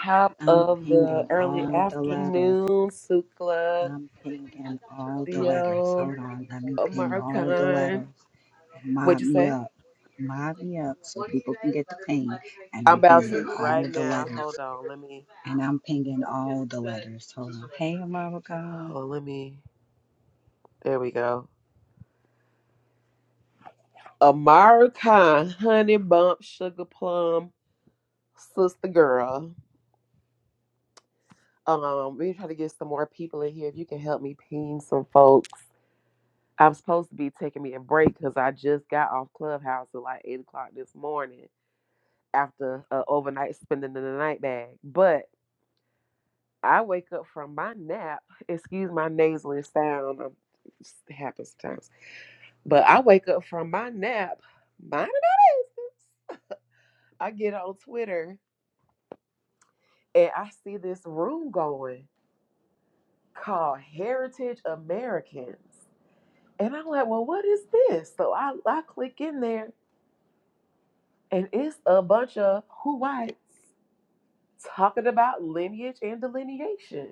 Top I'm of the pinging early all the letters. afternoon, Sukla, I'm pinging all the letters. Theo, Hold on, let me ping all the Amarcon. letters and What'd mod you me say? up. Mod me up so people can get the ping. And I'm I'm about pinging to all right the now. letters. Hold on. Let me. And I'm pinging all the letters. Hold on. Hey, America. Oh, let me. There we go. Amarcon, Honey Bump, Sugar Plum, Sister Girl. Um, we try to get some more people in here. If you can help me ping some folks. I'm supposed to be taking me a break because I just got off Clubhouse at like eight o'clock this morning. after uh, overnight spending in the night bag. But I wake up from my nap. Excuse my nasally sound. um, It happens sometimes. But I wake up from my nap. Mind my business. I get on Twitter and I see this room going called Heritage Americans. And I'm like, well, what is this? So I, I click in there and it's a bunch of who whites talking about lineage and delineation.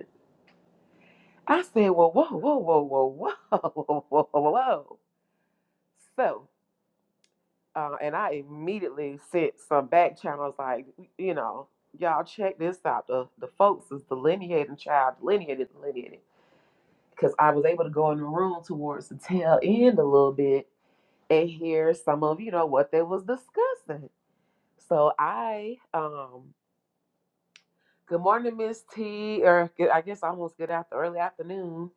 I said, "Well, whoa, whoa, whoa, whoa, whoa, whoa, whoa, whoa." whoa." So, uh, and I immediately sent some back channels like, you know, y'all check this out. The the folks is delineating, child delineated, delineated, because I was able to go in the room towards the tail end a little bit and hear some of you know what they was discussing. So I, um, good morning, Miss T, or good- I guess almost good after early afternoon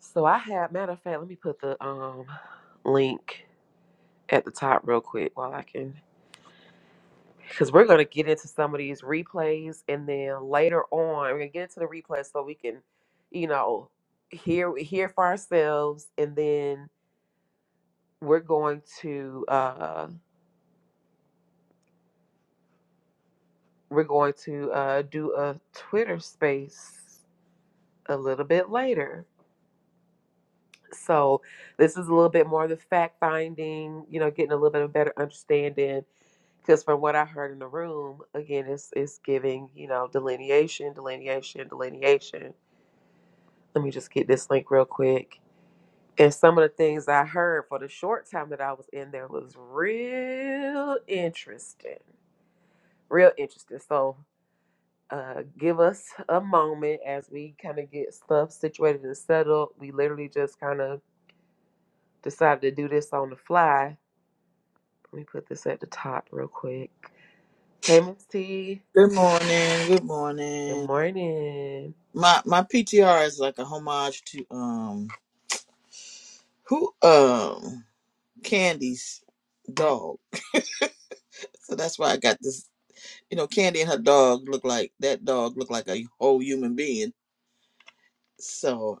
So I have matter of fact, let me put the um link at the top real quick while I can because we're gonna get into some of these replays and then later on we're gonna get into the replays so we can, you know, hear hear for ourselves and then we're going to uh we're going to uh do a Twitter space a little bit later. So this is a little bit more of the fact finding, you know, getting a little bit of better understanding Because from what I heard in the room, again, it's it's giving you know delineation, delineation, delineation. Let me just get this link real quick. And some of the things I heard for the short time that I was in there was real interesting, real interesting. So, uh, give us a moment as we kind of get stuff situated and settled. We literally just kind of decided to do this on the fly. Let me put this at the top real quick. Hey, Miss T. Good morning. Good Good morning. morning. My my PTR is like a homage to um who um Candy's dog. So that's why I got this. You know, Candy and her dog look like that dog looked like a whole human being. So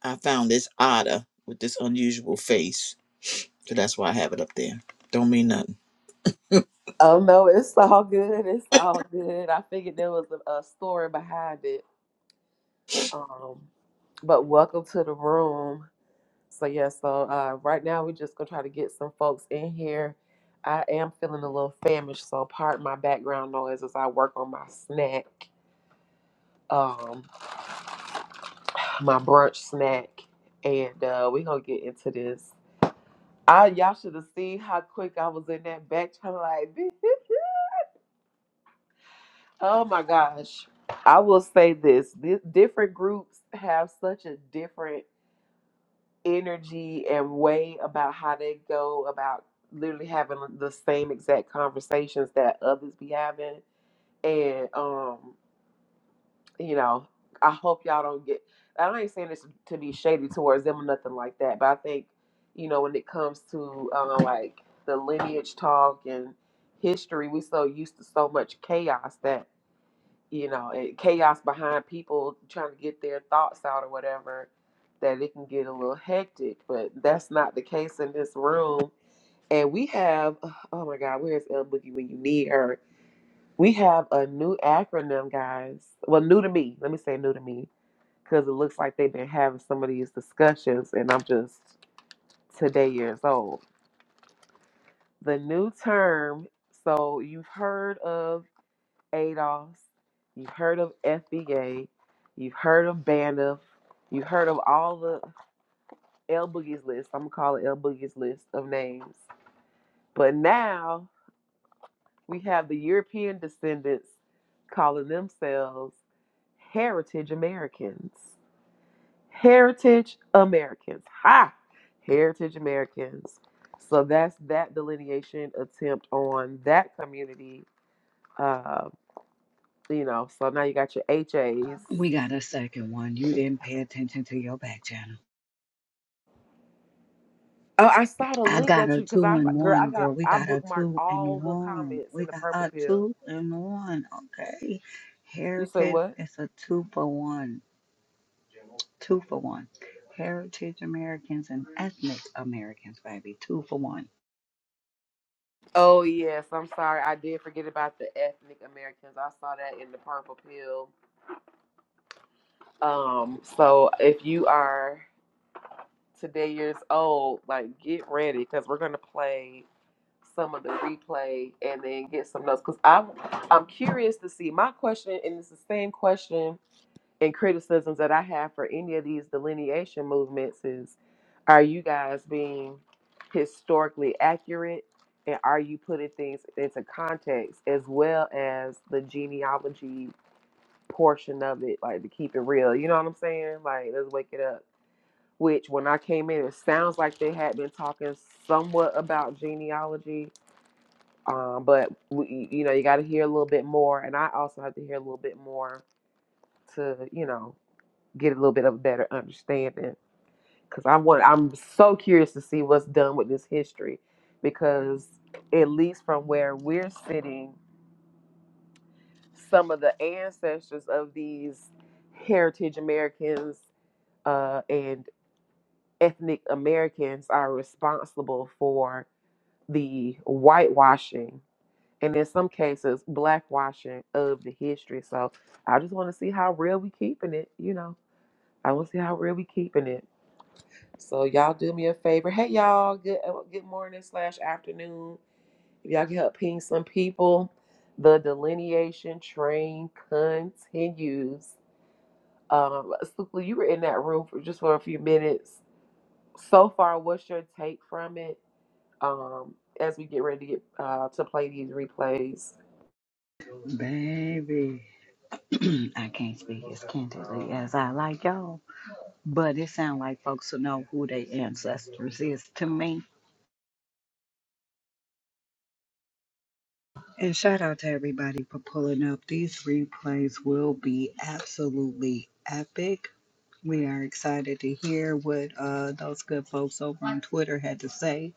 I found this otter with this unusual face. So that's why I have it up there. Don't mean nothing. Oh no, it's all good. It's all good. I figured there was a, a story behind it. Um, but welcome to the room. So yeah, so uh, right now we're just gonna try to get some folks in here. I am feeling a little famished, so pardon my background noise as I work on my snack, um, my brunch snack, and uh, we're gonna get into this. I y'all should have seen how quick I was in that back channel, like. Oh my gosh. I will say this, this different groups have such a different energy and way about how they go about literally having the same exact conversations that others be having. And um, you know, I hope y'all don't get I ain't saying this to be shady towards them or nothing like that, but I think, you know, when it comes to uh, like the lineage talk and history, we so used to so much chaos that you know it, chaos behind people trying to get their thoughts out or whatever that it can get a little hectic but that's not the case in this room and we have oh my god where's el boogie when you need her we have a new acronym guys well new to me let me say new to me because it looks like they've been having some of these discussions and i'm just today years old the new term so you've heard of ADOS, you've heard of FBA, you've heard of Bandup, you've heard of all the L Boogie's list. I'm gonna call it L Boogie's list of names. But now we have the European descendants calling themselves Heritage Americans. Heritage Americans. Ha! Heritage Americans. So that's that delineation attempt on that community. Uh, you know, so now you got your HAs, We got a second one. You didn't pay attention to your back channel. Oh, I saw the I link got that a you because two I and girl, I one, girl. got We I got a bookmarked two and all the one. comments We in the got purple a pill. two and one. Okay. You say Heritage what? is a two for one. two for one. Heritage Americans and ethnic Americans, baby, two for one. Oh yes, I'm sorry. I did forget about the ethnic Americans. I saw that in the purple pill. Um, so if you are today years old, like get ready because we're gonna play some of the replay and then get some notes. Cause I'm I'm curious to see. My question, and it's the same question and criticisms that I have for any of these delineation movements is are you guys being historically accurate and are you putting things into context as well as the genealogy portion of it, like to keep it real? You know what I'm saying? Like, let's wake it up. Which, when I came in, it sounds like they had been talking somewhat about genealogy, um, but we, you know, you got to hear a little bit more, and I also have to hear a little bit more to, you know, get a little bit of a better understanding because I want I'm so curious to see what's done with this history because at least from where we're sitting, some of the ancestors of these heritage Americans uh, and ethnic Americans are responsible for the whitewashing and in some cases blackwashing of the history. So I just want to see how real we keeping it, you know. I want to see how real we keeping it. So y'all do me a favor. Hey y'all, good uh, good morning slash afternoon. If y'all can help ping some people, the delineation train continues. Um, Sukla, you were in that room for just for a few minutes. So far, what's your take from it? Um, as we get ready to get uh, to play these replays, Baby, I can't speak as candidly as I like y'all, but it sounds like folks who know who their ancestors is to me. And shout out to everybody for pulling up. These replays will be absolutely epic. We are excited to hear what uh, those good folks over on Twitter had to say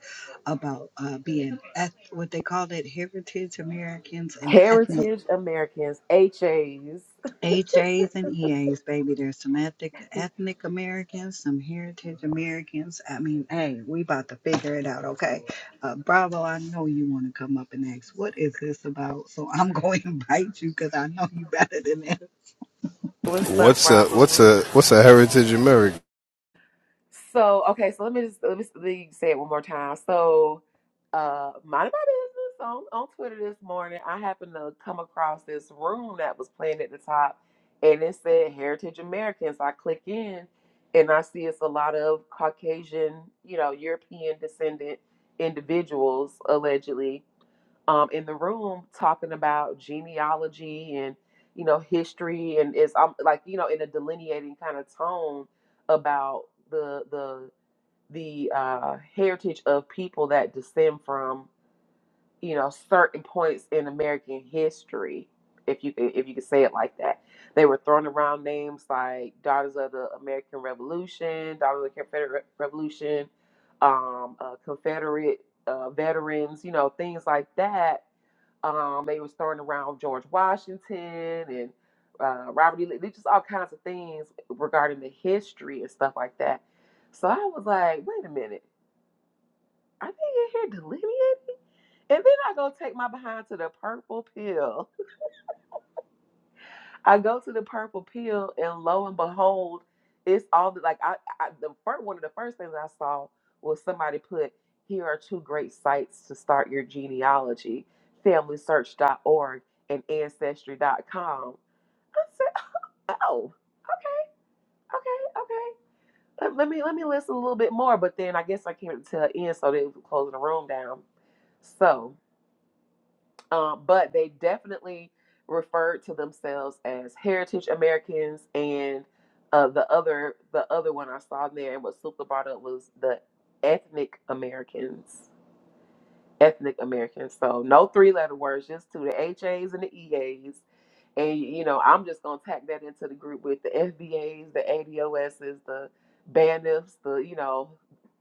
about uh, being eth- what they call it heritage Americans and ethnic Heritage Americans (HAs). HAs and EAs, baby. There's some ethnic ethnic Americans, some heritage Americans. I mean, hey, we about to figure it out, okay? Uh, Bravo, I know you want to come up and ask what is this about, so I'm going to invite you because I know you better than that. What's up, What's a what's Bravo? a what's a heritage American? So okay, so let me just let me, let me say it one more time. So, uh, mind my business on on Twitter this morning. I happened to come across this room that was playing at the top, and it said Heritage Americans. I click in, and I see it's a lot of Caucasian, you know, European descendant individuals allegedly um, in the room talking about genealogy and you know history and it's um, like you know in a delineating kind of tone about the the the uh, heritage of people that descend from you know certain points in American history, if you if you could say it like that. They were throwing around names like Daughters of the American Revolution, Daughters of the Confederate Revolution, um, uh, Confederate uh, veterans, you know things like that um, they was throwing around George Washington and uh, Robert E. Lee, just all kinds of things regarding the history and stuff like that. So I was like, wait a minute, are they in here delineating? And then I go take my behind to the purple pill. I go to the purple pill, and lo and behold, it's all the, like I, I the first one of the first things I saw was somebody put here are two great sites to start your genealogy, FamilySearch.org and Ancestry.com I said, oh, okay, okay, okay. Let, let me let me listen a little bit more. But then I guess I came to the end, so they were closing the room down. So, um, but they definitely referred to themselves as Heritage Americans, and uh, the other the other one I saw in there and what Supla brought up was the ethnic Americans. Ethnic Americans. So no three letter words, just two the HAs and the EAs And you know, I'm just gonna tack that into the group with the FBAs, the ADOSs, the BANFs, the you know,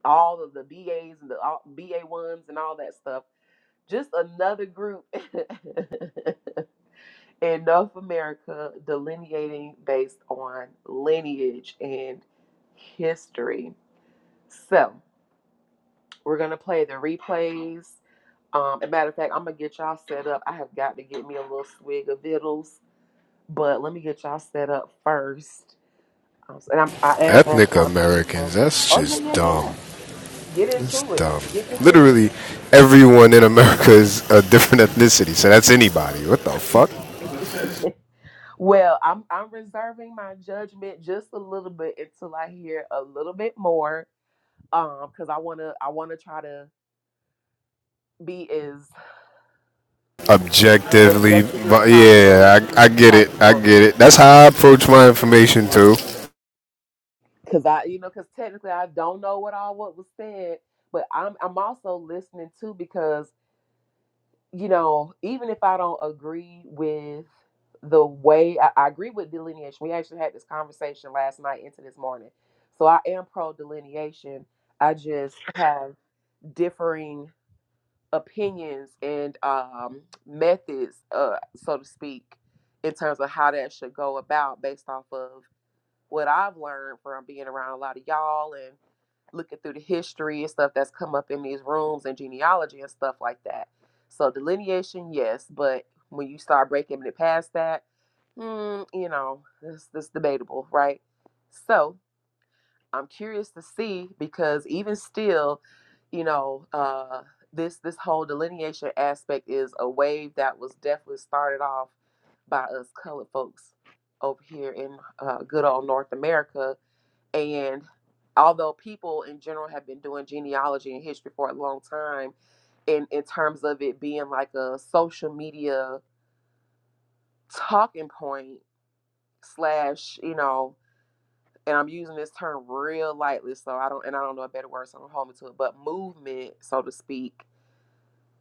all of the BAs and the all, BA ones and all that stuff. Just another group in North America delineating based on lineage and history. So we're gonna play the replays. Um, as a matter of fact, I'm gonna get y'all set up. I have got to get me a little swig of vittles, but let me get y'all set up first Um, And I'm, I am asking Ethnic y'all opinion, Americans. folks. That's Oh yeah, just yeah, dumb. yeah. Get It's into it. dumb. Get into Literally, everyone in America is a different ethnicity. So that's anybody. What the fuck? it. well, I'm I'm reserving my judgment just a little bit until I hear a little bit more. Um, because I wanna I wanna try to be as Objectively, objective as but possible yeah, I, I get it. I possible. get it. That's how I approach my information too. Cause I you know, cause technically I don't know what all what was said, but I'm I'm also listening too because you know, even if I don't agree with the way I, I agree with delineation, we actually had this conversation last night into this morning. So I am pro delineation. I just have differing opinions and um, methods, uh, so to speak, in terms of how that should go about based off of what I've learned from being around a lot of y'all and looking through the history and stuff that's come up in these rooms and genealogy and stuff like that. So delineation, yes, but when you start breaking it past that, hmm, you know, this this debatable, right? So I'm curious to see because even still, you know, uh, this this whole delineation aspect is a wave that was definitely started off by us colored folks over here in uh, good old North America and although people in general have been doing genealogy and history for a long time, in, in terms of it being like a social media talking point slash, you know, and I'm using this term real lightly, so I don't and I don't know a better word, so I don't hold me to it, but movement, so to speak,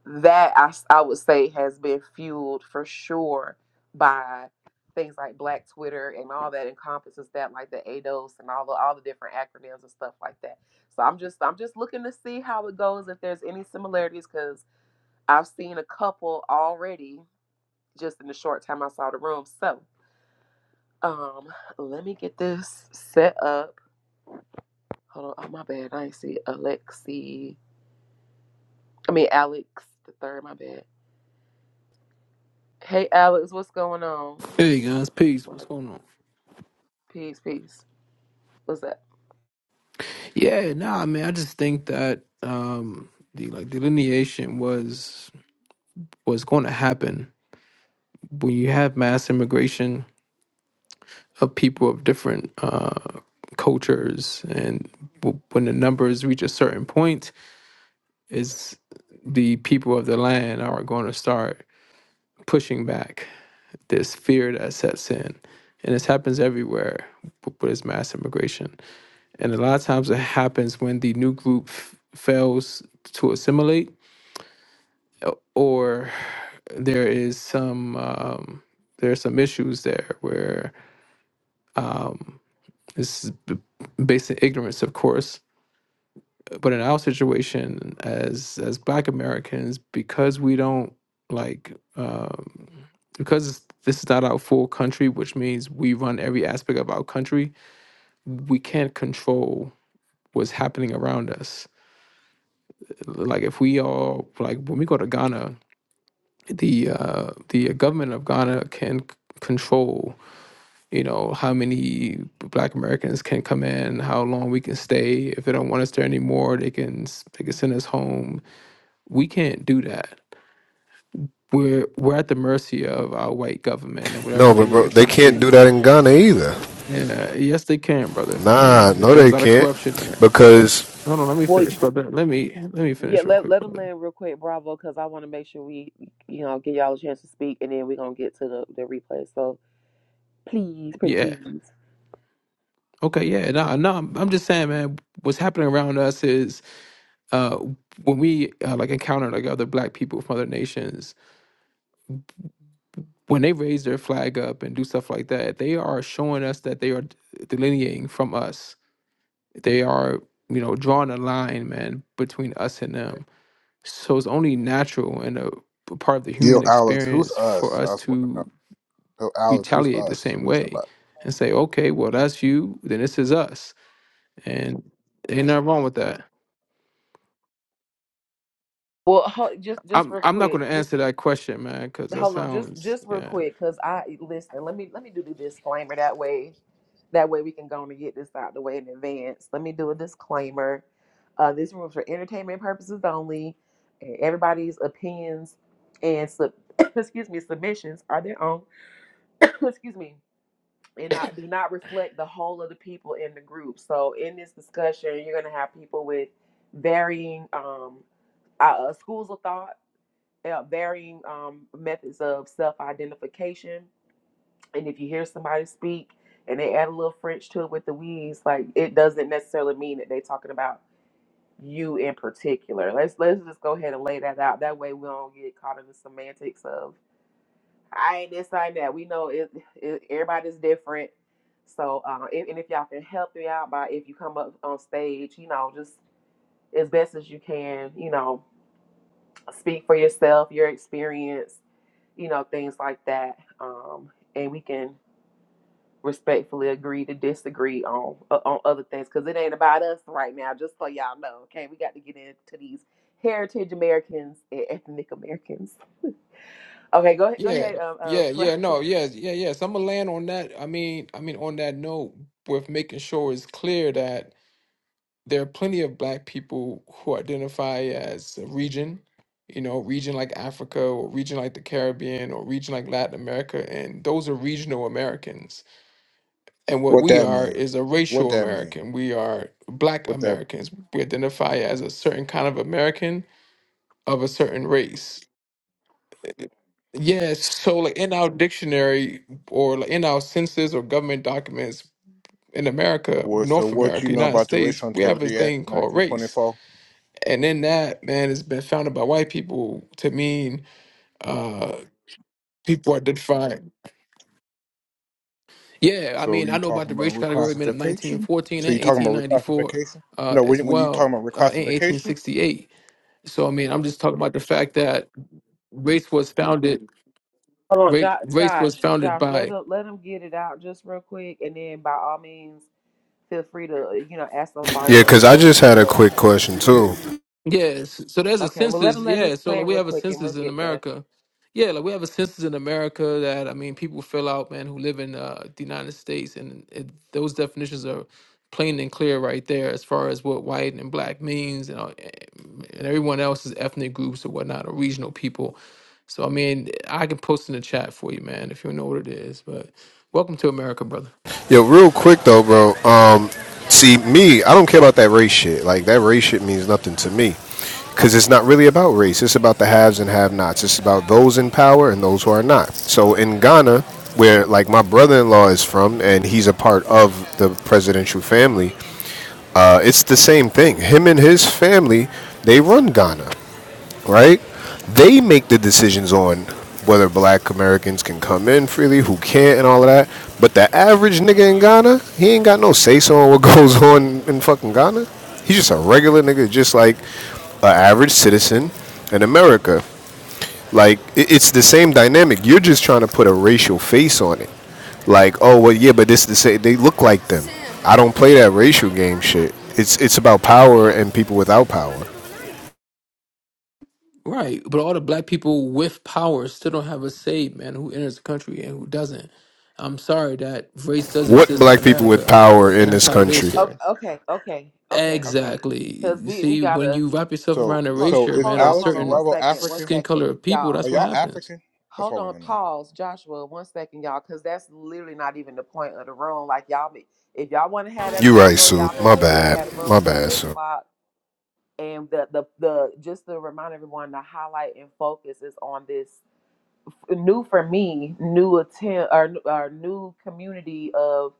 that I, s- I would say has been fueled for sure by things like Black Twitter and all that encompasses that, like the ADOS and all the all the different acronyms and stuff like that. So I'm just I'm just looking to see how it goes if there's any similarities because I've seen a couple already just in the short time I saw the room. So um, let me get this set up. Hold on, oh my bad, I ain't see Alexi. I mean Alex the third. My bad. Hey Alex, what's going on? Hey guys, peace. Well, What's going on? Peace, peace. What's that? Yeah, nah, man. I just think that um the like delineation was was going to happen when you have mass immigration of people of different uh cultures, and w- when the numbers reach a certain point, is the people of the land are going to start pushing back this fear that sets in, and this happens everywhere w- with this mass immigration. And a lot of times it happens when the new group f- fails to assimilate uh, or there is some um, there are some issues there where this is b- based in ignorance, of course. But in our situation, as as Black Americans, because we don't like um, because this is not our full country, which means we run every aspect of our country. We can't control what's happening around us. Like if we all like when we go to Ghana, the uh, the government of Ghana can c- control, you know, how many Black Americans can come in, how long we can stay. If they don't want us there anymore, they can s- they can send us home. We can't do that. We're we're at the mercy of our white government and No, whatever but they bro, are they trying to can't do do. that in Ghana either. And uh, yes, they can, brother. Nah, And no, there's they a lot of can't. corruption there. Because Hold on, let me Well, finish, you, brother. Let me let me yeah, finish real let quick, let them brother. land real quick, Bravo, because I want to make sure we, you know, give y'all a chance to speak, and then we're gonna get to the the replay. So please, pretty Yeah. please. Okay. Yeah. No. No. I'm I'm just saying, man. What's happening around us is uh, when we uh, like encounter like other black people from other nations when they raise their flag up and do stuff like that they are showing us that they are delineating from us they are you know drawing a line man between us and them so it's only natural and a p- part of the Yo, human Alex, who's experience for us? I us was wondering. to Yo, Alex, who's retaliate the us? same What you know way about? and say okay well that's you then this is us and ain't nothing wrong with that Well, ho- just just i'm real i'm not going quick, to just answer that question man because that hold on, just sounds just real yeah quick, cause I listen. Let me let me do the disclaimer that way, that way we can go on and get this out the way in advance. Let me do a disclaimer. Uh, this room is for entertainment purposes only, and everybody's opinions and sub- excuse me submissions are their own. excuse me, and not do not reflect the whole of the people in the group. So in this discussion, you're gonna have people with varying um, uh, uh, schools of thought, uh, varying um, methods of self-identification, and if you hear somebody speak and they add a little French to it with the wheeze, like it doesn't necessarily mean that they're talking about you in particular. Let's let's just go ahead and lay that out. That way we don't get caught in the semantics of I ain't this, I ain't that. We know it, it, everybody's different. So, uh, and, and if y'all can help me out by if you come up on stage, you know, just as best as you can, you know, speak for yourself, your experience, you know, things like that. Um, and we can respectfully agree to disagree on uh, on other things because it ain't about us right now. Just so y'all know, okay, we got to get into these heritage Americans and ethnic Americans. Okay, go ahead, go Yeah, ahead, um, um, yeah, yeah, no, yeah, yeah, yes. I'm gonna land on that. I mean, I mean, on that note, with making sure it's clear that there are plenty of black people who identify as a region, you know, region like Africa or region like the Caribbean or region like Latin America, and those are regional Americans. And what What we that are mean? is a What racial that mean? American. We are black What that? Americans. We identify as a certain kind of American of a certain race. Yes, so like in our dictionary or like in our census or government documents in America, What? So North what you America, know United about the States, Racial we have this Integrity Act of thing called race. 1924? And in that, man, it's been founded by white people to mean uh people identifying. Yeah, I So mean, I you know about talking the about racial category men of reclassification? 1914 So and you talking about 1894 reclassification? uh No, as when when you talking well about uh in reclassification? 1868. So I mean, I'm just talking about the fact that race was founded Hold on, race Josh, race was Josh, founded Josh, let by him let him get it out just real quick, and then by all means, feel free to you know ask some yeah, follow up because I questions. just had a But quick question too. Yes. So so there's a okay, well let census. him land Yeah. this So like plane we real have a quick, and we'll census in get there. America. Yeah, like we have a census in America that I mean people fill out, man, who live in uh, the United States, and it, those definitions are plain and clear right there as far as what white and black means, and all- and everyone else's ethnic groups or whatnot or regional people. So I mean, I can post in the chat for you, man, if you know what it is. But welcome to America, brother. Yo, real quick though, bro. Um, see, me, I don't care about that race shit. Like that race shit means nothing to me, because it's not really about race. It's about the haves and have-nots. It's about those in power and those who are not. So in Ghana, where like my brother-in-law is from, and he's a part of the presidential family, uh, it's the same thing. Him and his family, they run Ghana right? They make the decisions on whether black Americans can come in freely, who can't, and all of that. But the average nigga in Ghana, he ain't got no say so on what goes on in fucking Ghana. He's just a regular nigga, just like an average citizen in America. Like, it's the same dynamic. You're just trying to put a racial face on it. Like, oh, well, yeah, but this the same. They look like them. I don't play that racial game shit. It's, it's about power and people without power. Right, but all the black people with power still don't have a say, man, who enters the country and who doesn't. I'm sorry that race does What exist in black people with America, power and in that's this how it is country? Okay, here. okay, okay, okay, okay. Exactly. Because You we we See, when gotta you wrap yourself So around the hold, so erasure, is hold man, of a on, Alex hold and on, one certain Bravo second, one African? skin second, color of people, Are y'all. that's what y'all happens. African? That's what Hold I want on, to know. pause, Joshua, one second, y'all, because that's literally not even the point of the room. Like y'all, be- if y'all want to have that You right, convo, Sue. y'all My missed it. We bad. had a room My till bad, eight Sue. o'clock and the the the just to remind everyone the highlight and focus is on this new for me new attempt or, or new community of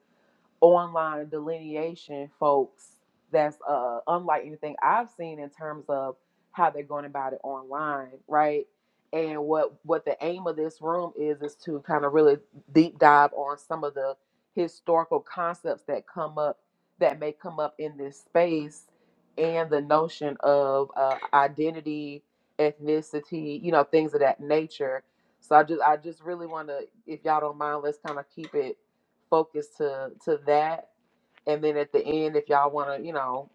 online delineation folks that's uh, unlike anything I've seen in terms of how they're going about it online, right? And what what the aim of this room is is to kind of really deep dive on some of the historical concepts that come up that may come up in this space and the notion of uh, identity, ethnicity, you know, things of that nature. So I just I just really want to, if y'all don't mind, let's kind of keep it focus to to that. And then at the end, if y'all want to, you know,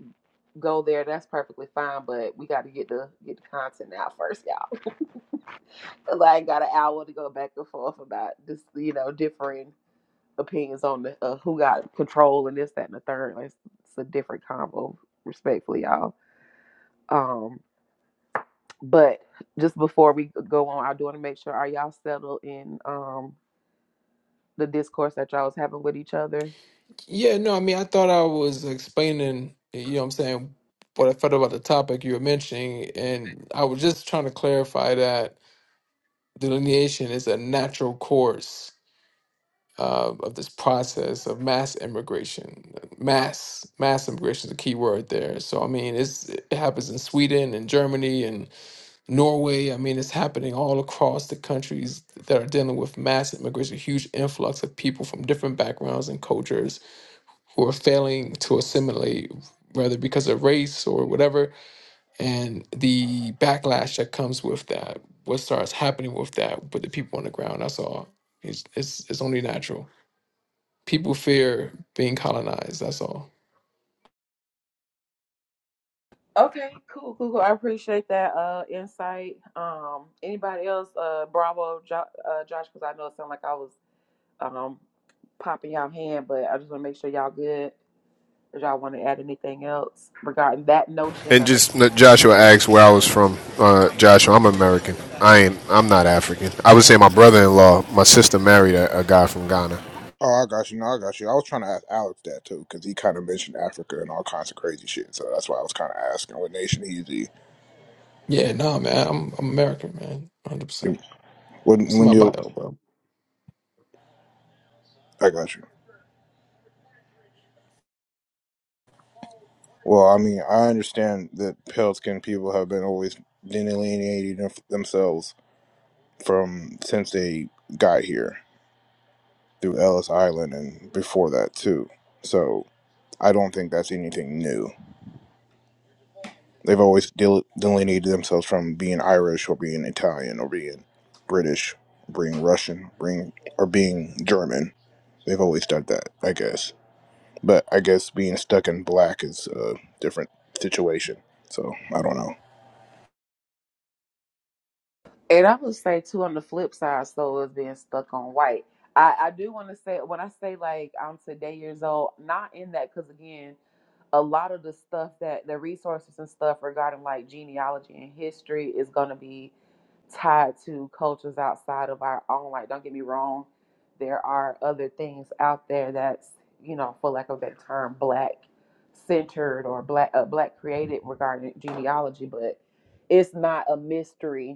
go there, that's perfectly fine. But we got to get the get the content out first, y'all. like, got an hour to go back and forth about this, you know, differing opinions on the uh, who got control and this, that, and the third. Like, it's a different combo, respectfully, y'all. Um, but just before we go on, I do want to make sure are y'all settled in um the discourse that y'all was having with each other. Yeah, no, I mean, I thought I was explaining, you know what I'm saying, what I felt about the topic you were mentioning, and I was just trying to clarify that delineation is a natural course uh, of this process of mass immigration. Mass mass immigration is a key word there. So I mean, it's, it happens in Sweden and Germany and Norway. I mean, it's happening all across the countries that are dealing with mass immigration, huge influx of people from different backgrounds and cultures who are failing to assimilate, whether because of race or whatever, and the backlash that comes with that. What starts happening with that with the people on the ground? That's all. It's it's, it's only natural. People fear being colonized. That's all. Okay, cool, cool, cool. I appreciate that uh insight. Um, anybody else? Uh, bravo, jo- uh, Josh, because I know it sounded like I was um popping y'all hand, but I just want to make sure y'all good. If y'all want to add anything else regarding that notion And just uh, Joshua asked where I was from. Uh, Joshua, I'm American. I ain't. I'm not African. I would say my brother-in-law, my sister married a, a guy from Ghana. Oh, I got you. No, I got you. I was trying to ask Alex that too, because he kind of mentioned Africa and all kinds of crazy shit. So that's why I was kind of asking what nation he's Yeah, nah, man. I'm, I'm American, man. 100. in. percent It's When in when my you, bio, bro. I got you. Well, I mean, I understand that pale skinned people have been always delineating them- themselves from since they got here through Ellis Island and before that too. So I don't think that's anything new. They've always del- delineated themselves from being Irish or being Italian or being British, being Russian, being or being German. They've always done that, I guess. But I guess being stuck in black is a different situation. So I don't know. And I would say too on the flip side, so is being stuck on white. I, I do want to say when I say like I'm today years old, not in that because again, a lot of the stuff that the resources and stuff regarding like genealogy and history is going to be tied to cultures outside of our own. Like, don't get me wrong, there are other things out there that's you know, for lack of that term, black centered or black uh, black created regarding genealogy, but it's not a mystery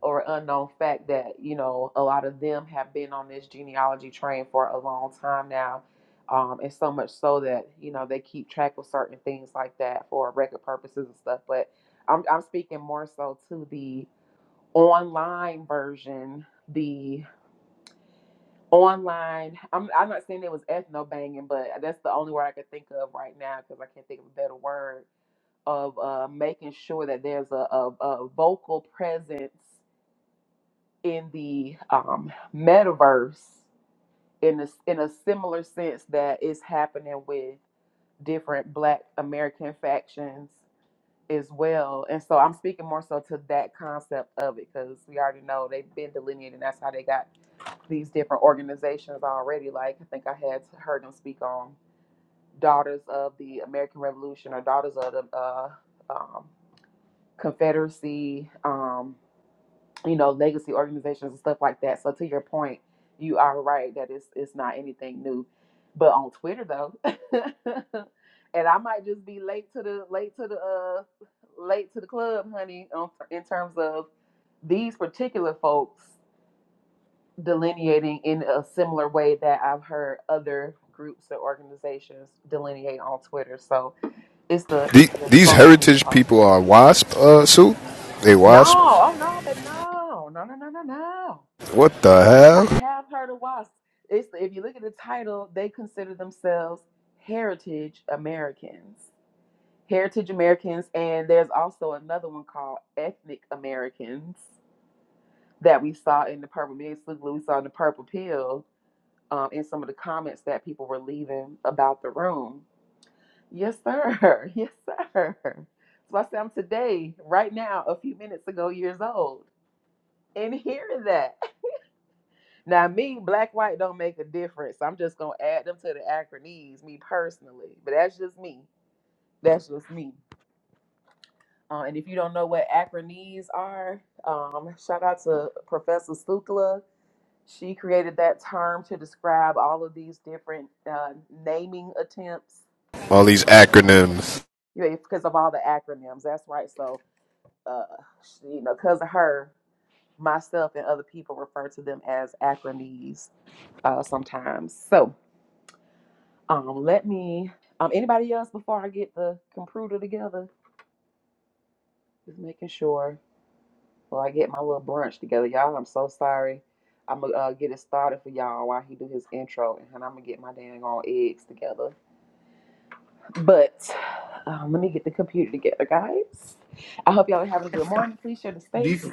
or unknown fact that you know a lot of them have been on this genealogy train for a long time now um, and so much so that you know they keep track of certain things like that for record purposes and stuff but i'm, I'm speaking more so to the online version the online I'm, I'm not saying it was ethno banging but that's the only word i could think of right now because i can't think of a better word of uh, making sure that there's a, a, a vocal presence in the um, metaverse in a, in a similar sense that is happening with different black american factions as well and so i'm speaking more so to that concept of it because we already know they've been delineated and that's how they got these different organizations already like i think i had heard them speak on daughters of the american revolution or daughters of the uh, um, confederacy um, you know, legacy organizations and stuff like that. So to your point, you are right that it's it's not anything new. But on Twitter though, and I might just be late to the late to the uh late to the club, honey, on, in terms of these particular folks delineating in a similar way that I've heard other groups or organizations delineate on Twitter. So it's the The, it's the these social media heritage part. people are WASP, uh, Sue? They No, WASP? oh no, baby, no, no, no, no, no, no. What the I hell? have heard of WASP. It's if you look at the title, they consider themselves heritage Americans. Heritage Americans, and there's also another one called ethnic Americans that we saw in the purple Million we saw in the purple pill, um, in some of the comments that people were leaving about the room. Yes, sir. Yes, sir. So I said I'm today, right now, a few minutes ago, years old. And hearing that. Now, me, black, white don't make a difference. I'm just gonna add them to the acronyms, me personally. But that's just me. That's just me. Uh, and if you don't know what acronyms are, um, shout out to Professor Sukla. She created that term to describe all of these different uh, naming attempts. All these acronyms. You know, because of all the acronyms. That's right. So, uh, she- you know, because of her, myself and other people refer to them as acronyms uh, sometimes. So, Um, let me. Um, anybody else before I get the computer together? Just making sure. Well, I get my little brunch together, y'all. I'm so sorry. I'm gonna uh, get it started for y'all while he do his intro, and I'm gonna get my dang on eggs together. But um, let me get the computer together, guys. I hope y'all are having a good morning. Please share the Do you, space. f-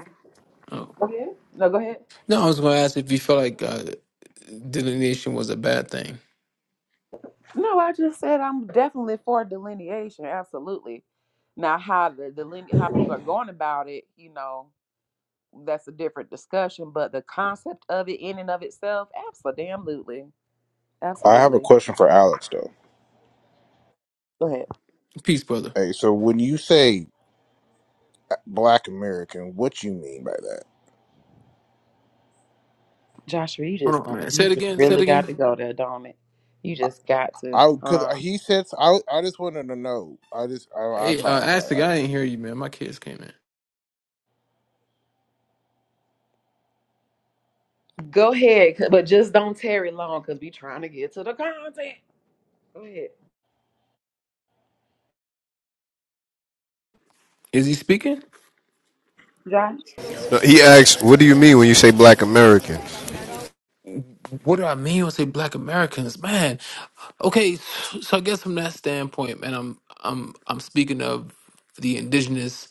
oh, Go ahead. No, go ahead. No, I was gonna ask if you felt like uh, delineation was a bad thing. No, I just said I'm definitely for delineation. Absolutely. Now, how the deline- how people are going about it, you know, that's a different discussion, but the concept of it in and of itself, absolutely. I have a Absolutely. question for Alex though. Go ahead. Peace, brother. Hey, so when you say black American, what you mean by that? Joshua, you just Hold going on, man. Say you it just again. Say it really got again. to go there, don't it? You just got to. I because Huh? he said I I just wanted to know. I just I, I Hey, uh, ask apologize. the I, guy. I didn't hear you, man. My kids came in. Go ahead, c- but just don't tarry long because we trying to get to the content. Go ahead. Is he speaking? Josh. No, He asks, "What do you mean when you say Black American?" What do I mean when I say Black Americans, man? Okay, so I guess from that standpoint, man, I'm I'm I'm speaking of the indigenous,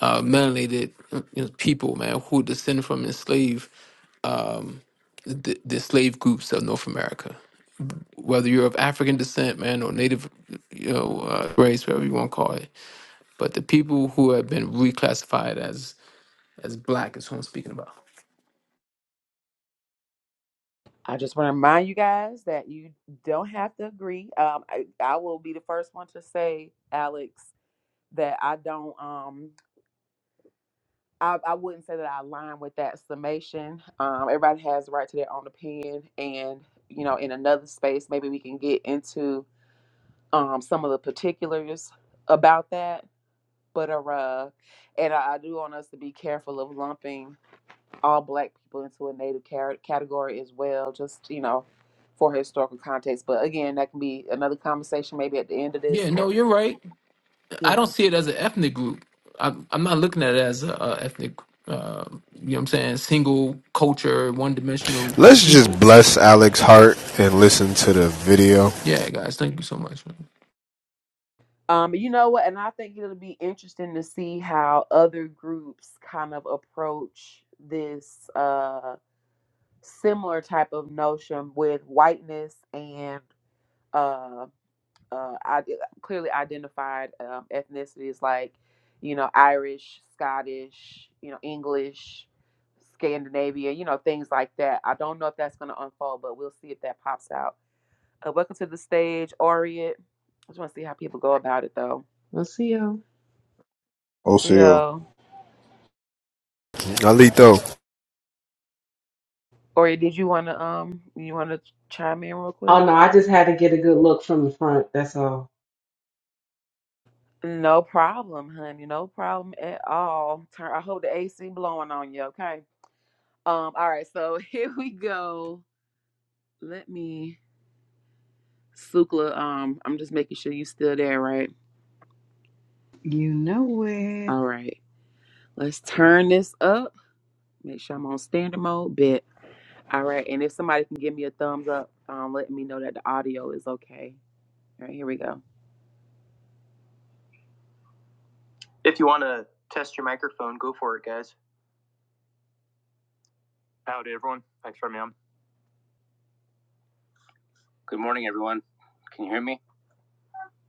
uh, melanated you know, people, man, who descend from enslaved, um, the, the slave groups of North America. Whether you're of African descent, man, or Native, you know, uh, race, whatever you want to call it, but the people who have been reclassified as as black is who I'm speaking about. I just want to remind you guys that you don't have to agree. Um, I, I will be the first one to say, Alex, that I don't. Um. I, I wouldn't say that I align with that summation. Um, everybody has the right to their own opinion, and you know, in another space, maybe we can get into um, some of the particulars about that. But uh, uh, and I, I do want us to be careful of lumping all Black people into a Native car- category as well, just you know, for historical context. But again, that can be another conversation, maybe at the end of this, Yeah, no, or, you're right. you I know. don't see it as an ethnic group. I'm, I'm not looking at it as a, a ethnic, uh, you know what I'm saying, single culture, one dimensional group of Let's just people. bless Alex Hart and listen to the video. Yeah, guys, thank you so much. Um, you know what? And I think it'll be interesting to see how other groups kind of approach this uh, similar type of notion with whiteness and uh, uh, ide- clearly identified um, ethnicities like, you know, Irish, Scottish, you know, English, Scandinavia, you know, things like that. I don't know if that's going to unfold, but we'll see if that pops out. Uh, welcome to the stage, Oriet. I just want to see how people go about it, though. We'll see you. See OCO. y'all. Alito, Or did you wanna um you wanna chime in real all Oh quick? no, I just had to get a good look from the front. That's all. No problem, honey. No problem at all. Turn I hope the AC blowing on you, okay? Um, all right, so here we go. Let me Sukla, um, I'm just making sure you still there, right? You know it. All right. Let's turn this up. Make sure I'm on standard mode. Bit. All right, and if somebody can give me a thumbs up, um, let me know that the audio is okay. All right, here we go. If you wanna test your microphone, go for it, guys. Howdy everyone. Thanks for having me on. Good morning, everyone. Can you hear me?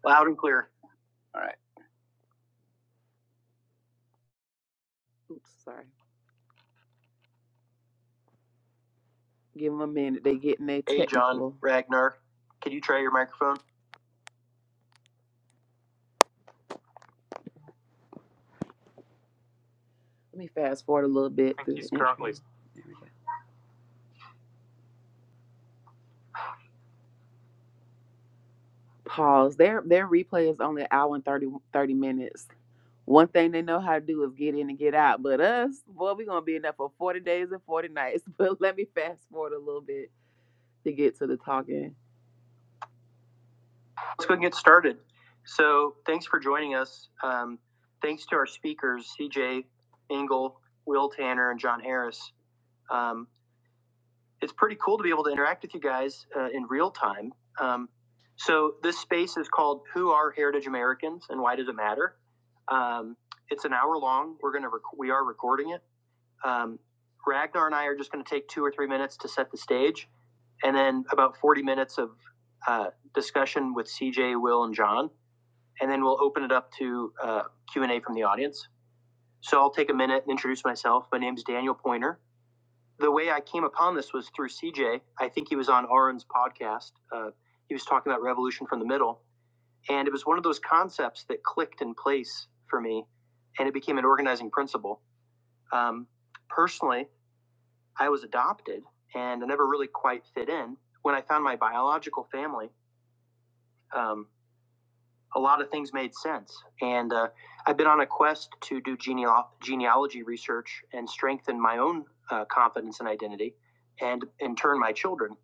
Loud and clear. All right. Oops, sorry. Give them a minute. They getting their technical. Hey, John Ragnar, can you try your microphone? Let me fast forward a little bit I think he's currently There we go. Pause. Their their replay is only an hour and 30 30 minutes. One thing they know how to do is get in and get out. But us, boy, we're gonna be in there for 40 days and 40 nights. But let me fast forward a little bit to get to the talking. Let's go and get started. So thanks for joining us. Um, thanks to our speakers, CJ Engel, Will Tanner, and John Harris. Um, it's pretty cool to be able to interact with you guys uh, in real time. Um, so this space is called "Who Are Heritage Americans and Why Does It Matter?" Um, it's an hour long. We're gonna rec- we are recording it. Um, Ragnar and I are just going to take two or three minutes to set the stage, and then about forty minutes of uh, discussion with CJ, Will, and John and then we'll open it up to uh, Q&A from the audience. So I'll take a minute and introduce myself. My name's Daniel Pointer. The way I came upon this was through CJ. I think he was on Aaron's podcast. Uh, he was talking about revolution from the middle, and it was one of those concepts that clicked in place for me, and it became an organizing principle. Um, personally, I was adopted, and I never really quite fit in. When I found my biological family, um, a lot of things made sense. And uh, I've been on a quest to do geneal- genealogy research and strengthen my own uh, confidence and identity, and in turn, my children.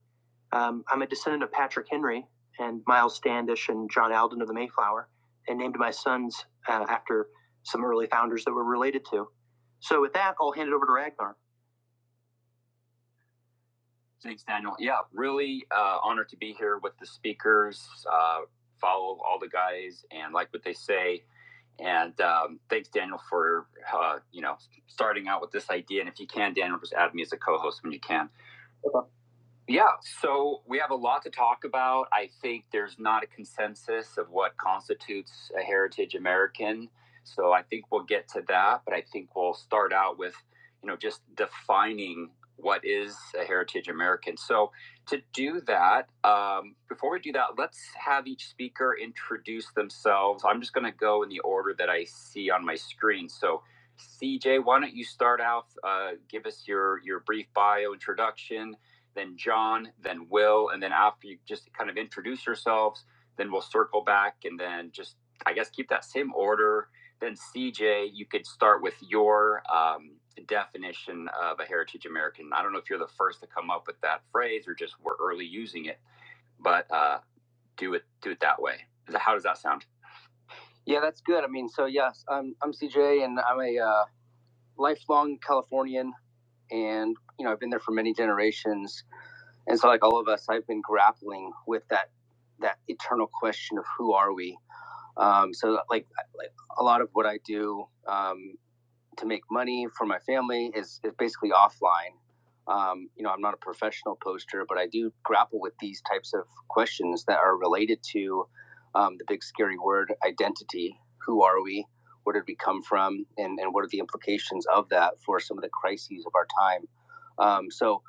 Um, I'm a descendant of Patrick Henry and Miles Standish and John Alden of the Mayflower, and named my sons uh, after some early founders that we're related to. So, with that, I'll hand it over to Ragnar. Thanks, Daniel. Yeah, really uh, honored to be here with the speakers. Uh, follow all the guys and like what they say. And um, thanks, Daniel, for uh, you know starting out with this idea. And if you can, Daniel, just add me as a co-host when you can. Yeah, so we have a lot to talk about. I think there's not a consensus of what constitutes a heritage American. So I think we'll get to that, but I think we'll start out with, you know, just defining what is a heritage American. So to do that, um, before we do that, let's have each speaker introduce themselves. I'm just going to go in the order that I see on my screen. So CJ, why don't you start out? Uh, give us your your brief bio introduction then John, then Will, and then after you just kind of introduce yourselves, then we'll circle back and then just I guess keep that same order. Then CJ, you could start with your um, definition of a heritage American. I don't know if you're the first to come up with that phrase or just we're early using it, but uh, do it do it that way. How does that sound? Yeah, that's good. I mean, so yes, I'm I'm CJ, and I'm a uh, lifelong Californian, and you know I've been there for many generations and so like all of us i've been grappling with that that eternal question of who are we um, so like like a lot of what i do um, to make money for my family is, is basically offline um, you know i'm not a professional poster but i do grapple with these types of questions that are related to um, the big scary word identity who are we where did we come from and, and what are the implications of that for some of the crises of our time um, so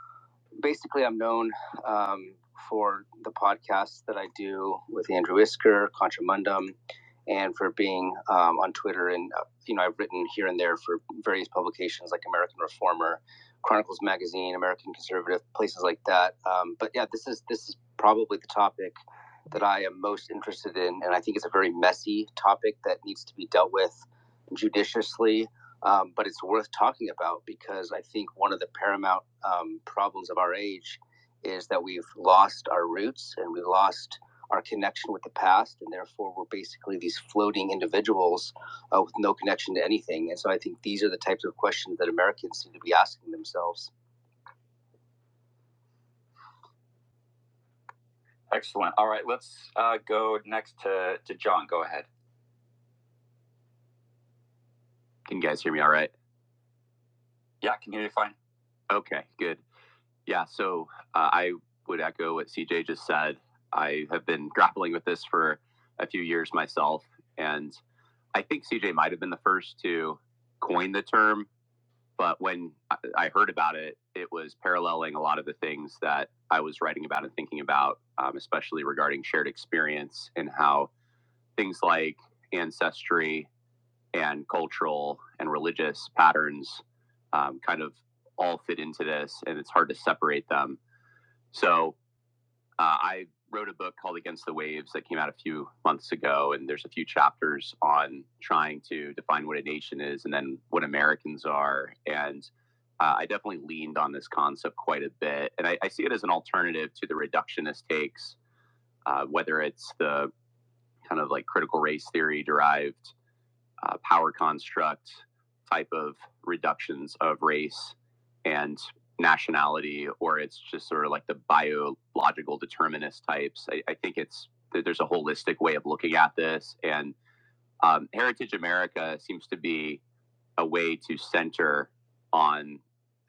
basically, I'm known um, for the podcasts that I do with Andrew Isker, Contramundum, and for being um, on Twitter. And, uh, you know, I've written here and there for various publications like American Reformer, Chronicles Magazine, American Conservative, places like that. Um, but yeah, this is this is probably the topic that I am most interested in. And I think it's a very messy topic that needs to be dealt with judiciously um, but it's worth talking about because I think one of the paramount um, problems of our age is that we've lost our roots and we lost our connection with the past, and therefore we're basically these floating individuals uh, with no connection to anything. And so I think these are the types of questions that Americans seem to be asking themselves. Excellent. All right, let's uh, go next to, to John. Go ahead. Can you guys hear me all right? Yeah, I can hear you fine. Okay, good. Yeah, so uh, I would echo what CJ just said. I have been grappling with this for a few years myself, and I think CJ might have been the first to coin the term. But when I- heard about it, it was paralleling a lot of the things that I was writing about and thinking about, um, especially regarding shared experience and how things like ancestry and cultural and religious patterns um, kind of all fit into this, and it's hard to separate them. So uh, I wrote a book called Against the Waves that came out a few months ago, and there's a few chapters on trying to define what a nation is and then what Americans are. And uh, I definitely leaned on this concept quite a bit. And I, I see it as an alternative to the reductionist takes, uh, whether it's the kind of like critical race theory derived uh, power construct type of reductions of race and nationality, or it's just sort of like the biological determinist types. I, I think it's there's a holistic way of looking at this, and um, Heritage America seems to be a way to center on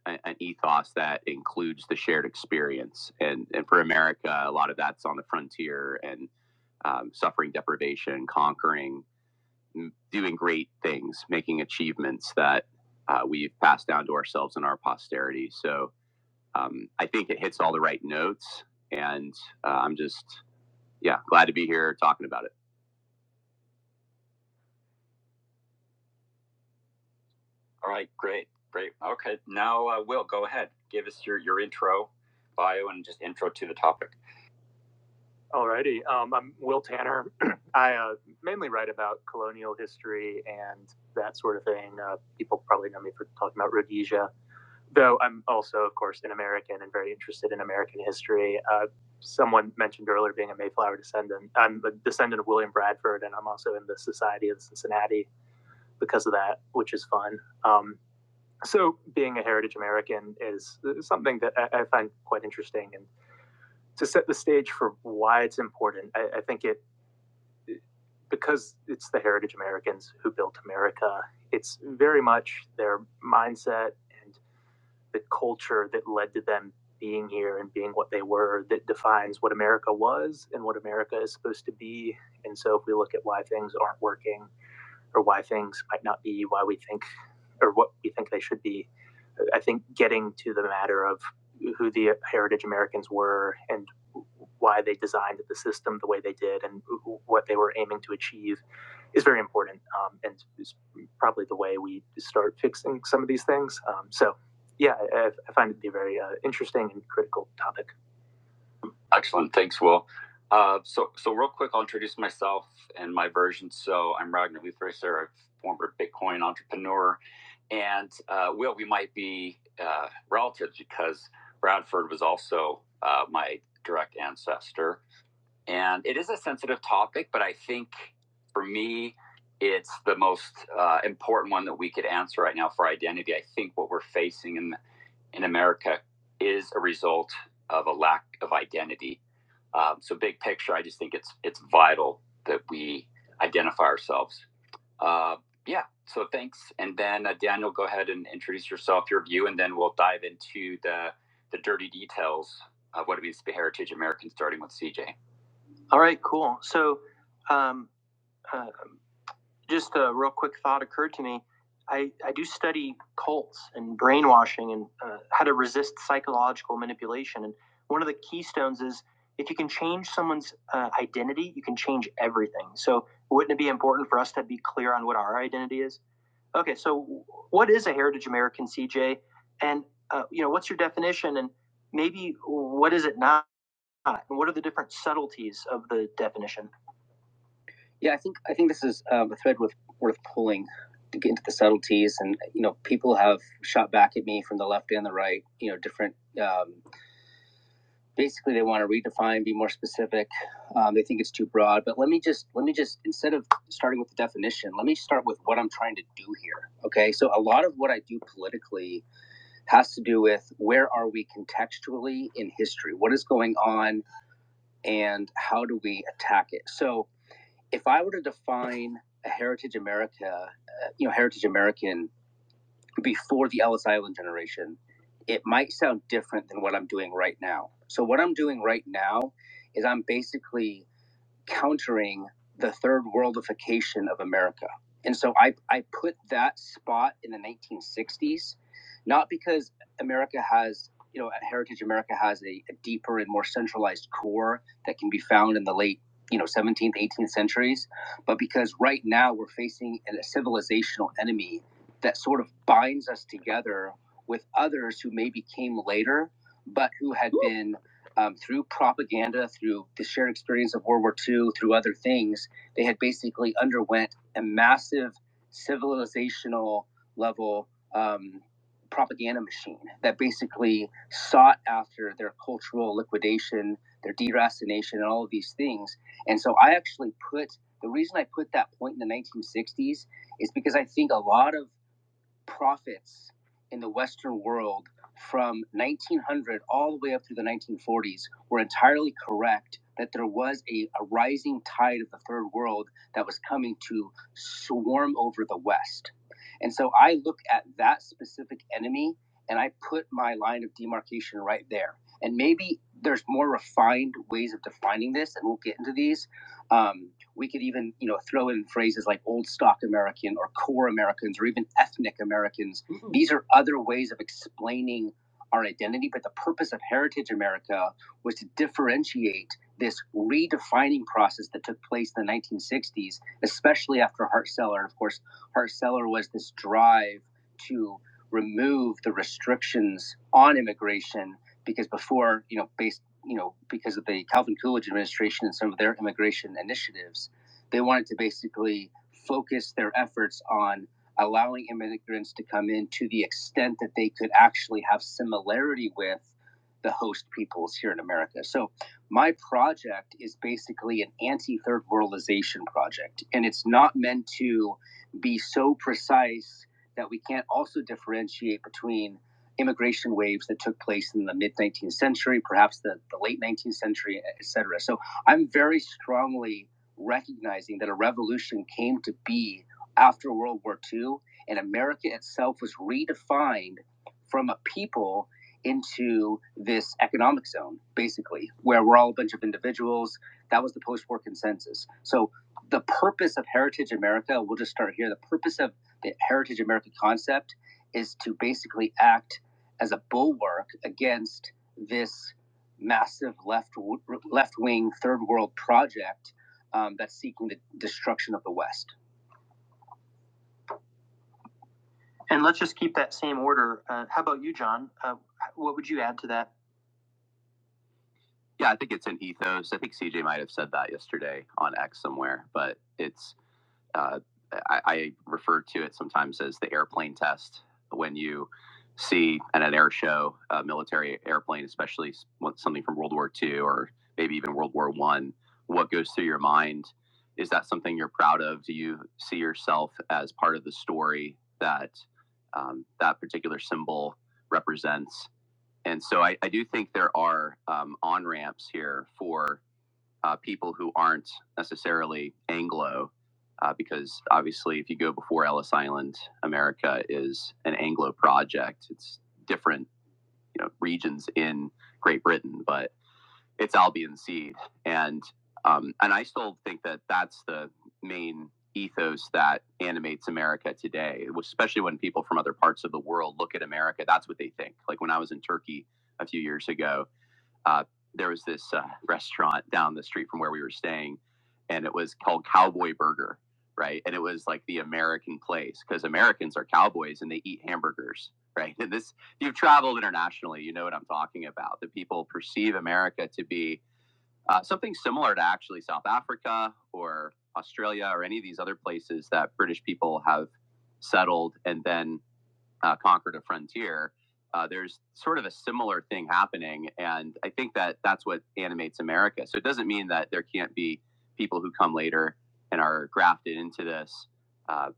a, an ethos that includes the shared experience. And, and for America, a lot of that's on the frontier and um, suffering, deprivation, conquering, doing great things, making achievements that uh, we've passed down to ourselves and our posterity. So um, I think it hits all the right notes, and uh, I'm just yeah glad to be here talking about it. All right, great, great. Okay, now uh, Will, go ahead. Give us your your intro, bio, and just intro to the topic. Uh, maybe that sort of thing. Uh, people probably know me for talking about Rhodesia. though I'm also, of course, an American and very interested in American history. Uh, someone mentioned earlier being a Mayflower descendant. I'm a descendant of William Bradford, and I'm also in the Society of Cincinnati because of that, which is fun. Um, so, being a heritage American is something that I, I find quite interesting. And to set the stage for why it's important, I, I think it because it's the heritage Americans who built America. It's very much their mindset and the culture that led to them being here and being what they were that defines what America was and what America is supposed to be. And so if we look at why things aren't working or why things might not be why we think or what we think they should be. I think getting to the matter of who the heritage Americans were and why they designed the system the way they did and what they were aiming to achieve is very important um, and is probably the way we start fixing some of these things. Um, so, yeah, I, I find it to be a very uh, interesting and critical topic. Excellent. Thanks, Will. Uh, so, so real quick, I'll introduce myself and my version. So, I'm Ragnar Luthracer, a former Bitcoin entrepreneur, and uh, Will, we might be uh, relatives because Bradford was also uh, my direct ancestor, and it is a sensitive topic, but I think for me. It's the most uh, important one that we could answer right now for identity. I think what we're facing in in America is a result of a lack of identity. Um, so, big picture, I just think it's it's vital that we identify ourselves. Uh, yeah. So, thanks. And then uh, Daniel, go ahead and introduce yourself, your view, and then we'll dive into the the dirty details of what it means to be heritage American, starting with CJ. All right, cool. So, um, uh, just a real quick thought occurred to me. I, I do study cults and brainwashing and uh, how to resist psychological manipulation. And one of the keystones is if you can change someone's uh, identity, you can change everything. So, wouldn't it be important for us to be clear on what our identity is? Okay, so what is a heritage American, CJ? And uh, you know, what's your definition? And maybe what is it not? And what are the different subtleties of the definition? Yeah, I think I think this is um, a thread worth worth pulling to get into the subtleties. And you know, people have shot back at me from the left and the right. You know, different. Um, basically, they want to redefine, be more specific. Um, they think it's too broad. But let me just let me just instead of starting with the definition, let me start with what I'm trying to do here. Okay, so a lot of what I do politically has to do with where are we contextually in history, what is going on, and how do we attack it. So if I were to define a Heritage America, uh, you know, Heritage American before the Ellis Island generation, it might sound different than what I'm doing right now. So what I'm doing right now is I'm basically countering the third worldification of America. And so I, I put that spot in the 1960s, not because America has, you know, Heritage America has a, a deeper and more centralized core that can be found in the late, you know, 17th, 18th centuries, but because right now we're facing a civilizational enemy that sort of binds us together with others who maybe came later, but who had been um, through propaganda, through the shared experience of World War II, through other things, they had basically underwent a massive civilizational level um, propaganda machine that basically sought after their cultural liquidation, their deracination, and all of these things. And so I actually put the reason I put that point in the 1960s is because I think a lot of prophets in the Western world from 1900 all the way up through the 1940s were entirely correct that there was a, a rising tide of the third world that was coming to swarm over the West. And so I look at that specific enemy and I put my line of demarcation right there. And maybe there's more refined ways of defining this, and we'll get into these um, we could even, you know, throw in phrases like old stock American or core Americans or even ethnic Americans. Mhm. These are other ways of explaining our identity. But the purpose of Heritage America was to differentiate this redefining process that took place in the 1960s, especially after Hart Celler. Of course, Hart Celler was this drive to remove the restrictions on immigration because before, you know, based you know, because of the Calvin Coolidge administration and some of their immigration initiatives, they wanted to basically focus their efforts on allowing immigrants to come in to the extent that they could actually have similarity with the host peoples here in America. So, my project is basically an anti third worldization project, and it's not meant to be so precise that we can't also differentiate between immigration waves that took place in the mid 19th century, perhaps the, the late 19th century, et cetera. So I'm very strongly recognizing that a revolution came to be after World War II, and America itself was redefined from a people into this economic zone, basically, where we're all a bunch of individuals. That was the post war consensus. So the purpose of Heritage America, we'll just start here. The purpose of the Heritage America concept is to basically act as a bulwark against this massive left left wing third world project um, that's seeking the destruction of the West. And let's just keep that same order. Uh, how about you, John? Uh, what would you add to that? Yeah, I think it's an ethos. I think CJ might have said that yesterday on X somewhere, but it's uh, I, I refer to it sometimes as the airplane test when you see at an air show a military airplane, especially something from World War II or maybe even World War One. What goes through your mind? Is that something you're proud of? Do you see yourself as part of the story that um, that particular symbol represents? And so I, I do think there are um, on ramps here for uh, people who aren't necessarily Anglo, uh, because obviously, if you go before Ellis Island, America is an Anglo project. It's different you know, regions in Great Britain, but it's Albion seed, and um, and I still think that that's the main ethos that animates America today, especially when people from other parts of the world look at America. That's what they think. Like when I was in Turkey a few years ago, uh, there was this uh, restaurant down the street from where we were staying, and it was called Cowboy Burger, right? And it was like the American place because Americans are cowboys and they eat hamburgers, right? And this, if you've traveled internationally, you know what I'm talking about. That people perceive America to be uh, something similar to actually South Africa or Australia or any of these other places that British people have settled and then uh, Conquered a Frontier, uh, there's sort of a similar thing happening. And I think that that's what animates America. So it doesn't mean that there can't be people who come later and are grafted into this. Uh,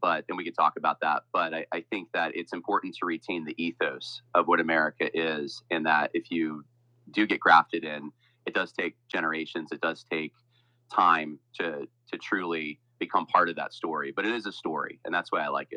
but then we could talk about that. But I, I think that it's important to retain the ethos of what America is, and that if you do get grafted in, it does take generations, it does take time to to truly become part of that story. But it is a story, and that's why I like it.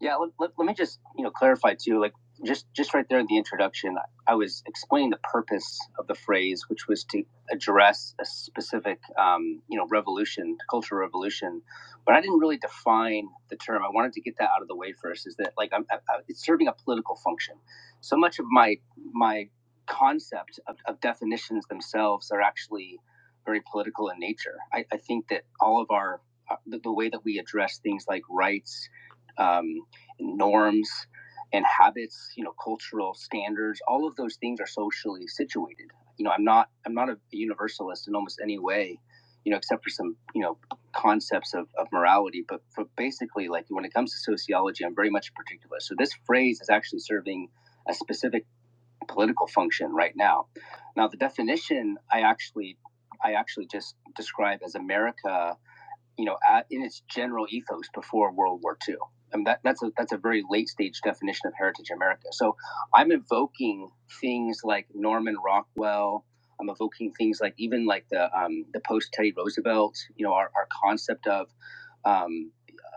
Yeah, let, let, let me just you know clarify too. Like just just right there in the introduction, I I was explaining the purpose of the phrase, which was to address a specific um, you know revolution, cultural revolution. But I didn't really define the term. I wanted to get that out of the way first. Is that like I'm, I, I, it's serving a political function. So much of my my concept of, of definitions themselves are actually very political in nature. I, I think that all of our uh, the, the way that we address things like rights um, norms and habits you know cultural standards all of those things are socially situated you know i'm not i'm not a universalist in almost any way you know except for some you know concepts of, of morality but for basically like when it comes to sociology i'm very much particular so this phrase is actually serving a specific political function right now now the definition i actually i actually just describe as america you know, at, in its general ethos before World War II. I mean, that, that's a that's a very late stage definition of heritage America. So I'm evoking things like Norman Rockwell. I'm evoking things like even like the um, the post Teddy Roosevelt. You know, our, our concept of um,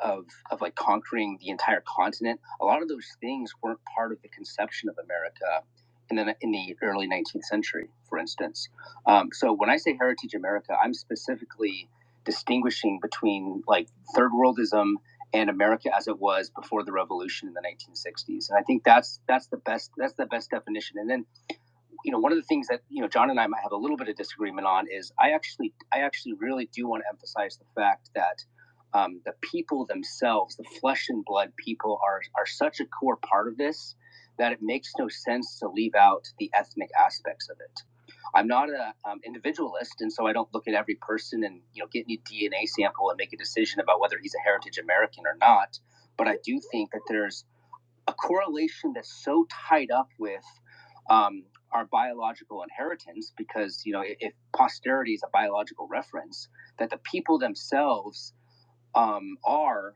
of of like conquering the entire continent. A lot of those things weren't part of the conception of America in the in the early 19th century, for instance. Um, so when I say heritage America, I'm specifically distinguishing between like third worldism and America as it was before the revolution in the 1960s. And I think that's that's the best that's the best definition. And then you know, one of the things that you know John and I might have a little bit of disagreement on is I actually, I actually really do want to emphasize the fact that um, the people themselves, the flesh and blood people, are are such a core part of this that it makes no sense to leave out the ethnic aspects of it. I'm not an um, individualist, and so I don't look at every person and you know get any DNA sample and make a decision about whether he's a heritage American or not. But I do think that there's a correlation that's so tied up with um, our biological inheritance because you know if, if posterity is a biological reference that the people themselves um, are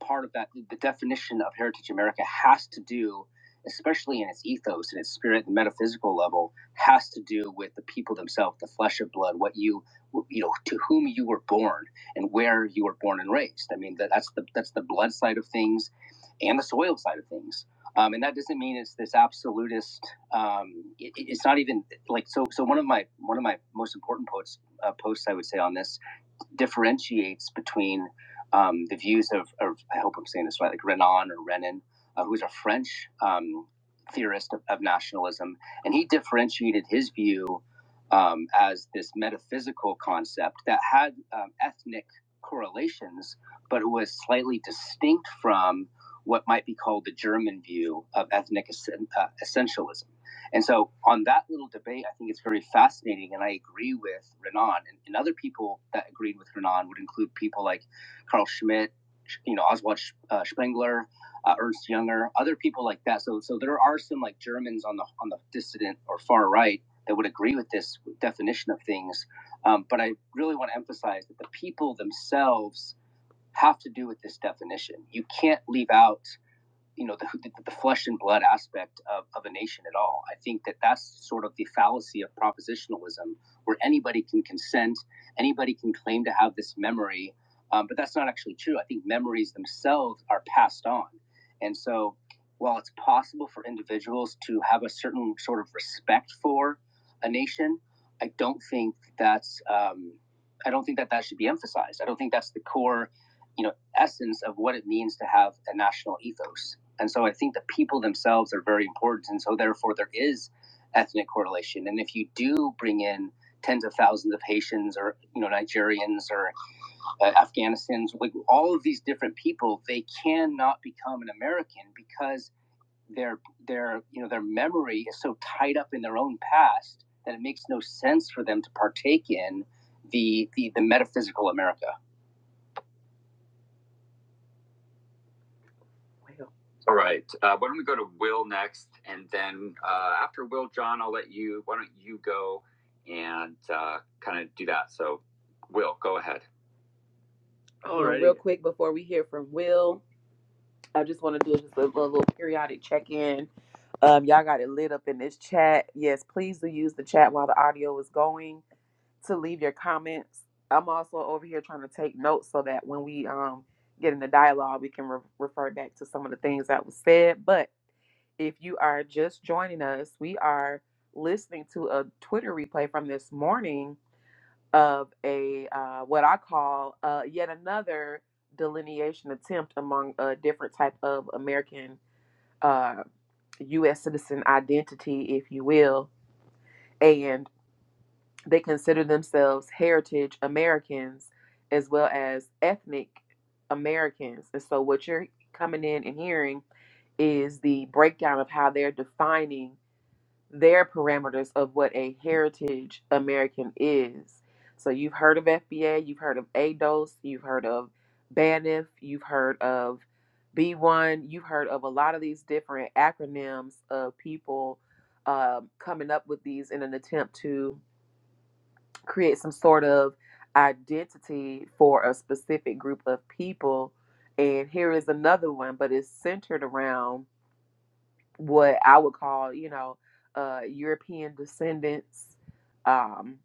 part of that. The definition of Heritage America has to do, especially in its ethos and its spirit and metaphysical level, has to do with the people themselves, the flesh and blood, what you, you know, to whom you were born and where you were born and raised. I mean, that, that's the that's the blood side of things, and the soil side of things. Um, and that doesn't mean it's this absolutist. Um, it, it's not even like so. So one of my one of my most important posts uh, posts I would say on this differentiates between um, the views of, of, I hope I'm saying this right, like Renan or Renan, uh, who's a French um, theorist of, of nationalism, and he differentiated his view um, as this metaphysical concept that had um, ethnic correlations, but it was slightly distinct from what might be called the German view of ethnic uh, essentialism. And so, on that little debate, I think it's very fascinating, and I agree with Renan. And, and other people that agreed with Renan would include people like Carl Schmidt, you know, Oswald uh, Spengler, uh, Ernst Jünger, other people like that. So, so there are some like Germans on the on the dissident or far right that would agree with this definition of things. Um, but I really want to emphasize that the people themselves have to do with this definition. You can't leave out you know the, the, flesh and blood aspect of, of a nation at all. I think that that's sort of the fallacy of propositionalism, where anybody can consent, anybody can claim to have this memory, um, but that's not actually true. I think memories themselves are passed on, and so while it's possible for individuals to have a certain sort of respect for a nation, I don't think that's um, I don't think that that should be emphasized. I don't think that's the core, you know, essence of what it means to have a national ethos. And so I think the people themselves are very important. And so therefore there is ethnic correlation. And if you do bring in tens of thousands of Haitians or you know Nigerians or uh, Afghanistans, like all of these different people, they cannot become an American because their their you know their memory is so tied up in their own past that it makes no sense for them to partake in the the, the metaphysical America. All right. Uh, why don't we go to Will next, and then uh, after Will, John, I'll let you. Why don't you go and uh, kind of do that? So, Will. All right. Real quick before we hear from Will, I just want to do just a little, little periodic check in. Um, y'all got it lit up in this chat. Yes, please do use the chat while the audio is going to leave your comments. I'm also over here trying to take notes so that when we um, get in the dialogue, we can re- refer back to some of the things that was said. But If you are just joining us, we are listening to a Twitter replay from this morning of a uh, what I call uh, yet another delineation attempt among a different type of American uh, U.S. citizen identity, if you will, and they consider themselves heritage Americans as well as ethnic Americans. And so, what you're coming in and hearing is the breakdown of how they're defining their parameters of what a heritage American is. So you've heard of FBA, you've heard of ADOS, you've heard of BANF, you've heard of B1, you've heard of a lot of these different acronyms of people um, coming up with these in an attempt to create some sort of identity for a specific group of people. And here is another one, but it's centered around what I would call, you know, uh, European descendants. Um,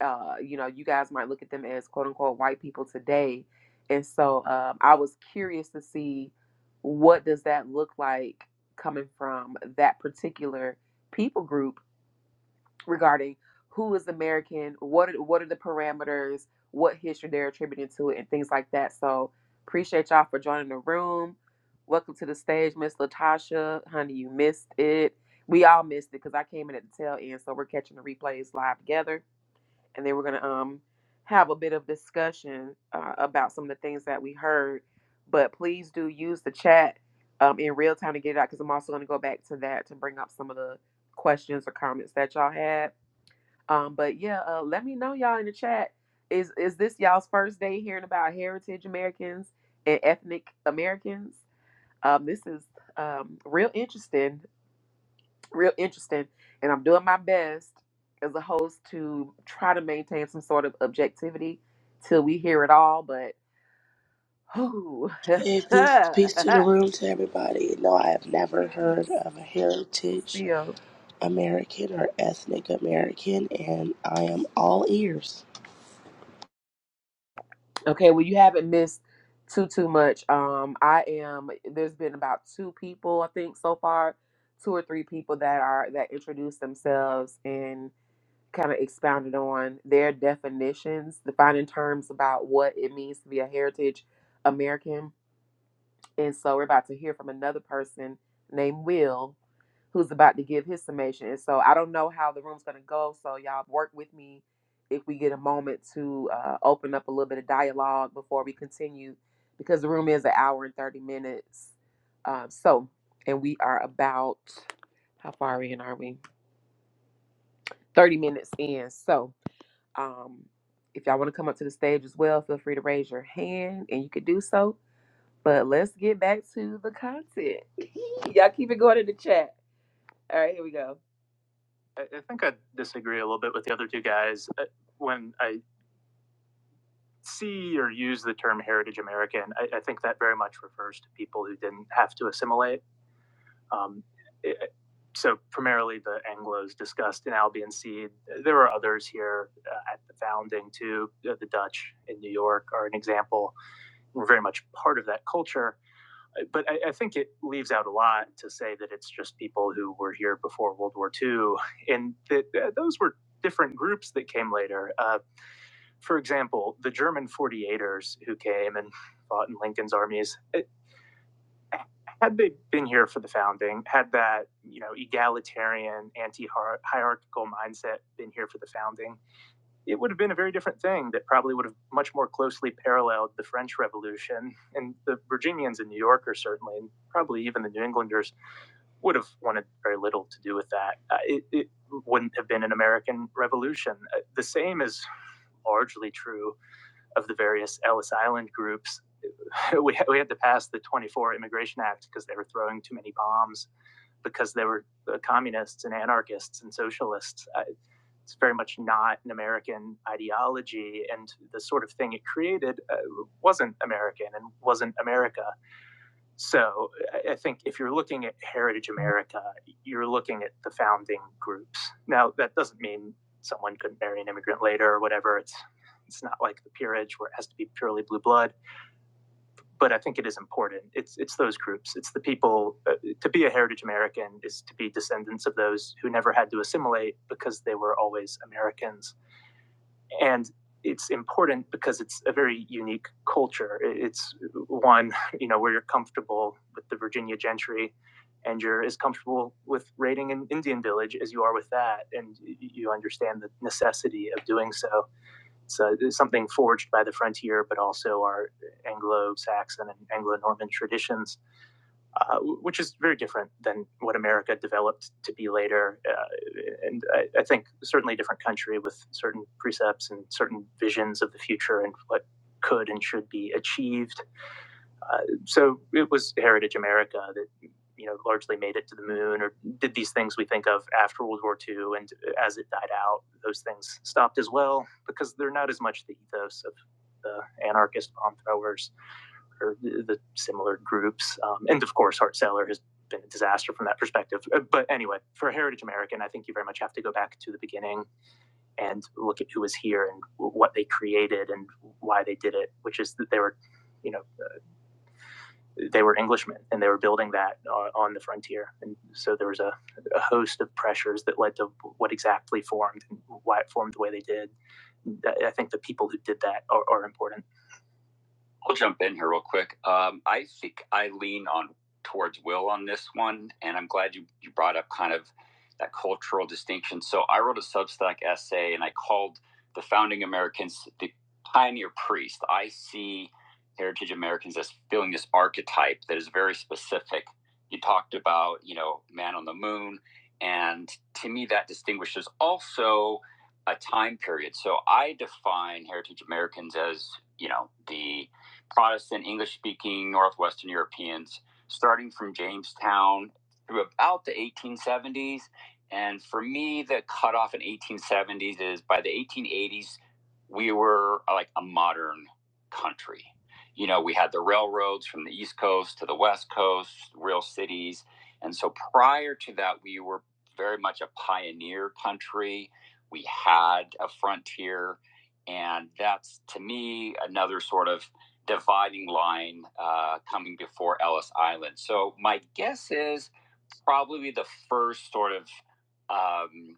uh, you know, you guys might look at them as quote unquote white people today. And so um, I was curious to see what does that look like coming from that particular people group regarding who is American, what are, what are the parameters, what history they're attributing to it, and things like that. So appreciate y'all for joining the room. Welcome to the stage, Miss Latasha. Honey, you missed it. We all missed it because I came in at the tail end, so we're catching the replays live together, and then we're gonna um have a bit of discussion uh, about some of the things that we heard. But please do use the chat um, in real time to get it out because I'm also gonna go back to that to bring up some of the questions or comments that y'all had um, but yeah, uh, let me know y'all in the chat. Is is this y'all's first day hearing about heritage Americans and ethnic Americans? Um, this is um, real interesting, real interesting, and I'm doing my best as a host to try to maintain some sort of objectivity till we hear it all. But who, And peace, peace to the please, room to everybody. No, I have never heard of a heritage still. American or ethnic American, and I am all ears. Okay, well, you haven't missed too too much. Um, I am. There's been about two people, I think, so far, two or three people that are that introduced themselves and kind of expounded on their definitions, defining terms about what it means to be a heritage American. And so we're about to hear from another person named Will who's about to give his summation. And so I don't know how the room's going to go. So y'all work with me if we get a moment to uh, open up a little bit of dialogue before we continue because the room is an hour and 30 minutes. Um, so, and we are about, how far in are we? 30 minutes in. So, um, if y'all want to come up to the stage as well, feel free to raise your hand and you could do so. But let's get back to the content. Y'all keep it going in the chat. All right, here we go. I, I think I disagree a little bit with the other two guys. Uh, When I see or use the term heritage American, I, I think that very much refers to people who didn't have to assimilate. Um, it- so primarily the Anglos discussed in Albion Seed. There were others here uh, at the founding too. Uh, The Dutch in New York are an example. Were very much part of that culture but I, I think it leaves out a lot to say that it's just people who were here before World War II, and that uh, those were different groups that came later. Uh, for example, the German 40 ers who came and fought in Lincoln's armies, it- had they been here for the founding, had that you know egalitarian, anti-hierarchical mindset been here for the founding, it would have been a very different thing that probably would have much more closely paralleled the French Revolution. And the Virginians and New Yorkers, certainly, and probably even the New Englanders, would have wanted very little to do with that. Uh, it, it wouldn't have been an American Revolution. Uh, the same is largely true of the various Ellis Island groups we had, we had to pass the 24 Immigration Act because they were throwing too many bombs because they were uh, communists and anarchists and socialists. I, it's very much not an American ideology, and the sort of thing it created uh, wasn't American and wasn't America. So I, I think if you're looking at Heritage America, you're looking at the founding groups. Now that doesn't mean someone couldn't marry an immigrant later or whatever. It's it's not like the peerage where it has to be purely blue blood but I think it is important. It's it's those groups. It's the people. Uh, to be a heritage American is to be descendants of those who never had to assimilate because they were always Americans. And it's important because it's a very unique culture. It's one you know where you're comfortable with the Virginia gentry, and you're as comfortable with raiding an Indian village as you are with that, and you understand the necessity of doing so so it's uh, something forged by the frontier, but also our Anglo-Saxon and Anglo-Norman traditions, uh, which is very different than what America developed to be later. Uh, and I, I think certainly a different country with certain precepts and certain visions of the future and what could and should be achieved uh, so it was Heritage America that you know largely made it to the moon or did these things we think of after World War II. And as it died out, those things stopped as well because they're not as much the ethos of the anarchist bomb throwers or the, the similar groups. Um, and of course, Hart Seller has been a disaster from that perspective. Uh, But anyway, for Heritage American, I think you very much have to go back to the beginning and look at who was here and what they created and why they did it, which is that they were, you know, they were Englishmen and they were building that uh, on the frontier. And so there was a, a host of pressures that led to what exactly formed and why it formed the way they did. I think the people who did that are, are important. I'll jump in here real quick. Um, I think I lean on towards Will on this one, and I'm glad you, you brought up kind of that cultural distinction. So I wrote a Substack essay, and I called the founding Americans the pioneer priest. I see heritage Americans as feeling this archetype that is very specific. You talked about, you know, man on the moon, and to me that distinguishes also a time period. So I define heritage Americans as, you know, the Protestant English speaking Northwestern Europeans, starting from Jamestown through about the 1870s. And for me, the cutoff in 1870s is by the 1880s, we were uh, like a modern country. You know, we had the railroads from the East Coast to the West Coast, real cities. And so prior to that, we were very much a pioneer country. We had a frontier. And that's to me another sort of dividing line uh, coming before Ellis Island. So my guess is probably the first sort of um,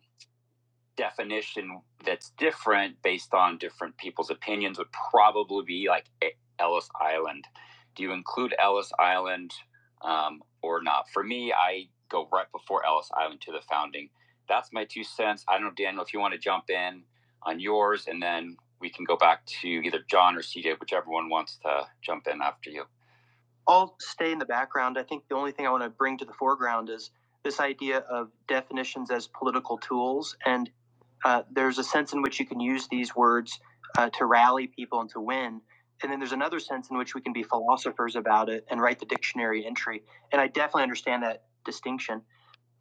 definition that's different based on different people's opinions would probably be like E- Ellis Island. Do you include Ellis Island um, or not? For me, I go right before Ellis Island to the founding. That's my two cents. I don't know, Daniel, if you want to jump in on yours, and then we can go back to either John or CJ, whichever one wants to jump in after you. I'll stay in the background. I think the only thing I want to bring to the foreground is this idea of definitions as political tools and uh, there's a sense in which you can use these words uh, to rally people and to win. And then there's another sense in which we can be philosophers about it and write the dictionary entry. And I definitely understand that distinction.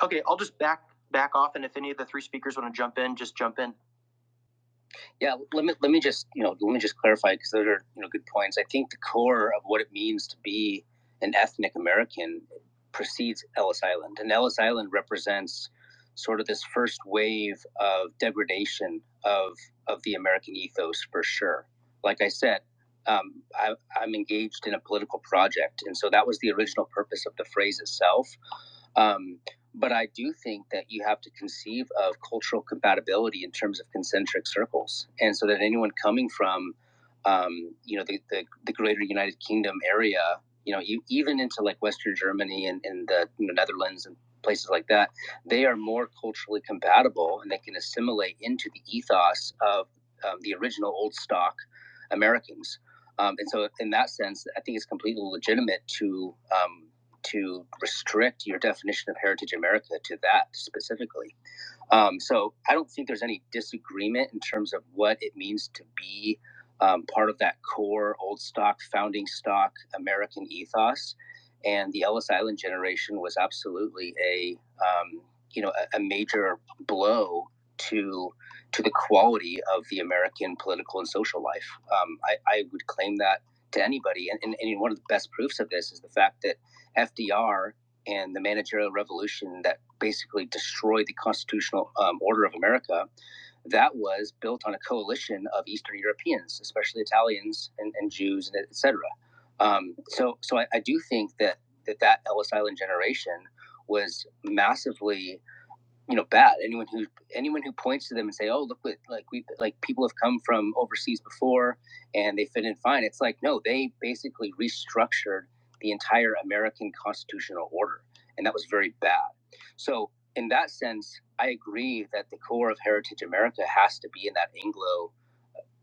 Okay, I'll just back back off, and if any of the three speakers want to jump in, just jump in. Yeah, let me let me just you know let me just clarify because those are you know good points. I think the core of what it means to be an ethnic American precedes Ellis Island, and Ellis Island represents sort of this first wave of degradation of of the American ethos for sure. Like I said, um, I, I'm engaged in a political project, and so that was the original purpose of the phrase itself. Um, but I do think that you have to conceive of cultural compatibility in terms of concentric circles. And so that anyone coming from, um, you know, the, the, the greater United Kingdom area, you know, you, even into like Western Germany and, and the you know, Netherlands and places like that, they are more culturally compatible and they can assimilate into the ethos of um, the original old stock Americans. Um, and so, in that sense, I think it's completely legitimate to um, to restrict your definition of heritage America to that specifically. Um, so I don't think there's any disagreement in terms of what it means to be um, part of that core old stock, founding stock American ethos. And the Ellis Island generation was absolutely a um, you know a, a major blow to to the quality of the American political and social life. Um, I, I would claim that to anybody, and, and, and one of the best proofs of this is the fact that FDR and the managerial revolution that basically destroyed the constitutional um, order of America, that was built on a coalition of Eastern Europeans, especially Italians and, and Jews, and et cetera. Um, so, so I, I do think that that, that Ellis Island generation was massively you know bad anyone who anyone who points to them and say oh look what like we like people have come from overseas before and they fit in fine it's like no they basically restructured the entire american constitutional order and that was very bad so in that sense i agree that the core of heritage america has to be in that anglo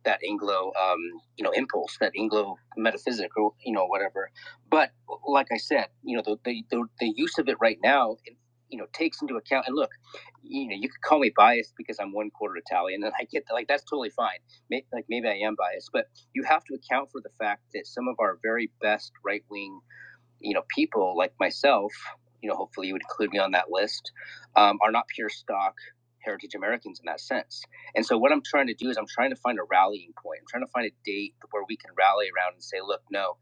that Anglo, um, you know, impulse, that Anglo metaphysic, or you know, whatever. But like I said, you know, the the, the, the use of it right now, it, you know, takes into account. And look, you know, you could call me biased because I'm one quarter Italian, and I get that, like that's totally fine. May, like maybe I am biased, but you have to account for the fact that some of our very best right wing you know, people like myself, you know, hopefully you would include me on that list, um, are not pure stock heritage Americans in that sense. And so what I'm trying to do is I'm trying to find a rallying point. I'm trying to find a date where we can rally around and say, look, no,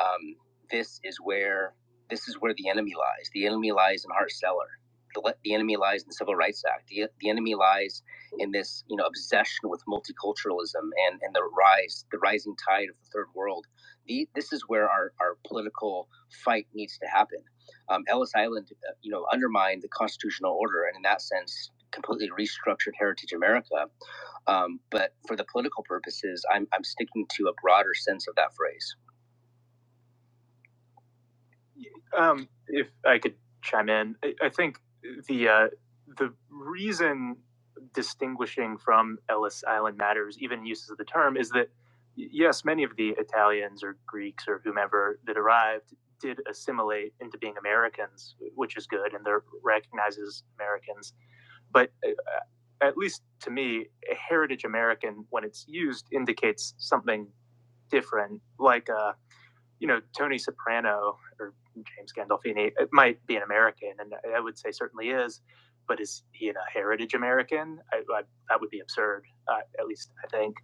um, this is where this is where the enemy lies. The enemy lies in Hart Cellar. The, the enemy lies in the Civil Rights Act. The, the enemy lies in this, you know, obsession with multiculturalism and, and the rise, the rising tide of the third world the, this is where our, our political fight needs to happen. Um, Ellis Island, uh, you know, undermined the constitutional order and in that sense completely restructured Heritage America. Um, but for the political purposes, I'm, I'm sticking to a broader sense of that phrase. Um, if I could chime in, I, I think the uh, the reason distinguishing from Ellis Island matters, even uses of the term, is that yes, many of the Italians or Greeks or whomever that arrived did assimilate into being Americans, which is good, and they're recognized as Americans. But uh, uh, at least to me, a heritage American, when it's used, indicates something different, like a uh, you know, Tony Soprano or James Gandolfini it might be an American, and I would say certainly is, but is he a heritage American? I, I, that would be absurd, uh, at least I think.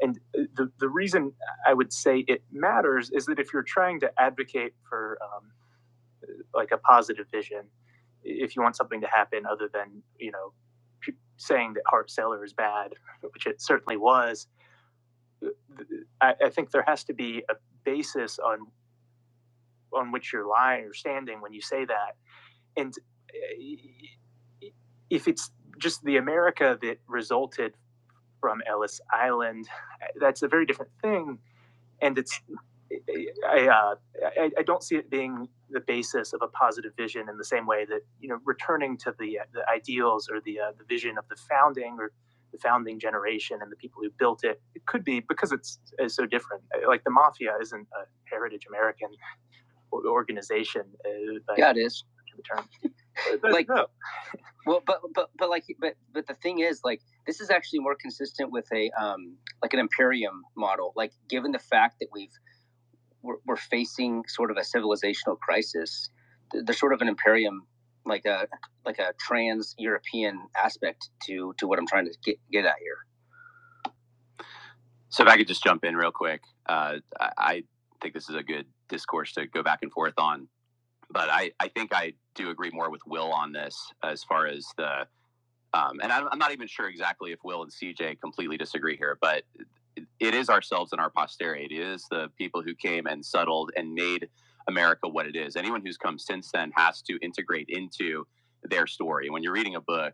And the, the reason I would say it matters is that if you're trying to advocate for um, like a positive vision, if you want something to happen other than, you know, saying that Hart Seller is bad, which it certainly was, I, I think there has to be a basis on on which you're lying or standing when you say that. And uh, if it's just the America that resulted from Ellis Island, that's a very different thing. And it's I, uh, I, I don't see it being the basis of a positive vision in the same way that you know returning to the uh, the ideals or the uh, the vision of the founding or the founding generation and the people who built it. It could be because it's, it's so different. Like the mafia isn't a heritage American organization. Uh, but Yeah, it is. the term. But Like- no, Well, but but but like but but the thing is, like this is actually more consistent with a um like an imperium model. Like given the fact that we've we're, we're facing sort of a civilizational crisis, there's sort of an imperium like a like a trans European aspect to to what I'm trying to get get at here. So if I could just jump in real quick, uh, I think this is a good discourse to go back and forth on. but I, I think I do agree more with Will on this as far as the um, and I'm, I'm not even sure exactly if Will and CJ completely disagree here, but it is ourselves and our posterity. It is the people who came and settled and made America what it is. Anyone who's come since then has to integrate into their story. When you're reading a book,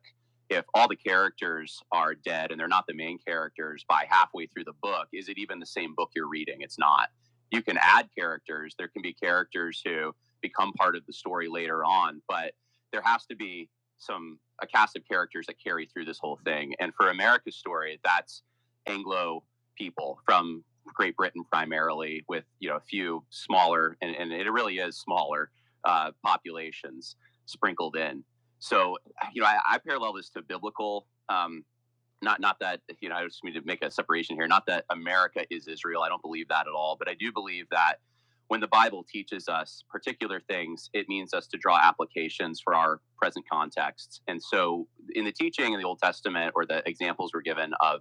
if all the characters are dead and they're not the main characters by halfway through the book, is it even the same book you're reading? It's not. You can add characters. There can be characters who become part of the story later on, but there has to be some a cast of characters that carry through this whole thing. And for America's story, that's Anglo people from Great Britain primarily, with you know a few smaller, and, and it really is smaller uh, populations sprinkled in. So you know, I, I parallel this to biblical. Um, not not that you know, I just need to make a separation here. Not that America is Israel. I don't believe that at all. But I do believe that when the Bible teaches us particular things, it means us to draw applications for our present contexts. And so, in the teaching in the Old Testament or the examples we're given of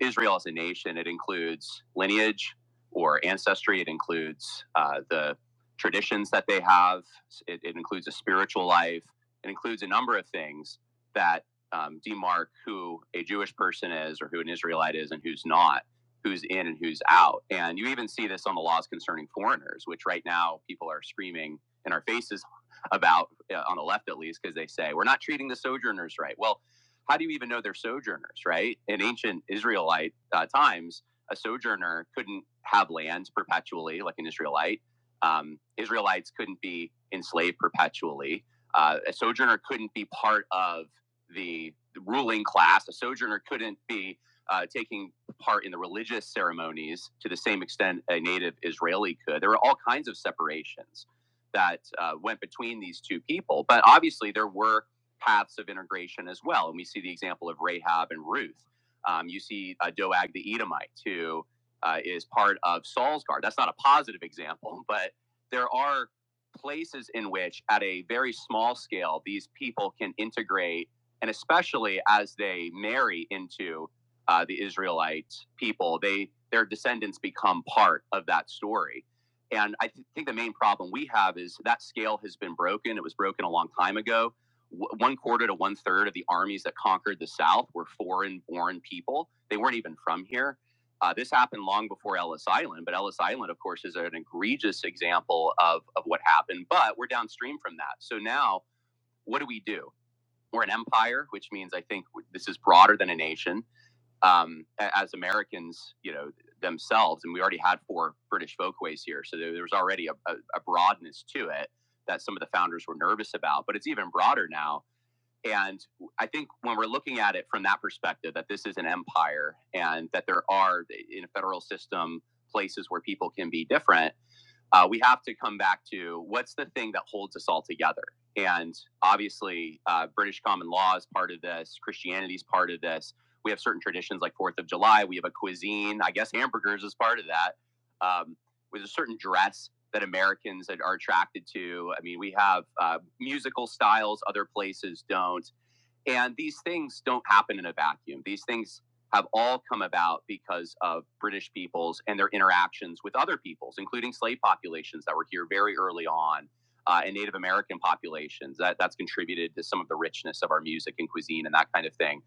Israel as a nation. It includes lineage or ancestry. It includes uh, the traditions that they have. It, it includes a spiritual life. It includes a number of things that um, demark who a Jewish person is or who an Israelite is and who's not, who's in and who's out. And you even see this on the laws concerning foreigners, which right now people are screaming in our faces about, uh, on the left at least, because they say, we're not treating the sojourners right. Well, how do you even know they're sojourners, right? In ancient Israelite uh, times, a sojourner couldn't have lands perpetually like an Israelite. Um, Israelites couldn't be enslaved perpetually. Uh, a sojourner couldn't be part of the, the ruling class. A sojourner couldn't be uh, taking part in the religious ceremonies to the same extent a native Israeli could. There were all kinds of separations that uh, went between these two people. But obviously, there were paths of integration as well. And we see the example of Rahab and Ruth. Um, you see uh, Doag the Edomite, who uh, is part of Saul's guard. That's not a positive example, but there are places in which, at a very small scale, these people can integrate, and especially as they marry into uh, the Israelite people, they their descendants become part of that story. And I th- think the main problem we have is that scale has been broken. It was broken a long time ago one quarter to one third of the armies that conquered the South were foreign born people. They weren't even from here. Uh, this happened long before Ellis Island, but Ellis Island, of course, is an egregious example of, of what happened, but we're downstream from that. So now, what do we do? We're an empire, which means I think this is broader than a nation. Um, as Americans, you know, themselves, and we already had four British folkways here, so there, there was already a, a, a broadness to it that some of the founders were nervous about, but it's even broader now and I think when we're looking at it from that perspective, that this is an empire and that there are eh, in a federal system places where people can be different, uh, we have to come back to what's the thing that holds us all together. And obviously, uh, British common law is part of this, Christianity is part of this. We have certain traditions like Fourth of July. We have a cuisine. I guess hamburgers is part of that. Um, with a certain dress that Americans are attracted to. I mean, we have uh, musical styles other places don't. And these things don't happen in a vacuum. These things have all come about because of British peoples and their interactions with other peoples, including slave populations that were here very early on, uh, and Native American populations. That that's contributed to some of the richness of our music and cuisine and that kind of thing.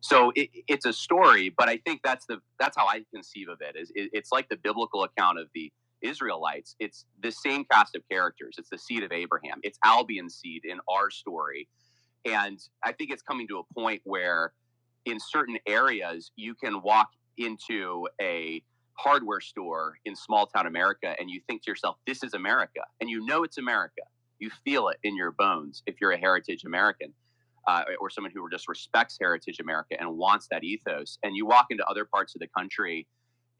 So it, it's a story, but I think that's the that's how I conceive of it. Is it, it's like the biblical account of the Israelites. It's the same cast of characters. It's the seed of Abraham. It's Albion's seed in our story, and I think it's coming to a point where in certain areas, you can walk into a hardware store in small town America and you think to yourself, this is America. And you know it's America. You feel it in your bones if you're a heritage American uh, or someone who just respects heritage America and wants that ethos. And you walk into other parts of the country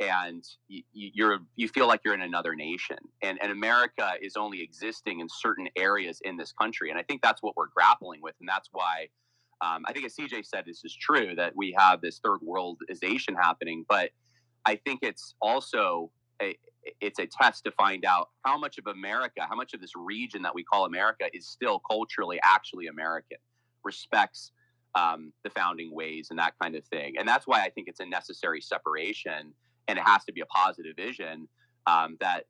and you, you're you feel like you're in another nation and and america is only existing in certain areas in this country and i think that's what we're grappling with and that's why um, I think as CJ said, this is true that we have this third worldization happening, but I think it's also a, it's a test to find out how much of America, how much of this region that we call America is still culturally actually American, respects um, the founding ways and that kind of thing. And that's why I think it's a necessary separation, and it has to be a positive vision. Um, that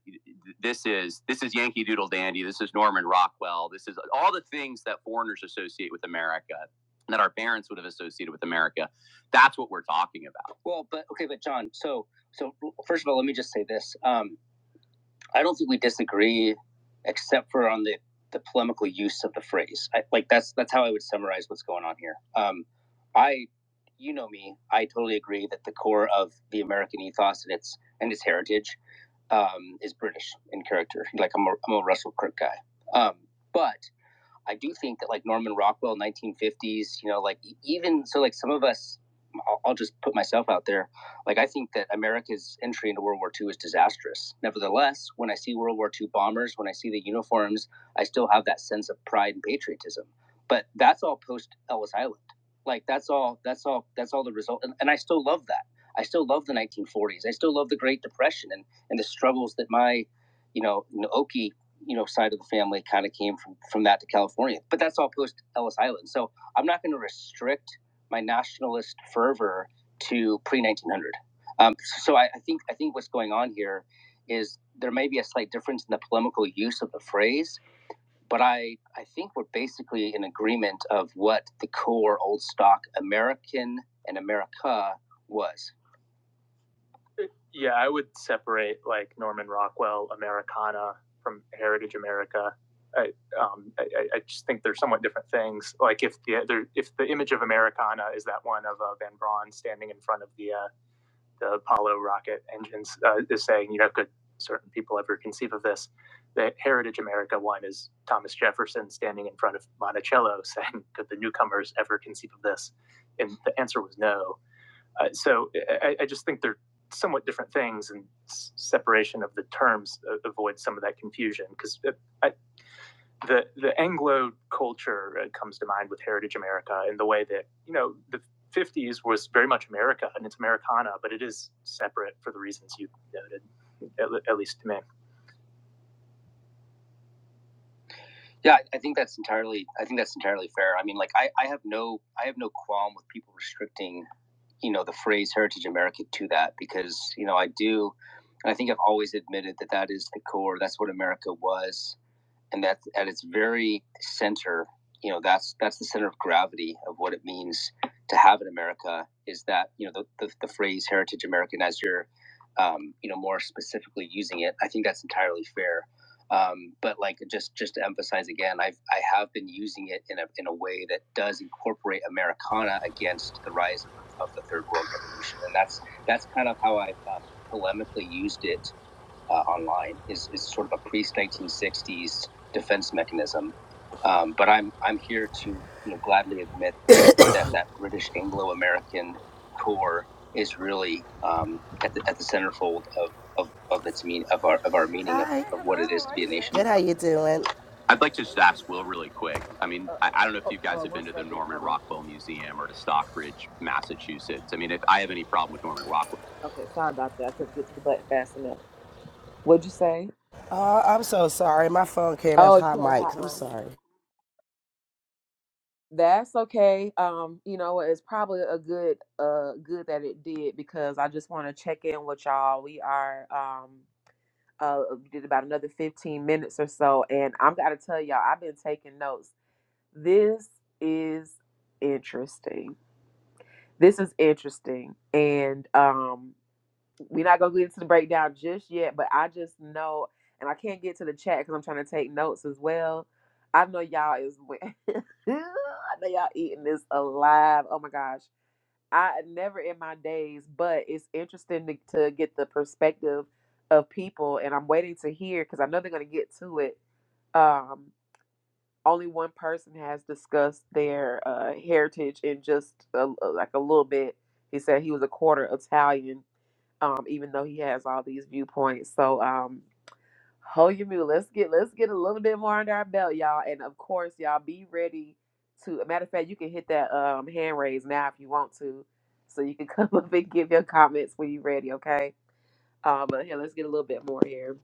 this is this is Yankee Doodle Dandy, this is Norman Rockwell, this is all the things that foreigners associate with America that our parents would have associated with America. That's what we're talking about. Well, but okay, but John, so so first of all, let me just say this. Um, I don't think we disagree, except for on the, the polemical use of the phrase. I, like that's that's how I would summarize what's going on here. Um, I, you know me, I totally agree that the core of the American ethos and its and its heritage um, is British in character. Like I'm a, I'm a Russell Kirk guy. Um, but I do think that like Norman Rockwell, 1950s, you know, like e- even so, like some of us, I'll, I'll just put myself out there. Like I think that America's entry into World War II is disastrous. Nevertheless, when I see World War II bombers, when I see the uniforms, I still have that sense of pride and patriotism. But that's all post Ellis Island. Like that's all. That's all. That's all the result. And, and I still love that. I still love the 1940s. I still love the Great Depression and and the struggles that my you know, Naoki you know side of the family kind of came from from that to California. But that's all post Ellis Island. So I'm not going to restrict my nationalist fervor to pre 1900. Um, so I, I think I think what's going on here is there may be a slight difference in the polemical use of the phrase, but I I think we're basically in agreement of what the core old stock American and America was. Yeah, I would separate like Norman Rockwell Americana from Heritage America. I, um, I, I- just think they're somewhat different things. Like if the if the image of Americana is that one of uh, Van Braun standing in front of the uh, the Apollo rocket engines, uh, is saying, you know, could certain people ever conceive of this? The Heritage America one is Thomas Jefferson standing in front of Monticello saying, could the newcomers ever conceive of this? And the answer was no. Uh, so I, I just think they're somewhat different things, and separation of the terms uh, avoids some of that confusion because the the Anglo culture uh, comes to mind with Heritage America and the way that you know the 50s was very much America and it's Americana, but it is separate for the reasons you noted, at, at least to me. Yeah, I I think that's entirely. I think that's entirely fair. I mean, like, I, I have no, I have no qualm with people restricting you know the phrase heritage america to that because you know i do i think i've always admitted that that is the core that's what america was and that's at its very center you know that's that's the center of gravity of what it means to have in america is that you know the, the, the phrase heritage american as you're um, you know more specifically using it i think that's entirely fair um, but like just just to emphasize again i've i have been using it in a, in a way that does incorporate americana against the rise of the, of the third world revolution and that's that's kind of how i've um, polemically used it uh, online is, is sort of a pre 1960s defense mechanism. Um, but I'm I'm here to you know gladly admit that that that British Anglo-American core is really um, at the at the centerfold of of, of its mean of our of our meaning of, Hi. of hello. what it How is to are be you? a nation. Good, how you doing? I'd like to just ask Will really quick. I mean, uh, I, I don't know if you guys uh, have been to the Norman Rockwell Museum or to Stockbridge, Massachusetts. I mean, if I have any problem with Norman Rockwell. Okay, sorry about that. I couldn't get to the button fast enough. What'd you say? Oh, I'm so sorry. My phone came Oh, as if hot you had a mics. hot I'm mic. sorry. That's okay. Um, you know, it's probably a good uh good that it did because I just want to check in with y'all. We are um uh we did about another 15 minutes or so and I'm got to tell y'all I've been taking notes. This is interesting. This is interesting. And um we're not gonna get into the breakdown just yet, but I just know, and I can't get to the chat because I'm trying to take notes as well. I know y'all is, I know y'all eating this alive. Oh my gosh, I never in my days, but it's interesting to, to get the perspective of people, and I'm waiting to hear because I know they're gonna get to it. Um, only one person has discussed their uh, heritage in just a, uh, like a little bit. He said he was a quarter Italian, um, even though he has all these viewpoints. So, um, hold your mule. Let's get let's get a little bit more under our belt, y'all. And of course, y'all be ready to. Matter of fact, you can hit that um, hand raise now if you want to, so you can come up and give your comments when you're ready. Okay. Um, but here, let's get a little bit more here.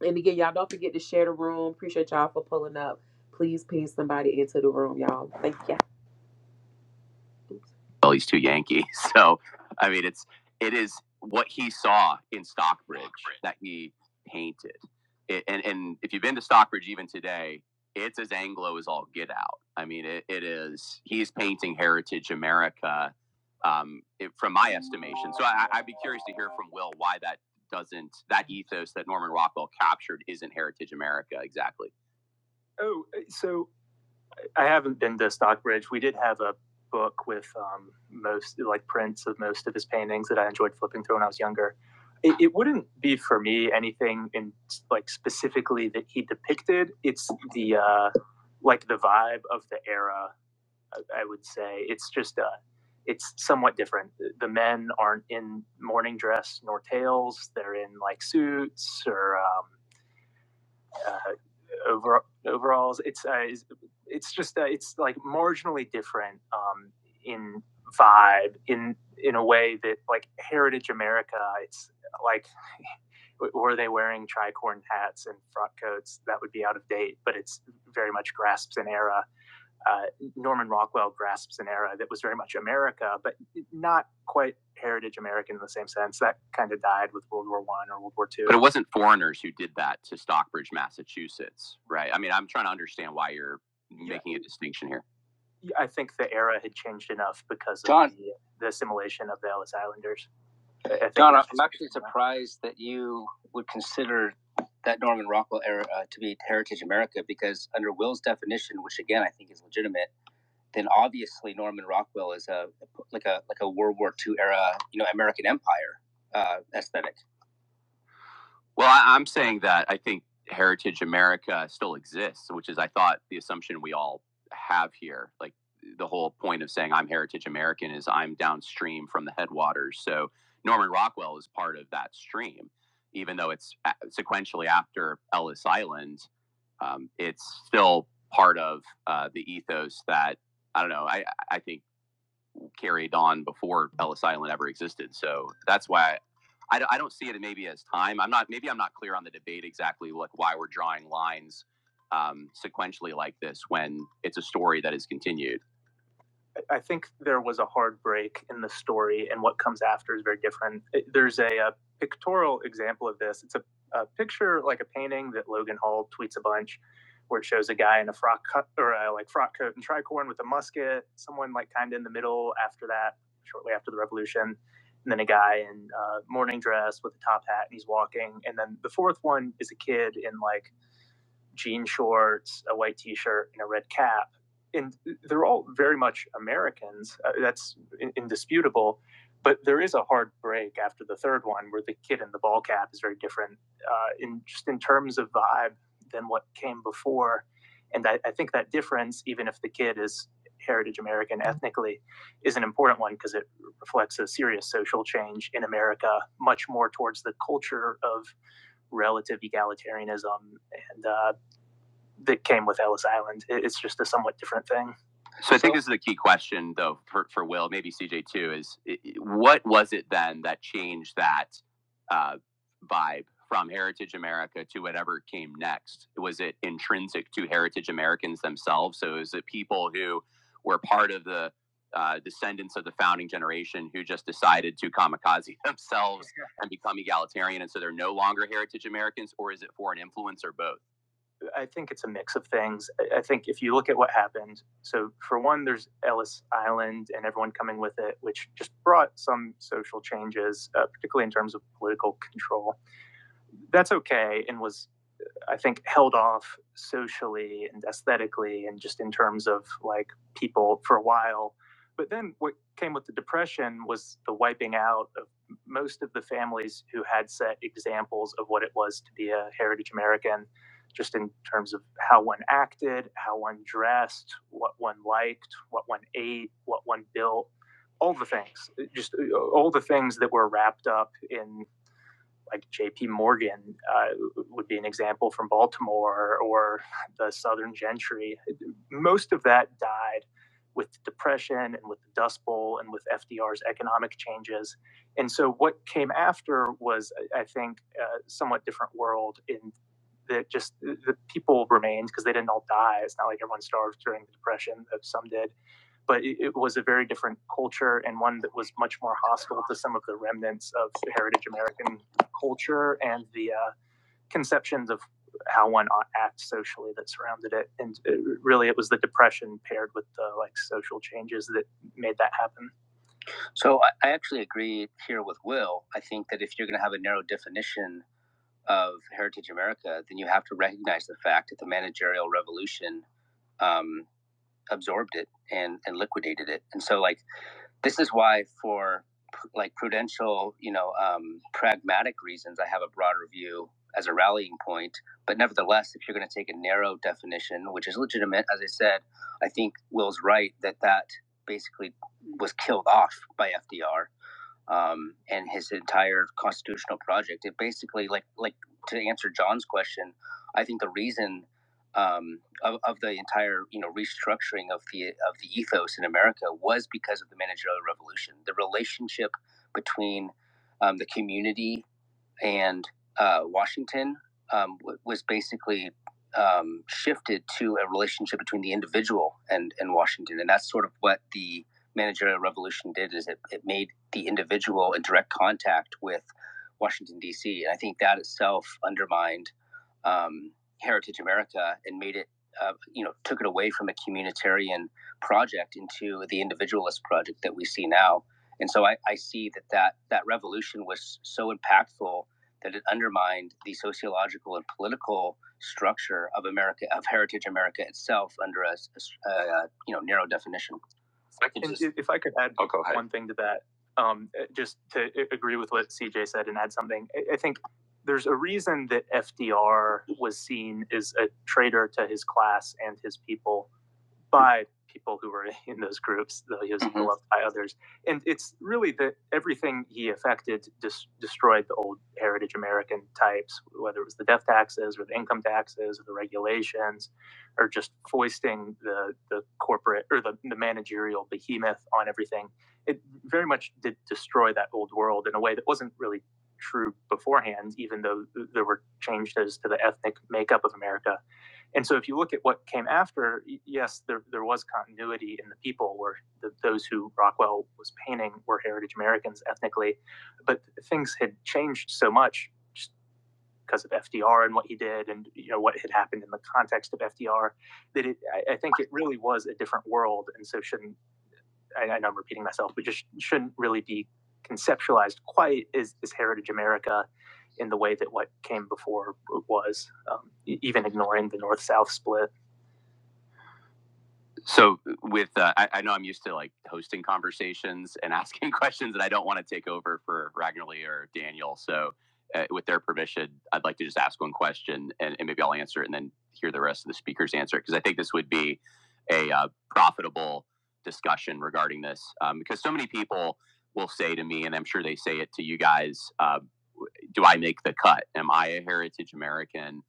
And again, y'all don't forget to share the room. Appreciate y'all for pulling up. Please ping somebody into the room, y'all. Thank you. Well, he's too Yankee. So, I mean, it's it is what he saw in Stockbridge that he painted. It, and and if you've been to Stockbridge even today, it's as Anglo as all get out. I mean, it, it is he's painting heritage America, um, it, from my estimation. So I, I'd be curious to hear from Will why that doesn't that ethos that Norman Rockwell captured isn't heritage America exactly. Oh, so. I haven't been to Stockbridge. We did have a book with um, most like prints of most of his paintings that I enjoyed flipping through when I was younger. It, it wouldn't be for me anything in like specifically that he depicted. It's the uh, like the vibe of the era. I, I would say it's just a. uh, it's somewhat different. The the men aren't in morning dress nor tails. They're in like suits or um, uh, over, overalls. It's uh, it's- just uh, it's like marginally different um, in vibe in in a way that like Heritage America. It's like were they wearing tricorn hats and frock coats that would be out of date, but it's very much grasps an era uh, Norman Rockwell grasps an era that was very much America, but not quite heritage American in the same sense. That kind of died with World War One or World War Two. But it wasn't foreigners who did that to Stockbridge, Massachusetts, right? I mean, I'm trying to understand why you're Yeah. making a distinction here. I think the era had changed enough because John. of the, the assimilation of the Ellis Islanders. I- I think John, I'm actually surprised that you would consider that Norman Rockwell era uh, to be Heritage America because, under Will's definition, which again I think is legitimate, then obviously Norman Rockwell is a like a like a World War Two era, you know, American Empire uh, aesthetic. Well, I, I'm saying that I think Heritage America still exists, which is I thought the assumption we all have here. Like the whole point of saying I'm Heritage American is I'm downstream from the headwaters. So Norman Rockwell is part of that stream, even though it's uh, sequentially after Ellis Island. Um, it's still part of uh, the ethos that I don't know. I I think carried on before Ellis Island ever existed. So that's why I, I, I don't see it maybe as time. I'm not maybe I'm not clear on the debate exactly like why we're drawing lines um, sequentially like this when it's a story that is continued. I think there was a hard break in the story, and what comes after is very different. There's a, uh pictorial example of this. It's a, a picture, like a painting that Logan Hall tweets a bunch, where it shows a guy in a frock cut or a, like frock coat and tricorn with a musket. Someone like kind of in the middle after that, shortly after the revolution, and then a guy in uh, morning dress with a top hat, and he's walking. And then the fourth one is a kid in like jean shorts, a white t-shirt, and a red cap. And they're all very much Americans. Uh, that's in- indisputable. But there is a hard break after the third one where the kid in the ball cap is very different uh, in just in terms of vibe than what came before. And I, I think that difference, even if the kid is heritage American ethnically, is an important one because it reflects a serious social change in America, much more towards the culture of relative egalitarianism and uh, that came with Ellis Island. it's just a somewhat different thing. So I think this is the key question, though, for, for Will, maybe CJ too, is what was it then that changed that uh, vibe from Heritage America to whatever came next? Was it intrinsic to Heritage Americans themselves? So is it people who were part of the uh, descendants of the founding generation who just decided to kamikaze themselves and become egalitarian, and so they're no longer Heritage Americans, or is it for an influence or both? I think it's a mix of things. I- think if you look at what happened, so for one, there's Ellis Island and everyone coming with it, which just brought some social changes, uh, particularly in terms of political control. That's okay and was I think, held off socially and aesthetically and just in terms of like people for a while. But then what came with the Depression was the wiping out of most of the families who had set examples of what it was to be a heritage American, just in terms of how one acted, how one dressed, what one liked, what one ate, what one built, all the things, just uh, all the things that were wrapped up in like J.P. Morgan uh, would be an example from Baltimore or the Southern Gentry. Most of that died with the Depression and with the Dust Bowl and with FDR's economic changes. And so what came after was, I think, a somewhat different world in that just the the people remained because they didn't all die. It's not like everyone starved during the Depression, though some did but it, it was a very different culture and one that was much more hostile to some of the remnants of heritage American culture and the uh, conceptions of how one ought to act socially that surrounded it. And it, really, it was the depression paired with the like social changes that made that happen. So I, actually agree here with Will. I think that if you're going to have a narrow definition of Heritage America, then you have to recognize the fact that the managerial revolution um, absorbed it and, and liquidated it. And so, like, this is why for like prudential you know um, pragmatic reasons i have a broader view as a rallying point but nevertheless if you're going to take a narrow definition which is legitimate as i said i think will's right that that basically was killed off by fdr um, and his entire constitutional project. It basically, like, like to answer John's question, I think the reason um, of, of the entire, you know, restructuring of the of the ethos in America was because of the managerial revolution. The relationship between um, the community and uh, Washington um, w- was basically um, shifted to a relationship between the individual and, and Washington. And that's sort of what the managerial revolution did is it, it made the individual in direct contact with Washington, D.C. And I think that itself undermined um, Heritage America and made it, uh, you know, took it away from a communitarian project into the individualist project that we see now. And so I, I see that, that that revolution was so impactful that it undermined the sociological and political structure of America, of Heritage America itself, under a uh, you know narrow definition. I could just, if I could add oh, go ahead. one thing to that, um, uh, just to agree with what CJ said and add something, I, I think there's a reason that FDR was seen as a traitor to his class and his people by people who were in those groups, though he was Mhm. beloved by others. And it's really that everything he affected dis- destroyed the old heritage American types, whether it was the death taxes or the income taxes or the regulations, or just foisting the, the corporate or the, the managerial behemoth on everything. It very much did destroy that old world in a way that wasn't really true beforehand, even though there were changes to the ethnic makeup of America and so if you look at what came after, yes, there, there was continuity in the people where the, those who Rockwell was painting were heritage Americans ethnically, but things had changed so much just because of FDR and what he did and you know what had happened in the context of FDR that it, I, I think it really was a different world. And so shouldn't, I, I know I'm repeating myself, but just shouldn't really be conceptualized quite as, as heritage America in the way that what came before was, um, e- even ignoring the North-South split. so with uh, I, I know i'm used to like hosting conversations and asking questions and i don't want to take over for ragnarly or daniel so uh, with their permission i'd like to just ask one question and, and maybe i'll answer it and then hear the rest of the speakers answer it, because i think this would be a uh, profitable discussion regarding this um, because so many people will say to me and i'm sure they say it to you guys uh, do i make the cut am i a heritage american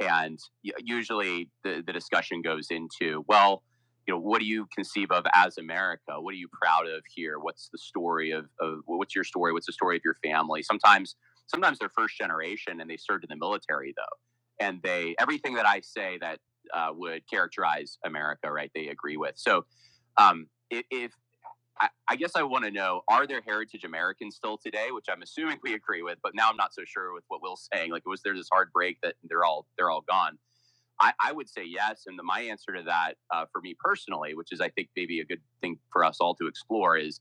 and usually the, the discussion goes into well you know what do you conceive of as america what are you proud of here what's the story of, of what's your story what's the story of your family sometimes sometimes they're first generation and they served in the military though and they everything that i say that uh, would characterize america right they agree with so um, if I, I guess I want to know: Are there heritage Americans still today? Which I'm assuming we agree with, but now I'm not so sure with what Will's saying. Like, was there this hard break that they're all they're all gone? I, I would say yes. And the, my answer to that uh, for me personally, which is I think maybe a good thing for us all to explore, is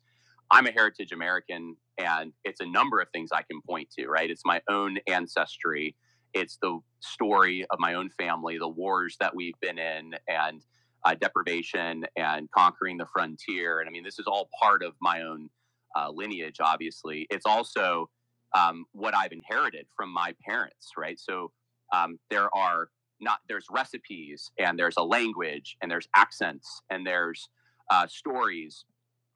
I'm a heritage American, and it's a number of things I can point to, right? It's my own ancestry, it's the story of my own family, the wars that we've been in, and uh, deprivation and conquering the frontier. And I mean, this is all part of my own uh, lineage, obviously. It's also um, what I've inherited from my parents, right? So um, there are not there's recipes and there's a language and there's accents and there's uh, stories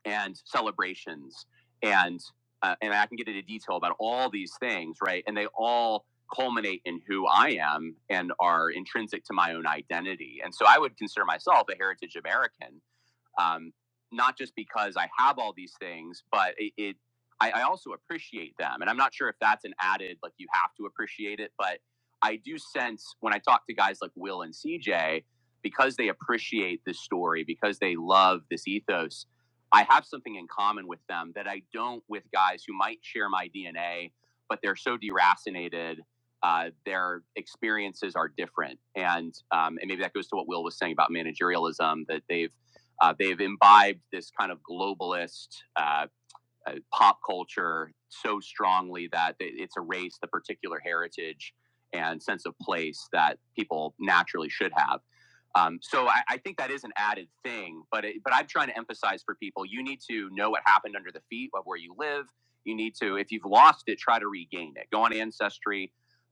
and celebrations and uh, and I can get into detail about all these things, right? And they all culminate in who I am and are intrinsic to my own identity. And so I would consider myself a heritage American um, not just because I have all these things, but it, it I, I also appreciate them. And I'm not sure if that's an added like you have to appreciate it, but I do sense when I talk to guys like Will and CJ because they appreciate this story, because they love this ethos. I have something in common with them that I don't with guys who might share my DNA, but they're so deracinated. Uh, their experiences are different, and um, and maybe that goes to what Will was saying about managerialism that they've uh, they've imbibed this kind of globalist uh, uh, pop culture so strongly that it- it's erased the particular heritage and sense of place that people naturally should have. Um, so I, I think that is an added thing, but it, but I'm trying to emphasize for people: you need to know what happened under the feet of where you live. You need to, if you've lost it, try to regain it. Go on Ancestry,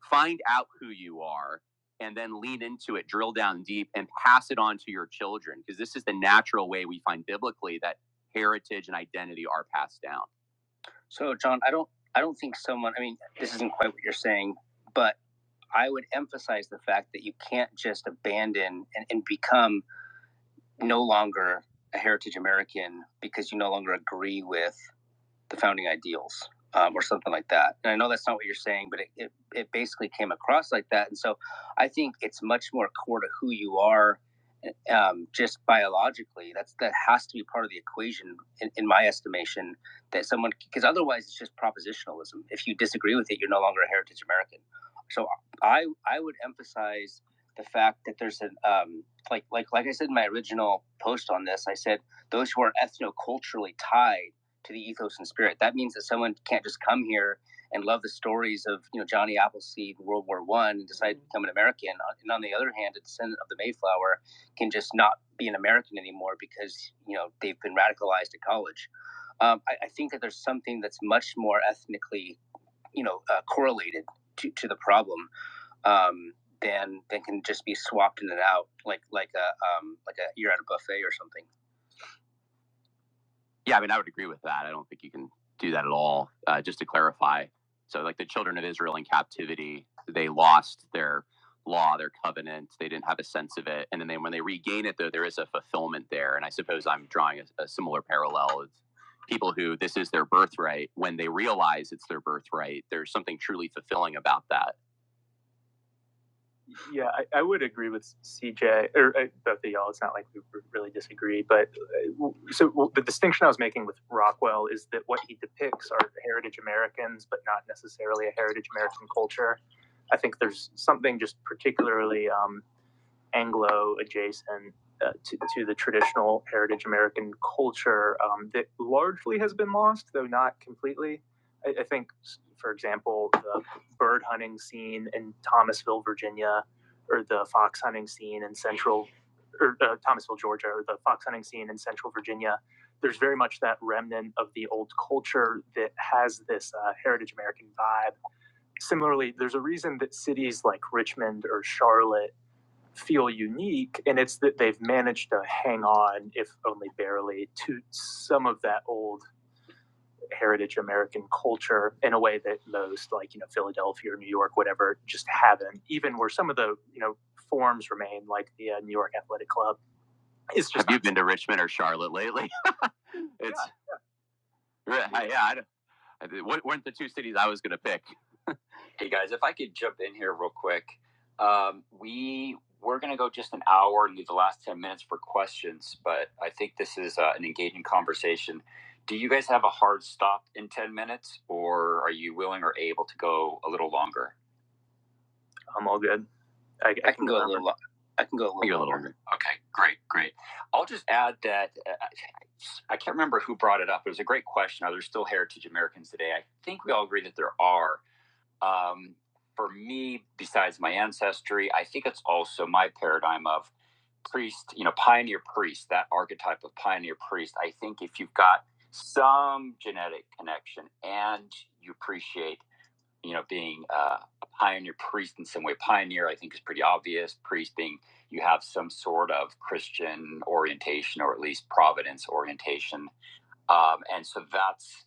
find out who you are, and then lean into it, drill down deep, and pass it on to your children because this is the natural way we find biblically that heritage and identity are passed down. So, John, I don't, I don't think someone. I mean, this isn't quite what you're saying, but I would emphasize the fact that you can't just abandon and, and become no longer a heritage American because you no longer agree with the founding ideals um, or something like that. And I know that's not what you're saying, but it, it, it basically came across like that. And so I think it's much more core to who you are um, just biologically. That's That has to be part of the equation, in, in my estimation, that someone, because otherwise it's just propositionalism. If you disagree with it, you're no longer a heritage American. So I, I would emphasize the fact that there's an, um, like, like, like I said in my original post on this, I said, those who are ethnoculturally tied to the ethos and spirit. That means that someone can't just come here and love the stories of you know Johnny Appleseed, World War One, and decide to become an American. Uh, And on the other hand, a descendant of the Mayflower can just not be an American anymore because you know they've been radicalized at college. Um, I, I think that there's something that's much more ethnically you know uh, correlated to, to the problem. Um, than, than can just be swapped in and out like like a um, like a you're at a buffet or something. Yeah, I mean, I would agree with that. I don't think you can do that at all. Uh, just to clarify, so like the children of Israel in captivity, they lost their law, their covenant. They didn't have a sense of it, and then they, when they regain it, though, there is a fulfillment there. And I suppose I'm drawing a, a similar parallel of people who this is their birthright. When they realize it's their birthright, there's something truly fulfilling about that yeah, I, I would agree with CJ or uh, both of y'all. It's not like we really disagree, but uh, so w the distinction I was making with Rockwell is that what he depicts are heritage Americans, but not necessarily a heritage American culture. I think there's something just particularly um, Anglo adjacent uh, to, to the traditional heritage American culture um, that largely has been lost, though not completely. I, I think, for example, the bird hunting scene in Thomasville, Virginia, or the fox hunting scene in central, or uh, Thomasville, Georgia, or the fox hunting scene in central Virginia. There's very much that remnant of the old culture that has this uh, heritage American vibe. Similarly, there's a reason that cities like Richmond or Charlotte feel unique, and it's that they've managed to hang on, if only barely, to some of that old heritage American culture in a way that most, like you know, Philadelphia or New York, whatever, just haven't. Even where some of the you know forms remain, like the uh, New York Athletic Club, it's Have just Have you been to Richmond or Charlotte lately? It's yeah. yeah I, do I- what weren't the two cities I was going to pick? Hey guys, if I could jump in here real quick, um, we we're gonna go just an hour, and leave the last ten minutes for questions, but I think this is uh, an engaging conversation. Do you guys have a hard stop in ten minutes, or are you willing or able to go a little longer? I'm all good. I, I I can, can go, go a little. lo- I can go a little, a little longer. longer. Okay, great, great. I'll just add that uh, I can't remember who brought it up. It was a great question. Are there still heritage Americans today? I think we all agree that there are um, for me, besides my ancestry, I think it's also my paradigm of priest, you know, pioneer priest, that archetype of pioneer priest. I think if you've got some genetic connection and you appreciate, you know, being uh, a pioneer priest in some way, pioneer, I think is pretty obvious. Priest being you have some sort of Christian orientation or at least Providence orientation um, and so that's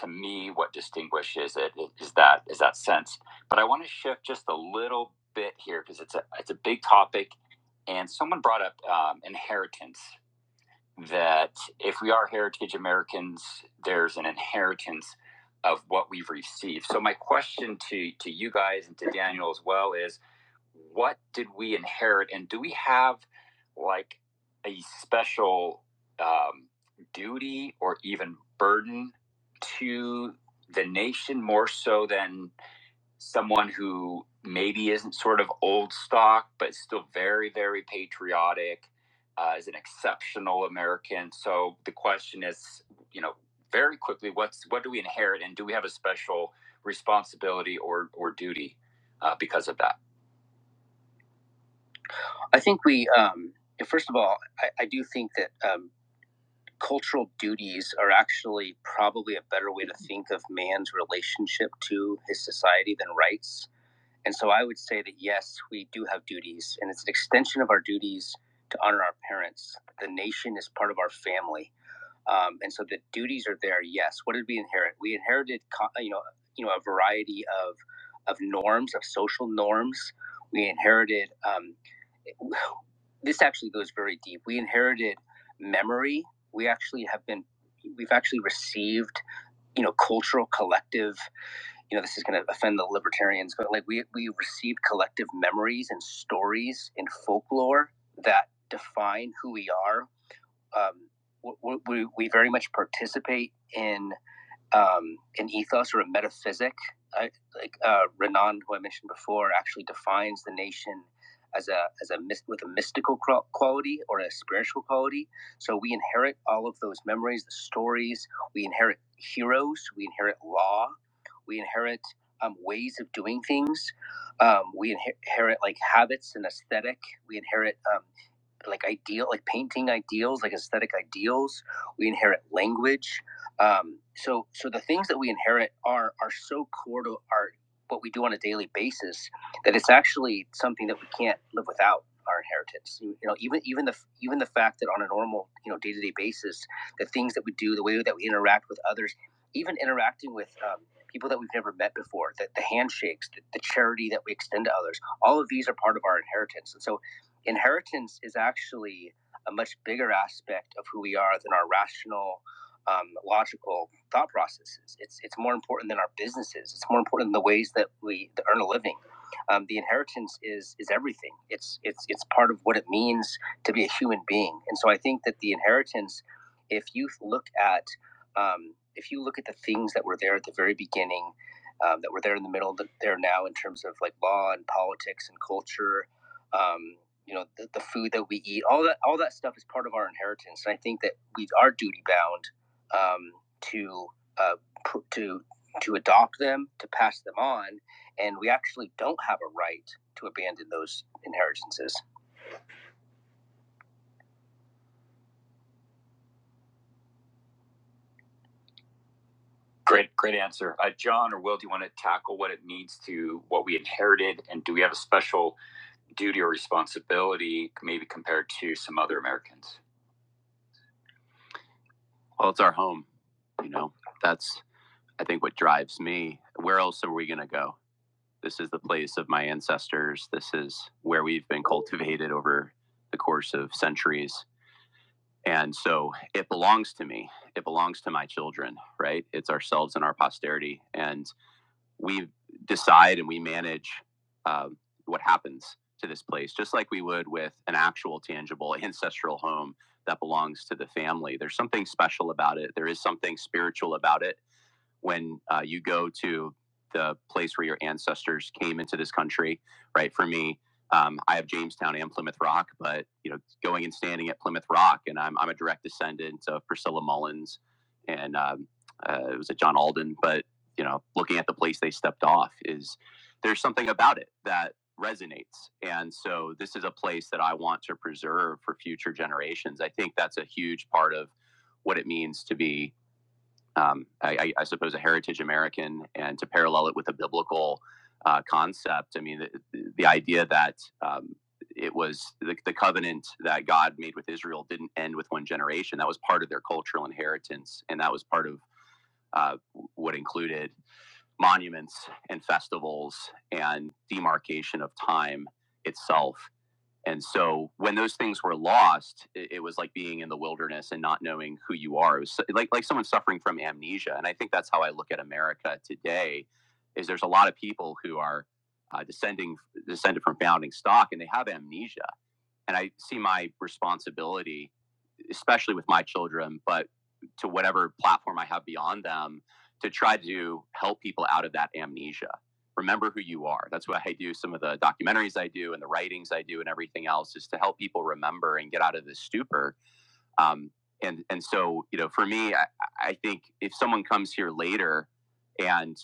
to me what distinguishes it is that is that sense but i want to shift just a little bit here because it's a it's a big topic and someone brought up um, inheritance that if we are heritage americans there's an inheritance of what we've received so my question to to you guys and to daniel as well is what did we inherit and do we have like a special um, duty or even burden to the nation more so than someone who maybe isn't sort of old stock but still very very patriotic uh, is an exceptional american so the question is you know very quickly what's what do we inherit and do we have a special responsibility or or duty uh, because of that I think we, um, eh, first of all, I, I do think that um, cultural duties are actually probably a better way to think of man's relationship to his society than rights. And so I would say that yes, we do have duties, and it's an extension of our duties to honor our parents. The nation is part of our family um, and so the duties are there. Yes. What did we inherit? We inherited, you know, you know, a variety of of norms, of social norms. We inherited. Um, this actually goes very deep. We inherited memory. We actually have been. We've actually received, you know, cultural collective you know this is going to offend the libertarians but like we we receive collective memories and stories and folklore that define who we are um, we, we, we very much participate in um, an ethos or a metaphysic. I, like uh, Renan, who I mentioned before, actually defines the nation as a as a with a mystical quality or a spiritual quality. So we inherit all of those memories, the stories. We inherit heroes. We inherit law. We inherit um, ways of doing things. Um, we inher- inherit like habits and aesthetic. We inherit um, like ideal like painting ideals like aesthetic ideals we inherit language um, so so the things that we inherit are are so core to our what we do on a daily basis that it's actually something that we can't live without our inheritance you, you know even even the even the fact that on a normal you know day-to-day basis the things that we do the way that we interact with others even interacting with um, people that we've never met before the, the handshakes the, the charity that we extend to others all of these are part of our inheritance and so inheritance is actually a much bigger aspect of who we are than our rational um, logical thought processes it's it's more important than our businesses it's more important than the ways that we earn a living um, the inheritance is is everything it's it's it's part of what it means to be a human being and so i think that the inheritance if you look at um, if you look at the things that were there at the very beginning um, that were there in the middle that there now in terms of like law and politics and culture um, you know, the, the food that we eat, all that, all that stuff is part of our inheritance. And I think that we are duty bound um, to uh, pr- to to adopt them, to pass them on, and we actually don't have a right to abandon those inheritances. Great, great answer, uh, John or Will. Do you want to tackle what it means to what we inherited, and do we have a special duty or responsibility, maybe compared to some other Americans? Well, it's our home. You know, that's I think what drives me, where else are we going to go? This is the place of my ancestors. This is where we've been cultivated over the course of centuries. And so it belongs to me. It belongs to my children, right? It's ourselves and our posterity. And we decide and we manage um, what happens to this place, just like we would with an actual, tangible ancestral home that belongs to the family. There's something special about it. There is something spiritual about it when uh, you go to the place where your ancestors came into this country, right? For me, um, I have Jamestown and Plymouth Rock, but you know, going and standing at Plymouth Rock, and I'm I'm a direct descendant of Priscilla Mullins, and um, uh, it was at John Alden. But you know, looking at the place they stepped off is there's something about it that resonates, and so this is a place that I want to preserve for future generations. I think that's a huge part of what it means to be um, I, I suppose, a heritage American, and to parallel it with a biblical uh, concept. I mean, the, the idea that um, it was the, the covenant that God made with Israel didn't end with one generation. That was part of their cultural inheritance, and that was part of uh, what included monuments and festivals and demarcation of time itself. And so when those things were lost, it, it was like being in the wilderness and not knowing who you are. It was so- like like someone suffering from amnesia. And I think that's how I look at America today. Is there's a lot of people who are uh, descending descended from founding stock, and they have amnesia. And I see my responsibility especially with my children, but to whatever platform I have beyond them, to try to help people out of that amnesia. Remember who you are. That's why I do some of the documentaries I do and the writings I do and everything else is to help people remember and get out of this stupor. Um, and and so you know, for me, I, I think if someone comes here later and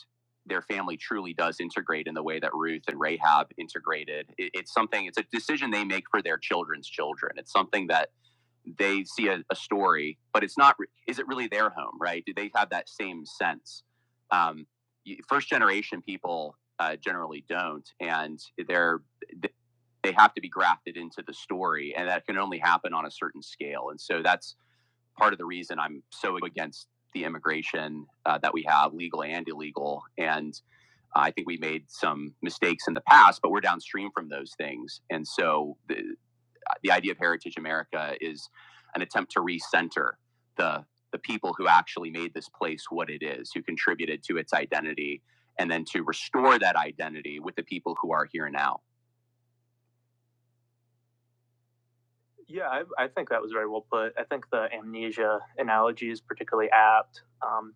their family truly does integrate in the way that Ruth and Rahab integrated. It, it's something, it's a decision they make for their children's children. It's something that they see a, a story, but it's not. Is it really their home, right? Do they have that same sense? Um, first generation people uh, generally don't, and they're they have to be grafted into the story, and that can only happen on a certain scale. And so that's part of the reason I'm so against the immigration uh, that we have, legal and illegal. And I think we made some mistakes in the past, but we're downstream from those things, and so the, the idea of Heritage America is an attempt to recenter the the people who actually made this place what it is, who contributed to its identity, and then to restore that identity with the people who are here now. Yeah, I, I think that was very well put. I think the amnesia analogy is particularly apt, um,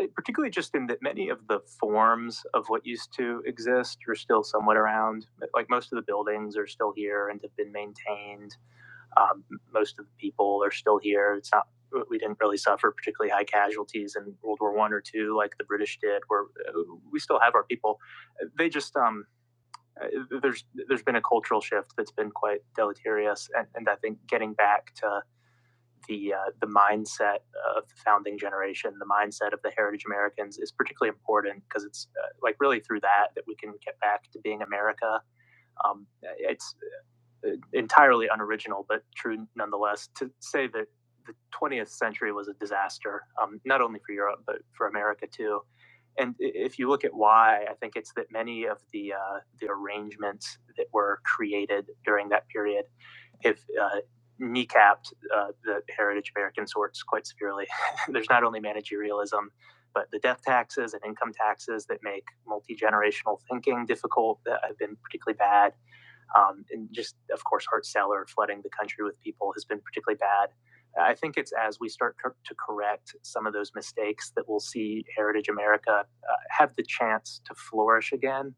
eh, particularly just in that many of the forms of what used to exist are still somewhat around. Like most of the buildings are still here and have been maintained. Um, most of the people are still here. It's not we didn't really suffer particularly high casualties in World War One or two like the British did. Where uh, we still have our people. They just um, uh, there's there's been a cultural shift that's been quite deleterious, and, and I think getting back to the uh, the mindset of the founding generation, the mindset of the heritage Americans is particularly important because it's uh, like really through that that we can get back to being America. Um, it's uh, entirely unoriginal, but true nonetheless, to say that the 20th century was a disaster, um, not only for Europe, but for America too. And if you look at why, I think it's that many of the, uh, the arrangements that were created during that period have uh, kneecapped uh, the heritage of American sorts quite severely. There's not only managerialism, but the death taxes and income taxes that make multi generational thinking difficult that have been particularly bad um, and just, of course, hard seller flooding the country with people has been particularly bad. I think it's as we start to correct some of those mistakes that we'll see Heritage America uh, have the chance to flourish again.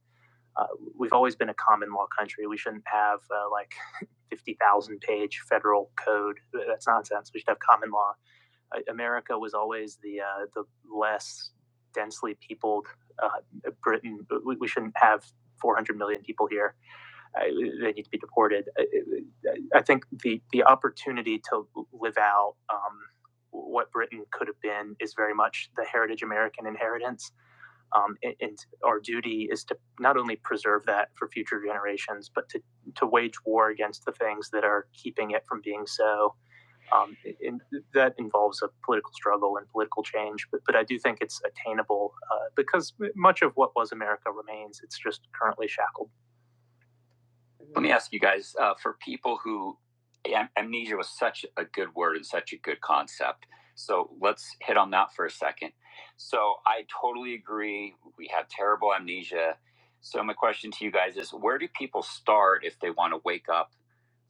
Uh, we've always been a common law country. We shouldn't have uh, like 50,000 page federal code. That's nonsense. We should have common law. Uh, America was always the, uh, the less densely peopled uh, Britain. We, we shouldn't have 400 million people here uh, they need to be deported. I, I think the the opportunity to live out um, what Britain could have been is very much the heritage American inheritance, um, and, and our duty is to not only preserve that for future generations, but to to wage war against the things that are keeping it from being so. Um, and that involves a political struggle and political change, but, but I do think it's attainable uh, because much of what was America remains. It's just currently shackled. Let me ask you guys uh, for people who am- amnesia was such a good word and such a good concept. So let's hit on that for a second. So I totally agree. We have terrible amnesia. So my question to you guys is where do people start if they want to wake up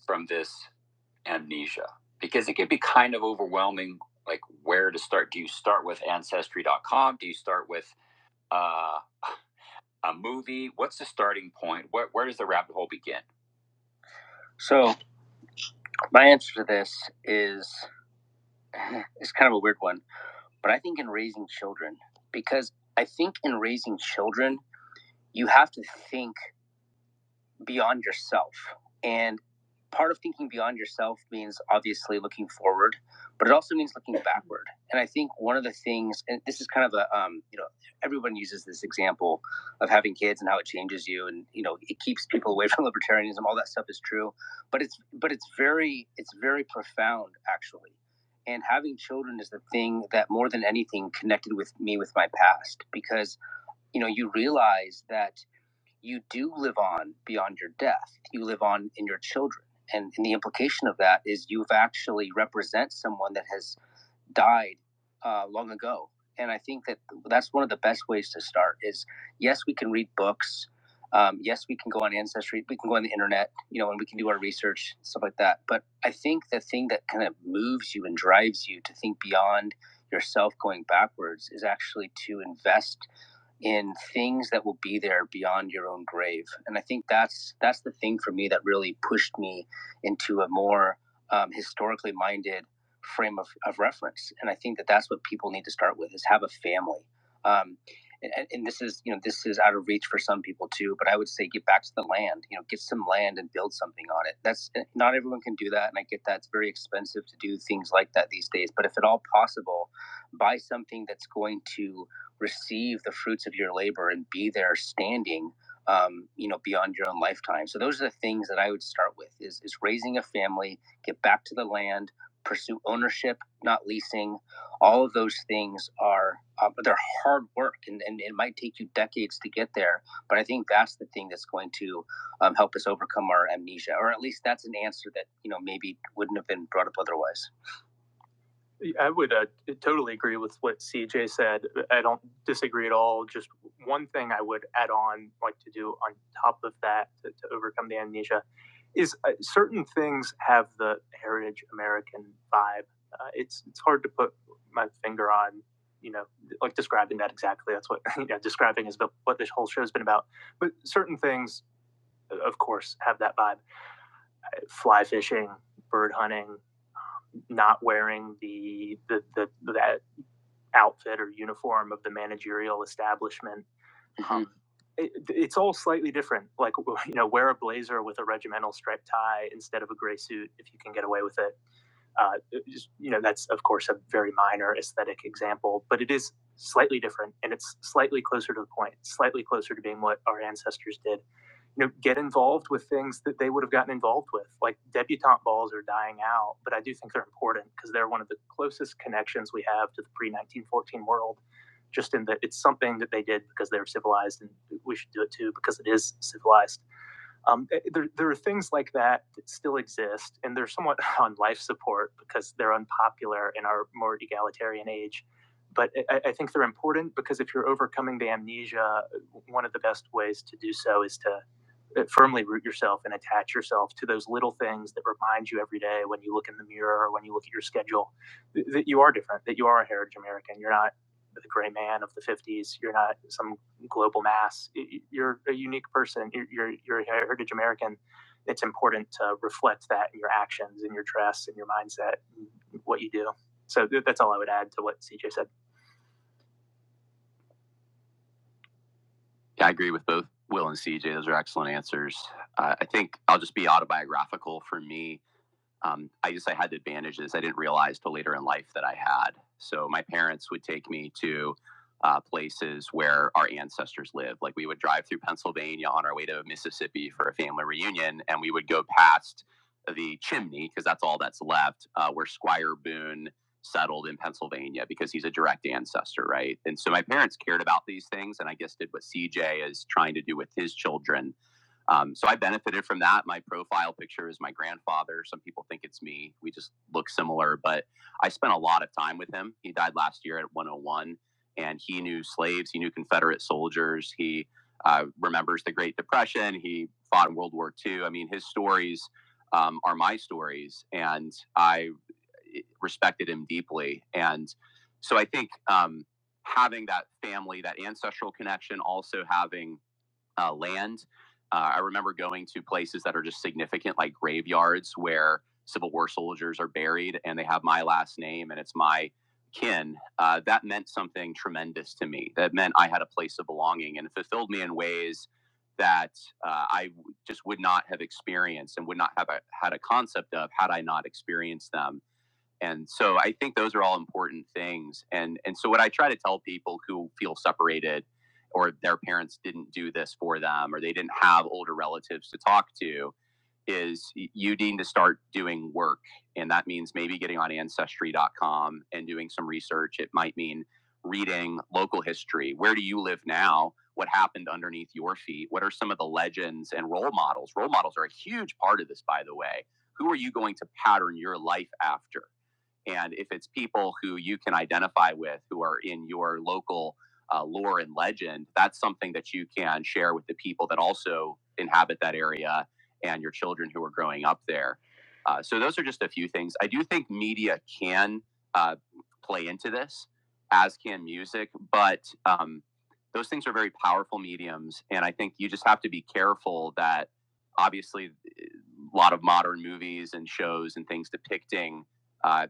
from this amnesia? Because it can be kind of overwhelming, like where to start. Do you start with ancestry.com? Do you start with uh, a movie? What's the starting point? Where, where does the rabbit hole begin? So My answer to this is it's kind of a weird one, but I think in raising children, because I think in raising children, you have to think beyond yourself. And part of thinking beyond yourself means obviously looking forward, but it also means looking backward. And I think one of the things, and this is kind of a, um, you know, everyone uses this example of having kids and how it changes you, and you know, it keeps people away from libertarianism. All that stuff is true, but it's but it's very it's very profound actually. And having children is the thing that more than anything connected with me with my past because you know you realize that you do live on beyond your death. You live on in your children. And, and the implication of that is you've actually represent someone that has died uh, long ago. And I think that that's one of the best ways to start is yes, we can read books. Um, yes, we can go on Ancestry. We can go on the internet, you know, and we can do our research, stuff like that. But I think the thing that kind of moves you and drives you to think beyond yourself going backwards is actually to invest in things that will be there beyond your own grave. And I think that's that's the thing for me that really pushed me into a more um, historically minded frame of, of reference. And I think that that's what people need to start with is have a family. Um, and, and this is you know this is out of reach for some people too. But I would say get back to the land. You know, get some land and build something on it. That's eh, not everyone can do that, and I get that it's very expensive to do things like that these days. But if at all possible, buy something that's going to receive the fruits of your labor and be there standing um, you know beyond your own lifetime so those are the things that i would start with is, is raising a family get back to the land pursue ownership not leasing all of those things are um, they're hard work and, and it might take you decades to get there but i think that's the thing that's going to um, help us overcome our amnesia or at least that's an answer that you know maybe wouldn't have been brought up otherwise I would uh, totally agree with what CJ said. I don't disagree at all. Just one thing I would add on, like to do on top of that to, to overcome the amnesia, is uh, certain things have the heritage American vibe. Uh, it's it's hard to put my finger on, you know, like describing that exactly. That's what you know, describing is what this whole show has been about. But certain things, of course, have that vibe. Fly fishing, bird hunting, not wearing the the the, the outfit or uniform of the managerial establishment. Mhm. Um, it, it's all slightly different. Like you know, wear a blazer with a regimental striped tie instead of a gray suit if you can get away with it. Uh, it just, you know, that's of course a very minor aesthetic example, but it is slightly different and it's slightly closer to the point, slightly closer to being what our ancestors did you know, get involved with things that they would have gotten involved with. Like debutante balls are dying out, but I do think they're important because they're one of the closest connections we have to the pre 1914 world, just in that it's something that they did because they were civilized, and we should do it too because it is civilized. Um, eh, there, there are things like that that still exist, and they're somewhat on life support because they're unpopular in our more egalitarian age. But I I think they're important because if you're overcoming the amnesia, one of the best ways to do so is to uh, firmly root yourself and attach yourself to those little things that remind you every day when you look in the mirror or when you look at your schedule th- that you are different, that you are a heritage American. You're not the gray man of the 50s. You're not some global mass. You're a unique person. You're, you're, you're a heritage American. It's important to reflect that in your actions, in your dress, in your mindset, in what you do. So that's all I would add to what CJ said. Yeah, I agree with both Will and CJ. Those are excellent answers. Uh, I think I'll just be autobiographical for me. um, I just I had advantages I didn't realize till later in life that I had. So my parents would take me to uh, places where our ancestors lived. Like we would drive through Pennsylvania on our way to Mississippi for a family reunion, and we would go past the chimney because that's all that's left uh, where Squire Boone settled in Pennsylvania because he's a direct ancestor, right? And so my parents cared about these things, and I guess did what CJ is trying to do with his children um, so I benefited from that. My profile picture is my grandfather. Some people think it's me. We just look similar, but I spent a lot of time with him. He died last year at 101, and he knew slaves. He knew Confederate soldiers. He uh, remembers the Great Depression. He fought in World War II. I mean, his stories um, are my stories, and I eh, respected him deeply. And so I think um, having that family, that ancestral connection, also having uh, land. Uh, I remember going to places that are just significant, like graveyards where Civil War soldiers are buried and they have my last name and it's my kin. Uh, that meant something tremendous to me. That meant I had a place of belonging and it fulfilled me in ways that uh, I w- just would not have experienced and would not have a, had a concept of had I not experienced them and so i think those are all important things and and so what i try to tell people who feel separated or their parents didn't do this for them or they didn't have older relatives to talk to is you need to start doing work and that means maybe getting on ancestry.com and doing some research it might mean reading local history where do you live now what happened underneath your feet what are some of the legends and role models role models are a huge part of this by the way who are you going to pattern your life after and if it's people who you can identify with who are in your local uh, lore and legend, that's something that you can share with the people that also inhabit that area and your children who are growing up there. Uh, so those are just a few things. I do think media can uh, play into this, as can music, but um, those things are very powerful mediums. And I think you just have to be careful that obviously a lot of modern movies and shows and things depicting uh,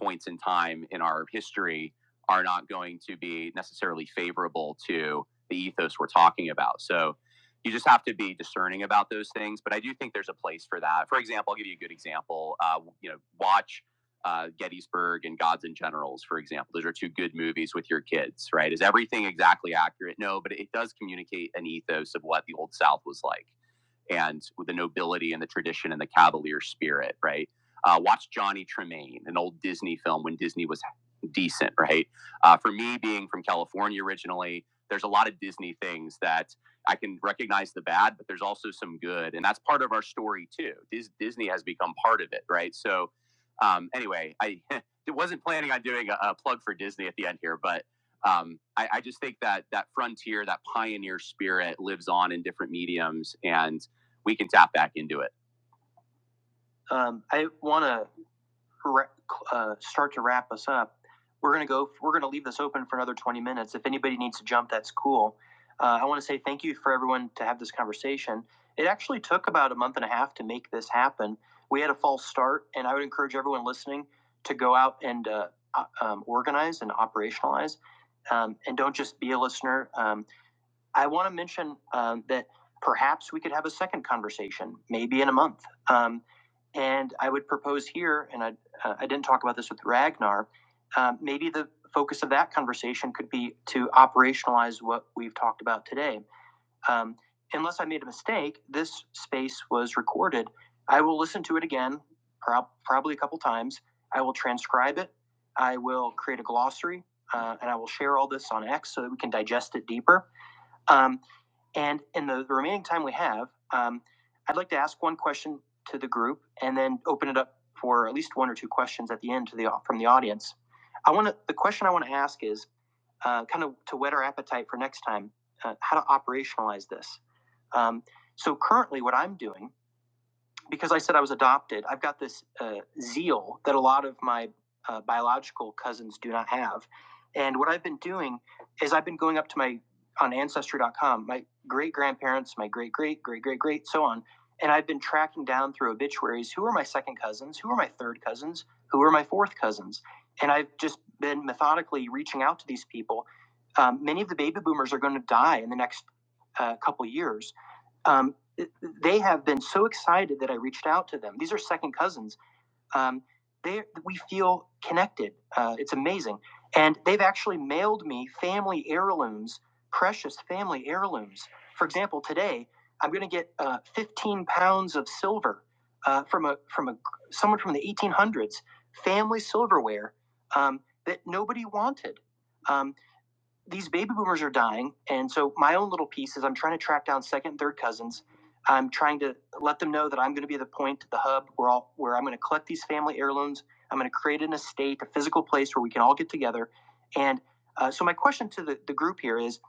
points in time in our history are not going to be necessarily favorable to the ethos we're talking about. So you just have to be discerning about those things. But I do think there's a place for that. For example, I'll give you a good example. Uh, you know, watch uh, Gettysburg and Gods and Generals, for example. Those are two good movies with your kids, right? Is everything exactly accurate? No, but it does communicate an ethos of what the Old South was like and with the nobility and the tradition and the cavalier spirit, right? Uh, watch Johnny Tremaine, an old Disney film when Disney was decent, right? Uh, for me, being from California originally, there's a lot of Disney things that I can recognize the bad, but there's also some good, and that's part of our story too. Dis- Disney has become part of it, right? So, um, anyway, I wasn't planning on doing a, a plug for Disney at the end here, but um, I, I just think that that frontier, that pioneer spirit, lives on in different mediums, and we can tap back into it. Um, I want to uh, start to wrap us up. We're going to go. We're going to leave this open for another 20 minutes. If anybody needs to jump, that's cool. Uh, I want to say thank you for everyone to have this conversation. It actually took about a month and a half to make this happen. We had a false start, and I would encourage everyone listening to go out and uh, um, organize and operationalize. Um, and don't just be a listener. Um, I want to mention um, that perhaps we could have a second conversation, maybe in a month. Um, and I would propose here, and I, uh, I didn't talk about this with Ragnar, um, maybe the focus of that conversation could be to operationalize what we've talked about today. Um, unless I made a mistake, this space was recorded. I will listen to it again, prob- probably a couple times. I will transcribe it. I will create a glossary, uh, and I will share all this on X so that we can digest it deeper. Um, and in the remaining time we have, um, I'd like to ask one question to the group and then open it up for at least one or two questions at the end to the from the audience. I want to the question I want to ask is uh, kind of to whet our appetite for next time, uh, how to operationalize this. Um, so currently, what I'm doing because I said I was adopted, I've got this uh, zeal that a lot of my uh, biological cousins do not have. And what I've been doing is I've been going up to my on ancestry.com, my great grandparents, my great great great great great, so on. And I've been tracking down through obituaries who are my second cousins, who are my third cousins, who are my fourth cousins. And I've just been methodically reaching out to these people. Um, many of the baby boomers are going to die in the next uh, couple years um, they have been so excited that I reached out to them. These are second cousins. Um, they we feel connected. Uh, it's amazing, and they've actually mailed me family heirlooms, precious family heirlooms. For example, today I'm going to get uh, 15 pounds of silver uh, from a from a someone from the 1800s, family silverware um, that nobody wanted. Um, these baby boomers are dying. And so my own little piece is I'm trying to track down second and third cousins. I'm trying to let them know that I'm going to be the point, the hub where all where I'm going to collect these family heirlooms. I'm going to create an estate, a physical place where we can all get together. And uh, so my question to the, the group here is,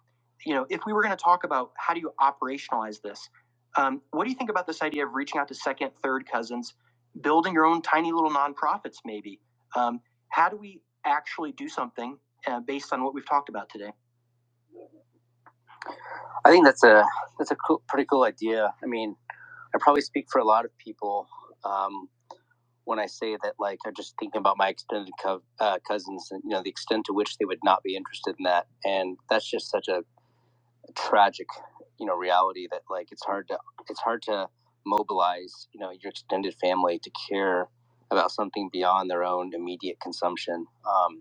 you know, if we were going to talk about how do you operationalize this, um, what do you think about this idea of reaching out to second, third cousins, building your own tiny little nonprofits, maybe? Um, how do we actually do something uh, based on what we've talked about today. I think that's a that's a cool, pretty cool idea. I mean, I probably speak for a lot of people um, when I say that. Like, I'm just thinking about my extended co- uh, cousins, and you know, the extent to which they would not be interested in that, and that's just such a tragic, you know, reality that like it's hard to it's hard to mobilize, you know, your extended family to care about something beyond their own immediate consumption. Um,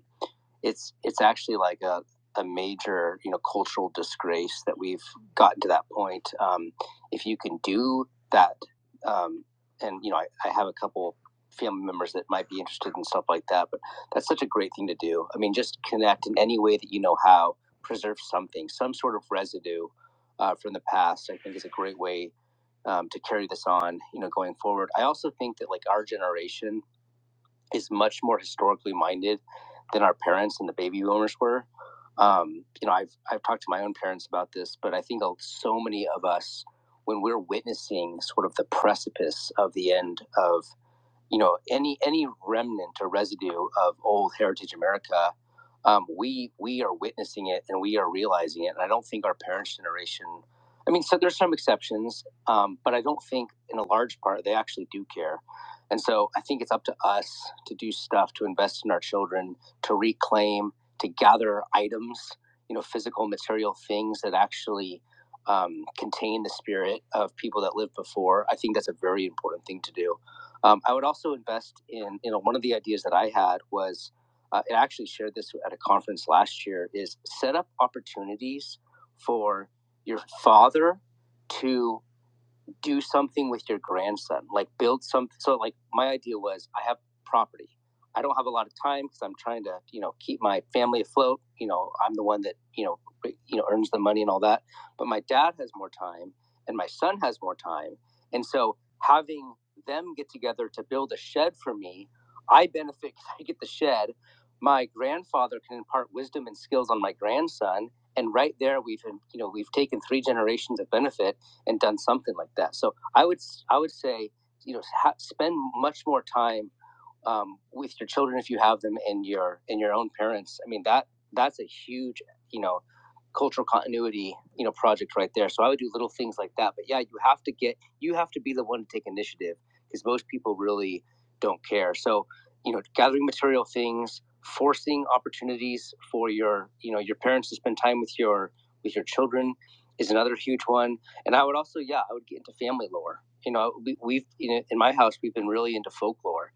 it's it's actually like a, a major you know cultural disgrace that we've gotten to that point. Um, if you can do that, um, and you know I, I have a couple family members that might be interested in stuff like that, but that's such a great thing to do. I mean, just connect in any way that you know how, preserve something, some sort of residue uh, from the past. I think is a great way um, to carry this on, you know, going forward. I also think that like our generation is much more historically minded than our parents and the baby boomers were. Um, you know, I've I've talked to my own parents about this, but I think so many of us, when we're witnessing sort of the precipice of the end of you know any any remnant or residue of old heritage america um, we we are witnessing it and we are realizing it and i don't think our parents generation i mean so there's some exceptions um, but i don't think in a large part they actually do care and so i think it's up to us to do stuff to invest in our children to reclaim to gather items you know physical material things that actually um, contain the spirit of people that lived before i think that's a very important thing to do um, I would also invest in, you know, one of the ideas that I had was, uh, I actually shared this at a conference last year, is set up opportunities for your father to do something with your grandson, like build some. So, like, my idea was I have property. I don't have a lot of time because I'm trying to, you know, keep my family afloat. You know, I'm the one that, you know, you know, earns the money and all that. But my dad has more time, and my son has more time, and so having them get together to build a shed for me, I benefit because I get the shed. My grandfather can impart wisdom and skills on my grandson, and right there we've, you know, we've taken three generations of benefit and done something like that. So I would I would say you know ha- spend much more time um, with your children if you have them and your and your own parents. I mean that that's a huge you know cultural continuity you know project right there. So I would do little things like that. But yeah, you have to get you have to be the one to take initiative because most people really don't care. So you know gathering material things forcing opportunities for your you know your parents to spend time with your with your children is another huge one and I would also, yeah, I would get into family lore. You know, we, we've you know, in my house we've been really into folklore.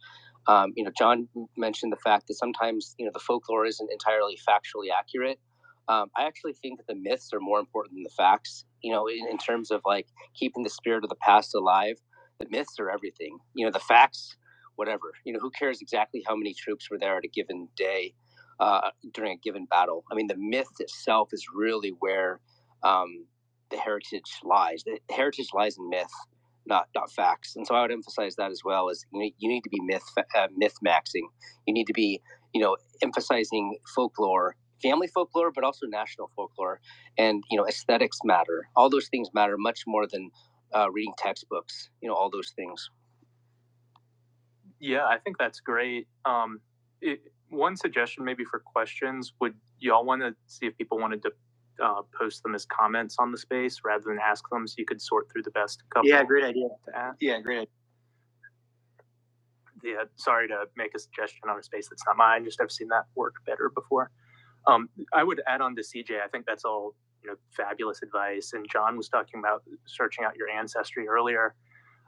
Um, you know, John mentioned the fact that sometimes you know the folklore isn't entirely factually accurate. Um, I actually think that the myths are more important than the facts. You know, in, in terms of like keeping the spirit of the past alive, the myths are everything. You know, the facts, whatever. You know, who cares exactly how many troops were there at a given day uh, during a given battle? I mean, the myth itself is really where um, the heritage lies. The heritage lies in myth, not not facts. And so I would emphasize that as well. Is you you need to be myth uh, myth maxing. You need to be you know emphasizing folklore, family folklore, but also national folklore. And you know aesthetics matter. All those things matter much more than uh, reading textbooks. You know all those things. Yeah, I think that's great. Um, it, one suggestion, maybe for questions, would y'all want to see if people wanted to uh, post them as comments on the space rather than ask them, so you could sort through the best couple Yeah, great idea. to ask? Yeah, great. idea. yeah, sorry to make a suggestion on a space that's not mine. Just I've seen that work better before. Um, I would add on to CJ. I think that's all you know, fabulous advice. And John was talking about searching out your ancestry earlier.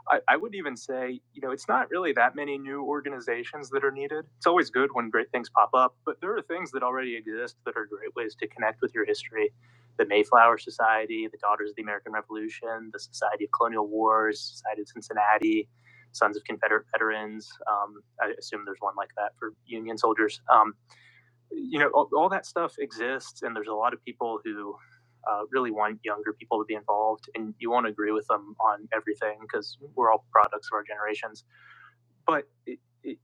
I, I would even say, you know, it's not really that many new organizations that are needed. It's always good when great things pop up, but there are things that already exist that are great ways to connect with your history. The Mayflower Society, the Daughters of the American Revolution, the Society of Colonial Wars, Society of Cincinnati, Sons of Confederate Veterans. Um, I assume there's one like that for Union soldiers. Um, you know, all, all that stuff exists, and there's a lot of people who uh, really want younger people to be involved, and you won't agree with them on everything because we're all products of our generations but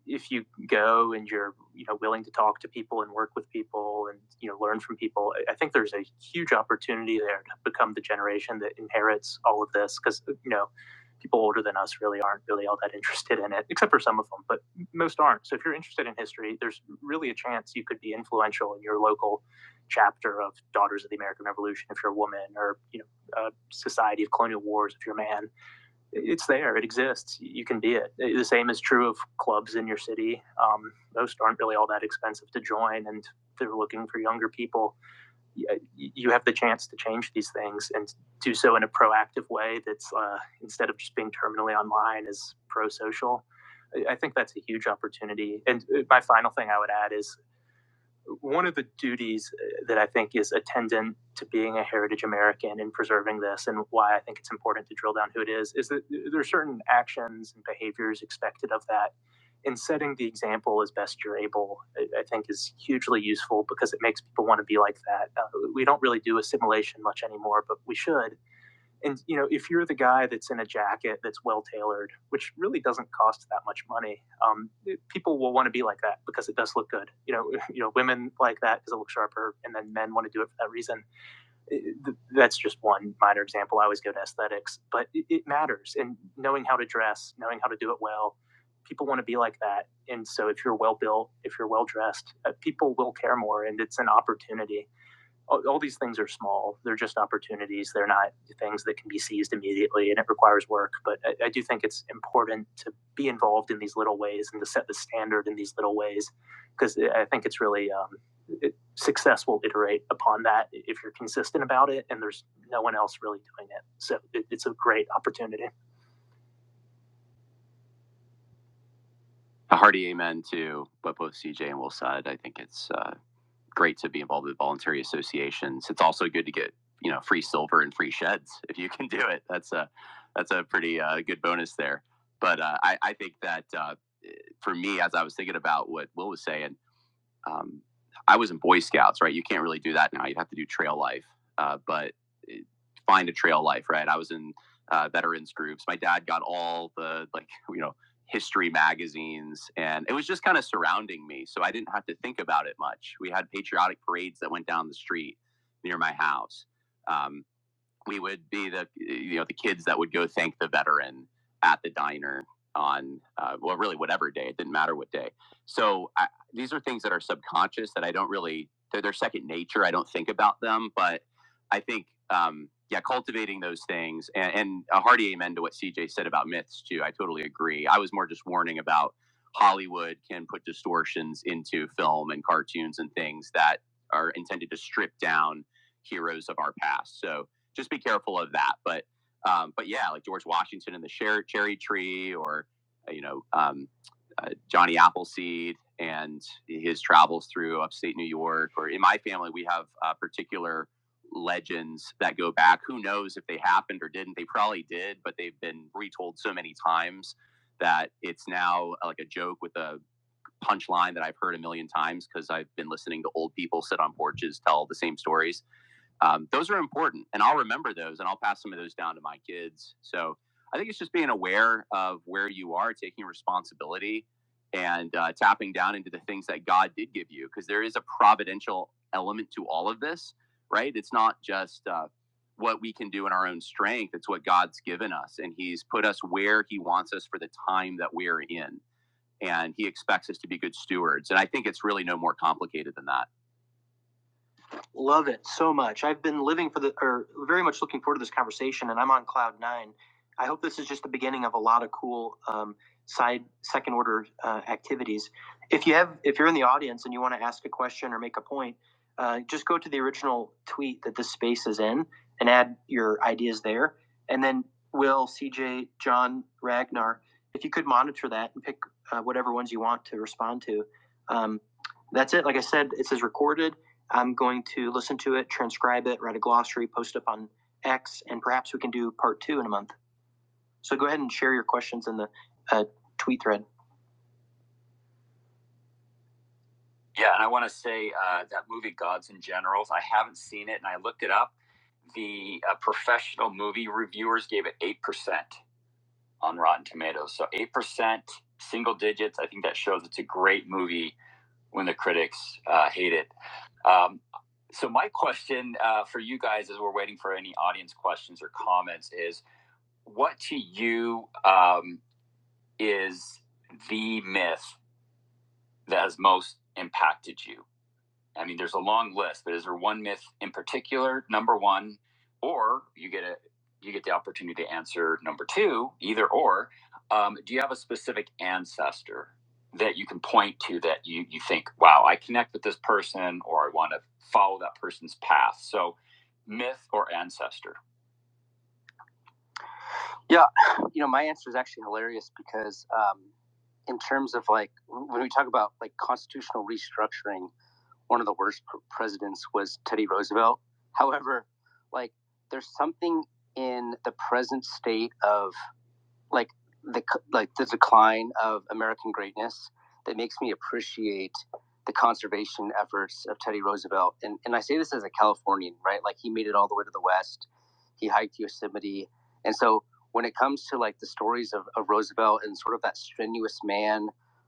if you go and you're you know willing to talk to people and work with people and you know learn from people I- i think there's a huge opportunity there to become the generation that inherits all of this because you know people older than us really aren't really all that interested in it except for some of them but most aren't so if you're interested in history there's really a chance you could be influential in your local chapter of daughters of the american revolution if you're a woman or you know uh, society of colonial wars if you're a man it's there. It exists. You can be it. The same is true of clubs in your city. Um, most aren't really all that expensive to join, and if they're looking for younger people. You have the chance to change these things and do so in a proactive way. That's uh, instead of just being terminally online, is pro-social. I- think that's a huge opportunity. And uh, my final thing I would add is one of the duties uh, that I think is attendant to being a heritage American and preserving this, and why I think it's important to drill down who it is, is that there are certain actions and behaviors expected of that. And setting the example as best you're able, I I think, is hugely useful because it makes people want to be like that. Uh, we don't really do assimilation much anymore, but we should and you know, if you're the guy that's in a jacket that's well tailored, which really doesn't cost that much money, um, eh, people will want to be like that because it does look good. You know, you know, women like that because it looks sharper, and then men want to do it for that reason. It- that's just one minor example. I always go to aesthetics, but it, it matters. And knowing how to dress, knowing how to do it well, people want to be like that. And so, if you're well built, if you're well dressed, uh, people will care more, and it's an opportunity all, all these things are small. They're just opportunities. They're not things that can be seized immediately, and it requires work. But I, I do think it's important to be involved in these little ways and to set the standard in these little ways, because I think it's really um, it, success will iterate upon that if you're consistent about it, and there's no one else really doing it. So it, it's a great opportunity. A hearty amen to what both CJ and Will said. I think it's uh, great to be involved with voluntary associations. It's also good to get you know free silver and free sheds if you can do it. That's a that's a pretty uh, good bonus there. But uh, I, I think that uh, for me, as I was thinking about what Will was saying, um, I was in Boy Scouts, right? You can't really do that now. You have to do trail life, uh, but it, find a trail life, right? I was in uh, veterans groups. My dad got all the like you know history magazines, and it was just kind of surrounding me, so I didn't have to think about it much. We had patriotic parades that went down the street near my house. Um, we would be the you know the kids that would go thank the veteran at the diner on uh, well really whatever day it didn't matter what day so I, these are things that are subconscious that i don't really they're, they're second nature i don't think about them but i think um, yeah cultivating those things and, and a hearty amen to what cj said about myths too i totally agree i was more just warning about hollywood can put distortions into film and cartoons and things that are intended to strip down heroes of our past so just be careful of that. But um, but yeah, like George Washington and the cher- cherry tree, or uh, you know um, uh, Johnny Appleseed and his travels through upstate New York. Or in my family, we have uh, particular legends that go back. Who knows if they happened or didn't? They probably did, but they've been retold so many times that it's now uh, like a joke with a punchline that I've heard a million times because I've been listening to old people sit on porches tell the same stories um, those are important and i'll remember those and i'll pass some of those down to my kids so i think it's just being aware of where you are taking responsibility and uh, tapping down into the things that god did give you because there is a providential element to all of this right it's not just uh, what we can do in our own strength it's what god's given us and he's put us where he wants us for the time that we're in and he expects us to be good stewards and i think it's really no more complicated than that Love it so much. I've been living for the, or very much looking forward to this conversation, and I'm on cloud nine. I hope this is just the beginning of a lot of cool um, side second order uh, activities. If you have, if you're in the audience and you want to ask a question or make a point, uh, just go to the original tweet that this space is in and add your ideas there. And then Will, CJ, John, Ragnar, if you could monitor that and pick uh, whatever ones you want to respond to. Um, that's it. Like I said, it says recorded I'm going to listen to it, transcribe it, write a glossary, post up on X, and perhaps we can do part two in a month. So go ahead and share your questions in the uh, tweet thread. Yeah, and I want to say uh, that movie Gods and Generals. I haven't seen it, and I looked it up. The uh, professional movie reviewers gave it eight percent on Rotten Tomatoes, so eight percent, single digits. I think that shows it's a great movie when the critics uh, hate it. Um, so my question uh, for you guys, as we're waiting for any audience questions or comments, is what to you um, is the myth that has most impacted you? I mean, there's a long list, but is there one myth in particular? Number one, or you get a you get the opportunity to answer number two, either or. Um, do you have a specific ancestor that you can point to that you you think, wow, I connect with this person, or I want to follow that person's path? So, myth or ancestor? Yeah, you know, my answer is actually hilarious because um, in terms of like when we talk about like constitutional restructuring one of the worst presidents was Teddy Roosevelt. However, like there's something in the present state of like the like the decline of American greatness that makes me appreciate the conservation efforts of Teddy Roosevelt. And and I say this as a Californian, right? Like he made it all the way to the west. He hiked Yosemite. And so when it comes to like the stories of, of Roosevelt and sort of that strenuous man,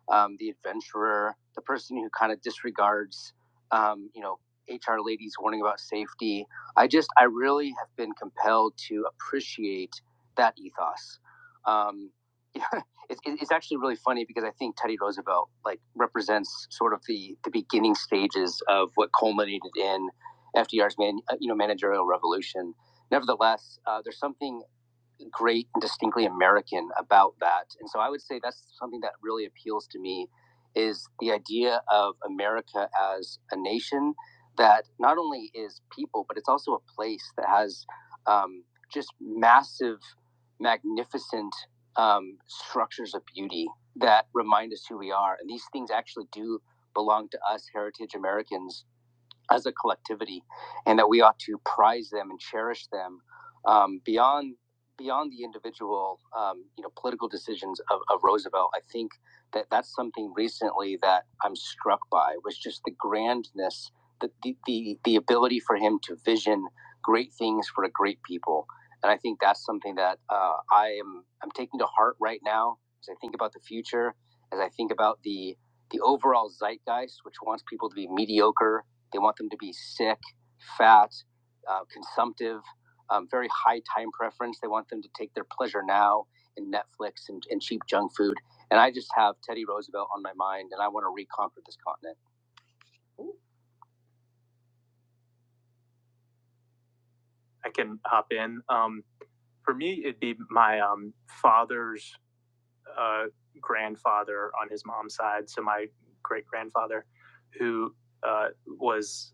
um, the adventurer, the person who kind of disregards um, you know, HR ladies warning about safety. I just I really have been compelled to appreciate that ethos um, yeah, it's, it's actually really funny because I think Teddy Roosevelt like represents sort of the the beginning stages of what culminated in FDR's man, uh, you know managerial revolution. Nevertheless, uh, there's something great and distinctly American about that. And so I would say that's something that really appeals to me is the idea of America as a nation that not only is people, but it's also a place that has um, just massive, magnificent um, structures of beauty that remind us who we are. And these things actually do belong to us, heritage Americans as a collectivity, and that we ought to prize them and cherish them um, beyond beyond the individual, um, you know, political decisions of, of Roosevelt. I think that that's something recently that I'm struck by was just the grandness, the the the, the ability for him to vision great things for a great people, and I think that's something that uh, I am I'm taking to heart right now as I think about the future, as I think about the the overall zeitgeist, which wants people to be mediocre they want them to be sick, fat, uh, consumptive, um, very high time preference. They want them to take their pleasure now in Netflix and, and cheap junk food. And I just have Teddy Roosevelt on my mind, and I want to reconquer this continent. I can hop in. Um, for me, it'd be my um, father's uh, grandfather on his mom's side, so my great grandfather, who uh, was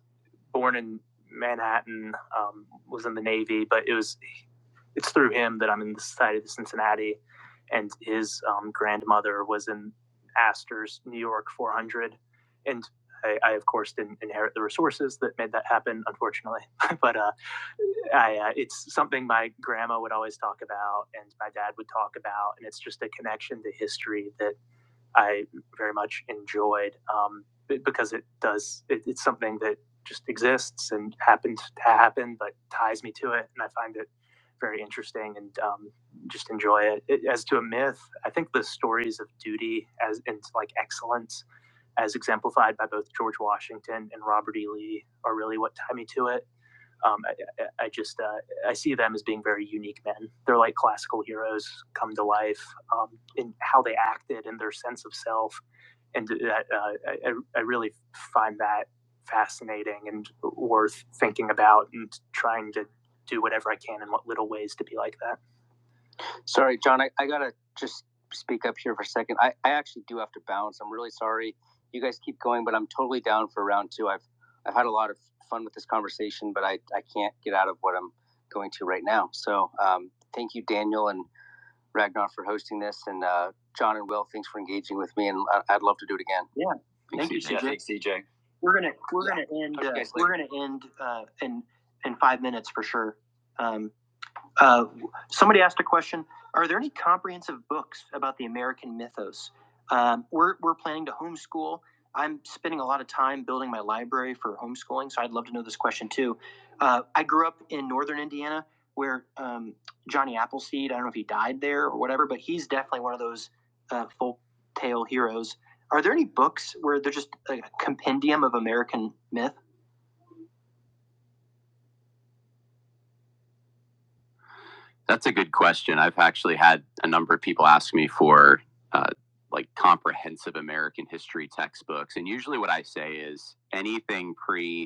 born in Manhattan, um, was in the Navy, but it was it's through him that I'm in the Society of Cincinnati, and his um, grandmother was in Astor's New York 400, and I, I of course didn't inherit the resources that made that happen, unfortunately, but uh, I, uh, it's something my grandma would always talk about and my dad would talk about, and it's just a connection to history that I very much enjoyed um, because it does, it, it's something that just exists and happened to happen, but ties me to it, and I find it very interesting and um, just enjoy it. it. As to a myth, I think the stories of duty as and like excellence, as exemplified by both George Washington and Robert E. Lee, are really what tie me to it um, I- I, just uh, I see them as being very unique men. They're like classical heroes come to life um, in how they acted and their sense of self, and uh, uh, I, I really find that fascinating and worth thinking about and trying to do whatever I can in what little ways to be like that. Sorry, John, I, I gotta just speak up here for a second. I, I actually do have to bounce. I'm really sorry. You guys keep going, but I'm totally down for round two. I've I've had a lot of fun with this conversation, but I, I can't get out of what I'm going to right now. So um, thank you, Daniel and Ragnar, for hosting this, and uh, John and Will, thanks for engaging with me, and I, I'd love to do it again. Yeah, thank, Thank you, you, CJ. Thanks, CJ. We're gonna we're yeah. gonna end. Okay, Uh, so- we're gonna end uh, in in five minutes for sure. Um, uh, somebody asked a question Are there any comprehensive books about the American mythos? Um, we're, we're planning to homeschool. I'm spending a lot of time building my library for homeschooling, so I'd love to know this question too. Uh, I grew up in northern Indiana where um, Johnny Appleseed, I don't know if he died there or whatever, but he's definitely one of those uh, folk tale heroes. Are there any books where they're just a compendium of American myth? That's a good question. I've actually had a number of people ask me for uh, like comprehensive American history textbooks. And usually what I say is anything pre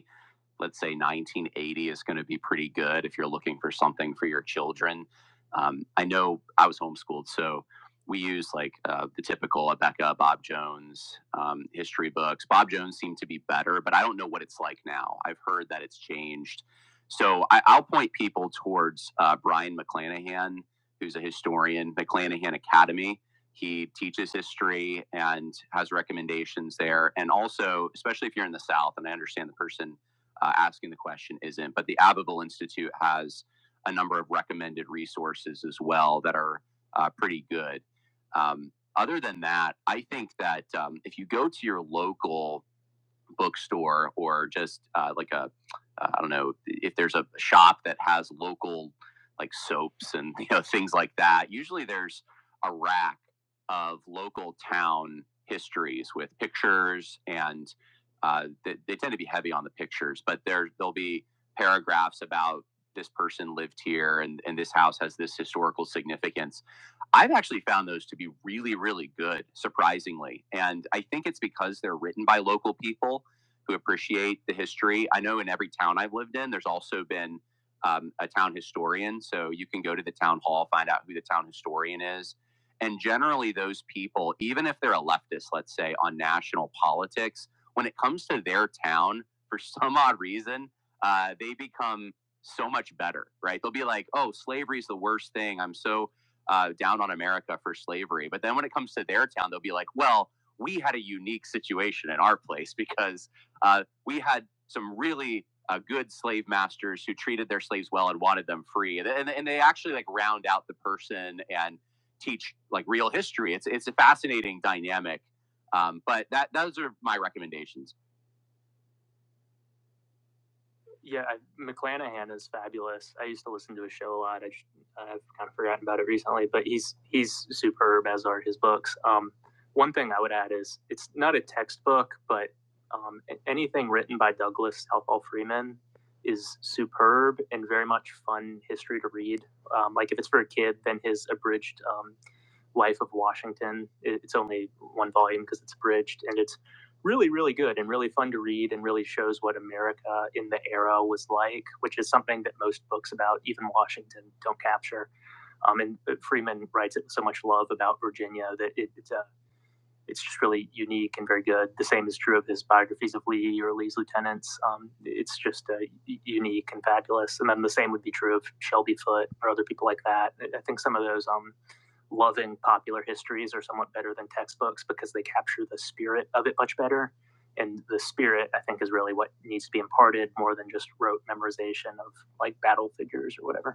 let's say 1980 is going to be pretty good if you're looking for something for your children. Um, I know I was homeschooled, so we used like uh, the typical Abeka, Bob Jones um, history books. Bob Jones seemed to be better, but I don't know what it's like now. I've heard that it's changed. So I, I'll point people towards uh, Brian McClanahan, who's a historian, McClanahan Academy. He teaches history and has recommendations there. And also, especially if you're in the South, and I understand the person uh, asking the question isn't. But the Abbeville Institute has a number of recommended resources as well that are uh, pretty good. Um, other than that, I think that um, if you go to your local bookstore or just uh, like a uh, I don't know if there's a shop that has local like soaps and you know things like that. Usually there's a rack of local town histories with pictures and uh, they, they tend to be heavy on the pictures, but there there'll be paragraphs about this person lived here and, and this house has this historical significance. I've actually found those to be really, really good, surprisingly. And I think it's because they're written by local people who appreciate the history. I know in every town I've lived in, there's also been um, a town historian. So you can go to the town hall, find out who the town historian is. And generally, those people, even if they're a leftist, let's say, on national politics, when it comes to their town, for some odd reason, uh, they become so much better, right? They'll be like, oh, slavery is the worst thing. I'm so uh, down on America for slavery. But then when it comes to their town, they'll be like, well, we had a unique situation in our place because uh, we had some really uh, good slave masters who treated their slaves well and wanted them free, and, and, and they actually like round out the person and teach like real history. It's it's a fascinating dynamic. Um, but that those are my recommendations yeah, I, McClanahan is fabulous. I used to listen to his show a lot. I just, I've kind of forgotten about it recently, but he's he's superb as are his books. Um, one thing I would add is it's not a textbook, but um, anything written by Douglas Southall Freeman is superb and very much fun history to read. Um, like if it's for a kid, then his abridged um, Life of Washington. it's only one volume because it's abridged, and it's really, really good and really fun to read, and really shows what America in the era was like, which is something that most books about even Washington don't capture. Um, and uh, Freeman writes it with so much love about Virginia that it, it's a it's just really unique and very good. The same is true of his biographies of Lee or Lee's lieutenants. Um, it's just uh, unique and fabulous. And then the same would be true of Shelby Foote or other people like that. I I think some of those um, loving popular histories are somewhat better than textbooks because they capture the spirit of it much better. And the spirit, I think, is really what needs to be imparted more than just rote memorization of like battle figures or whatever.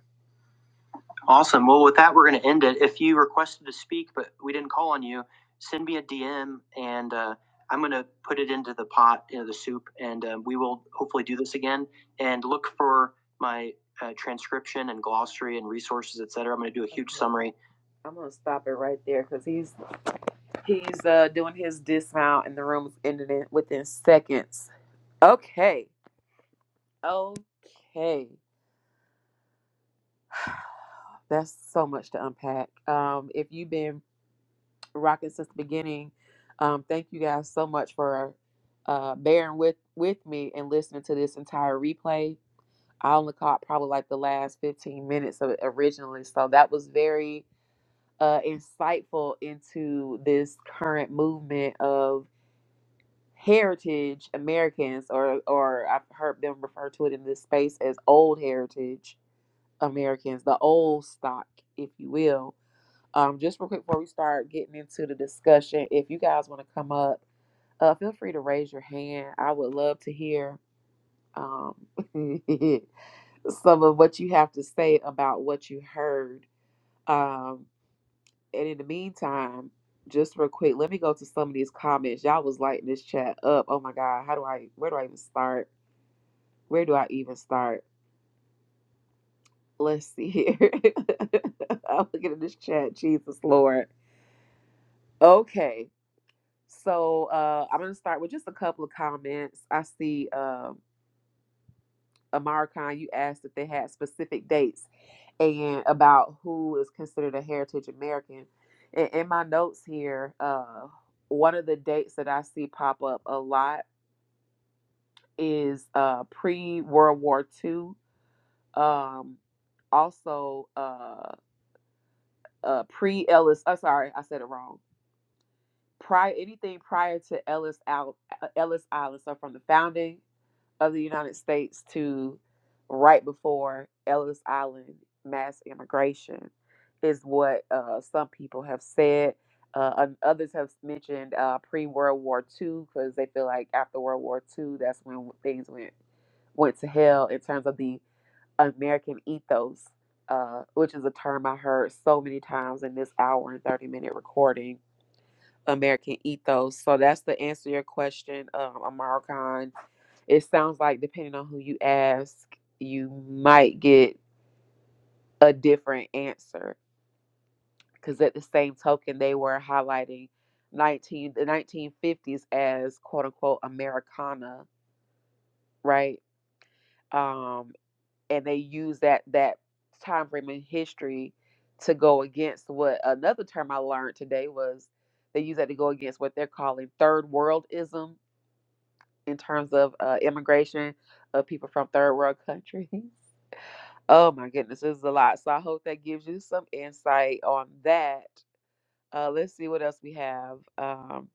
Awesome. Well, with that, we're going to end it. If you requested to speak, but we didn't call on you, send me a DM and uh, I'm going to put it into the pot, into the soup, and um, we will hopefully do this again. And look for my uh, transcription and glossary and resources, et cetera. I'm going to do a huge summary. I'm going to stop it right there because he's he's uh, doing his dismount and the room is ended in, within seconds. Okay. Okay. That's so much to unpack. Um, if you've been rocking since the beginning. Um, thank you guys so much for uh, bearing with with me and listening to this entire replay. I only caught probably like the last 15 minutes of it originally, so that was very uh, insightful into this current movement of heritage Americans, or or I've heard them refer to it in this space as old heritage Americans, the old stock, if you will um, just real quick before we start getting into the discussion, if you guys want to come up, uh, feel free to raise your hand. I would love to hear um, some of what you have to say about what you heard. Um, and in the meantime, just real quick, let me go to some of these comments. Y'all was lighting this chat up. Oh my God, how do I? Where do I even start? Where do I even start? Let's see here. I'm looking at this chat. Jesus Lord. Okay. So uh, I'm gonna start with just a couple of comments. I see um Amara Khan, you asked if they had specific dates and about who is considered a heritage American. In, in my notes here, uh, one of the dates that I see pop up a lot is uh, pre World War II. Um, also, uh, uh, pre Ellis. Oh, sorry, I said it wrong prior anything prior to Ellis Al, uh, Ellis Island. So from the founding of the United States to right before Ellis Island mass immigration is what uh, some people have said. Uh, and others have mentioned uh, pre World War II because they feel like after World War II, that's when things went went to hell in terms of the American ethos, uh, which is a term I heard so many times in this hour and 30 minute recording American ethos. So that's the answer to your question, um, Amar Khan. It sounds like depending on who you ask, you might get a different answer. Because at the same token, they were highlighting 19 the 1950s as quote unquote Americana, right? Um, and they use that that time frame in history to go against what another term I learned today was they use that to go against what they're calling third worldism in terms of uh, immigration of people from third world countries. Oh my goodness, this is a lot. So I hope that gives you some insight on that. Uh, let's see what else we have. Um,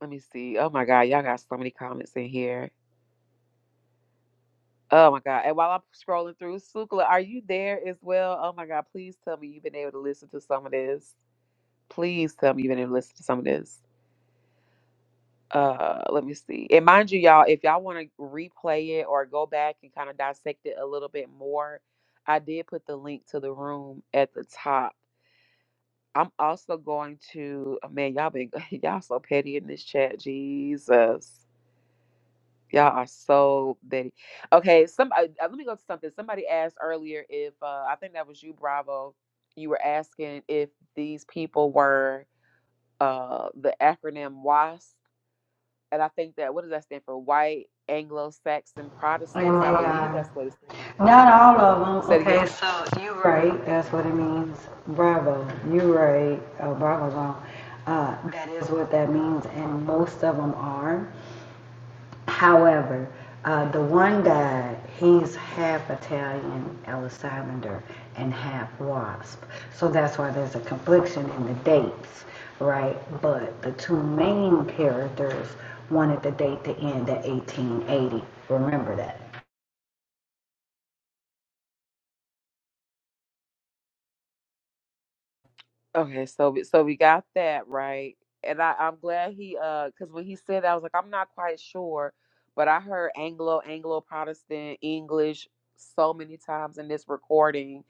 let me see. Oh my God, y'all got so many comments in here. Oh my God. And while I'm scrolling through, Sukla, are you there as well? Oh my God, please tell me you've been able to listen to some of this. Please tell me you've been able to listen to some of this. uh let me see and mind you y'all if y'all want to replay it or go back and kind of dissect it a little bit more i did put the link to the room at the top i'm also going to oh, man y'all been y'all so petty in this chat jesus y'all are so petty okay some uh, uh, let me go to something somebody asked earlier if uh i think that was you bravo you were asking if these people were uh the acronym WAS and I think that what does that stand for? White Anglo-Saxon And Protestants. they I believe are. that's what it stands for. Not all of them. Say it Okay, again. so you right. That's what it means. Bravo. You right. Oh, bravo, wrong. Uh, that is what that means, and most of them are. However, uh, the one guy, he's half Italian, Ellis Islander, and half Wasp. So that's why there's a confliction in the dates, right? But the two main characters wanted the date to end at 1880. Remember that. Okay, so we- so we got that right, and I I'm glad he uh because when he said that I was like I'm not quite sure, but I heard Anglo Anglo Protestant English so many times in this recording.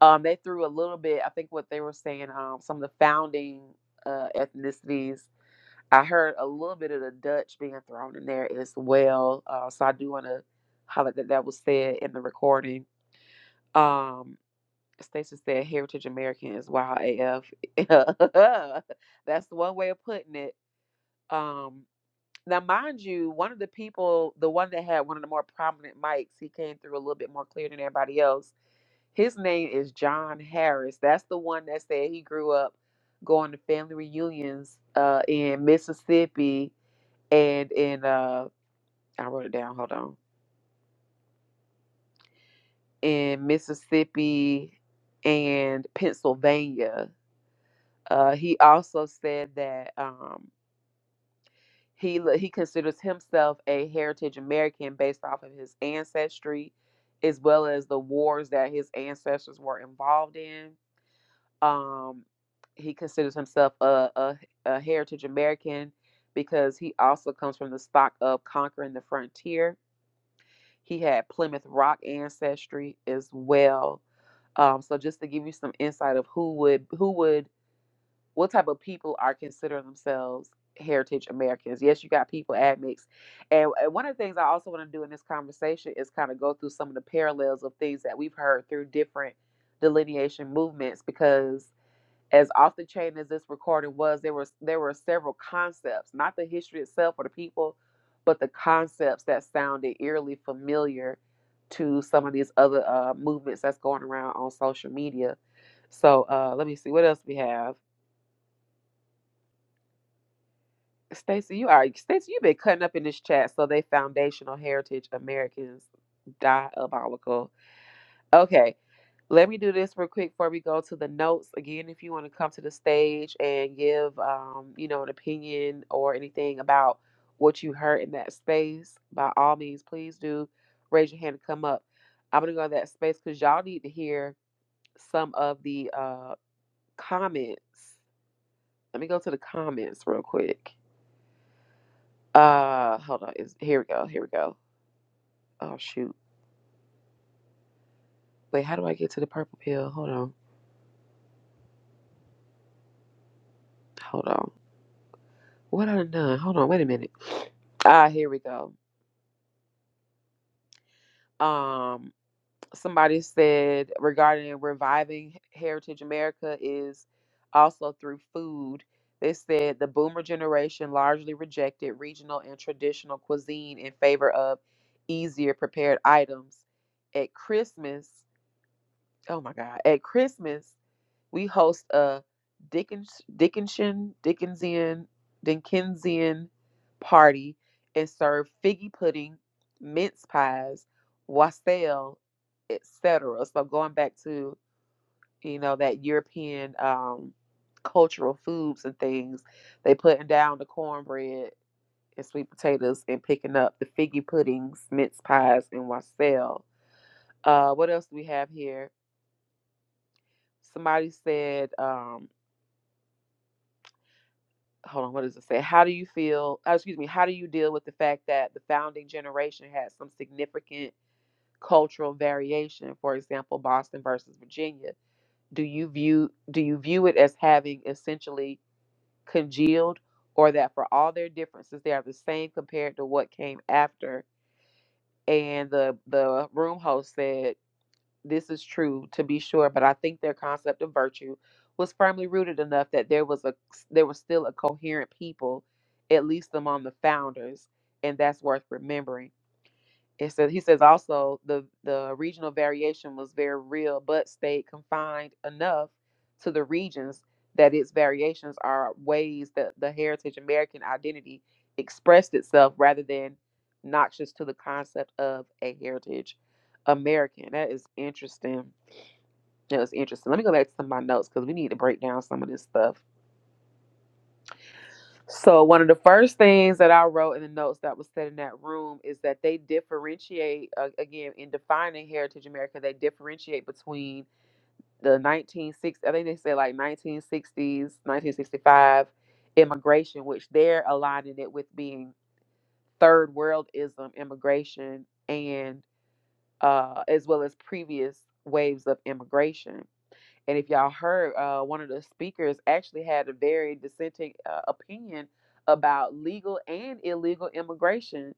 Um, they threw a little bit. I think what they were saying um some of the founding uh ethnicities I heard a little bit of the Dutch being thrown in there as well. Uh, so I do want to highlight that that was said in the recording. Um, Stacey said Heritage American is wild AF. That's one way of putting it. Um, now, mind you, one of the people, the one that had one of the more prominent mics, he came through a little bit more clear than everybody else. His name is John Harris. That's the one that said he grew up going to family reunions uh, in Mississippi and in uh I wrote it down, hold on. In Mississippi and Pennsylvania. Uh he also said that um he he considers himself a heritage American based off of his ancestry as well as the wars that his ancestors were involved in. Um he considers himself a, a, a heritage American because he also comes from the stock of conquering the frontier He had Plymouth Rock ancestry as well. Um, so just to give you some insight of who would who would what type of people are considering themselves heritage Americans. Yes, you got people admixed. And, and one of the things I also want to do in this conversation is kind of go through some of the parallels of things that we've heard through different delineation movements because as off the chain as this recording was, there was there were several concepts, not the history itself or the people, but the concepts that sounded eerily familiar to some of these other uh, movements that's going around on social media. So uh, let me see what else we have. Stacy, you are Stacy. You've been cutting up in this chat. So they foundational heritage Americans diabolical Okay, let me do this real quick before we go to the notes. Again, if you want to come to the stage and give, um, you know, an opinion or anything about what you heard in that space, by all means, please do raise your hand and come up. I'm gonna go to that space because y'all need to hear some of the uh, comments. Let me go to the comments real quick. Uh, hold on. Is here we go. Here we go. Oh shoot. Wait, how do I get to the purple pill? Hold on. Hold on. What I done? Hold on, wait a minute. Ah, here we go. Um, somebody said regarding reviving Heritage America is also through food. They said the boomer generation largely rejected regional and traditional cuisine in favor of easier prepared items. At Christmas, oh my God, at Christmas, We host a Dickens, Dickinson, Dickensian, Dickensian party and serve figgy pudding, mince pies, wassail, etc. So going back to you know that European um, cultural foods and things, they putting down the cornbread and sweet potatoes and picking up the figgy puddings, mince pies, and wassail. Uh, what else do we have here? Somebody said. Um, hold on, what does it say? How do you feel? oh, excuse me. How do you deal with the fact that the founding generation had some significant cultural variation? For example, Boston versus Virginia. Do you view do you view it as having essentially congealed, or that for all their differences they are the same compared to what came after? And the the room host said this is true to be sure, but I think their concept of virtue was firmly rooted enough that there was a there was still a coherent people, at least among the founders, and that's worth remembering. It says he says also the the regional variation was very real, but stayed confined enough to the regions that its variations are ways that the heritage American identity expressed itself rather than noxious to the concept of a heritage American. That is interesting. It was interesting. Let me go back to some of my notes because we need to break down some of this stuff. So, one of the first things that I wrote in the notes that was said in that room is that they differentiate, uh, again, in defining Heritage America, they differentiate between the 1960s, I think they say like 1960s, 1965 immigration, which they're aligning it with being third worldism immigration and uh, as well as previous waves of immigration And if y'all heard, uh, one of the speakers actually had a very dissenting uh, opinion about legal and illegal immigration.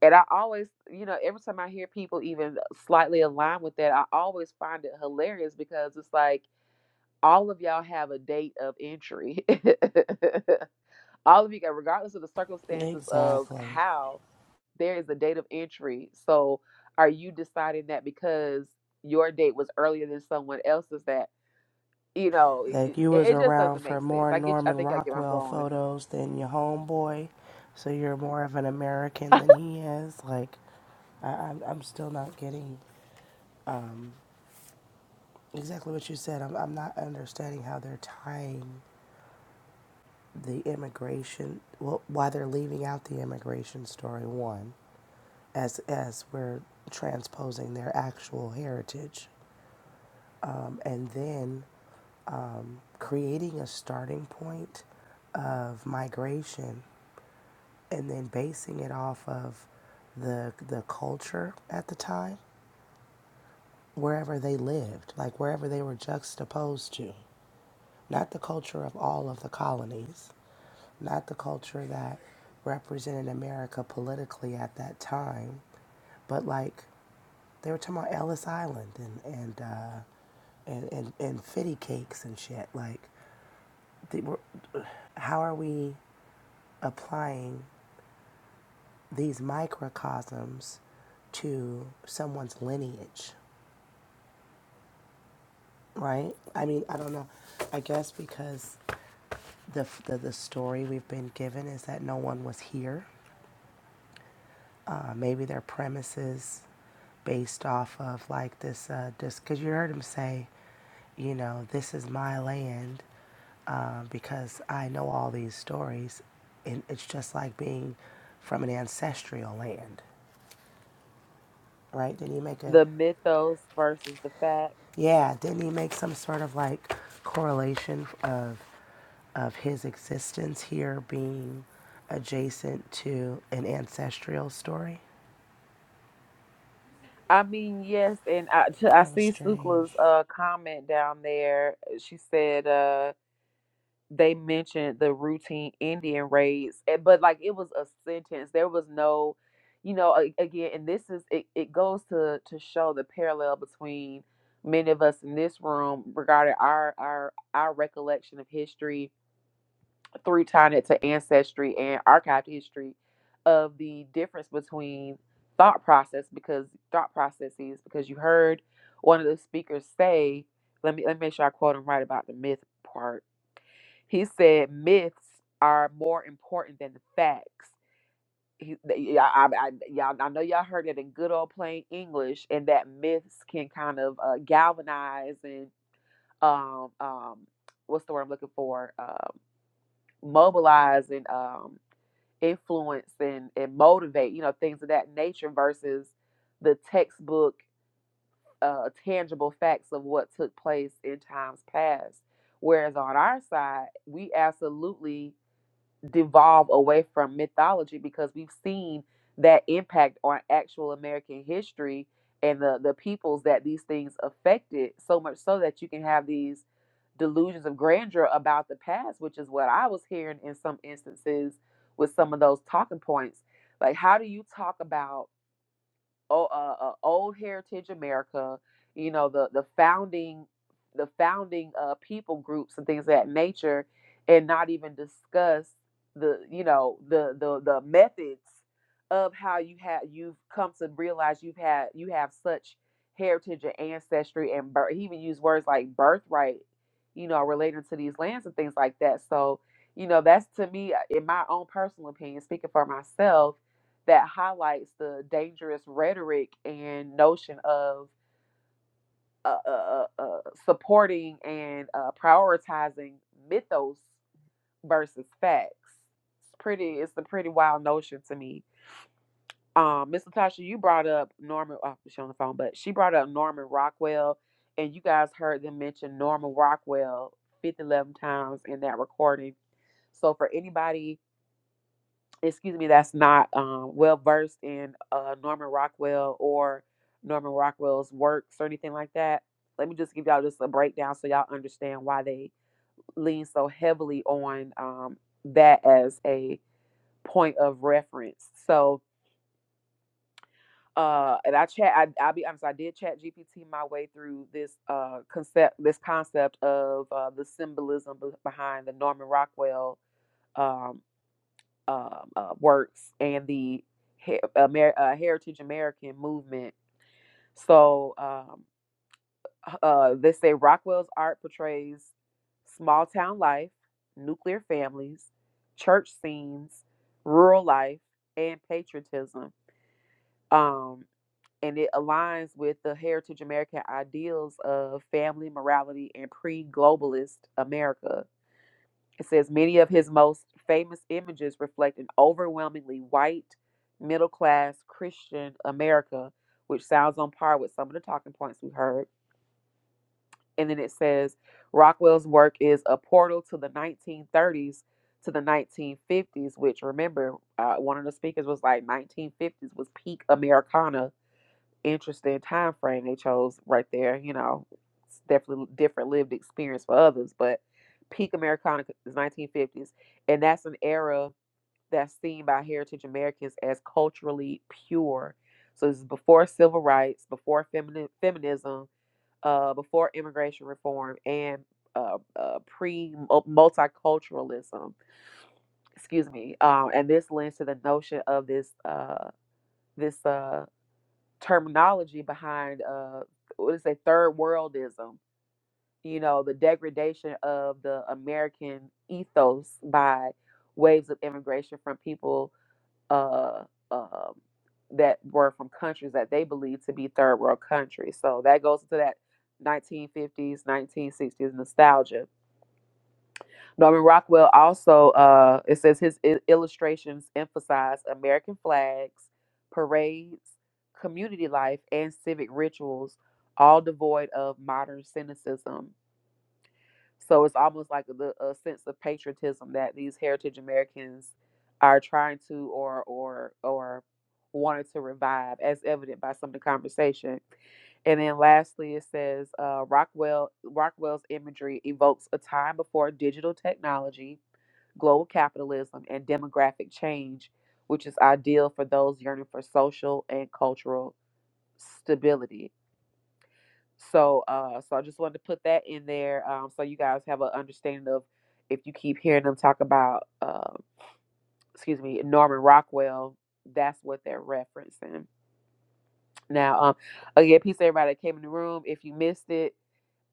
And I always, you know, every time I hear people even slightly align with that, I always find it hilarious because it's like all of y'all have a date of entry. all of you got, regardless of the circumstances of Exactly. how, there is a date of entry. So are you deciding that because your date was earlier than someone else's that you know, Like it, you it was just around doesn't for make sense. more I get, I Norman think I get where I'm Rockwell going. photos than your homeboy, so you're more of an American than he is. Like, I, I'm, I'm still not getting. Exactly what you said. I'm, I'm not understanding how they're tying the immigration, well, why they're leaving out the immigration story, one, as, as we're transposing their actual heritage, um, and then creating a starting point of migration and then basing it off of the, the culture at the time, wherever they lived, like wherever they were juxtaposed to. not the culture of all of the colonies, not the culture that represented America politically at that time, but like they were talking about Ellis Island and and uh, and, and and fitty cakes and shit. Like, they were, how are we applying these microcosms to someone's lineage, right? I mean, I don't know. I guess because The, the, the story we've been given is that no one was here. Uh, maybe their premises based off of like this, uh, just because you heard him say, you know, this is my land uh, because I know all these stories. And it's just like being from an ancestral land, right? did you make a the mythos versus the facts. Yeah, didn't he make some sort of like correlation of of his existence here being adjacent to an ancestral story? I mean, yes, and I, t- I That was see strange. Sukla's uh, comment down there. She said uh, they mentioned the routine Indian raids, eh, but like it was a sentence. There was no, you know, a- again, and this is it, it goes to to show the parallel between many of us in this room regarding our our our recollection of history three tied it to ancestry and archived history of the difference between thought process because thought processes because you heard one of the speakers say let me let me make sure I quote him right about the myth part. He said myths are more important than the facts. He, th- yeah, I, I, y'all, I know y'all heard it in good old plain English, and that myths can kind of uh, galvanize and um, um, what's the word I'm looking for? Um, mobilize and um, influence and, and motivate, you know, things of that nature versus the textbook uh, tangible facts of what took place in times past. Whereas on our side, we absolutely devolve away from mythology because we've seen that impact on actual American history and the, the peoples that these things affected so much so that you can have these delusions of grandeur about the past, which is what I was hearing in some instances with some of those talking points. Like, how do you talk about o- uh, uh, old heritage America, you know, the the founding the founding uh, people groups and things of that nature, and not even discuss the you know the the the methods of how you have you've come to realize you've had you have such heritage and ancestry and birth. He even used words like birthright, you know, related to these lands and things like that. So you know, that's to me, uh, in my own personal opinion, speaking for myself that highlights the dangerous rhetoric and notion of uh, uh, uh, uh, supporting and uh, prioritizing mythos versus facts. It's pretty. It's a pretty wild notion to me. Um, Miss Latasha, you brought up Norman. Oh, she's on the phone, but she brought up Norman Rockwell, and you guys heard them mention Norman Rockwell 50, 11 times in that recording. So for anybody excuse me, that's not um, well versed in uh, Norman Rockwell or Norman Rockwell's works or anything like that. Let me just give y'all just a breakdown so y'all understand why they lean so heavily on um, that as a point of reference. So, uh, and I chat, I, I'll be honest, I did chat GPT my way through this uh, concept, this concept of uh, the symbolism behind the Norman Rockwell um, um, uh, works and the he- Amer- uh, Heritage American movement. So um, uh, they say Rockwell's art portrays small town life, nuclear families, church scenes, rural life, and patriotism. Um, and it aligns with the Heritage American ideals of family morality and pre globalist America It says many of his most famous images reflect an overwhelmingly white, middle class Christian America, which sounds on par with some of the talking points we heard. And then it says Rockwell's work is a portal to the 1930s to the 1950s, which remember, uh, one of the speakers was like 1950s was peak Americana interesting time frame they chose right there. You know, it's definitely different lived experience for others, but peak Americana is 1950s, and that's an era that's seen by heritage Americans as culturally pure. So this is before civil rights, before femini- feminism, uh, before immigration reform, and uh, uh, pre uh, multiculturalism. Excuse me. Um, and this lends to the notion of this uh, this. Uh, terminology behind uh what is it third worldism you know the degradation of the american ethos by waves of immigration from people uh um that were from countries that they believed to be third world countries so that goes to that 1950s 1960s nostalgia Norman Rockwell also, uh, it says his I- illustrations emphasize American flags, parades, community life, and civic rituals, all devoid of modern cynicism. So it's almost like the a sense of patriotism that these heritage Americans are trying to or or or wanted to revive, as evident by some of the conversation. And then lastly, it says uh, Rockwell Rockwell's imagery evokes a time before digital technology, global capitalism, and demographic change, which is ideal for those yearning for social and cultural stability so, uh, so I just wanted to put that in there, um, so you guys have an understanding of if you keep hearing them talk about, uh, excuse me, Norman Rockwell, that's what they're referencing. Now, um, again, peace to everybody that came in the room. If you missed it,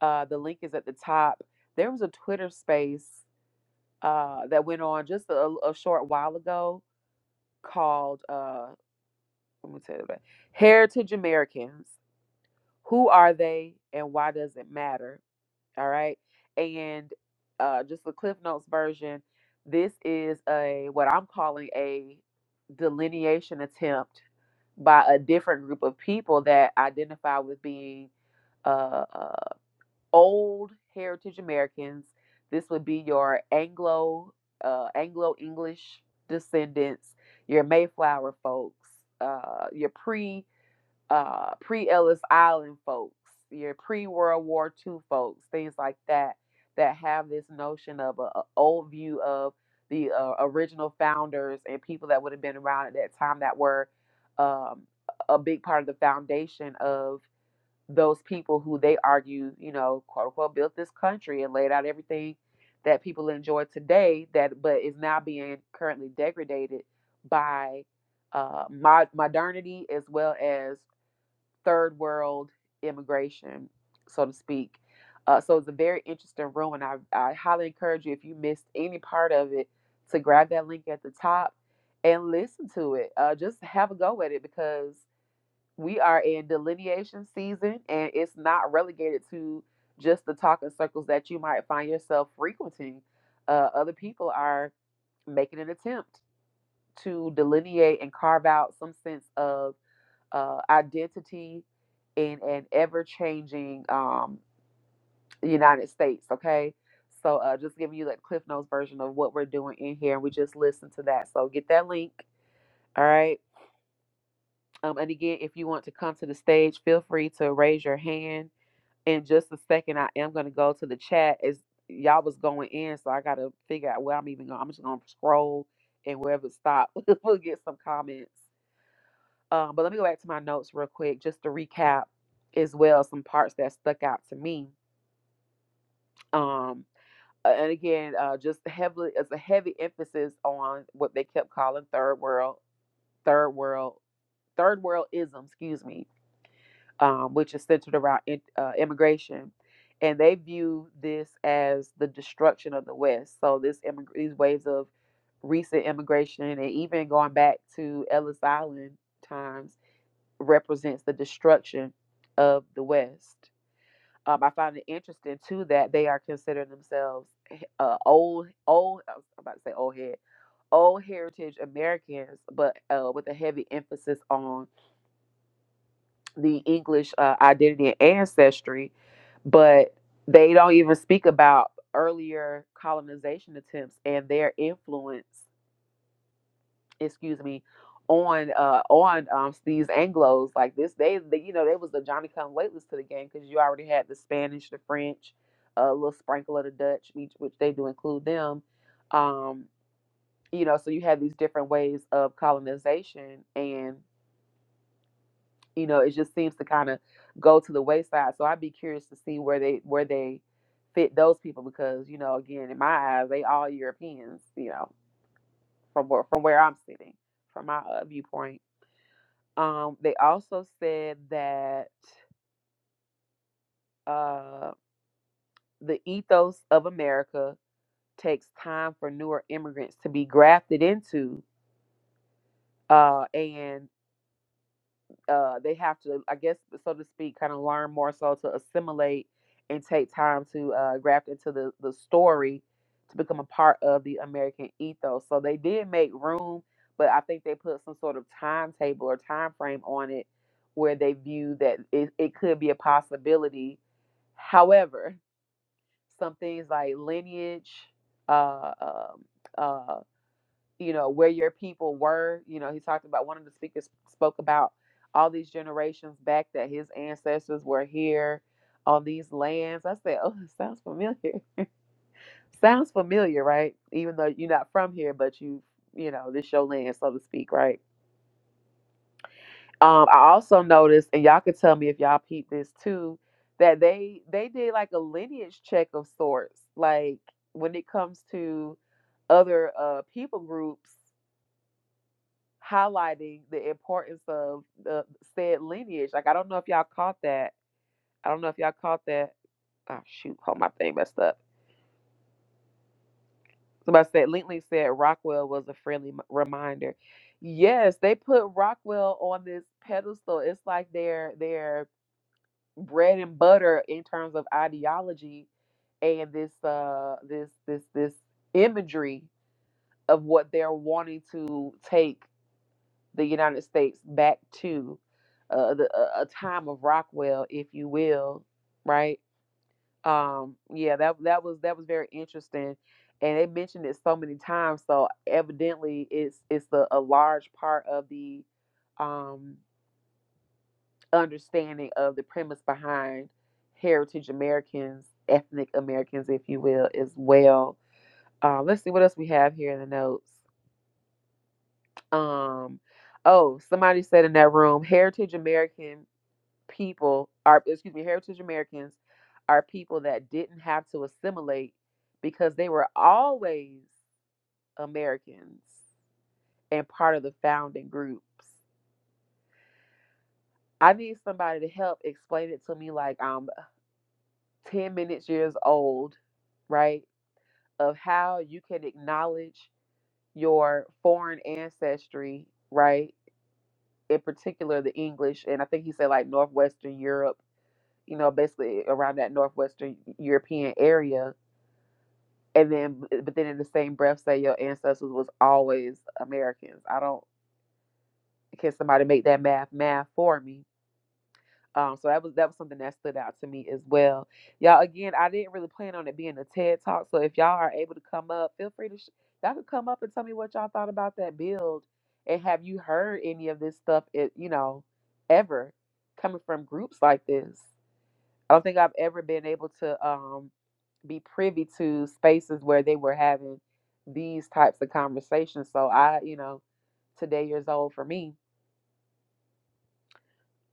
uh, the link is at the top. There was a Twitter space uh, that went on just a, a short while ago called, uh, let me tell you about it, Heritage Americans. Who are they, and why does it matter? All right. And uh, just the Cliff Notes version, this is a what I'm calling a delineation attempt by a different group of people that identify with being uh, uh, old heritage Americans. This would be your Anglo uh, Anglo English descendants, your Mayflower folks, uh, your pre uh, pre Ellis Island folks, your pre World War Two folks, things like that, that have this notion of a, old view of the uh, original founders and people that would have been around at that time that were um, a big part of the foundation of those people who they argue, you know, quote unquote, built this country and laid out everything that people enjoy today. That but is now being currently degraded by uh, mod- modernity as well as third world immigration, so to speak. Uh, so it's a very interesting room, and I, I highly encourage you if you missed any part of it to grab that link at the top and listen to it. Uh, just have a go at it because we are in delineation season, and it's not relegated to just the talking circles that you might find yourself frequenting. Uh, other people are making an attempt to delineate and carve out some sense of uh, identity in an ever changing um, United States. Okay. So uh, just giving you that Cliff Notes version of what we're doing in here. And we just listened to that. So get that link. All right. Um, and again, if you want to come to the stage, feel free to raise your hand. In just a second, I am going to go to the chat. As y'all was going in, so I got to figure out where I'm even going. I'm just going to scroll and wherever it stop, we'll get some comments. Um, but let me go back to my notes real quick just to recap as well some parts that stuck out to me. Um, uh, and again, uh, just heavily as a heavy emphasis on what they kept calling third world, third world, third worldism, excuse me, um, which is centered around in, uh, immigration. And they view this as the destruction of the West. So this immig- these waves of recent immigration and even going back to Ellis Island times represents the destruction of the West. Um, I find it interesting too that they are considering themselves uh, old, old. I was about to say old head, old heritage Americans, but uh, with a heavy emphasis on the English uh, identity and ancestry. But they don't even speak about earlier colonization attempts and their influence excuse me, on uh on um these Anglo's like this. They, they you know they was the Johnny come waitlist to the game because you already had the Spanish, the French, a little sprinkle of the Dutch, which, which they do include them. Um, you know, so you had these different ways of colonization, and you know it just seems to kind of go to the wayside. So I'd be curious to see where they where they fit those people because you know again in my eyes they all Europeans. You know from where from where I'm sitting from my uh, viewpoint. Um, they also said that uh, the ethos of America takes time for newer immigrants to be grafted into, uh, and uh, they have to, I guess, so to speak, kind of learn more so to assimilate and take time to uh, graft into the, the story to become a part of the American ethos. So they did make room, but I think they put some sort of timetable or time frame on it where they view that it, it could be a possibility. However, some things like lineage, uh, um, uh, you know where your people were you know he talked about one of the speakers spoke about all these generations back that his ancestors were here on these lands i said oh it sounds familiar sounds familiar right even though you're not from here but you you know this your land so to speak right um i also noticed and y'all could tell me if y'all peep this too that they they did like a lineage check of sorts like when it comes to other uh people groups highlighting the importance of the said lineage. Like I don't know if y'all caught that. I don't know if y'all caught that. Oh shoot, hold my thing messed up. Somebody said Lintley said Rockwell was a friendly m- reminder. Yes, they put Rockwell on this pedestal. It's like their their bread and butter in terms of ideology and this uh this this this imagery of what they're wanting to take the United States back to uh, the, uh, a time of Rockwell, if you will, right? Um, yeah, that that was that was very interesting, and they mentioned it so many times. So evidently, it's it's a, a large part of the um, understanding of the premise behind heritage Americans, ethnic Americans, if you will, as well. Uh, let's see what else we have here in the notes. Um, oh, somebody said in that room, heritage American people are excuse me heritage americans are people that didn't have to assimilate because they were always americans and part of the founding groups i need somebody to help explain it to me like i'm 10 minutes years old right of how you can acknowledge your foreign ancestry right in particular the english and i think he said like northwestern europe you know basically around that northwestern european area and then but then in the same breath say your ancestors was always Americans. I don't can somebody make that math math for me. Um, so that was that was something that stood out to me as well. Y'all, again, I didn't really plan on it being a TED talk. So if y'all are able to come up, feel free to sh- y'all could come up and tell me what y'all thought about that build, and have you heard any of this stuff? It you know ever coming from groups like this. I don't think I've ever been able to um, be privy to spaces where they were having these types of conversations. So I, you know, today years old for me.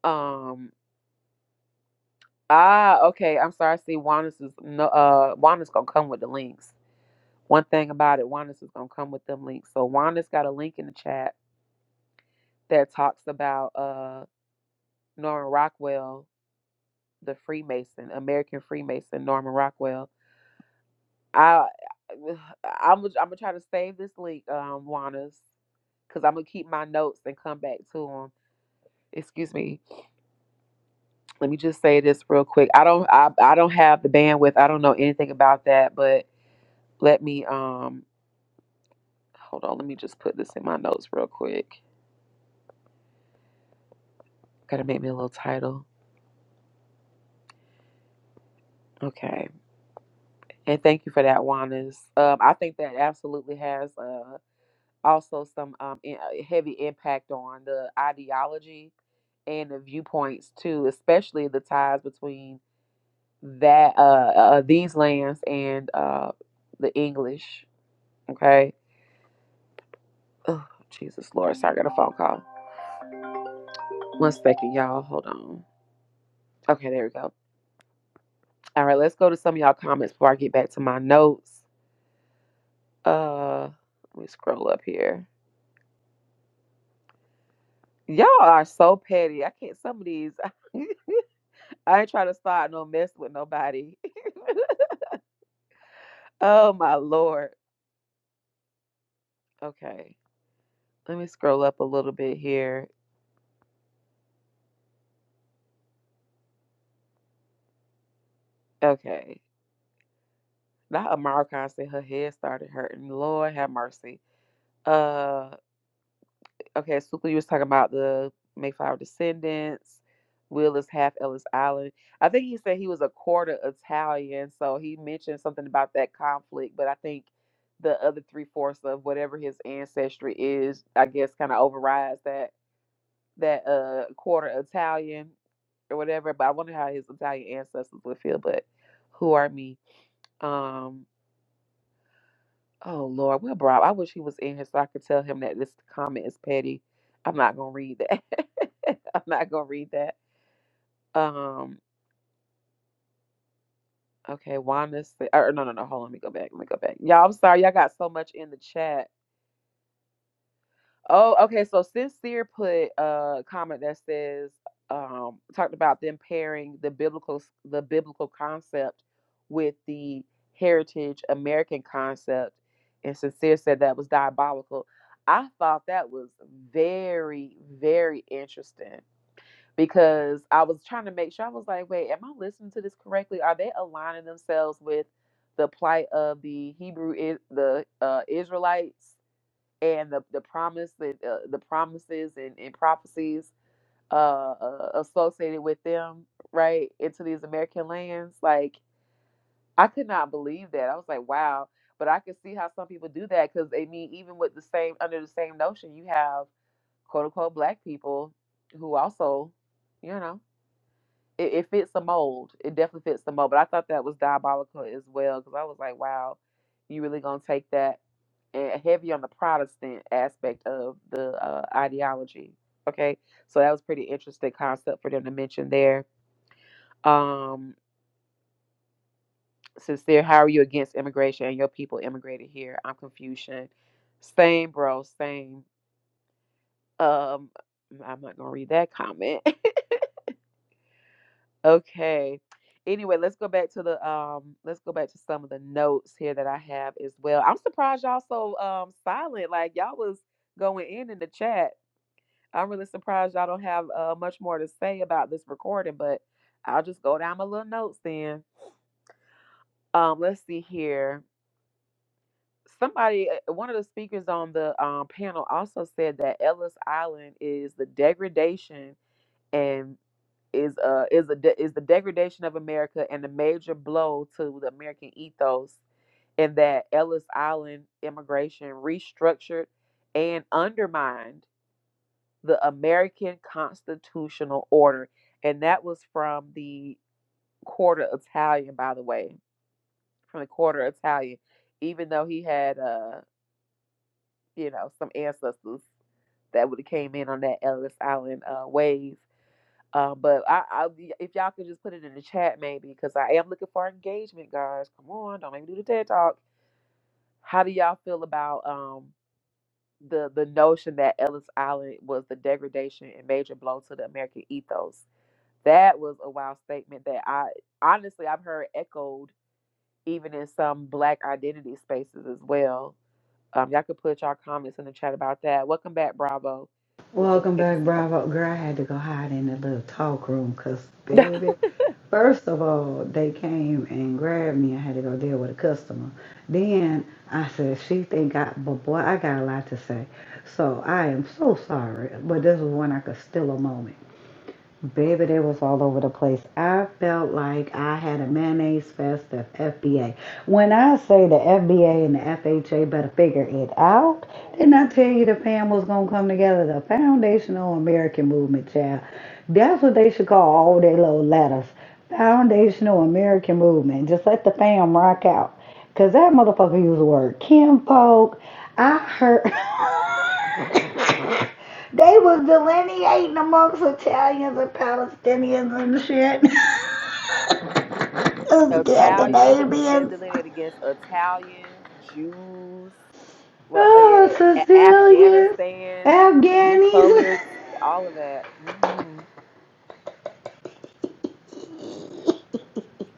Um, ah, okay. I'm sorry. I see Juanis is no. Uh, Juanis gonna come with the links. One thing about it, Juanis is gonna come with them links. So Juanis got a link in the chat that talks about uh Norman Rockwell, the Freemason, American Freemason, Norman Rockwell I uh, I'm I'm gonna try to save this link, um, Juana's, because I'm gonna keep my notes and come back to them. Excuse me. Let me just say this real quick. I don't I, I don't have the bandwidth. I don't know anything about that, but let me um hold on. Let me just put this in my notes real quick. Gotta make me a little title. Okay. And thank you for that, Juana's. Um, I think that absolutely has uh also some um in, heavy impact on the ideology and the viewpoints too, especially the ties between that uh, uh uh, these lands and uh the English. Okay. Oh, Jesus Lord, sorry, I got a phone call. One second, y'all. Hold on. Okay, there we go. All right, let's go to some of y'all comments before I get back to my notes. Uh let me scroll up here. Y'all are so petty. I can't some of these I ain't trying to start no mess with nobody. oh my lord. Okay. Let me scroll up a little bit here. Okay. not Amara Khan said her head started hurting. Lord have mercy. Uh okay, Suka. you was talking about the Mayflower descendants. Will is half Ellis Island. I think he said he was a quarter Italian, so he mentioned something about that conflict, but I think the other three fourths of whatever his ancestry is, I guess kinda overrides that that uh quarter Italian or whatever. But I wonder how his Italian ancestors would feel, but who are me? Um Oh Lord, well, Rob, I wish he was in here so I could tell him that this comment is petty. I'm not gonna read that. I'm not gonna read that. Um, okay, Wanda said, or no, no, no, hold on, let me go back. Let me go back. Y'all, I'm sorry, y'all got so much in the chat. Oh, okay. So sincere put a comment that says um talked about them pairing the biblical the biblical concept with the heritage American concept, and sincere said that was diabolical. I thought that was very very interesting because I was trying to make sure I was like, wait, am I listening to this correctly? Are they aligning themselves with the plight of the Hebrew is the uh, Israelites? and the, the promise that uh, the promises and, and prophecies uh, uh associated with them right into these american lands like i could not believe that i was like wow but i could see how some people do that because i mean even with the same under the same notion you have quote unquote black people who also you know it, it fits the mold. It definitely fits the mold. But I thought that was diabolical as well because I was like, wow, you really gonna take that and heavy on the Protestant aspect of the uh, ideology. Okay, so that was pretty interesting concept for them to mention there. Um, sincere, how are you against immigration and your people immigrated here? I'm Confucian. Same, bro. Same. Um, I'm not gonna read that comment. Okay. Anyway, let's go back to the um let's go back to some of the notes here that I have as well. I'm surprised y'all so um silent. Like y'all was going in in the chat. I'm really surprised y'all don't have uh much more to say about this recording, but I'll just go down my little notes then. Um let's see here. Somebody uh, one of the speakers on the um panel also said that Ellis Island is the degradation and. is uh is a de- is the degradation of America and a major blow to the American ethos in that Ellis Island immigration restructured and undermined the American constitutional order and that was from the quarter Italian by the way from the quarter Italian even though he had uh you know some ancestors that would have came in on that Ellis Island uh wave Uh, but I, I, if y'all could just put it in the chat, maybe, because I am looking for engagement, guys. Come on, don't make me do the TED talk. How do y'all feel about um the the notion that Ellis Island was the degradation and major blow to the American ethos? That was a wild statement that I honestly I've heard echoed even in some Black identity spaces as well. Um, y'all could put y'all comments in the chat about that. Welcome back, Bravo, with your Welcome petty back, self. Bravo. Girl, I had to go hide in the little talk room because, baby, first of all, they came and grabbed me. I had to go deal with a customer. Then I said, she think I, but boy, I got a lot to say. So I am so sorry, but this is when I could steal a moment. Baby, they was all over the place. I felt like I had a mayonnaise fest of FBA. When I say the FBA and the FHA better figure it out, didn't I tell you the fam was gonna come together? The Foundational American Movement, child. That's what they should call all their little letters. Foundational American Movement. Just let the fam rock out. Cause that motherfucker used the word kinfolk. I heard They was delineating amongst Italians and Palestinians and shit. Italian. They del- they Scandinavians. delineate against Italians, Jews, Oh, motherfucking A- Sicilians. Afghanistan, you Afghanis. colors, all of that. hmm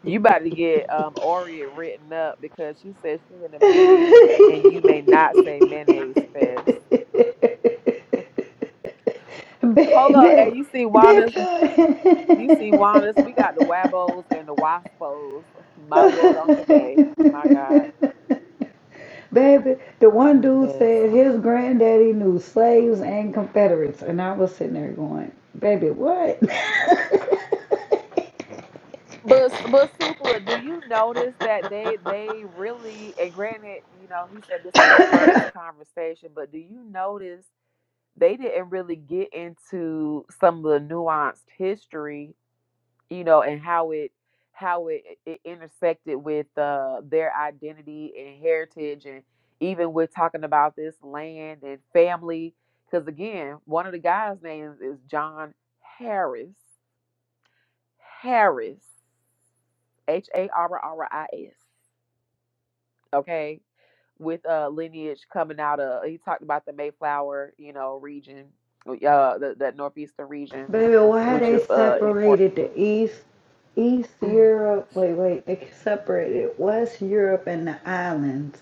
You about to get um Orient written up because she said she's in a meeting and you may not say mayonnaise fest. Hold on, hey, Baby, you see Juanas, you see Juanas, we got the Wabos and the Waspos. My lord on today. My they put. God. Baby, the That one was dude mess. said his granddaddy knew slaves and Confederates, and I was sitting there going, "Baby, what? But but Sukla, do you notice that they they really and granted, you know, he said this was the first conversation, but do you notice they didn't really get into some of the nuanced history, you know, and how it how it, it intersected with uh, their identity and heritage and even with talking about this land and family because again, one of the guys' names is John Harris. Harris. H A R R I S. Okay, with uh lineage coming out of he talked about the Mayflower, you know, region, uh, the, that northeastern region, Baby, why which they is uh separated important. the East, East Europe? Wait, wait, they separated West Europe and the islands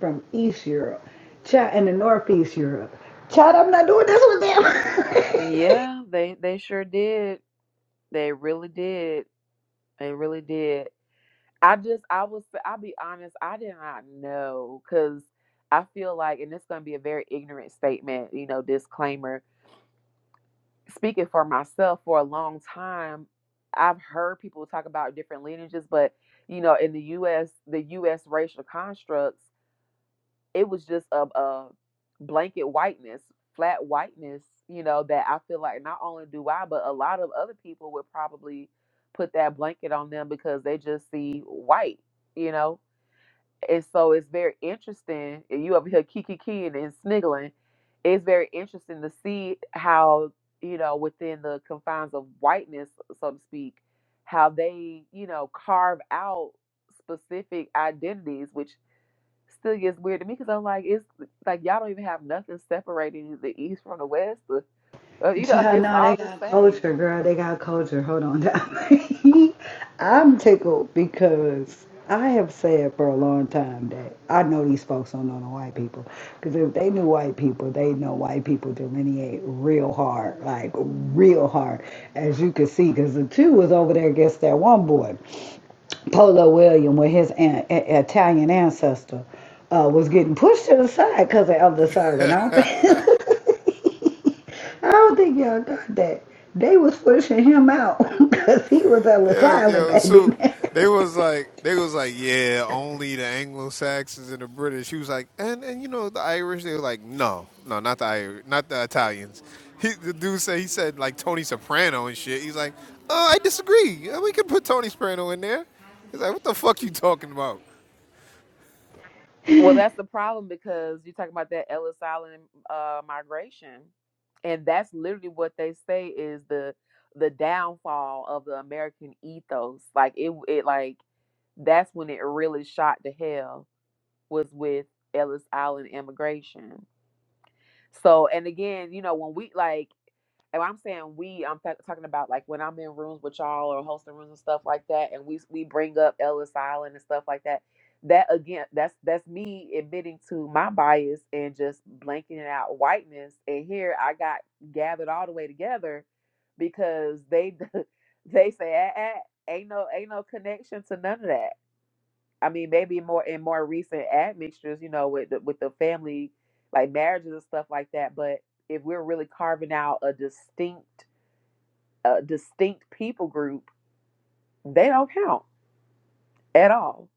from East Europe, Ch- and the Northeast Europe. Chad, I'm not doing this with them. Yeah, they they sure did. They really did. They really did. I just I was I'll be honest. I did not know because I feel like, and it's going to be a very ignorant statement, you know, disclaimer. speaking for myself for a long time i've heard people talk about different lineages but you know in the us the us racial constructs it was just a, a blanket whiteness flat whiteness you know that i feel like not only do i but a lot of other people would probably put that blanket on them because they just see white you know and so it's very interesting. and You over here kiki keying and sniggling. It's very interesting to see how, you know, within the confines of whiteness, so to speak, how they, you know, carve out specific identities, which still gets weird to me because I'm like, it's like y'all don't even have nothing separating the East from the West. or- or, you know, Child, it's no, they all the got same culture, girl. They got culture. Hold on. I'm tickled because I have said for a long time that I know these folks don't know the white people. Because if they knew white people, they know white people delineate real hard, like real hard, as you can see. Because the two was over there against that one boy, Polo William, with his an- a- Italian ancestor, uh, was getting pushed to the side because of the silent. I don't think. I don't think y'all got that. They was pushing him out because he was Ellis Yo, Island, yo, baby. Sook. they was like, they was like, yeah, only the Anglo Saxons and the British. He was like, and and you know the Irish. They were like, no, no, not the Irish, not the Italians. He, the dude said he said like Tony Soprano and shit. He's like, uh, I disagree. Yeah, We could put Tony Soprano in there. He's like, what the fuck you talking about? Well, that's the problem because you're talking about that Ellis Island uh, migration, and that's literally what they say is the the downfall of the American ethos. Like it, it like that's when it really shot to hell was with Ellis Island immigration. So, and again, you know, when we like, and I'm saying we, I'm ta- talking about like when I'm in rooms with y'all or hosting rooms and stuff like that, and we we bring up Ellis Island and stuff like that. That again, that's that's me admitting to my bias and just blanking out whiteness. And here I got gathered all the way together because they they say "Ah, ah, ain't no ain't no connection to none of that. I mean, maybe more in more recent admixtures, you know, with the, with the family, like marriages and stuff like that. But if we're really carving out a distinct, a distinct people group, they don't count at all.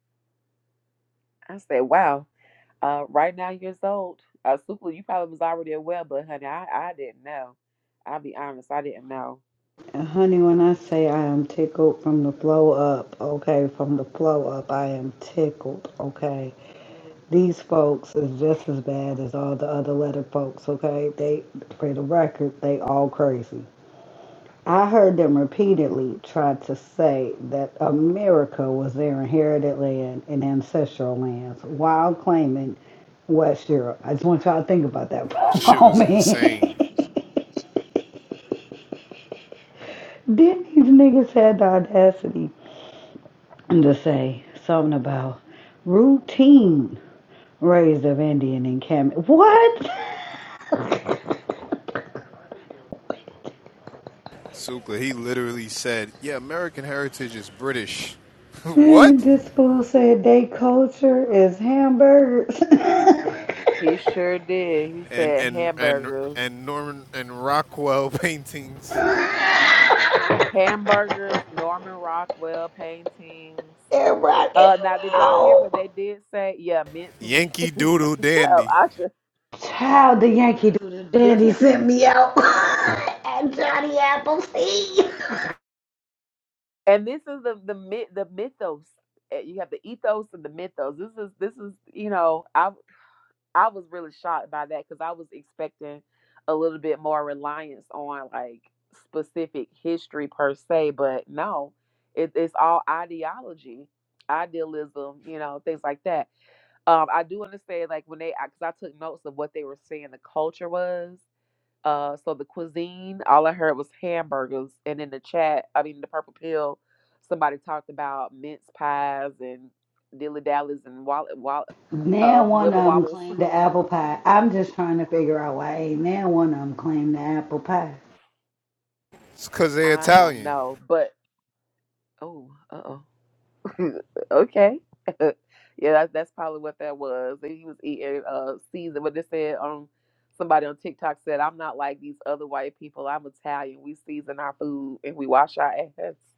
I said, wow. Uh, right now, years old. Uh, Super, you probably was already aware, but honey, I, I didn't know. I'll be honest, I didn't know. And honey, when I say I am tickled from the flow up, okay, from the flow up, I am tickled, okay. These folks is just as bad as all the other letter folks, okay. They, for the record, they all crazy. I heard them repeatedly try to say that America was their inherited land and ancestral lands while claiming West Europe. I just want y'all to think about that for a Shit was insane. moment. then these niggas had the audacity to say something about routine raised of Indian encampment. What? Sukla, he literally said, yeah, American heritage is British. what? this fool said they culture is hamburgers. He sure did. He And said and and hamburgers, and Norman and Rockwell paintings hamburgers, Norman Rockwell paintings. Everybody, Uh, now did y'all hear everybody. what they did say? Yeah, minced meat. Yankee Doodle Shut up, Dandy. Asha. Child, the Yankee do the This daddy sent me out at Johnny Appleseed. and this is the the myth, the mythos. Uh, You have the ethos and the mythos. This is this is you know I I was really shocked by that because I was expecting a little bit more reliance on like specific history per se, but no, it, it's all ideology, idealism, you know, things like that. Um, I do understand like when they because I 'cause I took notes of what they were saying the culture was Uh, so the cuisine, all I heard was hamburgers, and in the chat, I mean the purple pill, somebody talked about mince pies and dilly dallies and wall, wall, uh, Now one wibble of them wobbles. claimed the apple pie. I'm just trying to figure out why ain't now one of them claimed the apple pie. It's because they're I don't Italian. know, but oh, uh oh, okay, yeah, that, that's probably what that was. He was eating uh season, what they said on somebody on TikTok said, "I'm not like these other white people. I'm Italian. We season our food and we wash our ass."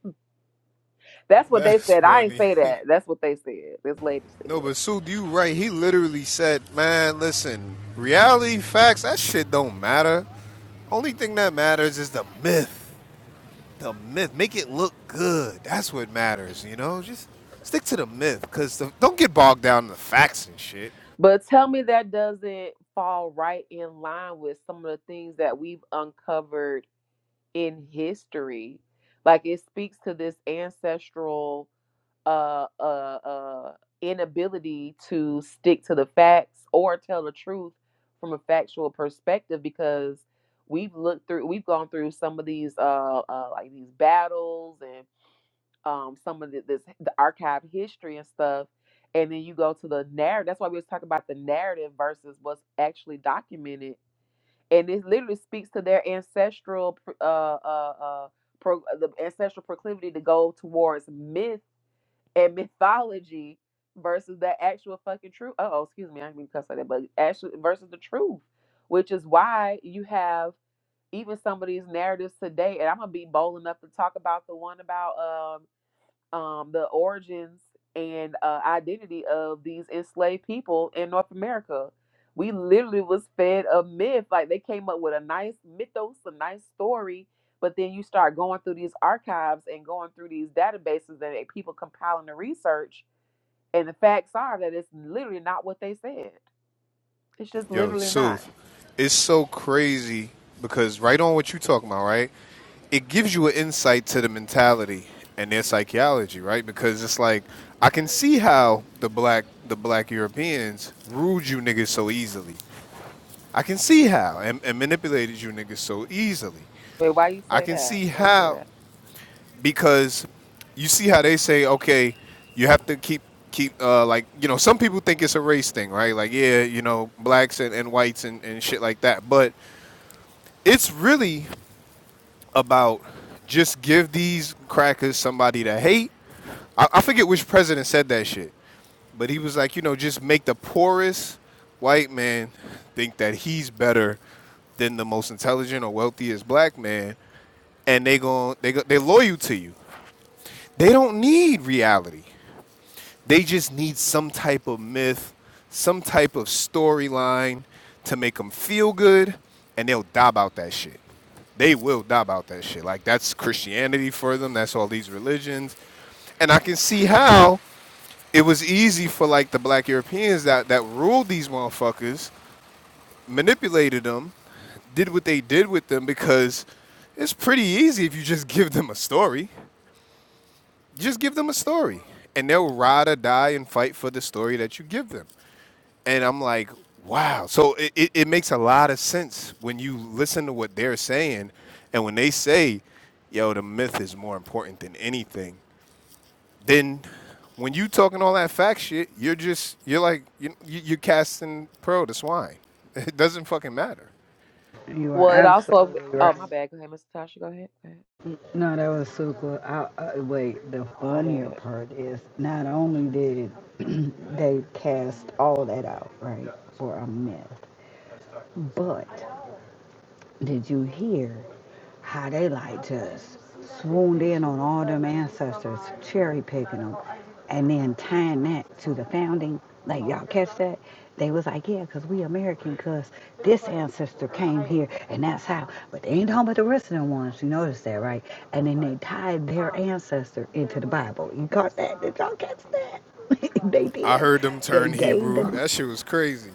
That's what they That's said. I ain't funny. say that. That's what they said. This lady no, said. but Sue, you right. He literally said, man, listen, reality, facts, that shit don't matter. Only thing that matters is the myth. The myth. Make it look good. That's what matters, you know? Just stick to the myth because don't get bogged down in the facts and shit. But tell me that doesn't fall right in line with some of the things that we've uncovered in history. Like it speaks to this ancestral uh uh uh inability to stick to the facts or tell the truth from a factual perspective because we've looked through we've gone through some of these uh, uh like these battles and um some of the, this the archive history and stuff and then you go to the narrative that's why we was talking about the narrative versus what's actually documented and it literally speaks to their ancestral pr- uh uh uh pro, the ancestral proclivity to go towards myth and mythology versus the actual fucking truth Uh oh excuse me i didn't mean to cuss like that but actually versus the truth which is why you have even some of these narratives today and i'm gonna be bold enough to talk about the one about um um, the origins and uh, identity of these enslaved people in North America. We literally was fed a myth. Like they came up with a nice mythos, a nice story, but then you start going through these archives and going through these databases and people compiling the research, and the facts are that it's literally not what they said. It's just Yo, literally not. Sooth, it's so crazy because right on what you talking about, right? It gives you an insight to the mentality and their psychology, right? Because it's like I can see how the black the black Europeans ruled you niggas so easily. I can see how and, and manipulated you niggas so easily. Wait, why you I say can that? see Why you say how that? because you see how they say, okay, you have to keep keep uh, like you know some people think it's a race thing, right? Like yeah, you know blacks and, and whites and, and shit like that, but it's really about just give these crackers somebody to hate. I, I forget which president said that shit, but he was like, you know, just make the poorest white man think that he's better than the most intelligent or wealthiest black man, and they gon' they go, they loyal to you. They don't need reality. They just need some type of myth, some type of storyline to make them feel good, and they'll die about that shit. They will die about that shit. Like that's Christianity for them. That's all these religions, and I can see how it was easy for like the black Europeans that that ruled these motherfuckers, manipulated them, did what they did with them because it's pretty easy if you just give them a story just give them a story and they'll ride or die and fight for the story that you give them and i'm like wow so it, it, it makes a lot of sense when you listen to what they're saying and when they say yo the myth is more important than anything then when you talking all that fact shit you're just you're like you, you- you're casting pearl to swine it doesn't fucking matter You are Well, it also. absolutely Oh, my right. bad. Go ahead, Mr. Tasha. Go ahead. Go ahead. No, that was super. I, I, wait, the My funnier bad. part is not only did they cast all that out, right, for a mess, but did you hear? how they like just swooned in on all them ancestors, cherry picking them, and then tying that to the founding. Like, y'all catch that? They was like, yeah, 'cause we American, 'cause this ancestor came here, and that's how. But they ain't talking about the rest of them ones. You notice that, right? And then they tied their ancestor into the Bible. You caught that? Did y'all catch that? they i did. heard them They turn gave the hebrew that shit was crazy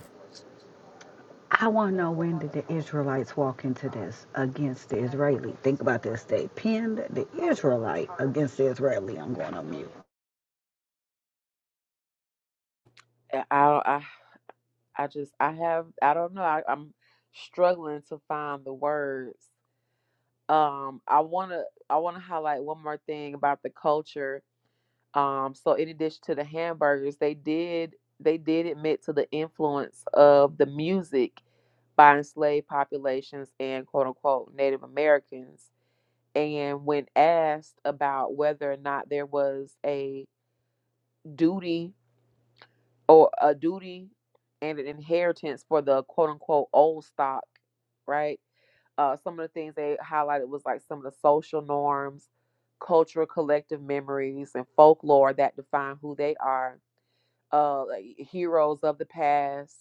I want to know when did the Israelites walk into this against the Israeli? Think about this. They pinned the Israelite against the Israeli. I'm going on mute. I I I just I have I don't know. I, I'm struggling to find the words. Um I wanna I wanna highlight one more thing about the culture. Um so in addition to the hamburgers, they did they did admit to the influence of the music by enslaved populations and quote unquote Native Americans. And when asked about whether or not there was a duty or a duty and an inheritance for the quote unquote old stock, right? Uh, some of the things they highlighted was like some of the social norms, cultural collective memories, and folklore that define who they are. Uh, like heroes of the past,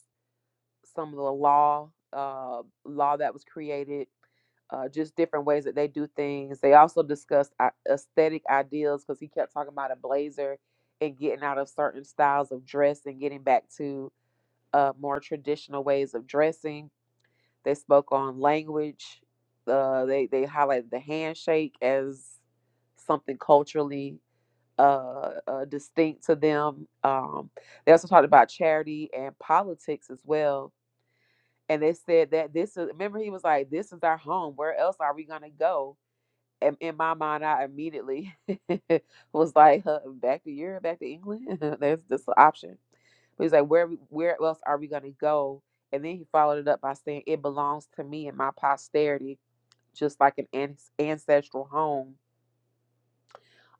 some of the law, uh, law that was created, uh, just different ways that they do things. They also discussed aesthetic ideals because he kept talking about a blazer and getting out of certain styles of dress and getting back to uh, more traditional ways of dressing. They spoke on language. Uh, they they highlighted the handshake as something culturally uh, uh, distinct to them. Um, they also talked about charity and politics as well. And they said that this is remember he was like, "This is our home. Where else are we gonna go?" in, in my mind, I immediately was like, huh, back to Europe, back to England. There's this option. But he's like, where we- where else are we gonna go? And then he followed it up by saying, it belongs to me and my posterity, just like an an- ancestral home.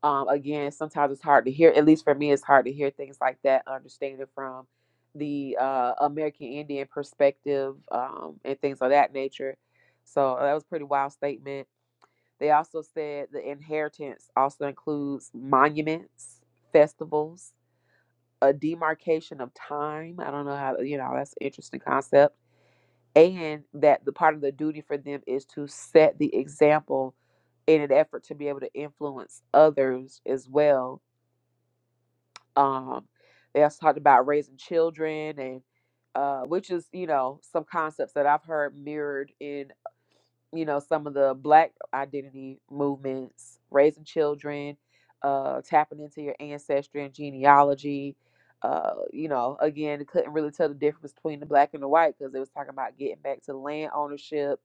Um, again, sometimes it's hard to hear. At least for me, it's hard to hear things like that, understand it from the uh, American Indian perspective um, and things of that nature. So that was a pretty wild statement they also said the inheritance also includes monuments, festivals, a demarcation of time. I don't know how, you know, that's an interesting concept. And that the part of the duty for them is to set the example in an effort to be able to influence others as well. Um, they also talked about raising children and uh, which is you know some concepts that I've heard mirrored in you know some of the black identity movements raising children uh tapping into your ancestry and genealogy uh you know again it couldn't really tell the difference between the black and the white because they was talking about getting back to land ownership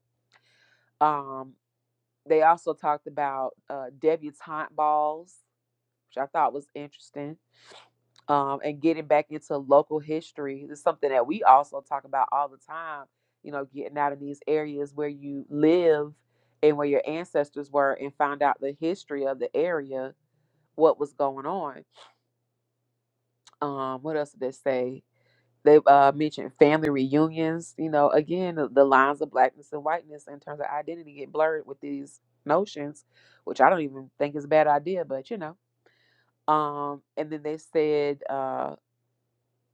um they also talked about uh debutante balls which i thought was interesting um, and getting back into local history is something that we also talk about all the time. You know, getting out of these areas where you live and where your ancestors were, and find out the history of the area, what was going on. Um, what else did they say? They uh, mentioned family reunions. You know, again, the, the lines of blackness and whiteness in terms of identity get blurred with these notions, which I don't even think is a bad idea, but you know. Um, and then they said. uh,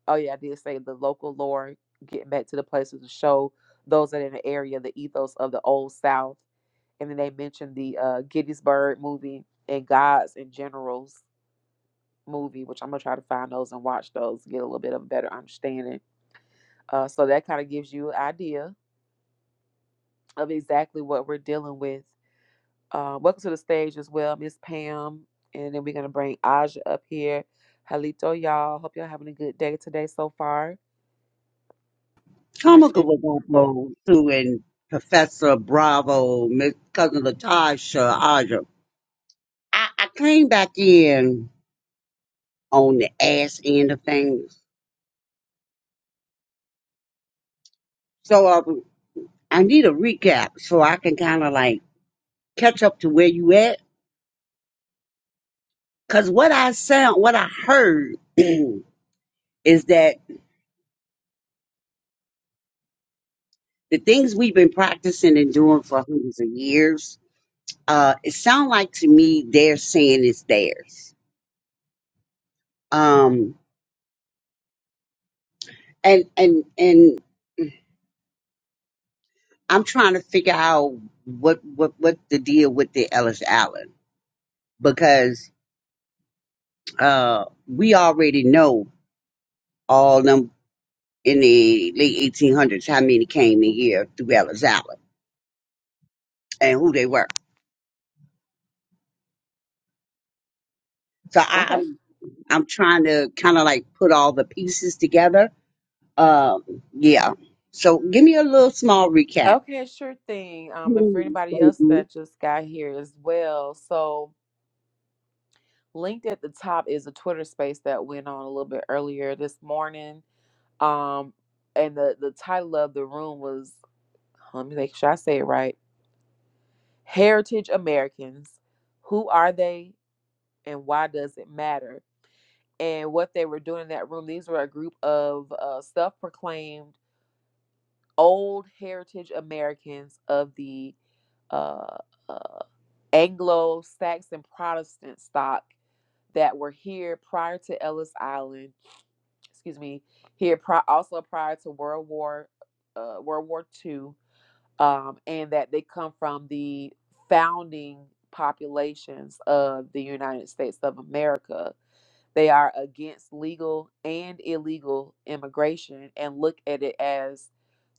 Oh yeah, I did say the local lore, getting back to the places to show those that are in the area the ethos of the old South, and then they mentioned the uh, Gettysburg movie and Gods and Generals movie, which I'm gonna try to find those and watch those, to get a little bit of a better understanding. Uh, so that kind of gives you an idea of exactly what we're dealing with. Uh, welcome to the stage as well, Miss Pam, and then we're gonna bring Aja up here. Halito, y'all. Hope y'all having a good day today so far. Might check. comical Bobo too and Professor Bravo, Miss Cousin Latasha, Aja. I, I came back in on the ass end of things. So uh, I need a recap so I can kind of like catch up to where you at. Because what I sound, what I heard is that the things we've been practicing and doing for hundreds of years, uh, it sounds like to me they're saying it's theirs. Um, and, and, and I'm trying to figure out what what what the deal with the Ellis Allen because uh we already know all them in the late 1800s how many came in here through Ellis Allen and who they were. So I, Okay. I'm I'm trying to kind of like put all the pieces together. Um, yeah. So give me a little small recap. Okay, sure thing. Um, and for Please, anybody thank else you. that just got here as well, so linked at the top is a Twitter space that went on a little bit earlier this morning. Um, and the the title of the room was, let me make sure I say it right: Heritage Americans. Who are they, and why does it matter? And what they were doing in that room, these were a group of uh, self-proclaimed old heritage Americans of the. Uh, uh, Anglo Saxon Protestant stock that were here prior to Ellis Island, excuse me, here pri- also prior to World War uh, World War Two, um, and that they come from the founding populations of the United States of America. They are against legal and illegal immigration and look at it as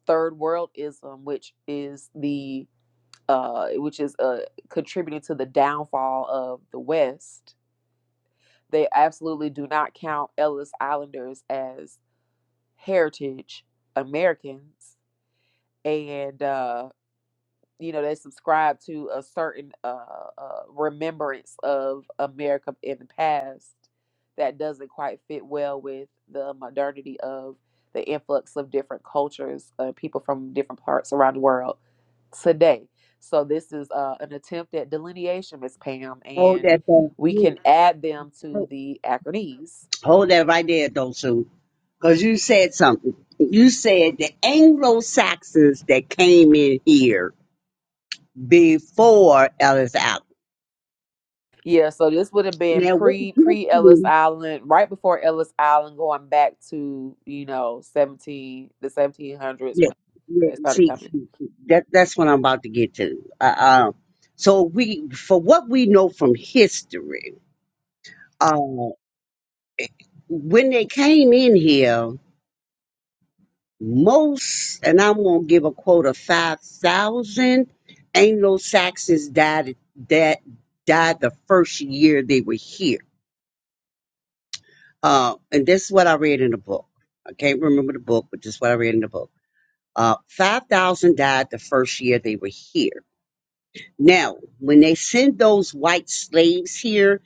third worldism, which is the uh, which is uh, contributing to the downfall of the West. They absolutely do not count Ellis Islanders as heritage Americans, and uh, you know they subscribe to a certain uh, uh, remembrance of America in the past that doesn't quite fit well with the modernity of the influx of different cultures, uh, people from different parts around the world today. So this is uh, an attempt at delineation, Miss Pam, Hold and that thought. we can add them to the acronyms. Hold that right there, though, Sue. Because you said something. You said the Anglo Saxons that came in here before Ellis Island. Yeah, so this would have been Now, what pre pre Ellis history? Island, right before Ellis Island, going back to you know seventeen the seventeen hundreds Yeah, when yeah, they started see, coming. see, see, that, that's what I'm about to get to. Uh, um, so, we, for what we know from history, uh, when they came in here, most, and I'm going to give a quote of 5,000 Anglo Saxons died, that died the first year they were here Uh, and this is what I read in the book. I can't remember the book, but this is what I read in the book. Uh, 5,000 died the first year they were here. Now, when they send those white slaves here,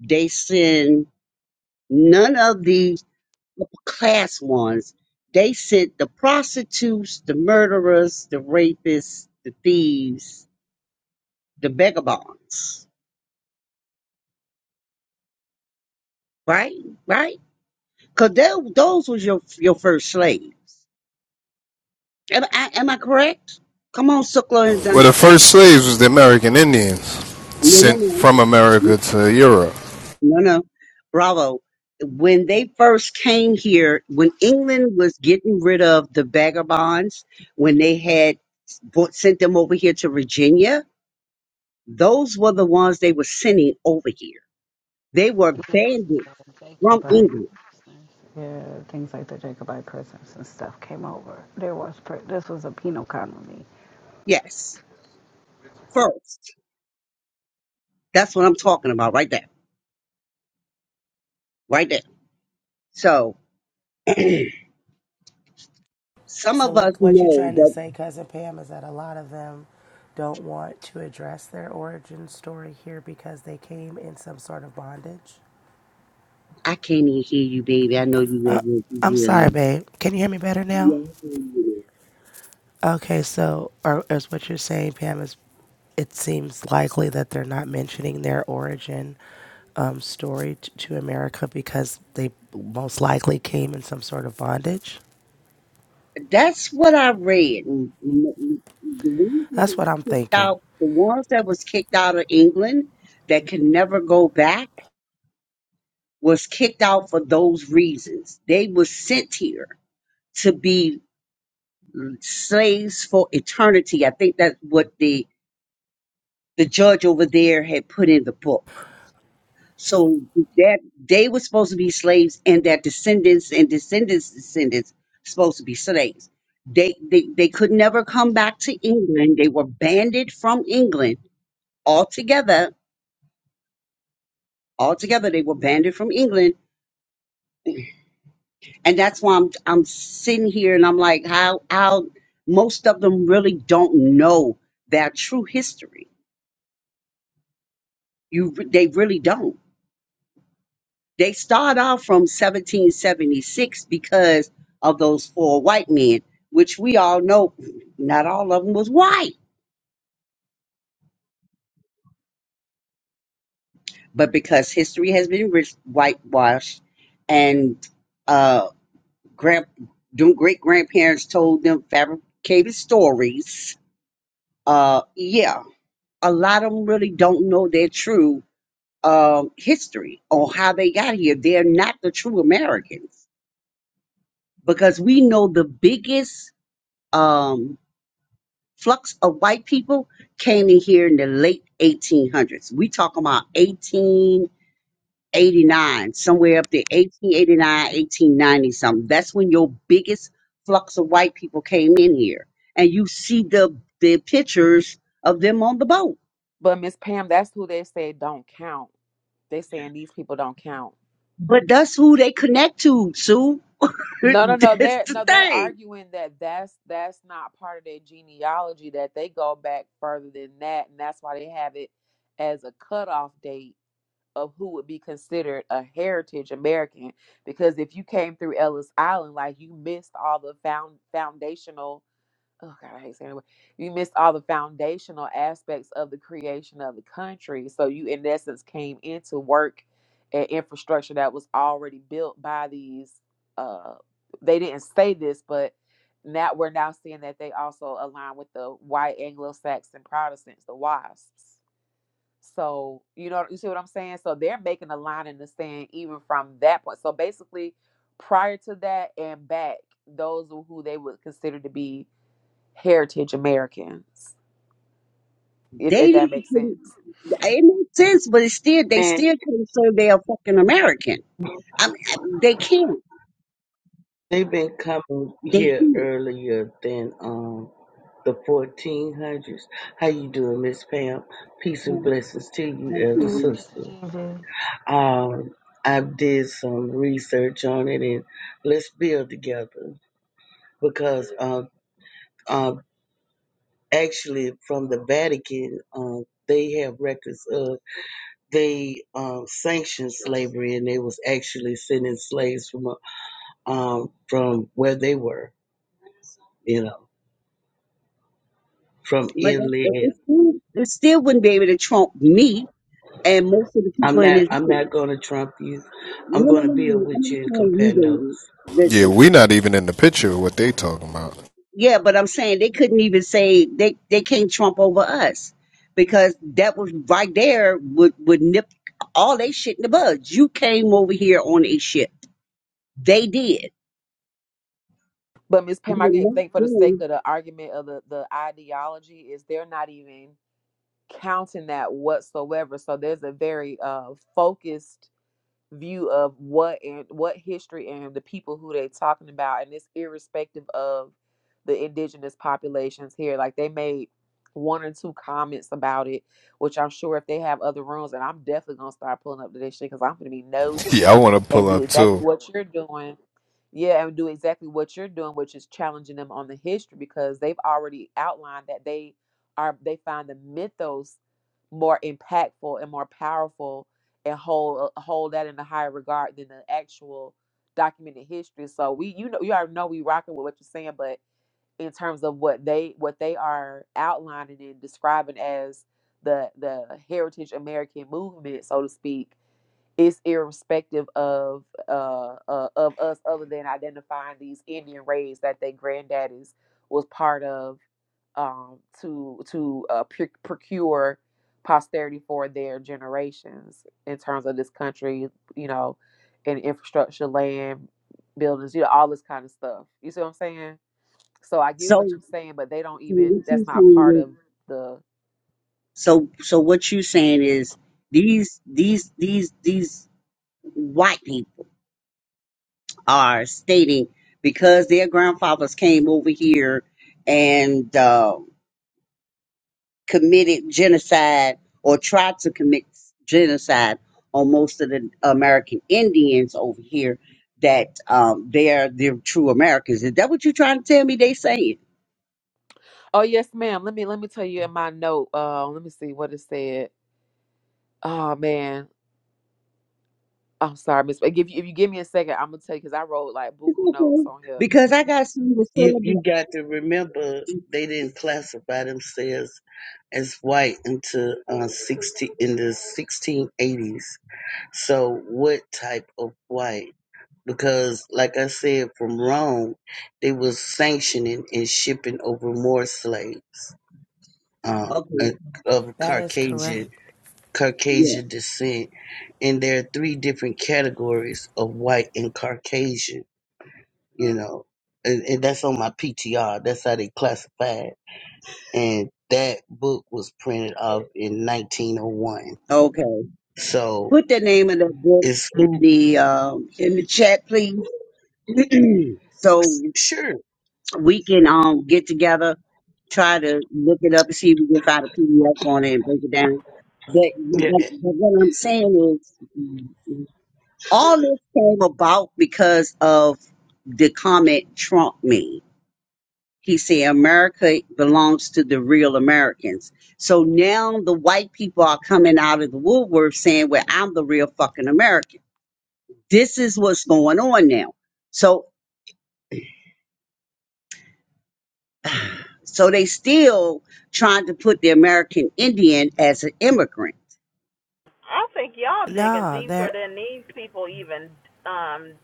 they send none of the upper class ones. They sent the prostitutes, the murderers, the rapists, the thieves, the vagabonds. Right? Right? Because those was your, your first slaves. Am I, am I correct? Come on, Sukla Well, the first slaves was the American Indians No, sent no, from no, America to Europe. no, no. Bravo. When they first came here, when England was getting rid of the vagabonds, when they had brought, sent them over here to Virginia, those were the ones they were sending over here. They were banded from Jacobite England. prisoners, yeah, things like the Jacobite prisoners and stuff came over. There was pr- this was a penal colony. Yes, first. That's what I'm talking about right there, right there. So some So of us what what you know trying to that say, cousin Pam, is that a lot of them don't want to address their origin story here because they came in some sort of bondage? I can't even hear you, baby. I know you everywhere. I'm You real sorry, babe. Can you hear me better Yeah, now? I hear you. Okay, so are, is what you're saying, Pam, is it seems likely that they're not mentioning their origin um, story t- to America because they most likely came in some sort of bondage? That's what I read. And The ones that That's was what I'm kicked thinking. out, the ones that was kicked out of England that can never go back was kicked out for those reasons. They were sent here to be slaves for eternity. I think that's what the the judge over there had put in the book. So that they were supposed to be slaves, and that descendants and descendants descendants supposed to be slaves. They they they could never come back to England. They were banded from England altogether. Altogether, they were banded from England, and that's why I'm I'm sitting here and I'm like, how how most of them really don't know their true history. You re- they really don't They start out from 1776 because of those four white men, which we all know not all of them was white, but because history has been rich, whitewashed and uh, grand, great grandparents told them fabricated stories. Uh, yeah, a lot of them really don't know their true um, history or how they got here. They're not the true Americans because we know the biggest. Um, flux of white people came in here in the late 1800s. We talking about 1889, somewhere up there, 1889, 1890 something. That's when your biggest flux of white people came in here, and you see the the pictures of them on the boat. But Miss Pam, that's who they said don't count. They saying these people don't count. But that's who they connect to, Sue. No, no, no. that's They're the no, they're thing. arguing that that's that's not part of their genealogy. That they go back further than that, and that's why they have it as a cutoff date of who would be considered a heritage American. Because if you came through Ellis Island, like you missed all the found foundational oh God, I hate saying it. You missed all the foundational aspects of the creation of the country. So you, in essence, came into work at infrastructure that was already built by these. Uh, they didn't say this, but now we're now seeing that they also align with the white Anglo-Saxon Protestants, the WASPs. So you know, you see what I'm saying. So they're making a line in the sand even from that point. So basically, prior to that and back, those were who they would consider to be heritage Americans, if, They if that didn't. makes sense. It makes sense, but it's still they And still can't say they're fucking American. I mean, I- they can't. they've been coming They here can't. earlier than um the 1400s. How you doing, Miss Pam? Peace and blessings to you, Thank elder you, Peace, Dee. Mr. sister. Gigi. Um, I did some research on it, and let's build together because uh, uh, actually from the Vatican, uh, they have records of they um, sanctioned slavery, and they was actually sending slaves from uh, um, from where they were, you know. from But that, that- it inland. still it still wouldn't be able to trump me and most of the I'm people in not this I'm not room. gonna trump you. I'm No, no, gonna no, no. build no. I'm with not you and saying compare you, notes. baby. Yeah, Listen. we not even in the picture of what they talking about. Yeah, but I'm saying they couldn't even say they they can't trump over us because that was right there would would nip all they shit in the bud. You came over here on a ship. They did. But Ms. You Pam, I can were not think for the sake doing of the argument of the, the ideology is they're not even counting that whatsoever. So there's a very uh, focused view of what and what history and the people who they're talking about and it's irrespective of the indigenous populations here like they made one or two comments about it which i'm sure if they have other rooms and i'm definitely gonna start pulling up to this shit because i'm gonna be Yeah, nosy I want to and pull do up exactly too. what you're doing yeah and do exactly what you're doing which is challenging them on the history because they've already outlined that they are they find the mythos more impactful and more powerful and hold uh, hold that in a higher regard than the actual documented history. So we you know you already know we rocking with what you're saying, but in terms of what they what they are outlining and describing as the the heritage American movement, so to speak, is irrespective of uh, uh of us other than identifying these Indian raids that their granddaddies was part of um, to to uh, pr- procure posterity for their generations in terms of this country, you know, and infrastructure, land, buildings, you know, all this kind of stuff. You see what I'm saying? So I get what so. you're saying, but they don't So even. what That's you not part saying is of the. so so what you saying is these these these these white people are stating because their grandfathers came over here and uh, committed genocide or tried to commit genocide on most of the American Indians over here that um, they're they're true Americans. Is that what you're trying to tell me? They saying Oh yes, ma'am. Let me let me tell you in my note. Uh, let me see what it said. Oh man, I'm sorry, Miss. If you if you give me a second, I'm gonna tell you because I wrote like buku notes Mhm. on here. because I got something to You say you got to remember they didn't classify themselves as white until uh, 16 in the 1680s. So what type of white? Because like I said, from Rome, they was sanctioning and shipping over more slaves uh, about. Okay, of That is Caucasian correct. yeah, Caucasian descent, and there are three different categories of white and Caucasian. You know, and, and that's on my PTR. That's how they classify it. And that book was printed off in 1901. okay. So Put the name of the book it's in who? the um, in the chat, please. so Sure. we can um get together, try to look it up and see if we can find a PDF on it and break it down. But, Yeah, but, but what I'm saying is, all this came about because of the comment Trump made. He said America belongs to the real Americans. So now the white people are coming out of the woodwork saying, "Well, I'm the real fucking American." This is what's going on now. So So they still trying to put the American Indian as an immigrant. I think y'all digging No, they're, deeper than these people even um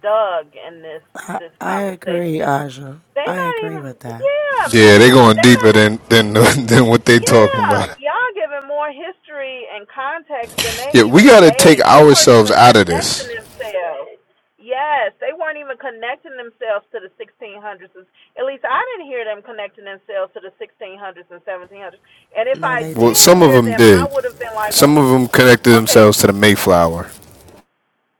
dug in this I, this I agree, conversation. Aja. They I not agree even with that. yeah, Miss Yeah, they Susan, going they not deeper e- than than than what they talking yeah, about. y'all giving more history and context than Yeah, they we even got to take gave. They weren't ourselves even out of connecting this. themselves. Yes, they weren't even connecting themselves to the 1600s. At least I didn't hear them connecting themselves to the 1600s and 1700s. And if No, I they Well, did did some of hear not. them them, I did. would have been like, Some of them connected okay, themselves to the Mayflower.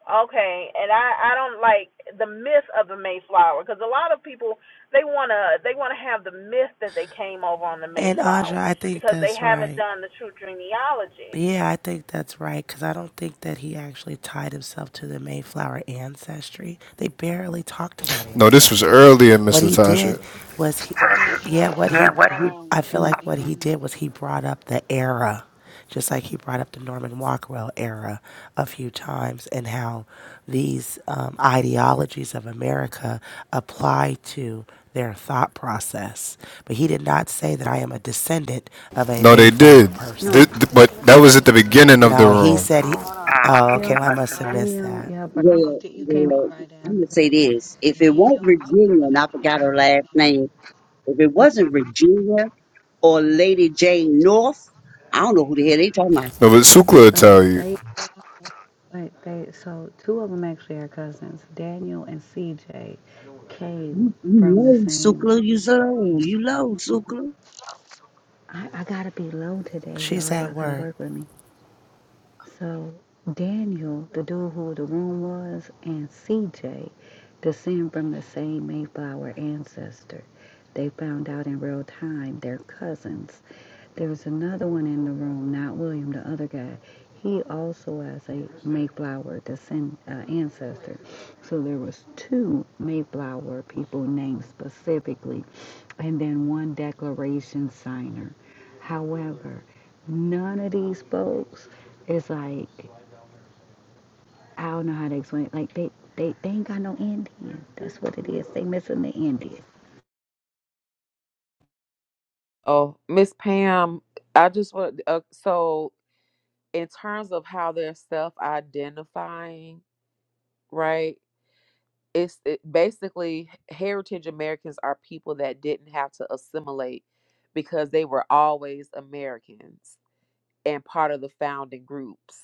Okay, and I I don't like the myth of the Mayflower because a lot of people they wanna they wanna have the myth that they came over on the And Aja, Mayflower I think because they that's haven't right. done the true genealogy. Yeah, I think that's right because I don't think that he actually tied himself to the Mayflower ancestry. They barely talked about No, this was ancestry. earlier, What Mr. he did Tasha. was he, yeah, Is what that he, what he? Um, I feel in the like what beginning, he did was he brought up the era, just like he brought up the Norman Rockwell era a few times and how these um, ideologies of America apply to their thought process. But he did not say that I am a descendant of a No, they did. Mayflower person. no, Th- th- two of but them that was did. at the So beginning of the No, he room. said he. Ah, Oh, Daniel, okay. I Well, I must must have have been. missed Daniel, that. yeah, but you Well, did, you came well, in right I'm gonna after say this: if it won't Daniel. Virginia, and I forgot her last name, if it Miss wasn't Pam. Virginia or Lady Jane North, I don't know who the hell they talking about. No, but Sukla will So tell you. they But they so two of them actually are cousins. Daniel and CJ came You from the low same. Sukla, you so low, you low Sukla. I, I gotta be low today, She's y'all. at Y'all gotta work. work with me. So Daniel, the dude who the room was, and CJ descend from the same Mayflower ancestor. They found out in real time they're cousins. There was another one in the room, not William, the other guy. He also has a Mayflower descend, uh, ancestor. So there was two Mayflower people named specifically, and then one declaration signer. However, none of these folks is like I don't know how to explain. It. Like they, they, they ain't got no Indian. That's what it is. They missing the Indian. Oh, Miss Pam, I just want. Uh, so in terms of how they're self-identifying, right? It's it, basically heritage Americans are people that didn't have to assimilate because they were always Americans and part of the founding groups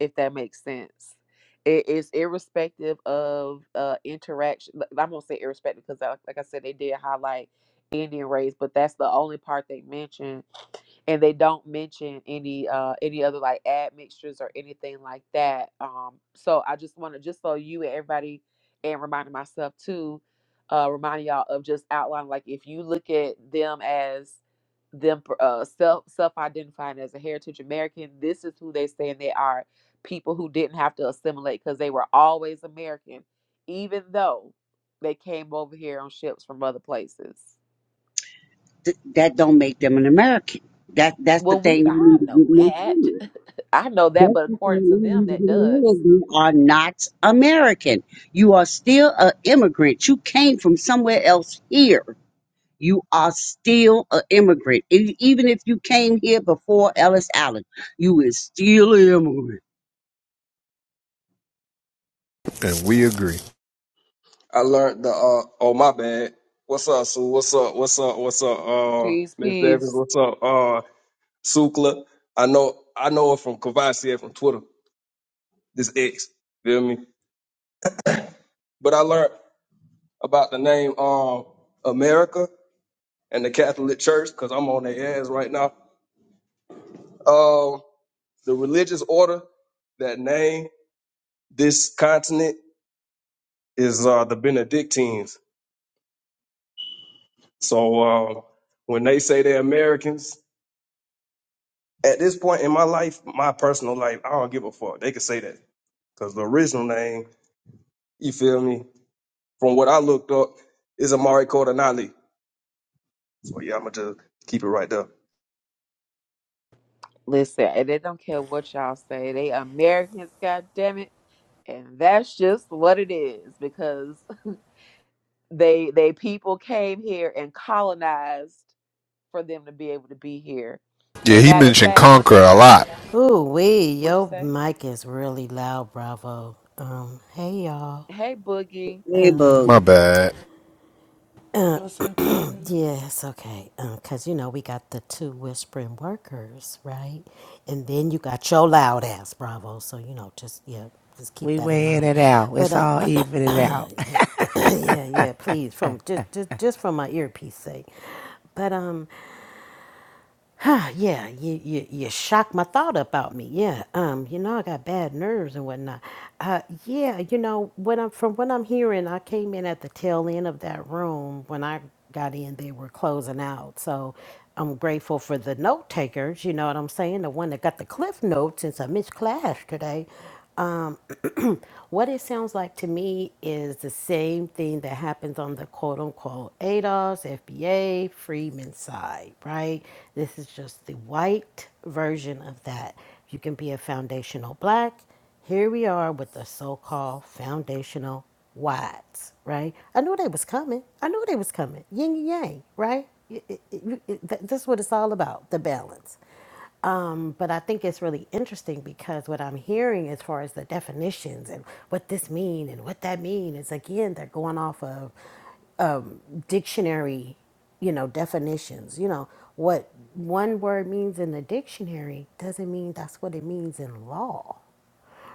if that makes sense. It is irrespective of uh, interaction. i am I'm gonna say irrespective because, like like I said, they did highlight Indian race, but that's the only part they mentioned, and they don't mention any uh, any other like admixtures or anything like that. Um, so I just want to just so you and everybody, and reminding myself too, uh, reminding y'all of just outlining like if you look at them as them uh, self self identifying as a heritage American, this is who they saying they are people who didn't have to assimilate because they were always American, even though they came over here on ships from other places. Th- that don't make them an American. That that's the Well, we thing you I need to know get that. me. I know that, Just but to say, according to them, even if that does. You are not American. You are still an immigrant. You came from somewhere else here. You are still an immigrant. E- Even if you came here before Ellis Island, you is still an immigrant. And we agree. I learned the uh oh my bad. What's up, Sue? What's up? What's up? What's up? Uh Peace, Miss Evans, peace. what's up? Uh Sukla. I know I know her from Kavasi from Twitter, this ex. Feel me? But I learned about the name um America and the Catholic Church, because I'm on their ass right now. Um the religious order that name this continent is uh the Benedictines. So um when they say they're Americans, At this point in my life, my personal life, I don't give a fuck. They can say that. Because the original name, you feel me, from what I looked up, is Amari Cordonali. So yeah, I'ma just keep it right there. Listen, and they don't care what y'all say. They Americans, goddamn it. And that's just what it is because they they people came here and colonized for them to be able to be here. Yeah, And he matter of mentioned fact, one of Conquer the a guys, lot. Ooh wee, what'd you yo say? mic is really loud, bravo. Um, hey y'all. Hey, Boogie. Hey, bug. Um, My bad. uh, What's up, cousin? yes, okay. Um, cause you know we got the two whispering workers, right? And then you got your loud ass, bravo. So you know, just yeah, just keep We that in weighing mind. it out. But It's um, all evening out. yeah, yeah, please, from just just just from my earpiece sake. But um. Huh, yeah, you, you you shocked my thought about me. Yeah, um, you know I got bad nerves and whatnot. Uh, yeah, you know what I'm from what I'm hearing, I came in at the tail end of that room. When I got in, they were closing out. So I'm grateful for the note takers. You know what I'm saying? The one that got the cliff notes since I missed class today. What it sounds like to me is the same thing that happens on the quote unquote ADOS, FBA, Freeman side, right? This is just the white version of that. You can be a foundational black. Here we are with the so called foundational whites, right? I knew they was coming. I knew they was coming. Yin and yang, right? It- it- it- it- That's what it's all about the balance. Um, but I think it's really interesting because what I'm hearing as far as the definitions and what this mean and what that mean is again they're going off of um, dictionary, you know, definitions. You know what one word means in the dictionary doesn't mean that's what it means in law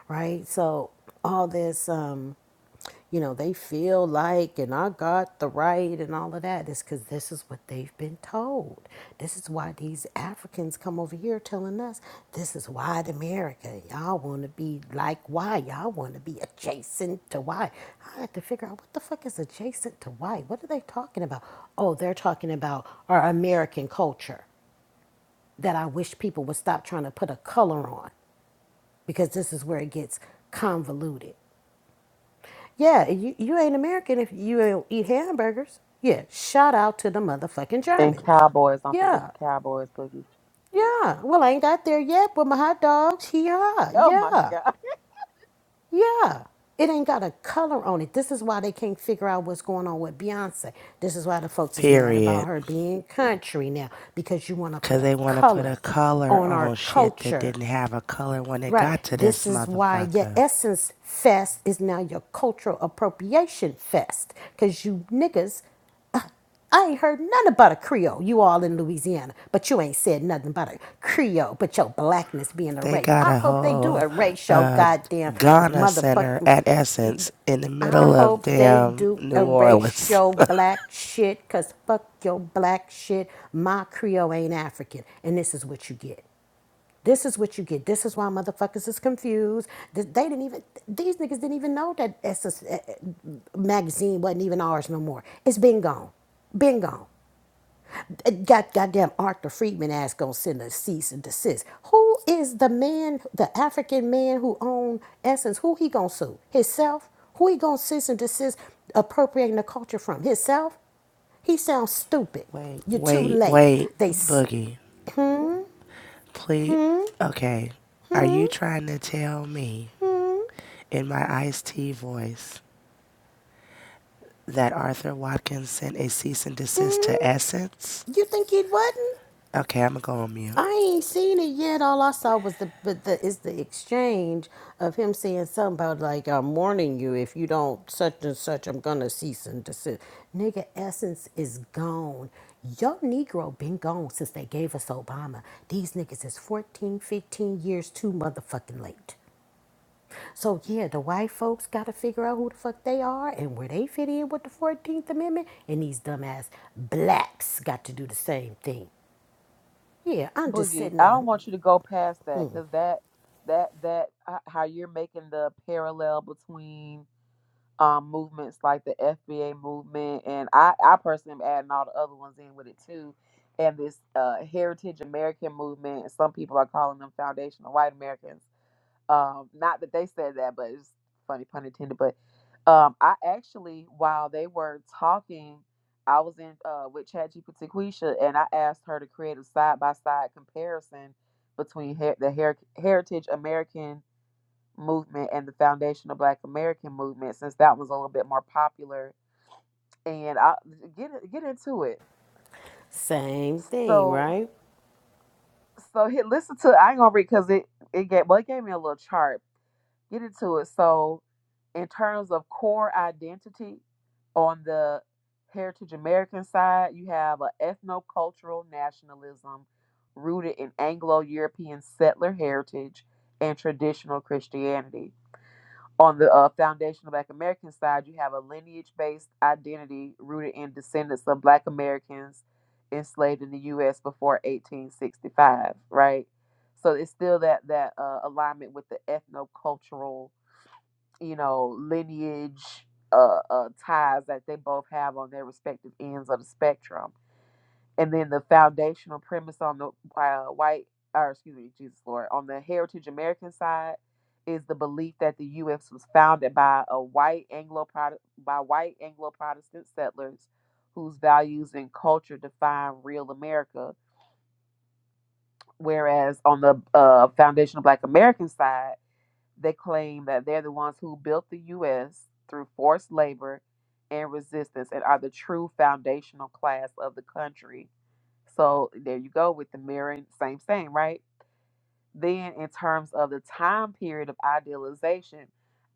right? So all this, um, you know, they feel like, and I got the right, and all of that is because this is what they've been told. This is why these Africans come over here telling us this is white America. Y'all want to be like white? Y'all want to be adjacent to white? I had to figure out what the fuck is adjacent to white. What are they talking about? Oh, they're talking about our American culture that I wish people would stop trying to put a color on because this is where it gets convoluted. Yeah, you, you ain't American if you don't eat hamburgers. Yeah, shout out to the motherfucking And Germans. Cowboys. Don't forget Yeah, the Cowboys, Boogie. yeah. Well, I ain't got there yet, but my hot dogs, yeah, Oh my yeah, God, yeah. It ain't got a color on it. This is why they can't figure out what's going on with Beyonce. This is why the folks is mad about Period. her being country now because you want to put Cause a they want to put a color color on on our shit that culture. didn't have a color when it Right. got to This this is why your motherfucker. essence fest is now your cultural appropriation fest. Because you niggas, I ain't heard nothing about a Creole. You all in Louisiana, but you ain't said nothing about a Creole, but your blackness being They erased. got I a hope they do whole erase your uh, goddamn Ghana center motherfucking. at Essence in the I middle of hope they damn do New erase Orleans. your black shit, because fuck your black shit. My Creole ain't African. And this is what you get. This is what you get. This is why motherfuckers is confused. They didn't even, these niggas didn't even know that Essence magazine wasn't even ours no more. It's been gone. Been gone. Uh, God, goddamn Arthur Friedman ass gonna send a cease and desist. Who is the man, the African man who owned Essence? Who he gonna sue? Himself? Who he gonna cease and desist appropriating the culture from? Himself? He sounds stupid. Wait, You're too wait, late. wait, They, Boogie. Please. Okay. Are you trying to tell me? in my IST voice that Arthur Watkins sent a cease and desist to Essence? you think he wasn't? Okay, I'm gonna go on mute. I ain't seen it yet. All I saw was the but the is the exchange of him saying something about like I'm warning you if you don't such and such I'm gonna cease and desist. Nigga, essence is gone. Your Negro been gone since they gave us Obama. These niggas is 14, 15 years too motherfucking late. So yeah, the white folks got to figure out who the fuck they are and where they fit in with the 14th Amendment, and these dumbass blacks got to do the same thing. Yeah, I'm just Boogie. sitting I don't in. want you to go past that because that that that h- how you're making the parallel between um movements like the FBA movement and I I personally am adding all the other ones in with it too. And this uh, heritage American movement, some people are calling them foundational white Americans Um, not that they said that, but it's funny pun intended. But um, I actually, while they were talking, I was in uh, with ChatGPT Quisha, and I asked her to create a side by side comparison between her- the her- Heritage American movement and the Foundational Black American movement, since that was a little bit more popular. And I get get into it. Same thing, So right? so here, listen to I ain't gonna read because it it gave well it gave me a little chart get into it. So, in terms of core identity, on the Heritage American side, you have an ethnocultural nationalism rooted in Anglo European settler heritage and traditional Christianity. On the uh, foundational Black American side, you have a lineage based identity rooted in descendants of Black Americans enslaved in the U.S. before 1865, right? So it's still that that uh, alignment with the ethnocultural you know, lineage uh, uh, ties that they both have on their respective ends of the spectrum. And then the foundational premise on the uh, white, or excuse me, Jesus Lord, on the Heritage American side is the belief that the U.S. was founded by a white Anglo by white Anglo Protestant settlers whose values and culture define real America. Whereas on the uh, foundational Black American side they claim that they're the ones who built the U.S. through forced labor and resistance and are the true foundational class of the country. So there you go with the mirroring, same, same, right? Then, in terms of the time period of idealization,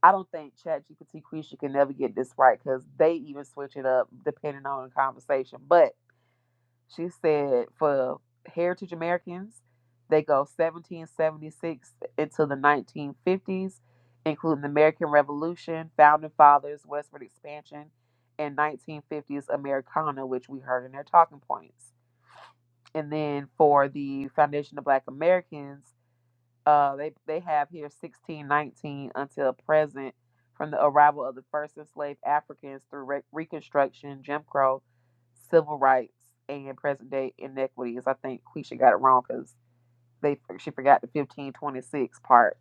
I don't think ChatGPT Quisha can never get this right because they even switch it up depending on the conversation. But she said for Heritage Americans, they go 1776 into the 1950s, including the American Revolution, Founding Fathers, Westward Expansion, and 1950s Americana, which we heard in their talking points. And then for the Foundation of Black Americans, uh, they they have here 1619 until present from the arrival of the first enslaved Africans through re- Reconstruction, Jim Crow, civil rights, and present day inequities. I think Quisha got it wrong because they she forgot the 1526 part.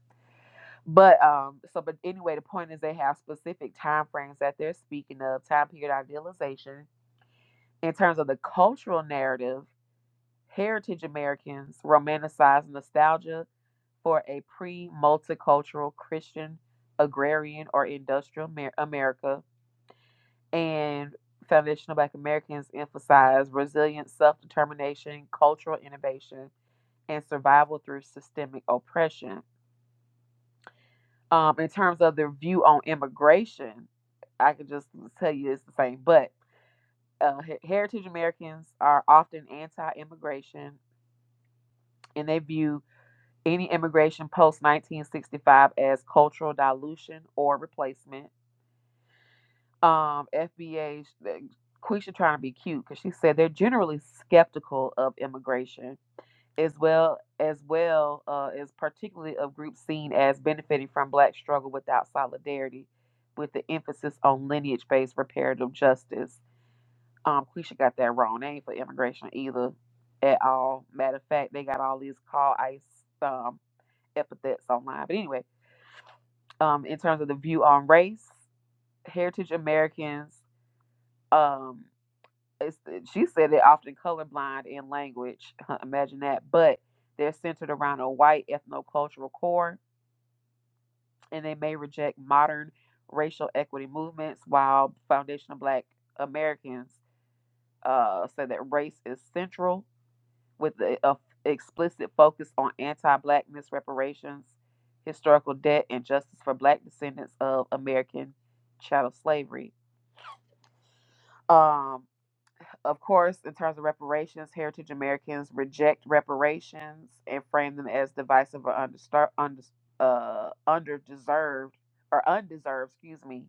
But um, so but anyway, the point is they have specific time frames that they're speaking of, time period idealization. In terms of the cultural narrative, heritage Americans romanticize nostalgia for a pre multicultural Christian agrarian or industrial America. And foundational Black Americans emphasize resilience, self determination, cultural innovation, and survival through systemic oppression. Um, in terms of their view on immigration, I can just tell you it's the same, but uh, heritage Americans are often anti immigration and they view any immigration post 1965 as cultural dilution or replacement. um, FBA, Quisha trying to be cute because she said they're generally skeptical of immigration as well as well uh, as particularly of groups seen as benefiting from black struggle without solidarity with the emphasis on lineage-based reparative justice. Um, Quisha got that wrong. They ain't for immigration either at all. Matter of fact, they got all these call ice um, epithets online. But anyway, um, in terms of the view on race, heritage Americans, um, it's, eh, she said they're often colorblind in language. Imagine that. But they're centered around a white ethnocultural core, and they may reject modern racial equity movements, while foundational Black Americans uh, say that race is central with the a explicit focus on anti-blackness reparations, historical debt, and justice for Black descendants of American chattel slavery. Um, Of course, in terms of reparations, Heritage Americans reject reparations and frame them as divisive or understar, under, uh, underdeserved or undeserved, excuse me.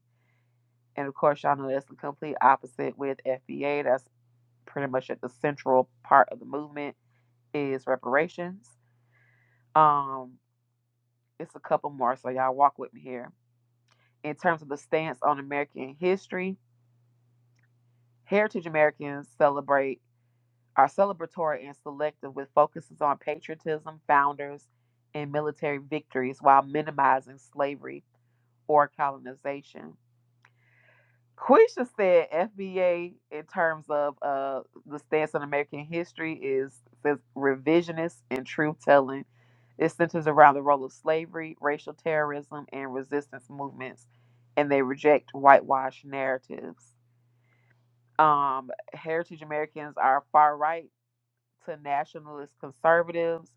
And of course, y'all know that's the complete opposite with FBA. That's pretty much at the central part of the movement is reparations. Um, it's a couple more, so y'all walk with me here. In terms of the stance on American history, Heritage Americans celebrate are celebratory and selective with focuses on patriotism, founders, and military victories while minimizing slavery or colonization. Quisha said FBA in terms of uh, the stance on American history is says revisionist and truth telling. It centers around the role of slavery, racial terrorism, and resistance movements, and they reject whitewash narratives. Um, Heritage Americans are far right to nationalist conservatives,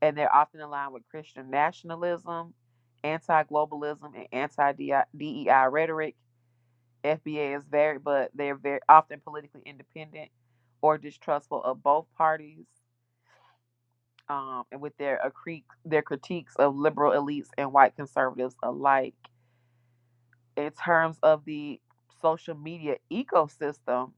and they're often aligned with Christian nationalism, anti globalism, and anti DEI rhetoric. FBA is very, but they're very often politically independent or distrustful of both parties, um, and with their accre- their critiques of liberal elites and white conservatives alike. In terms of the social media ecosystem,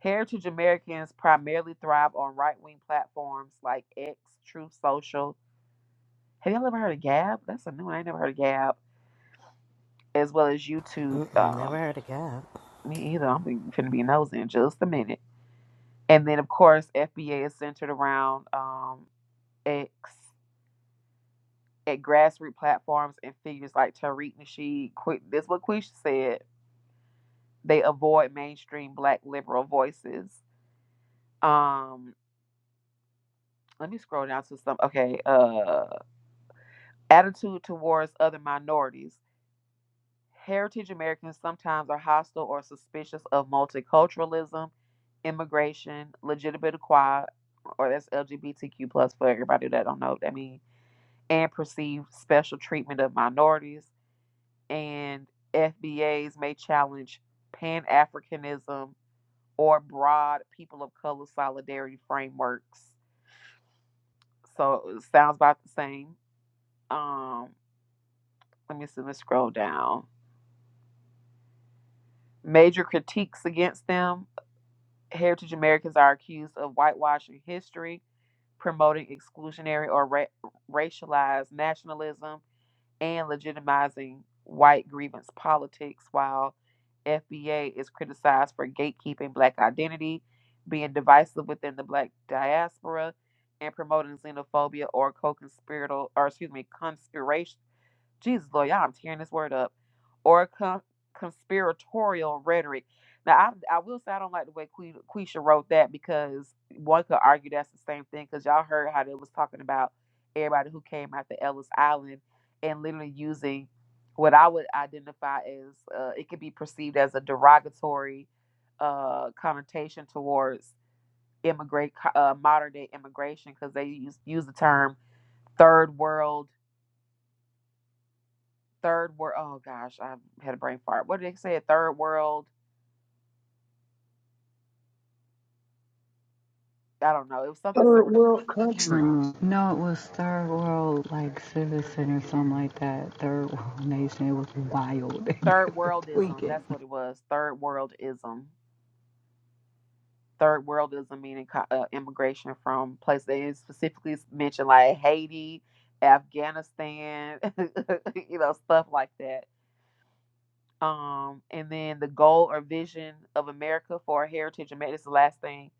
Heritage Americans primarily thrive on right wing platforms like X, Truth Social, Have y'all ever heard of Gab? That's a new one. I ain't never heard of Gab. As well as YouTube. Mm-mm, Um, never heard of God. me either. I'm gonna be nosing in just a minute. And then of course FBA is centered around um X at grassroots platforms and figures like Tariq Nasheed. Quick, this is what Quisha said. They avoid mainstream Black liberal voices. Um, let me scroll down to some. Okay, uh, attitude towards other minorities. Heritage Americans sometimes are hostile or suspicious of multiculturalism, immigration, legitimate equality, or that's LGBTQ plus for everybody that don't know what that means, and perceived special treatment of minorities. And FBAs may challenge Pan Africanism or broad people of color solidarity frameworks. So it sounds about the same. Um, let me see. Let's scroll down. Major critiques against them Heritage Americans are accused of whitewashing history, promoting exclusionary or ra- racialized nationalism, and legitimizing white grievance politics, while FBA is criticized for gatekeeping black identity, being divisive within the black diaspora, and promoting xenophobia or co-conspiratorial, or excuse me, conspiration Jesus, Lord, y'all, I'm tearing this word up, or con- conspiratorial rhetoric. Now, I, I will say I don't like the way Que- Quisha wrote that because one could argue that's the same thing because y'all heard how they was talking about everybody who came out to Ellis Island and literally using what I would identify as uh, it could be perceived as a derogatory uh, connotation towards immigrate uh, modern day immigration because they use use the term third world third world. Oh gosh, I had a brain fart. What did they say? Third world. I don't know. It was something Third surreal. world can't country. remember. No, it was Third World, like Citizen or something like that. Third World Nation. It was wild. they Third were worldism. tweaking. That's what it was. Third worldism. Third worldism meaning co- uh, immigration from places. They specifically mentioned like Haiti, Afghanistan, you know, stuff like that. Um, and then the goal or vision of America for heritage. Amer- This is the last thing.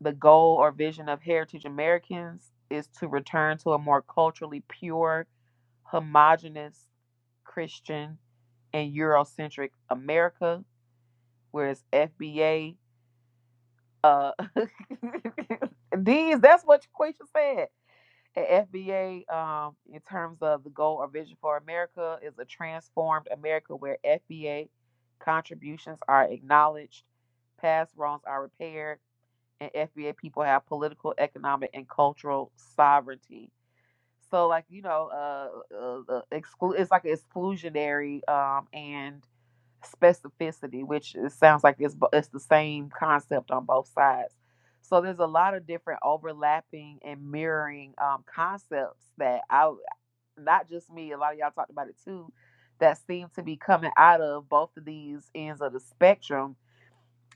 The goal or vision of heritage Americans is to return to a more culturally pure homogenous Christian and Eurocentric America, whereas FBA, uh, these, that's what Quisha said. At FBA, um, in terms of the goal or vision for America, is a transformed America where FBA contributions are acknowledged, past wrongs are repaired, and FBA people have political, economic, and cultural sovereignty. So like you know, uh, uh, uh exclu- it's like exclusionary um and specificity, which it sounds like it's bo- it's the same concept on both sides. So there's a lot of different overlapping and mirroring um concepts that I w- not just me, a lot of y'all talked about it too, that seem to be coming out of both of these ends of the spectrum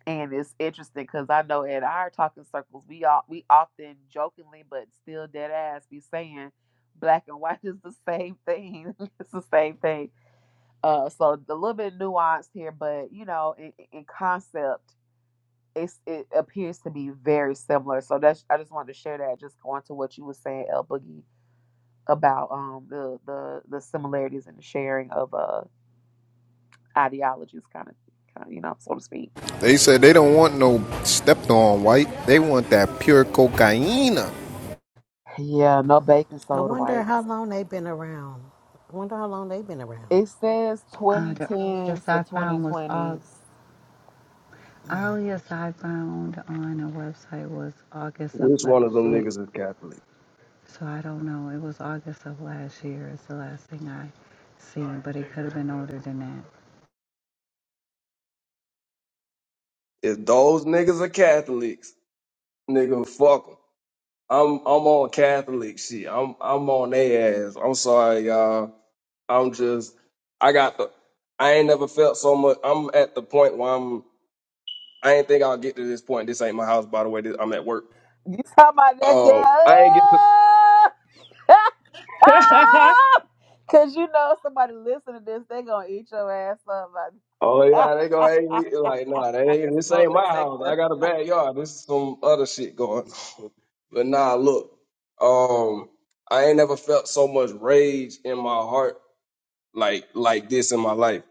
and it's interesting because I know in our talking circles, we all we often jokingly but still dead ass be saying black and white is the same thing. it's the same thing. Uh, so a little bit nuanced here, but you know, in, in concept, it's it appears to be very similar. So that's I just wanted to share that. Just going to what you were saying, El Boogie, about um the the the similarities and the sharing of uh ideologies, kind of, kind of you know, so to speak. They said they don't want no stepped on white. They want that pure cocaine. Yeah, no baking I soda wonder whites. how long they've been around. I wonder how long they've been around. It says Uh, the earliest 2010s to I found was Aug. 2020s. Earliest I found on a website was August of Which one of last them year. niggas is Catholic? So I don't know. It was August of last year. It's the last thing I seen, but it could have been older than that. If those niggas are Catholics, nigga, fuck 'em. I'm I'm on Catholic shit. I'm I'm on their ass. I'm sorry, y'all. I'm just I got the I ain't never felt so much. I'm at the point where I'm I ain't think I'll get to this point. This ain't my house, by the way. This, I'm at work. You talking about that Oh, I ain't get to. damn? Cause you know somebody listen to this, they gonna eat your ass up. Oh yeah, they gonna hate me. Like, Like, nah, that that ain't, this smoke ain't my house. I detector. got a backyard. This is some other shit going on. But nah, look, um, I ain't never felt so much rage in my heart like like this in my life.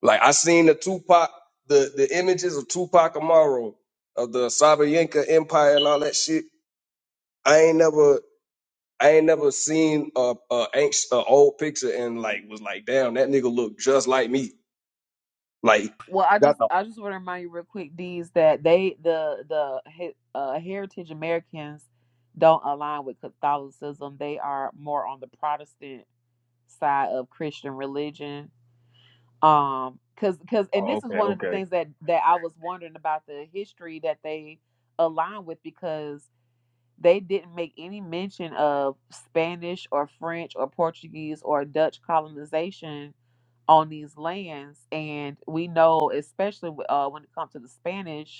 Like I seen the Tupac, the the images of Tupac Amaru of the Sabayenka Empire and all that shit. I ain't never. I ain't never seen a a, anx- a old picture and like was like, damn, that nigga look just like me. Like, Well, I got just the I just want to remind you real quick, D's, that they the the he- uh, Heritage Americans don't align with Catholicism. They are more on the Protestant side of Christian religion. um because because and oh, this is okay, one of the okay. things that that i was wondering about the history that they align with because they didn't make any mention of spanish or french or portuguese or dutch colonization on these lands and we know especially w- uh, when it comes to the spanish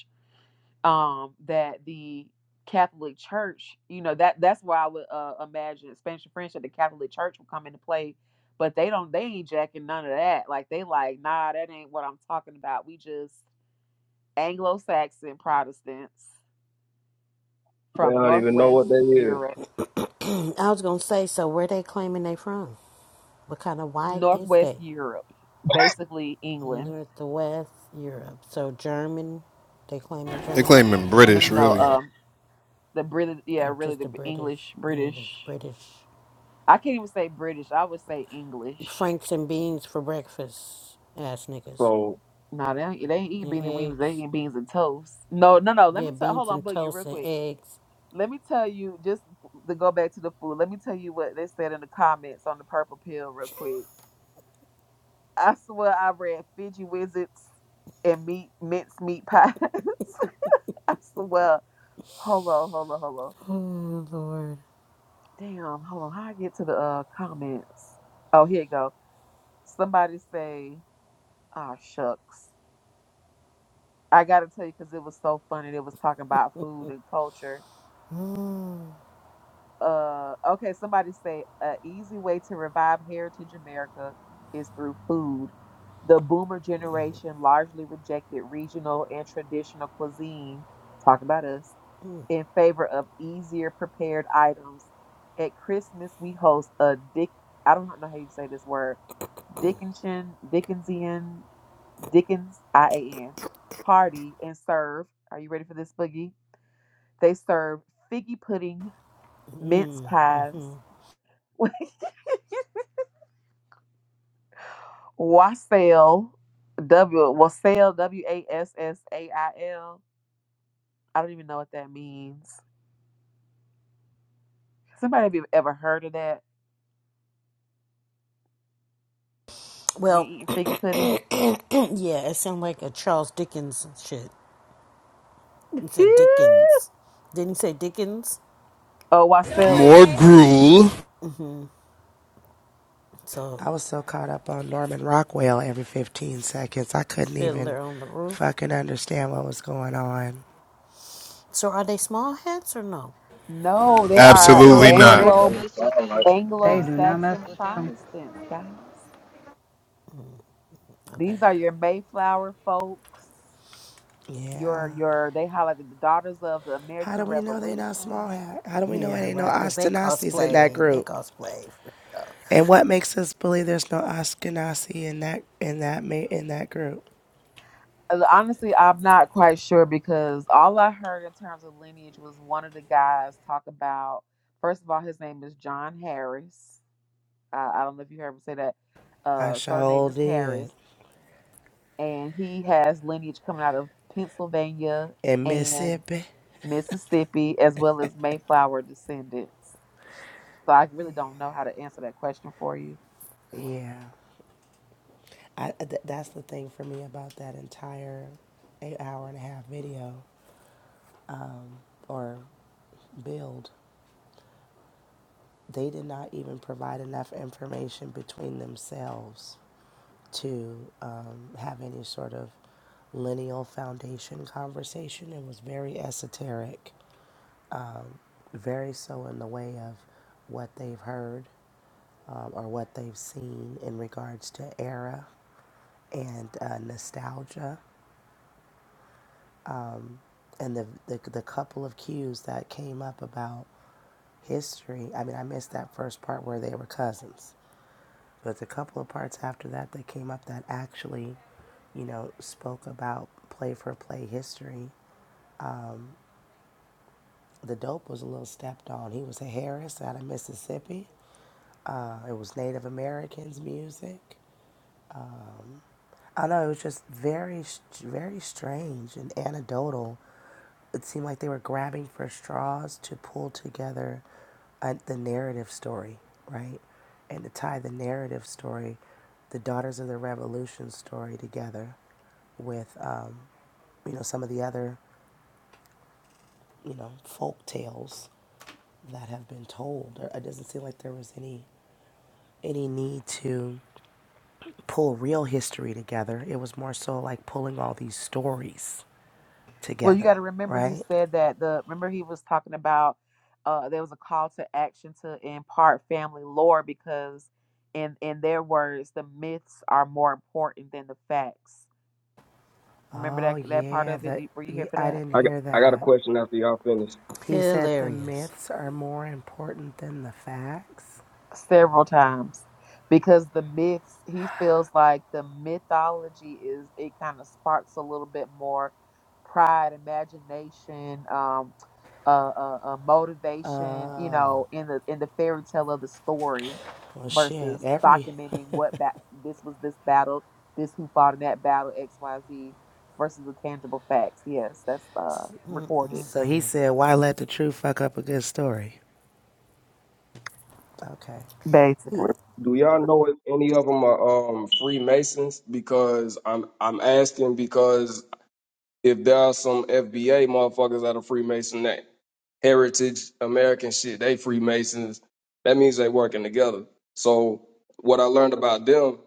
um, that the Catholic Church, you know, that that's where I would uh, imagine Spanish and French that the Catholic Church will come into play. But they don't, they ain't jacking none of that. Like they like, nah, that ain't what I'm talking about. We just Anglo-Saxon Protestants They from don't even know Northwest what that is. Europe, I was gonna say, so where they claiming they from? What kind of white is Northwest they? Europe, basically England. North to West Europe. So German, they claiming They German, claiming No, no, British, no. really. Um, the British, yeah, or really just the the British, English, English, British. British. I can't even say British. I would say English Franks and beans for breakfast, ass niggas. So, No, they ain't, they ain't eating And beanie weenies. They eggs. eating beans and toast. No, no, no. Let Yeah, me tell. Hold beans on, and Boogie, real toast and quick. eggs. Let me tell you just to go back to the food. Let me tell you what they said in the comments on the purple pill, real quick. I swear I read Fiji Wizards and meat mince meat pies. I swear. Hold on, hold on, hold on. Lord. Damn, hold on. How I get to the uh, comments? Oh, here you go. Somebody say, "Ah, shucks." I gotta tell you because it was so funny. They was talking about food and culture Uh, okay, somebody say an easy way to revive Heritage America is through food. The boomer generation largely rejected regional and traditional cuisine, talk about us, in favor of easier prepared items. At Christmas, we host a Dick, I don't know how you say this word, Dickensian, Dickensian, Dickens, I A N, party and serve. Are you ready for this, Boogie? They serve figgy pudding, mince Mm. pies, Hmm. Wassail, W Wassail, W A S S A I L. I don't even know what that means. Somebody have you ever heard of that? You Well, eating figgy pudding? Yeah, it sounded like a Charles Dickens shit. He said Dickens. Didn't he say Dickens? oh, wassail is More a drink. gruel? So, I was so caught up on Norman Rockwell every 15 seconds, I couldn't even Fiddler on the Roof. fucking understand what was going on. So, are they small hats or no? No, they are Oh, goddamn Absolutely girl, not. they Germans, don't I Anglo would mess with have them. like, Anglo They do not mess Saxon with them. Protestants, guys. Okay, These are your okay. Mayflower folks. Yeah. Your your they highlighted the daughters of the How American do we know they not small Revolution. hat? How do we know it Yeah, ain't no right, because they Ashkenazis in that cosplay. They group? cosplay. For, uh, And what makes us believe there's no Ashkenazi in that in that in that group? Uh, Honestly, I'm not quite sure because all I heard in terms of lineage was one of the guys talk about. First of all, his name is John Harris. Uh, I don't know if you heard me say that. I Uh, surname sure is did Harris, and he has lineage coming out of Pennsylvania in and Mississippi. Mississippi, as well as Mayflower descendants. So I really don't know how to answer that question for you. Yeah. I, uh, th- that's the thing for me about that entire eight hour and a half video or build. They did not even provide enough information between themselves to um, have any sort of lineal foundation conversation. It was very esoteric, very so in the way of what they've heard um, or what they've seen in regards to era and uh, nostalgia. and the, the the couple of cues that came up about history. I mean, I missed that first part where they were cousins, but the couple of parts after that that came up that actually, you know, spoke about play for play history. The dope was a little stepped on. He was a Harris out of Mississippi. Uh, it was Native Americans music. I know it was just very, sh- very strange and anecdotal. It seemed like they were grabbing for straws to pull together uh, the narrative story, right? And to tie the narrative story, the Daughters of the Revolution story together with, um, you know, some of the other, you know, folk tales that have been told. It doesn't seem like there was any any need to pull real history together. It was more so like pulling all these stories Well, you got together, to remember he right? said that the remember he was talking about uh there was a call to action to impart family lore because in in their words the myths are more important than the facts. Remember Oh, that that part yeah, of it? the, Did- Were you here for I I that? didn't I got hear I got a that. question after y'all finish. He said the hilarious. myths are more important than the facts. several times because the myths he feels like the mythology is it kind of sparks a little bit more pride imagination um uh, uh, uh motivation you Oh, know in the in the fairy tale of the story well, shit, versus every. documenting what ba- this was this battle this who fought in that battle xyz versus the tangible facts yes that's uh recorded So he Mm-mm-mm. said, why let the truth fuck up a good story? Okay. basically Hmm. Do y'all know if any of them are um Freemasons? Because I'm I'm asking because if there are some FBA motherfuckers out of Freemason that heritage American shit, they Freemasons, that means they working together. So what I learned about them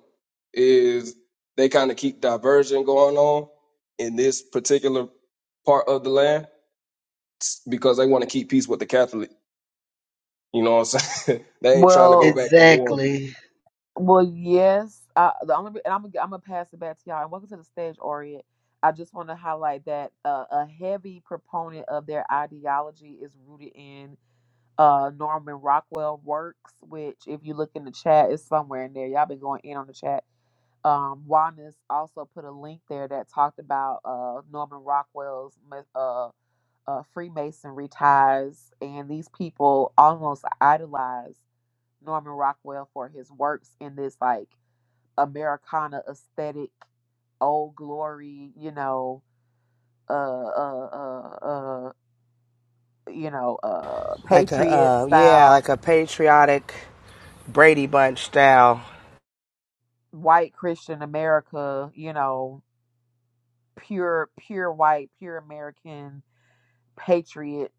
is they kind of keep diversion going on in this particular part of the land because they want to keep peace with the Catholic. You know what I'm saying? they ain't trying to go well back to war. exactly. Well, yes. I, the only re- and I'm gonna I'm gonna pass it back to y'all. And welcome to the stage, Orient. I just want to highlight that uh, a heavy proponent of their ideology is rooted in uh, Norman Rockwell works, which if you look in the chat, is somewhere in there. Y'all been going in on the chat. Um, Juanis also put a link there that talked about uh, Norman Rockwell's myth- uh, uh, Freemasonry ties, and these people almost idolize Norman Rockwell for his works in this like Americana aesthetic, old glory, you know, uh, uh, uh, uh you know, uh, Like a, patriot uh, yeah, style, like a patriotic Brady Bunch style. white Christian America, you know, pure, pure white, pure American patriot,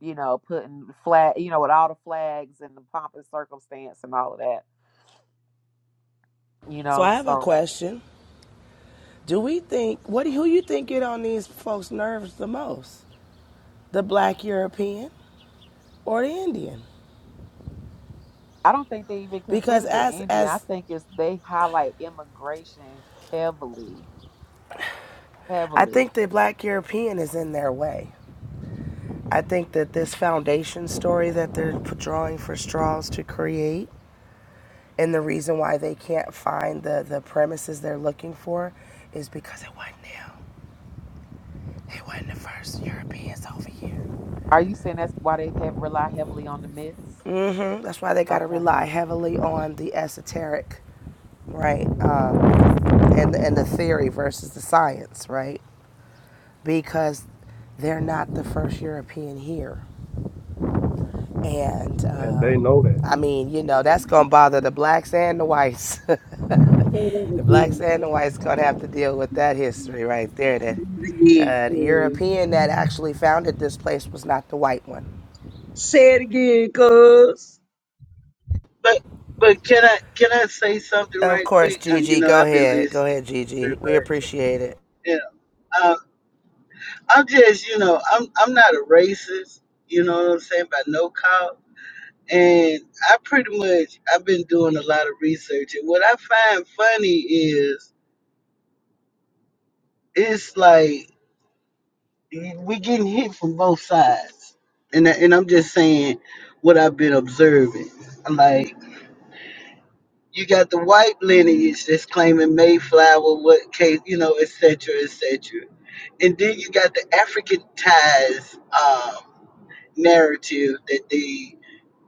you know, putting flag, you know, with all the flags and the pomp and circumstance and all of that, you So know, I have a so. question. Do we think, what, who you think get on these folks' nerves the most? The black European or the Indian? I don't think they even Because consider the as, Indian. I as think it's they highlight immigration heavily, I heavily. think the black European is in their way. I think that this foundation story that they're drawing for straws to create and the reason why they can't find the, the premises they're looking for is because it wasn't them. It wasn't the first Europeans over here. Are you saying that's why they have, rely heavily on the myths? mm hmm That's why they got to Okay. rely heavily on the esoteric, right? Um, and, and the theory versus the science, right? Because they're not the first European here. And And uh, they know that. I mean, you know, that's gonna bother the blacks and the whites. Say the blacks and the whites gonna have to deal with that history right there. That that again. uh, the cuz. European that actually founded this place was not the white one. Say it again. cuz. Say it again, cuz. But but can I can I say something Of right course, quick? Uh, you Gigi, know, go I've been ahead, go listening ahead, very Gigi. We much. appreciate it. Yeah. Um, I'm just you know I'm I'm not a racist. You know what I'm saying? By no cause. And I pretty much I've been doing a lot of research, and what I find funny is it's like we getting hit from both sides, and I- and I'm just saying what I've been observing. Like you got the white lineage that's claiming Mayflower, what case, you know, et cetera, et cetera, and then you got the African ties. um, narrative that they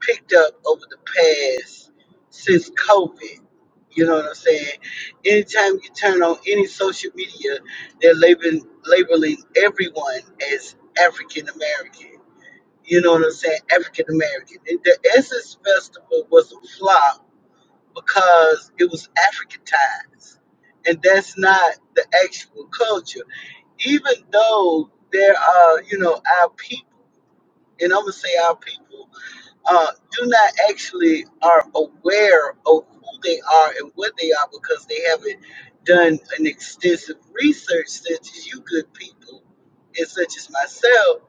picked up over the past since COVID. You know what I'm saying? Anytime you turn on any social media, they're labeling, labeling everyone as African American. You know what I'm saying? African American. And The Essence Festival was a flop because it was Africanized. And that's not the actual culture. Even though there are, you know, our people, and I'm going to say our people uh, do not actually are aware of who they are and what they are because they haven't done an extensive research such as you good people and such as myself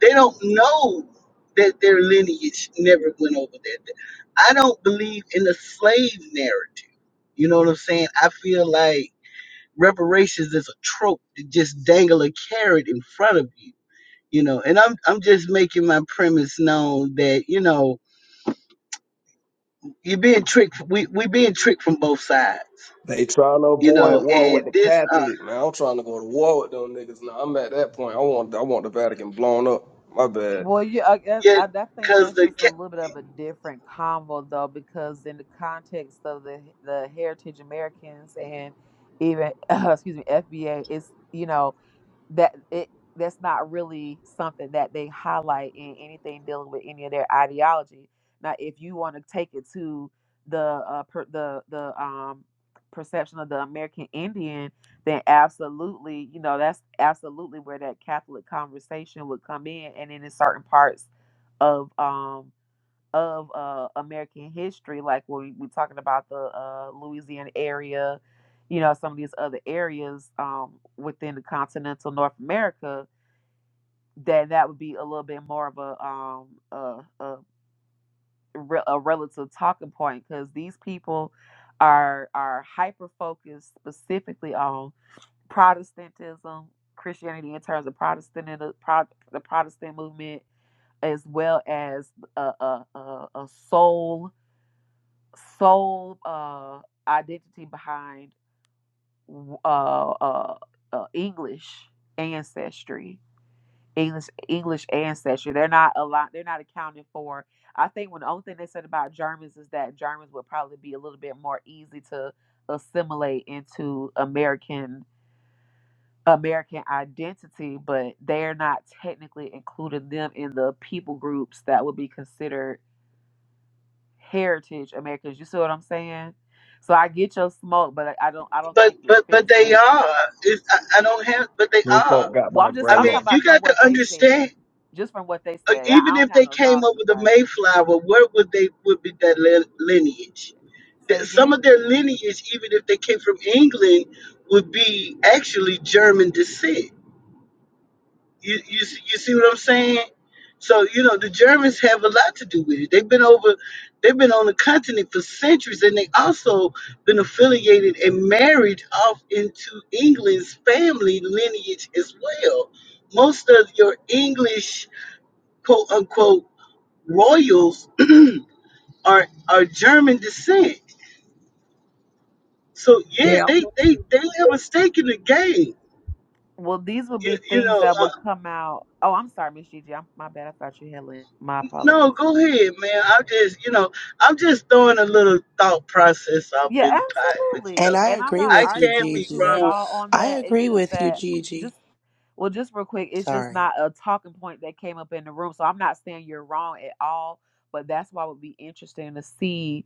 they don't know that their lineage never went over there. i don't believe in the slave narrative you know what i'm saying i feel like reparations is a trope to just dangle a carrot in front of you you know and i'm i'm just making my premise known that you know you're being tricked. We we being tricked from both sides, They trying to you avoid know. war with And the this, uh, Catholic, man. I'm trying to go to war with them niggas now. I'm at that point. I want I want the Vatican blown up. My bad. Well, yeah, I, guess- yeah, I, I think because that's the just a ca- little bit of a different convo, though, because in the context of the the Heritage Americans and even excuse me, FBA, it's you know. that it that's not really something that they highlight in anything dealing with any of their ideology. Now, if you want to take it to the uh, per, the the um, perception of the American Indian, then absolutely, you know, that's absolutely where that Catholic conversation would come in, and then in certain parts of um, of uh, American history, like when we, are talking about the uh, Louisiana area, you know, some of these other areas um, within the continental North America, that that would be a little bit more of a um, a, a, re- a relative talking point because these people are are hyper focused specifically on Protestantism, Christianity in terms of Protestant and the Pro- the Protestant movement, as well as a, a, a, a soul sole uh, identity behind uh, uh, uh, English ancestry. English English ancestry. They're not a lot. They're not accounted for. I think when the only thing they said about Germans is that Germans would probably be a little bit more easy to assimilate into American American identity, but they're not technically including them in the people groups that would be considered heritage Americans. You see what I'm saying? So I get your smoke, but I I don't I don't but think it but but fits they with. are. It's, I, I don't have, but they Who folk are. got Well, my I'm just I I'm mean, grandma? talking you about from got to what they said, understand. just from what they Uh, said. I, I even don't if have they no came dog in over the the fight. Mayflower, where would they would be that li- lineage? Say That it Some again. of their lineage, even if they came from England, would be actually German descent You, you see- you see what I'm saying? So you know the Germans have a lot to do with it. They've been over, they've been on the continent for centuries, and they also been affiliated and married off into England's family lineage as well. Most of your English quote unquote royals are are German descent. So yeah, Damn. they they they have a stake in the game. Well, these would You, be you things know, that uh, would come out. Oh, I'm sorry, Miss Gigi. I'm, my bad. I thought you had left. My apologies. No, go ahead, man. I'm just, you know, I'm just throwing a little thought process up Yeah, in the pot, but you absolutely. And know, I And I'm agree not I with you, arguing can't be with you Gigi. at wrong. all on I that. It's agree just with you, that Gigi. just well, just real quick, it's just Sorry. not a talking point that came up in the room. So I'm not saying you're wrong at all, but that's why it would be interesting to see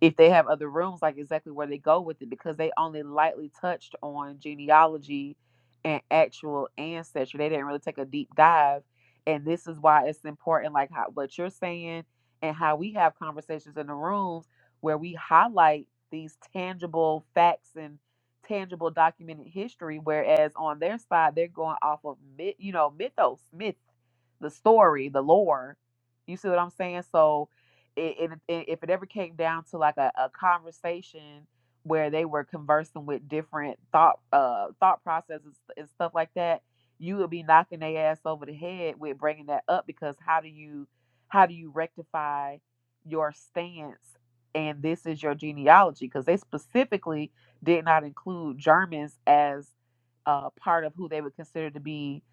if they have other rooms, like exactly where they go with it, because they only lightly touched on genealogy and actual ancestry. They didn't really take a deep dive. And this is why it's important, like how, what you're saying and how we have conversations in the room where we highlight these tangible facts and tangible documented history whereas on their side they're going off of myth you know mythos myth the story the lore you see what i'm saying so it, it, it- if it ever came down to like a, a conversation where they were conversing with different thought uh thought processes and stuff like that you would be knocking their ass over the head with bringing that up because how do you how do you rectify your stance and this is your genealogy because they specifically did not include Germans as uh, part of who they would consider to be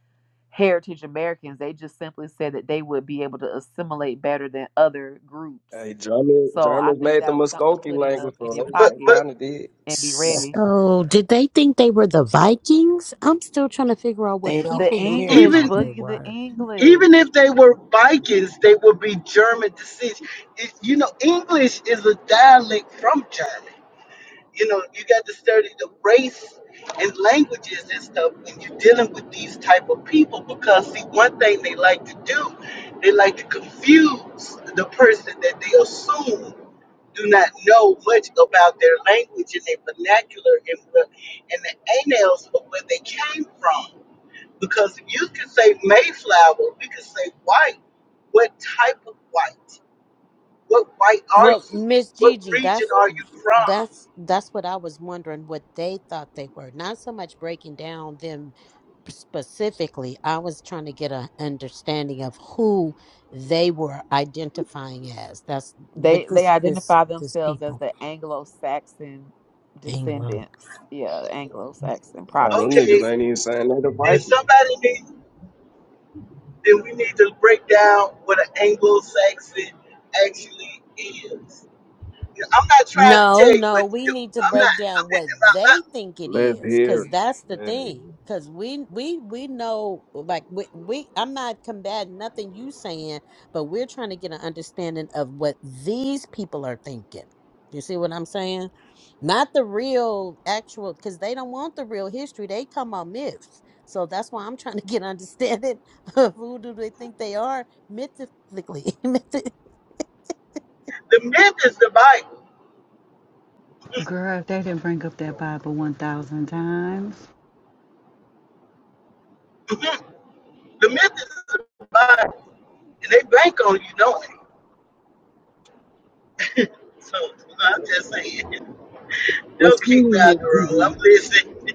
heritage Americans. They just simply said that they would be able to assimilate better than other groups. Hey, German, So I Germans think made the that was something to Muskogee put in the language, in so your they But they pocket but kind of did. and be ready. So, did they think they were the Vikings? I'm still trying to figure out They what don't The people group they care. English, even thought they boogie, the were. even English. if they were Vikings, they would be German descent. It- You know, English is a dialect from China. You know, you got to study the race and languages and stuff when you're dealing with these type of people because see one thing they like to do, they like to confuse the person that they assume do not know much about their language and their vernacular and, the- and the annals of where they came from. Because if you could say Mayflower, we could say white. What type of white? What white are Well, you? Miss What Gigi, region that's are you from? that's that's what I was wondering what they thought they were. Not so much breaking down them specifically. I was trying to get an understanding of who they were identifying as. That's They but they this this identify this themselves as people. the Anglo-Saxon England. descendants. Yeah, Anglo-Saxon Now them Okay, niggas Protestants. ain't even saying they the did Vikings. somebody need, then we need to break down what an Anglo-Saxon actually is. Yeah, I'm not trying to No, tell you no, what to we do. need to I'm not, break I'm, down what they I'm think it Let's is, hear because it. that's the Yeah. thing. Because we we we know, like we, we I'm not combating nothing you saying, but we're trying to get an understanding of what these people are thinking. You see what I'm saying? Not the real actual, because they don't want the real history. They come on myths. So that's why I'm trying to get understanding of who do they think they are mythically. Mythi- not, the myth is the Bible. Girl, if they didn't bring up that Bible 1,000 times. the myth is the Bible. And they bank on you knowing. it. So no, I'm just saying, don't kick me girl. What's I'm listening.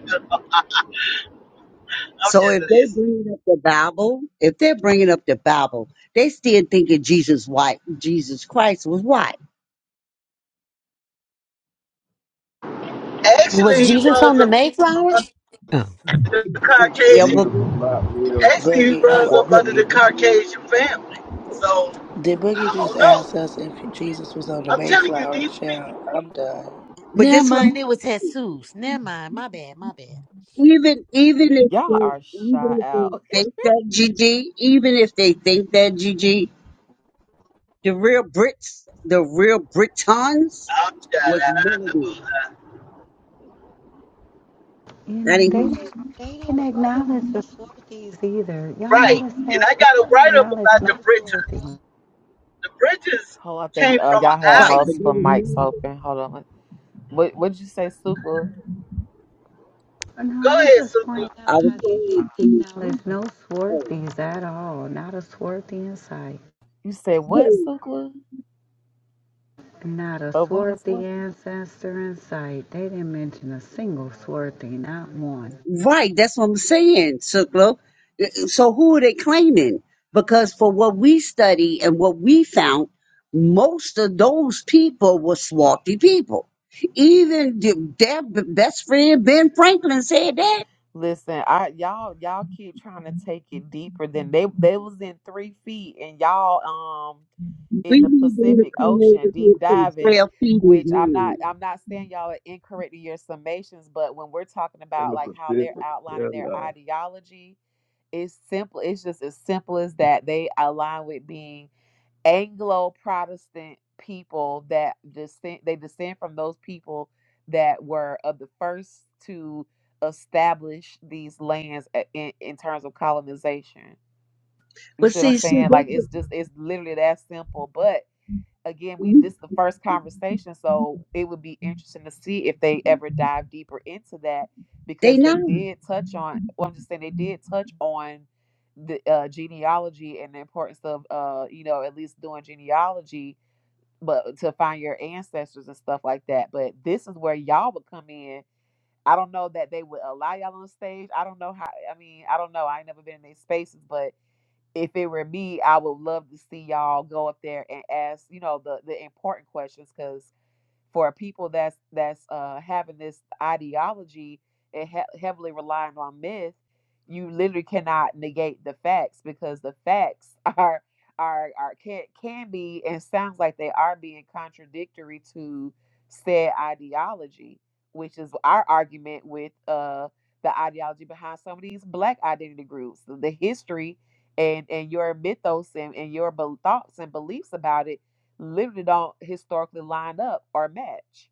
I'm So just if they listening. bringing up the Bible, if they're bringing up the Bible, they still thinking Jesus white, Jesus Christ was white. was Actually, he Jesus runs on the up Mayflower? Oh, mm. under the Yeah, Caucasian. But, Jesus was not real. Actually, he Boogie, I'm a runs up Fuck under the boogie. Jesus Caucasian family. So Did Boogie I just don't ask know. us if Jesus was on the I'm telling you, Mayflower? these people. Child, I'm done. but Never this mind, one, it was Jesus. Never mind, my bad, my bad. even even if Y'all are they shy even if out. they think that GG, even if they think that GG, the real Brits, the real Britons, I'm was shut up. melanated. You I know, they didn't didn't, they didn't acknowledge the Swarthies either. Y'all Right. notice And that? I They got a didn't write up acknowledge about no the Britons. Swarthies. The Britons Hold on, I think came uh, from an y'all had right, island. but they multiple were mics melanated. open. Hold on. What what did you say, Sukla? But Go No, I was ahead, just pointing Super. I out was how they didn't acknowledge saying no to Swarthies at all. Not a Swarthy in sight. You said what, you, Sukla? Not a Or what is Swarthy what? ancestor in sight. They didn't mention a single Swarthy, not one. Right, that's what I'm saying, Sukla. So who are they claiming? Because for what we study and what we found, most of those people were swarthy people. Even the, their b- best friend Ben Franklin said that Listen, I y'all y'all keep trying to take it deeper than they they was in three feet and y'all um we in the need them to Pacific come over Ocean deep here to the diving, trail feeding which I'm not ground. I'm not saying y'all are incorrect in your summations, but when we're talking in about the like how they're Pacific. Yeah, outlining their nah. ideology, it's simple it's just as simple as that. They align with being Anglo Protestant people that descend they descend from those people that were of the first to establish these lands a- in, in terms of colonization. You But see what I'm see, Sue, saying? that's Like what it's just it's literally that simple. But again, we we- this is the first conversation, so it would be interesting to see if they ever dive deeper into that they because not. they did touch on. Well, I'm just saying they did touch on the uh, genealogy and the importance of, uh, you know, at least doing genealogy, but to find your ancestors and stuff like that. But this is where y'all would come in. I don't know that they would allow y'all on stage. I don't know how. I mean, I don't know. I ain't never been in these spaces, but if it were me, I would love to see y'all go up there and ask, you know, the the important questions because for people that's that's uh, having this ideology and he- heavily relying on myth, you literally cannot negate the facts because the facts are are are can can be and sounds like they are being contradictory to said ideology, which is our argument with uh the ideology behind some of these black identity groups, the the history and and your mythos and, and your bel thoughts and beliefs about it literally don't historically line up or match.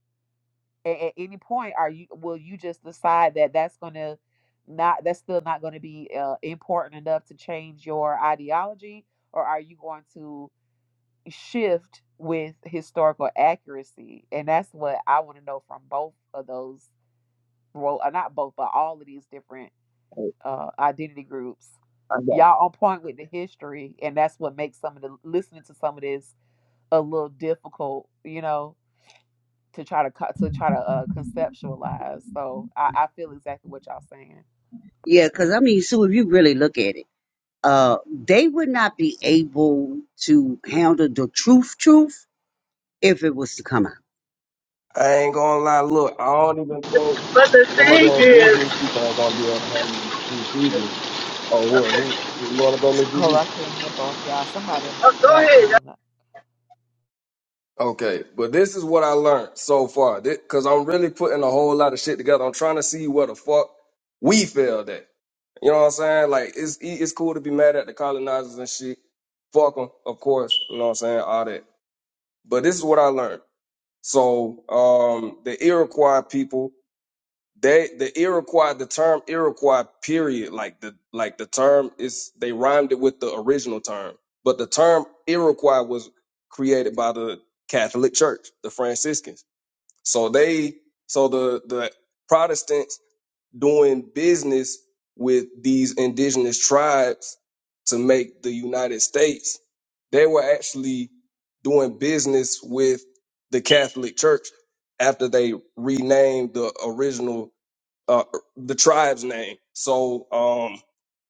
At, at any point, are you will you just decide that that's going to not that's still not going to be uh, important enough to change your ideology, or are you going to shift with historical accuracy? And that's what I want to know from both of those. Well, uh, not both, but all of these different I, uh, identity groups. I got. Y'all on point with the history, and that's what makes some of the listening to some of this a little difficult, you know to try to co- to try to uh, conceptualize. So I, I feel exactly what y'all saying. Yeah, because I mean, Sue, if you really look at it, uh, they would not be able to handle the truth, truth if it was to come out. I ain't gonna lie. Look, I don't even think. But the Some thing other indigenous is, people ain't gonna be able to handle these either. Oh, who, who you want to go, Miss Oh, GB? I can't hear both y'all. Somebody oh, go ahead. background. Okay, but this is what I learned so far, because I'm really putting a whole lot of shit together. I'm trying to see where the fuck we failed at. You know what I'm saying? Like, it's e- it's cool to be mad at the colonizers and shit. Fuck them, of course. You know what I'm saying? All that. But this is what I learned. So, um, the Iroquois people They the Iroquois, the term Iroquois, period, like the like the term is they rhymed it with the original term, but the term Iroquois was created by the Catholic Church, the Franciscans. So they so the the Protestants doing business with these indigenous tribes to make the United States, they were actually doing business with the Catholic Church after they renamed the original uh, the tribe's name. So, um,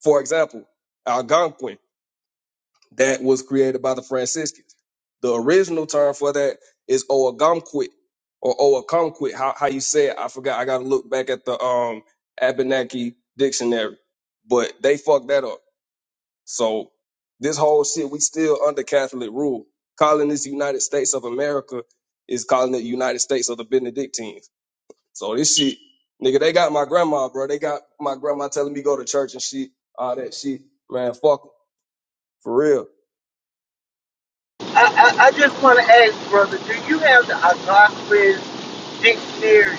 for example, Algonquin, that was created by the Franciscans. The original term for that is Owagamquit or Owakamquit. How, how you say it? I forgot. I got to look back at the um, Abenaki dictionary, but they fucked that up. So this whole shit, we still under Catholic rule. Calling this United States of America is calling it United States of the Benedictines. So this shit, nigga, they got my grandma, bro. They got my grandma telling me go to church and shit, all that shit. Man, fuck 'em, for real. I, I, I just want to ask, brother, do you have the Algonquin dictionary?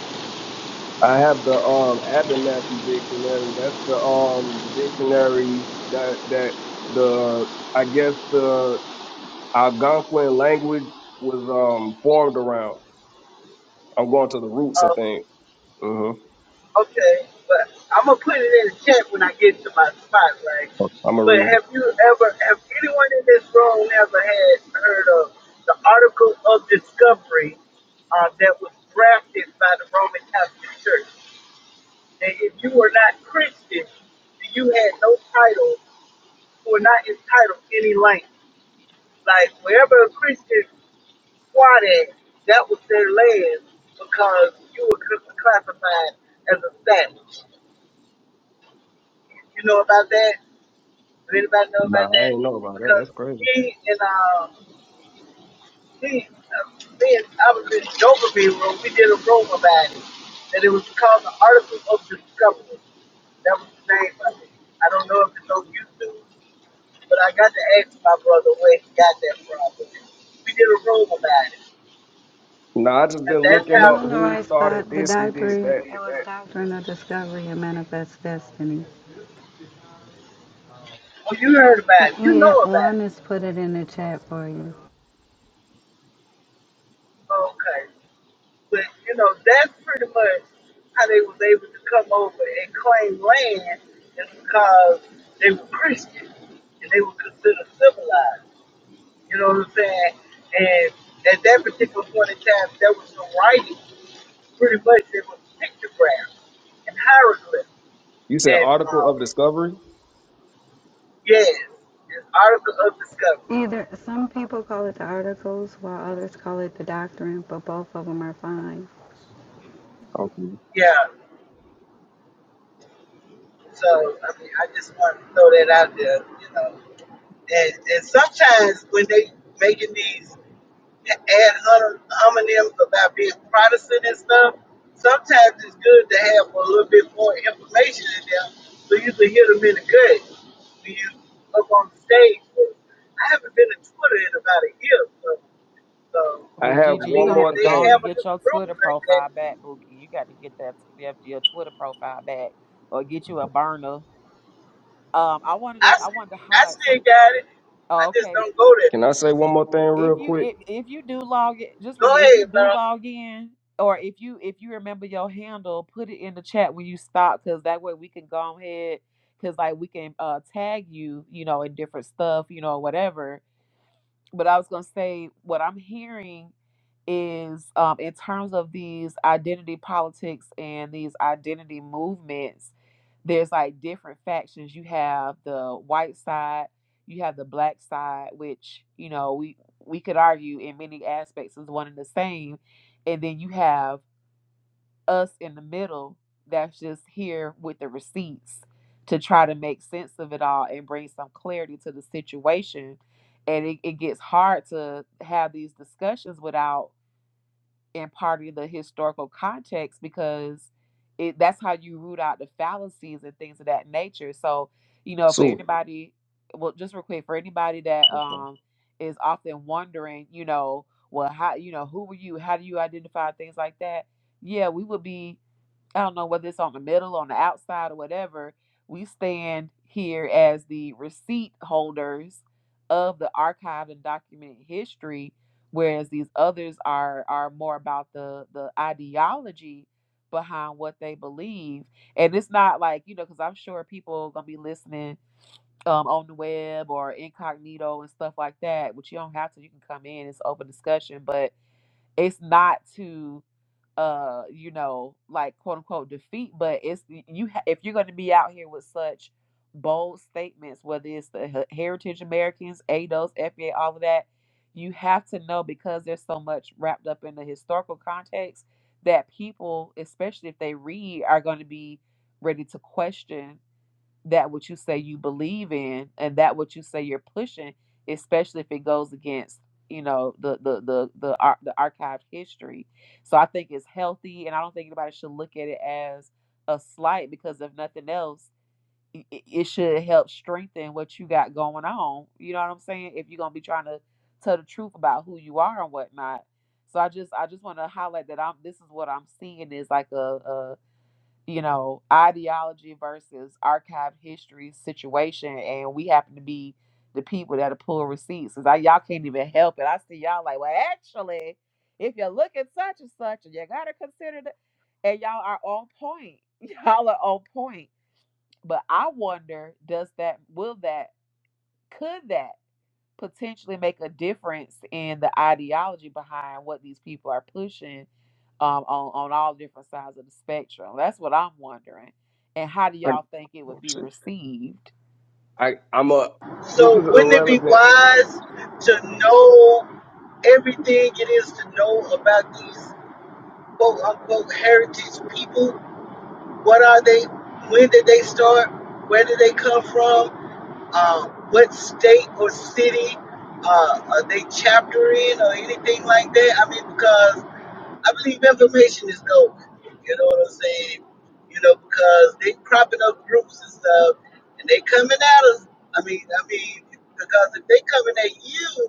I have the um Abenaki dictionary. That's the um dictionary that that the I guess the Algonquin language was um formed around. I'm going to the roots of Uh, things. Mm-hmm. okay, but I'm gonna put it in the chat when I get to my spot, right? I'm gonna But read it. have you ever, have anyone in this room ever had heard of the article of discovery uh, that was drafted by the Roman Catholic Church? And if you were not Christian, you had no title, you were not entitled to any land. Like wherever a Christian squad at, that was their land because you were cl- classified as a established. You know about that? Does anybody know about Nah, I that? ain't know about that. That's Because crazy. me and uh, me, uh, me and I was in Doberman room. We did a room about it, and it was called the Article of Discovery. That was the name of it. I don't know if it's on YouTube, but I got to ask my brother where he got that from. We did a room about it. Nah, I just And been that's looking You up how, in the who right started spot. The this, who did doctrine, it that. was Doctrine of Discovery and Manifest Destiny. well, you heard about it. You know Yeah, about it. Juanis put it in the chat for you. Okay. But you know, that's pretty much how they was able to come over and claim land is because they were Christian and they were considered civilized. You know what I'm saying? And at that particular point in time there was no writing. Pretty much it was pictographs and hieroglyphs You said and article um of discovery. yes, an article of discovery. People call it the article. Okay. Yeah. So I mean I just wanted to throw that out there, you know. And, and sometimes when they making these ad hom- homonyms about being Protestant and stuff, sometimes it's good to have a little bit more information in there so you can hit them in the gut when you up on the stage. But I haven't been to Twitter in about a year, so, so I Miss have I Gigi, you're one mean, gonna if have more to they go on have and thing. a get your room Twitter like that, profile back, Bookie. You got to get that your, your Twitter profile back or get you a burner. Um, I wanted I to I still, wanted to I highlight still something. got it. I Oh, just okay. don't go there. Can I say one more thing if real you quick? if, if you do log in, just Go forget if you ahead, bro. do log in or if you if you remember your handle, put it in the chat when you stop because that way we can go ahead because like we can uh tag you, you know, in different stuff, you know, whatever. But I was gonna say what I'm hearing is um in terms of these identity politics and these identity movements there's like different factions. You have the white side, you have the black side, which you know we we could argue in many aspects is one and the same, and then you have us in the middle that's just here with the receipts to try to make sense of it all and bring some clarity to the situation. And it, it gets hard to have these discussions without and part of the historical context because it that's how you root out the fallacies and things of that nature. So, you know, for So anybody, well, just real quick, for anybody that Okay. um is often wondering, you know, well, how you know who were you? How do you identify things like that? Yeah, we would be. I don't know whether it's on the middle, on the outside, or whatever. We stand here as the receipt holders of the archived and documented history, whereas these others are are more about the the ideology behind what they believe. And it's not like you know, because I'm sure people gonna be listening um, on the web or incognito and stuff like that. Which you don't have to. You can come in. It's open discussion, but it's not to uh you know like quote unquote defeat but it's you ha- if you're going to be out here with such bold statements whether it's the He- heritage americans ados fba all of that you have to know because there's so much wrapped up in the historical context that people especially if they read are going to be ready to question that what you say you believe in and that what you say you're pushing, especially if it goes against you know the the the the, ar- the archived history. So I think it's healthy, and I don't think anybody should look at it as a slight because if nothing else, i- i- it should help strengthen what you got going on. You know what I'm saying? If you're gonna be trying to tell the truth about who you are and whatnot. So I just I just want to highlight that I'm this is what I'm seeing is like a, you know, ideology versus archived history situation, and we happen to be the people that are pulling receipts. Cause I, y'all can't even help it. I see y'all like, well, actually, if you look at such and such, and you gotta consider that, and y'all are on point. Y'all are on point. But I wonder, does that, will that, could that? potentially make a difference in the ideology behind what these people are pushing um, on on all different sides of the spectrum. That's what I'm wondering. And how do I y'all think it oh, would be shit. received? I I'm a this So is wouldn't it be irrelevant. Oh wise shit. All right. to know everything it is to know about these quote unquote heritage people? What are they? When did they start? Where did they come from? Uh, what state or city uh, are they chapter in or anything like that? I mean, because I believe information is gold. You know what I'm saying? You know, because they cropping up groups and stuff, and they coming at us. I mean, I mean, because if they coming at you,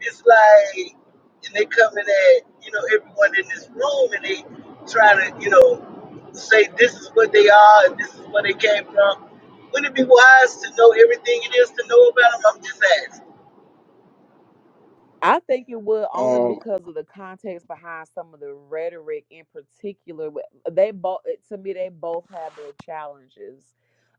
it's like, and they coming at you know everyone in this room, and they trying to you know say this is what they are and this is where they came from. Wouldn't it be wise to know everything it is to know about them? I'm just asking. I think it would only Um because of the context behind some of the rhetoric in particular. Wh- They both, to me, they both have their challenges.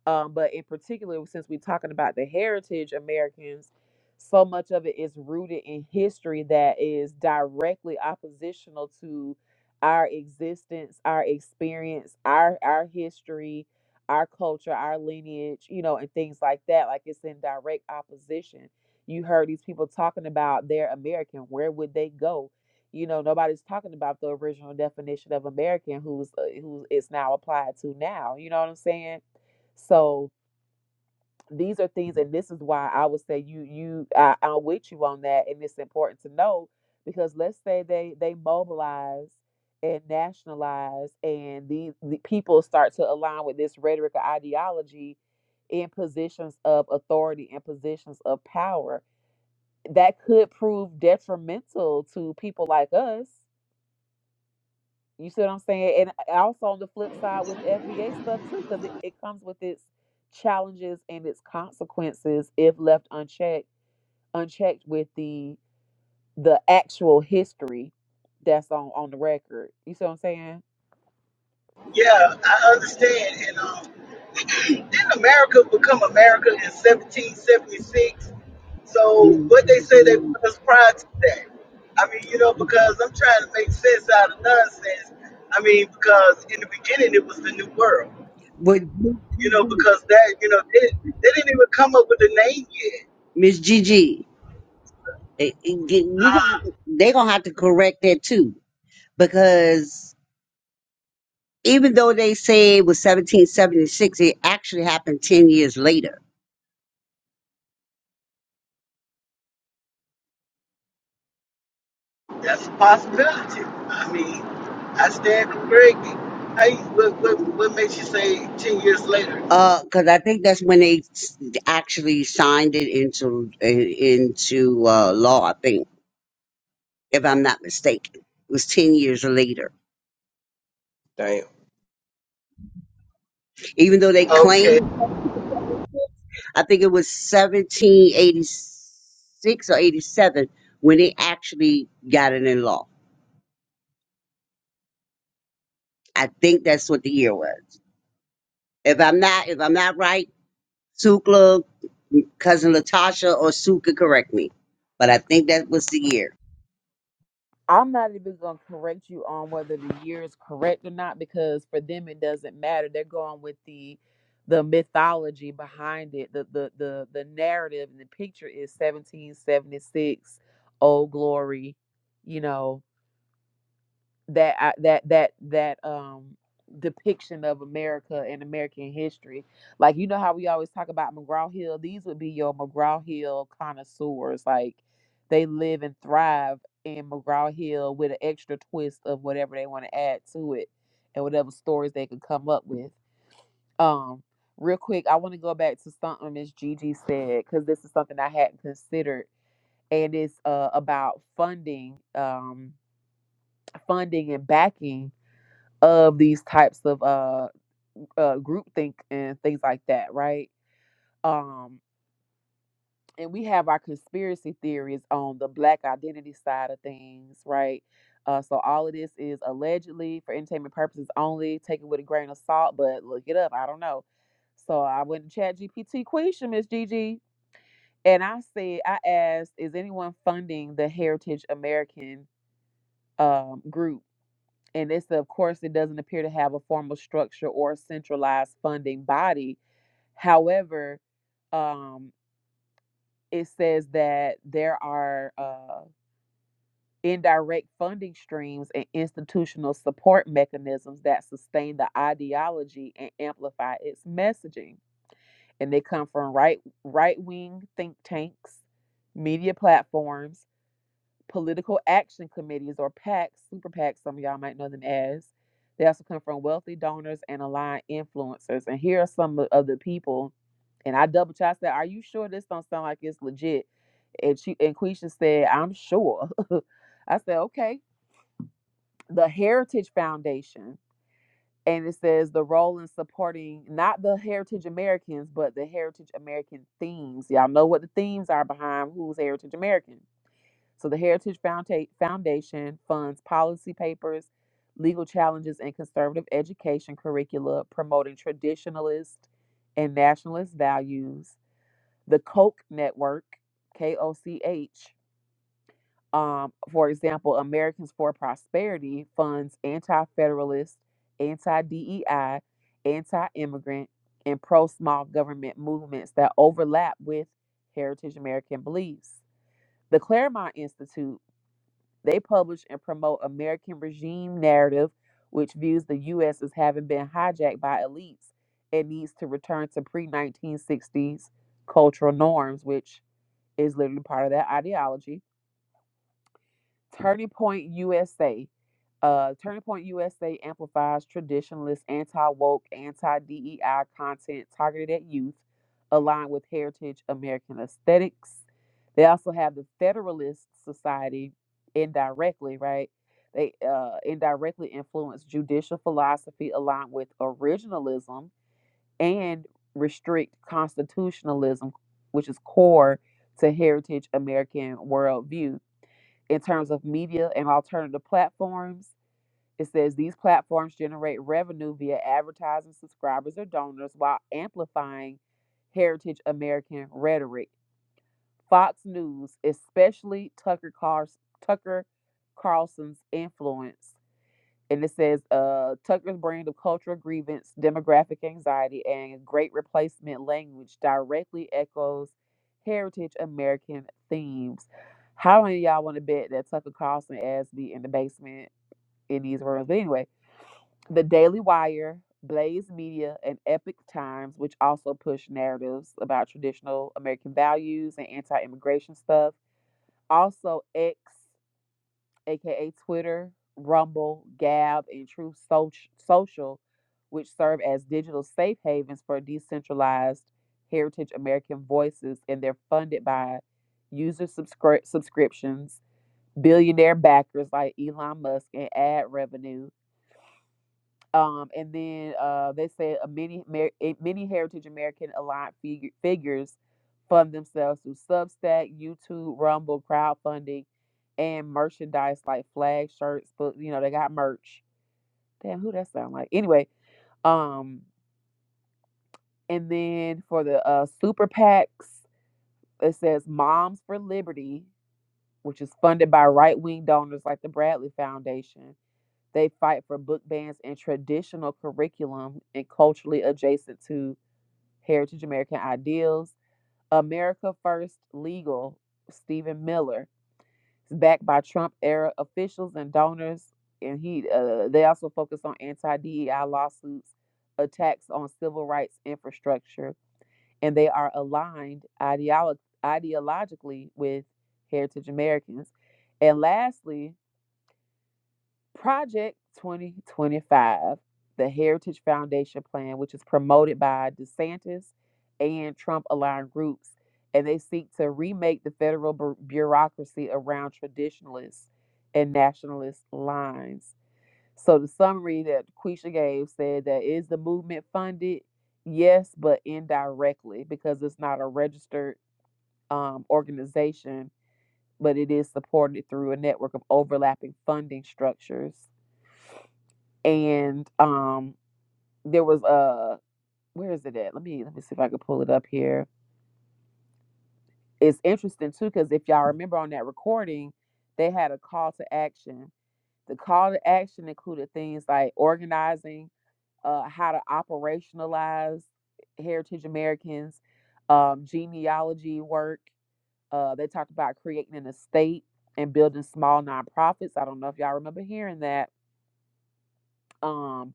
Um, but in particular, since we're talking about the heritage Americans, so much of it is rooted in history that is directly oppositional to our existence, our experience, our our history, our culture, our lineage, you know, and things like that. Like it's in direct opposition. You heard these people talking about their American. Where would they go? You know, nobody's talking about the original definition of American, who's uh, who is now applied to now. You know what I'm saying? So these are things, and this is why I would say you you I, I'm with you on that, and it's important to know because let's say they they mobilize and nationalize, and these the people start to align with this rhetoric or ideology in positions of authority and positions of power that could prove detrimental to people like us You see what I'm saying? And uh, also on the flip side with FBA stuff too, because it, it comes with its challenges and its consequences if left unchecked, unchecked with the the actual history that's on on the record. You see what I'm saying? Yeah, I understand, and um. Didn't America become America in 1776? No, So it's what not they a say they game. was prior to that. I mean, you know, I think because I'm trying to make sense out of nonsense. I mean, because in the beginning it was the New World. what Miss You know, Gigi, because that, you know, they, they didn't even come up with a name yet. Miss eh, eh, get- we gonna- Uh, they gonna have to correct that too because even though they say it was 1776, it actually happened 10 years later. that's a possibility. I mean, I stand corrected. Hey, what, what, what makes you say 10 years later? Uh, because I think that's when they s- actually signed it into eh, into uh, law. I think, if I'm not mistaken, it was 10 years later. damn. Even though they Okay. claimed. I think it was 1786 or 87 when they actually got it in law. I think that's what the year was. If I'm not, if I'm not right, Sukla, cousin Latasha, or Sue could correct me, but I think that was the year. I'm not even gonna correct you on whether the year is correct or not because for them it doesn't matter. They're going with the the mythology behind it. The the the the narrative and the picture is 1776, old glory, you know that I, that that that um depiction of America and American history. Like you know how we always talk about McGraw Hill. These would be your McGraw Hill connoisseurs. Like they live and thrive in McGraw Hill with an extra twist of whatever they want to add to it and whatever stories they could come up with. Um, real quick, I want to go back to something Miss Gigi said because this is something I hadn't considered, and it's uh about funding, um, funding and backing of these types of uh, uh groupthink and things like that, right? Um, and we have our conspiracy theories on the black identity side of things, right? Uh, so all of this is allegedly for entertainment purposes only. Take it with a grain of salt, but look it up. I don't know. So I went to Chat question, Miss Gigi, and I said, I asked, is anyone funding the Heritage American um, group? and it's of course it doesn't appear to have a formal structure or centralized funding body however um, it says that there are uh, indirect funding streams and institutional support mechanisms that sustain the ideology and amplify its messaging and they come from right right wing think tanks media platforms political action committees or PACs, super PACs, some of y'all might know them as. They also come from wealthy donors and aligned influencers. And here are some of the people. And I double checked. I said, "Are you sure this don't sound like it's legit?" And she and Quisha said, "I'm sure." I said, "Okay." The Heritage Foundation, and it says the role in supporting not the Heritage Americans, but the Heritage American themes. Y'all know what the themes are behind who's Heritage American so the Heritage Founda- Foundation funds policy papers, legal challenges, and conservative education curricula promoting traditionalist and nationalist values. The Koch Network, K O C H, um, for example, Americans for Prosperity funds anti federalist, anti DEI, anti immigrant, and pro small government movements that overlap with Heritage American beliefs. The Claremont Institute they publish and promote American regime narrative, which views the U.S. as having been hijacked by elites and needs to return to pre 1960s cultural norms, which is literally part of that ideology Turning Point USA. Uh, Turning Point USA amplifies traditionalist, anti woke, anti DEI content targeted at youth, aligned with heritage American aesthetics. They also have the Federalist Society indirectly, right? They uh, indirectly influence judicial philosophy aligned with originalism and restrict constitutionalism, which is core to heritage American worldview in terms of media and alternative platforms, it says these platforms generate revenue via advertising subscribers or donors while amplifying heritage American rhetoric. Fox News, especially Tucker, Carls- Tucker Carlson's influence, and it says uh, Tucker's brand of cultural grievance, demographic anxiety, and great replacement language directly echoes heritage American themes. How many of y'all want to bet that Tucker Carlson asked me in the basement in these rooms? But anyway, The Daily Wire, Blaze Media, and Epic Times, which also push narratives about traditional American values and anti immigration stuff. Also, X aka Twitter, Rumble, Gab, and Truth Social, which serve as digital safe havens for decentralized heritage American voices, and they're funded by user subscri- subscriptions, billionaire backers like Elon Musk, and ad revenue. Um, and then uh, they said uh, many eh, many heritage American aligned figu- figures fund themselves through Substack, YouTube, Rumble, crowdfunding, and merchandise like flag shirts, but you know, they got merch. Damn, who that sound like? Anyway, um, and then for the uh, super PACs, it says Moms for Liberty, which is funded by right wing donors like the Bradley Foundation. They fight for book bans and traditional curriculum and culturally adjacent to heritage American ideals. America First Legal, Stephen Miller, is backed by Trump era officials and donors, and he uh, they also focus on anti DEI lawsuits, attacks on civil rights infrastructure, and they are aligned ideolo- ideologically with Heritage Americans. And lastly, Project 2025, the Heritage Foundation Plan, which is promoted by DeSantis and Trump aligned groups, and they seek to remake the federal bu- bureaucracy around traditionalist and nationalist lines. So, the summary that Quisha gave said that is the movement funded? Yes, but indirectly because it's not a registered um, organization, but it is supported through a network of overlapping funding structures and um there was a where is it at let me let me see if i can pull it up here it's interesting too because if y'all remember on that recording they had a call to action the call to action included things like organizing uh how to operationalize heritage americans um genealogy work uh they talked about creating an estate and building small nonprofits i don't know if y'all remember hearing that Um,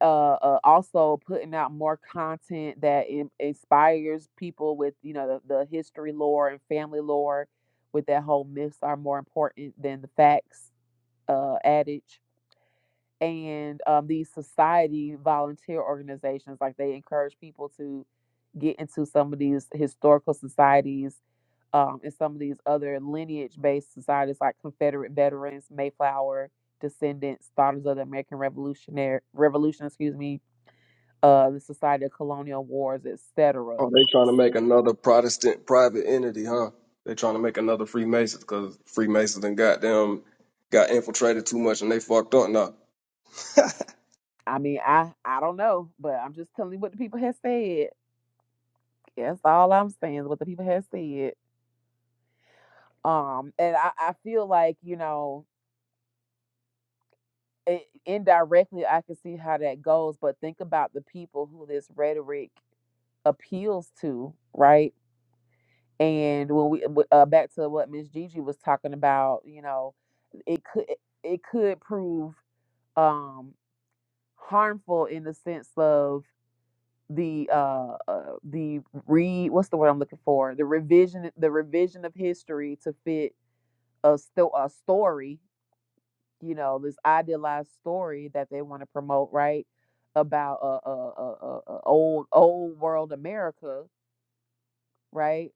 uh, uh also putting out more content that in- inspires people with you know the, the history lore and family lore with that whole myths are more important than the facts uh adage and um these society volunteer organizations like they encourage people to get into some of these historical societies um and some of these other lineage based societies like confederate veterans mayflower descendants daughters of the american revolutionary revolution excuse me uh, the Society of Colonial Wars, etc. Oh, they trying to make another Protestant private entity, huh? They trying to make another Freemasons because Freemasons and goddamn got infiltrated too much and they fucked up now. I mean, I I don't know, but I'm just telling you what the people have said. That's all I'm saying is what the people have said. Um, and I, I feel like you know, it, indirectly, I can see how that goes. But think about the people who this rhetoric appeals to, right? And when we uh, back to what Miss Gigi was talking about, you know, it could it could prove um harmful in the sense of the uh, uh the re what's the word I'm looking for the revision the revision of history to fit a still a story you know this idealized story that they want to promote right about a, a, a, a a old old world America right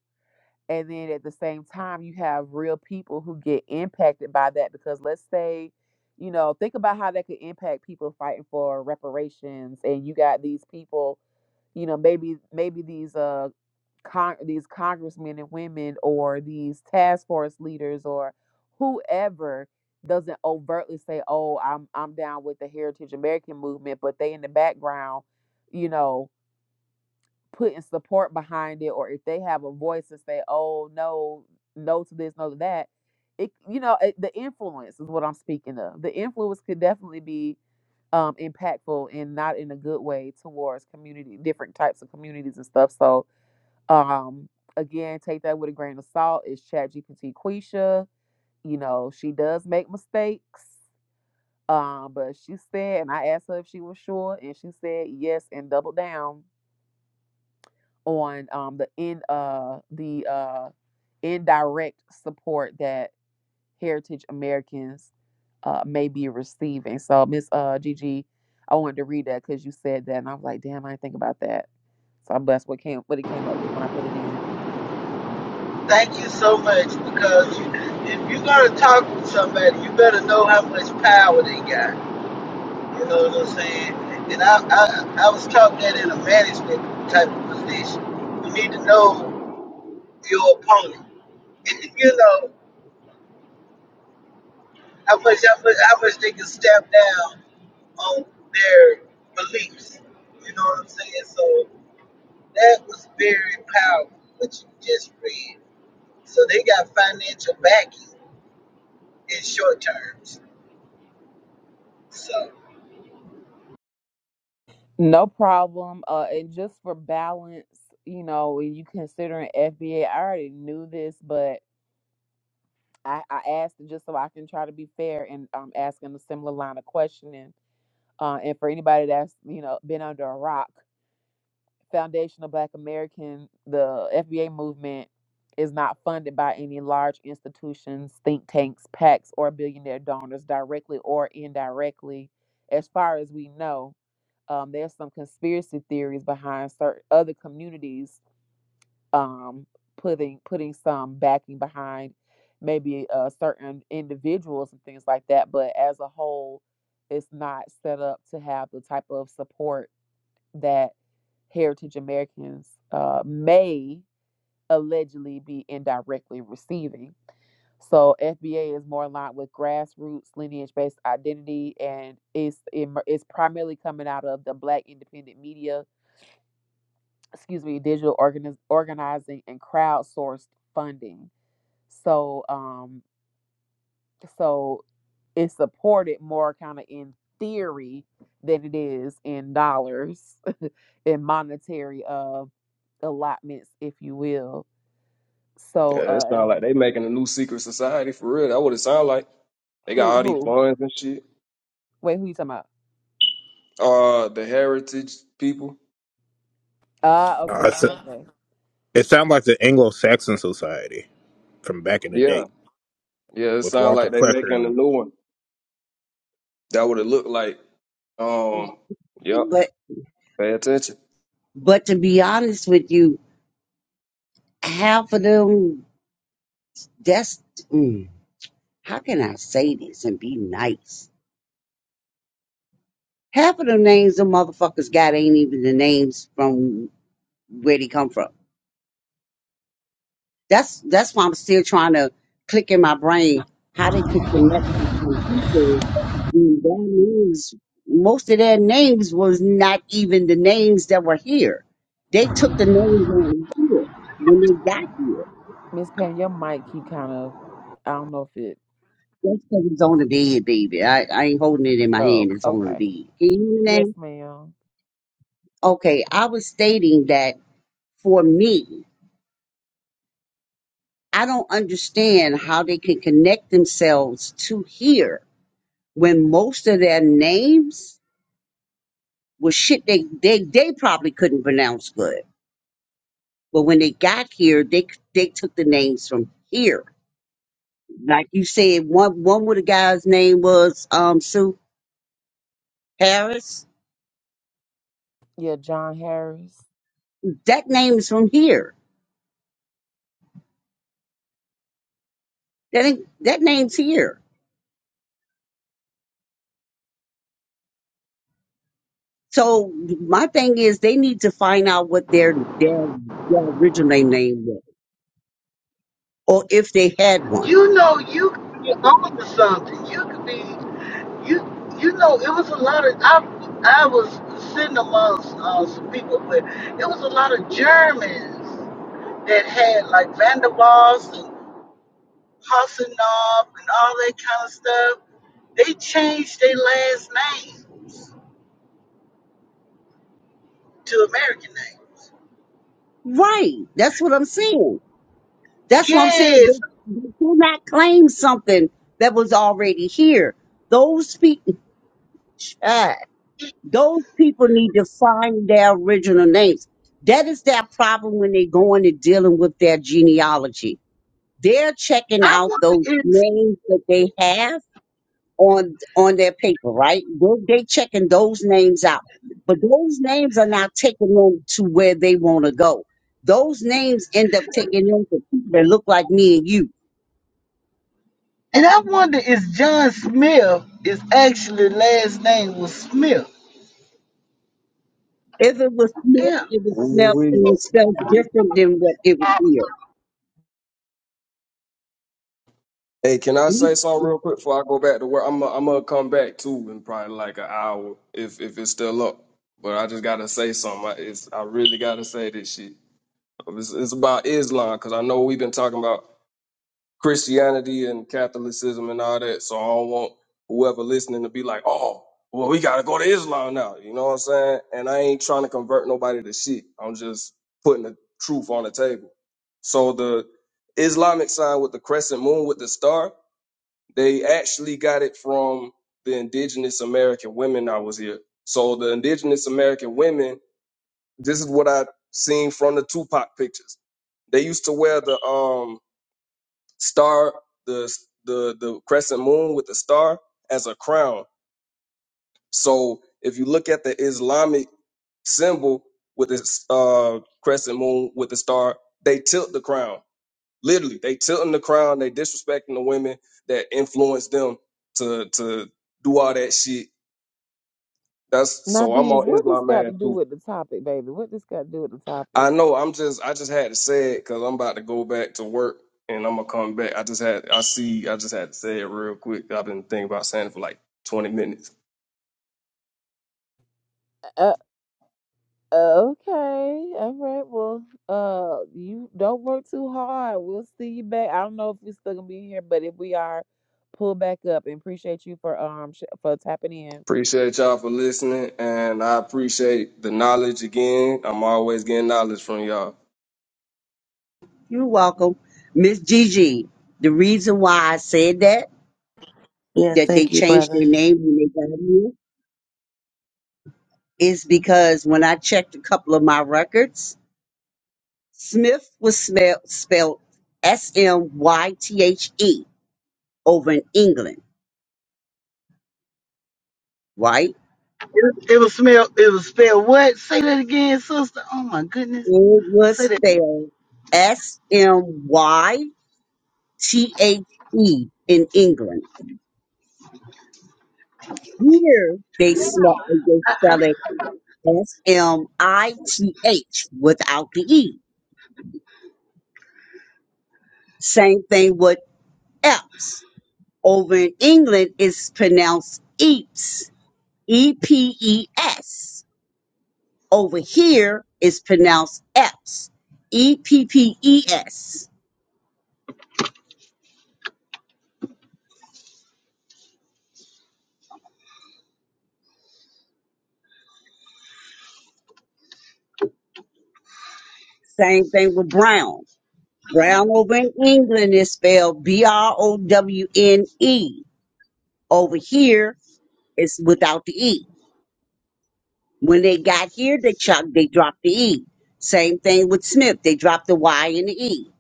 and then at the same time you have real people who get impacted by that because let's say you know think about how that could impact people fighting for reparations and you got these people you know maybe maybe these uh con- these congressmen and women or these task force leaders or whoever doesn't overtly say, "Oh, I'm I'm down with the Heritage American movement," but they in the background, you know, putting support behind it, or if they have a voice and say, "Oh, no, no to this, no to that," it you know it, the influence is what I'm speaking of. The influence could definitely be um impactful and not in a good way towards community different types of communities and stuff so um, again, take that with a grain of salt. It's ChatGPT. GPT Quisha. You know, she does make mistakes. Um, but she said, and I asked her if she was sure, and she said yes and doubled down on um the in uh the uh indirect support that. Heritage Americans uh, may be receiving. So, Miss uh, Gigi, I wanted to read that because you said that, and I was like, damn, I didn't think about that. So I'm blessed what came what it came up with when I put it in. Thank you so much because you, if you're gonna talk with somebody, you better know how much power they got. You know what I'm saying? And I, I, I was talking that in a management type of position. You need to know your opponent. you know how much, how much, how much they can step down on their beliefs. You know what I'm saying? So that was very powerful what you just read. So they got financial backing in short terms. So. No problem. Uh, and just for balance, you know, when you considering FBA, I already knew this, but I, I asked it just so I can try to be fair and um, asking a similar line of questioning. Uh, and for anybody that's you know been under a rock, Foundation of Black American, the FBA movement is not funded by any large institutions, think tanks, PACs, or billionaire donors directly or indirectly, as far as we know um, there's some conspiracy theories behind certain other communities um, putting putting some backing behind maybe uh, certain individuals and things like that. But as a whole, it's not set up to have the type of support that Heritage Americans uh, may allegedly be indirectly receiving. So FBA is more aligned with grassroots lineage-based identity, and it's em- it's primarily coming out of the Black independent media, excuse me, digital organiz- organizing and crowdsourced funding. So um, so it's supported more kind of in theory than it is in dollars, in monetary uh allotments, if you will. So Yeah, it uh, sound like they making a new secret society for real. That what it sound like. They got who all these who? funds and shit. Wait, who you talking about? Uh, the heritage people. Ah, okay, okay, said- okay. it sounds like the Anglo-Saxon society from back in the Yeah. day Yeah, it with sounds Walter like they Fletcher. making a and new one. That what it looked like. Um, yep. But Pay attention. but to be honest with you, half of them that's mm, how can I say this and be nice? Half of them names the motherfuckers got ain't even the names from where they come from. That's that's why I'm still trying to click in my brain how they could connect to some people. when Their names, most of their names was not even the names that were here. They took the names that were here when they got here. Miss Payne, your mic keep kind of. I don't know if it. That's because it's on the bed, baby. I, I ain't holding it in my Oh, hand. It's on the okay. bed. Can you hear me Yes, now? ma'am. Okay, I was stating that for me, I don't understand how they can connect themselves to here when most of their names was shit they they they probably couldn't pronounce good. But when they got here, they they took the names from here. Like you said, one one of the guys' name was um Sue Harris. Yeah, John Harris. That name is from here. That ain't, that name's here. So my thing is, they need to find out what their their, their original name was, or if they had one. You know, you could be on to something. You could be, you you know, it was a lot of, I, I was sitting amongst uh, some people, but it was a lot of Germans that had like Van der Waals and Hasselhoff and all that kind of stuff. They changed their last names to American names. Right. That's what I'm saying. That's what I'm saying. They, Yes, they cannot claim something that was already here. Those people, those people need to find their original names. That is their problem when they go in and dealing with their genealogy. They're checking I out those wonder is, names that they have on on their paper, right? They, they checking those names out, but those names are not taking them to where they want to go. Those names end up taking them to people that look like me and you and I wonder is John Smith, is actually last name was Smith. If it was sniffed, Yeah. it was smelled, it Ooh-wee. was felt different than what it was here. Hey, can I say You- something real quick before I go back to work? I'm i I'm gonna come back too in probably like an hour if if it's still up. But I just gotta say something. I, it's, I really gotta say this shit. It's, it's about Islam because I know we've been talking about. Christianity and Catholicism and all that. So I don't want whoever listening to be like, oh, well, we gotta go to Islam now. You know what I'm saying? And I ain't trying to convert nobody to shit. I'm just putting the truth on the table. So the Islamic sign with the crescent moon with the star, they actually got it from the indigenous American women I was here. So the indigenous American women, this is what I seen from the Tupac pictures. They used to wear the um star the the the crescent moon with the star as a crown. So if you look at the Islamic symbol with this uh, crescent moon with the star, they tilt the crown. Literally, they tilting the crown. They disrespecting the women that influence them to to do all that shit. That's Now, so I'm these, on what this Islam got man to too. do with the topic, baby? What this got to do with the I topic? know. I'm just. I just had to say it because I'm about to go back to work and I'm gonna come back. I just had. I see. I just had to say it real quick. I've been thinking about saying it for like 20 minutes. Uh, Okay, all right. Well, uh, you don't work too hard. We'll see you back. I don't know if we're still gonna be here, but if we are, pull back up and appreciate you for um sh- for tapping in. Appreciate y'all for listening, and I appreciate the knowledge again. I'm always getting knowledge from y'all. You're welcome. Miss Gigi, the reason why I said that, Yes, that they thank you, changed brother. their name when they got here, is because when I checked a couple of my records, Smith was smelled, spelled S M Y T H E over in England, right? It, it was smell. It was spelled what? Say that again, sister. Oh my goodness. It was Say that. spelled S M Y T H E in England Here they smell they spell it S M I T H without the E. Same thing with Epps. Over in England it's pronounced Eeps. E P E S. Over here it's pronounced Epps. E P P E S. Same thing with Brown. Brown over in England is spelled B R O W N E. Over here it's without the E. When they got here, they chucked, they dropped the E. Same thing with Smith. They dropped the Y and the E.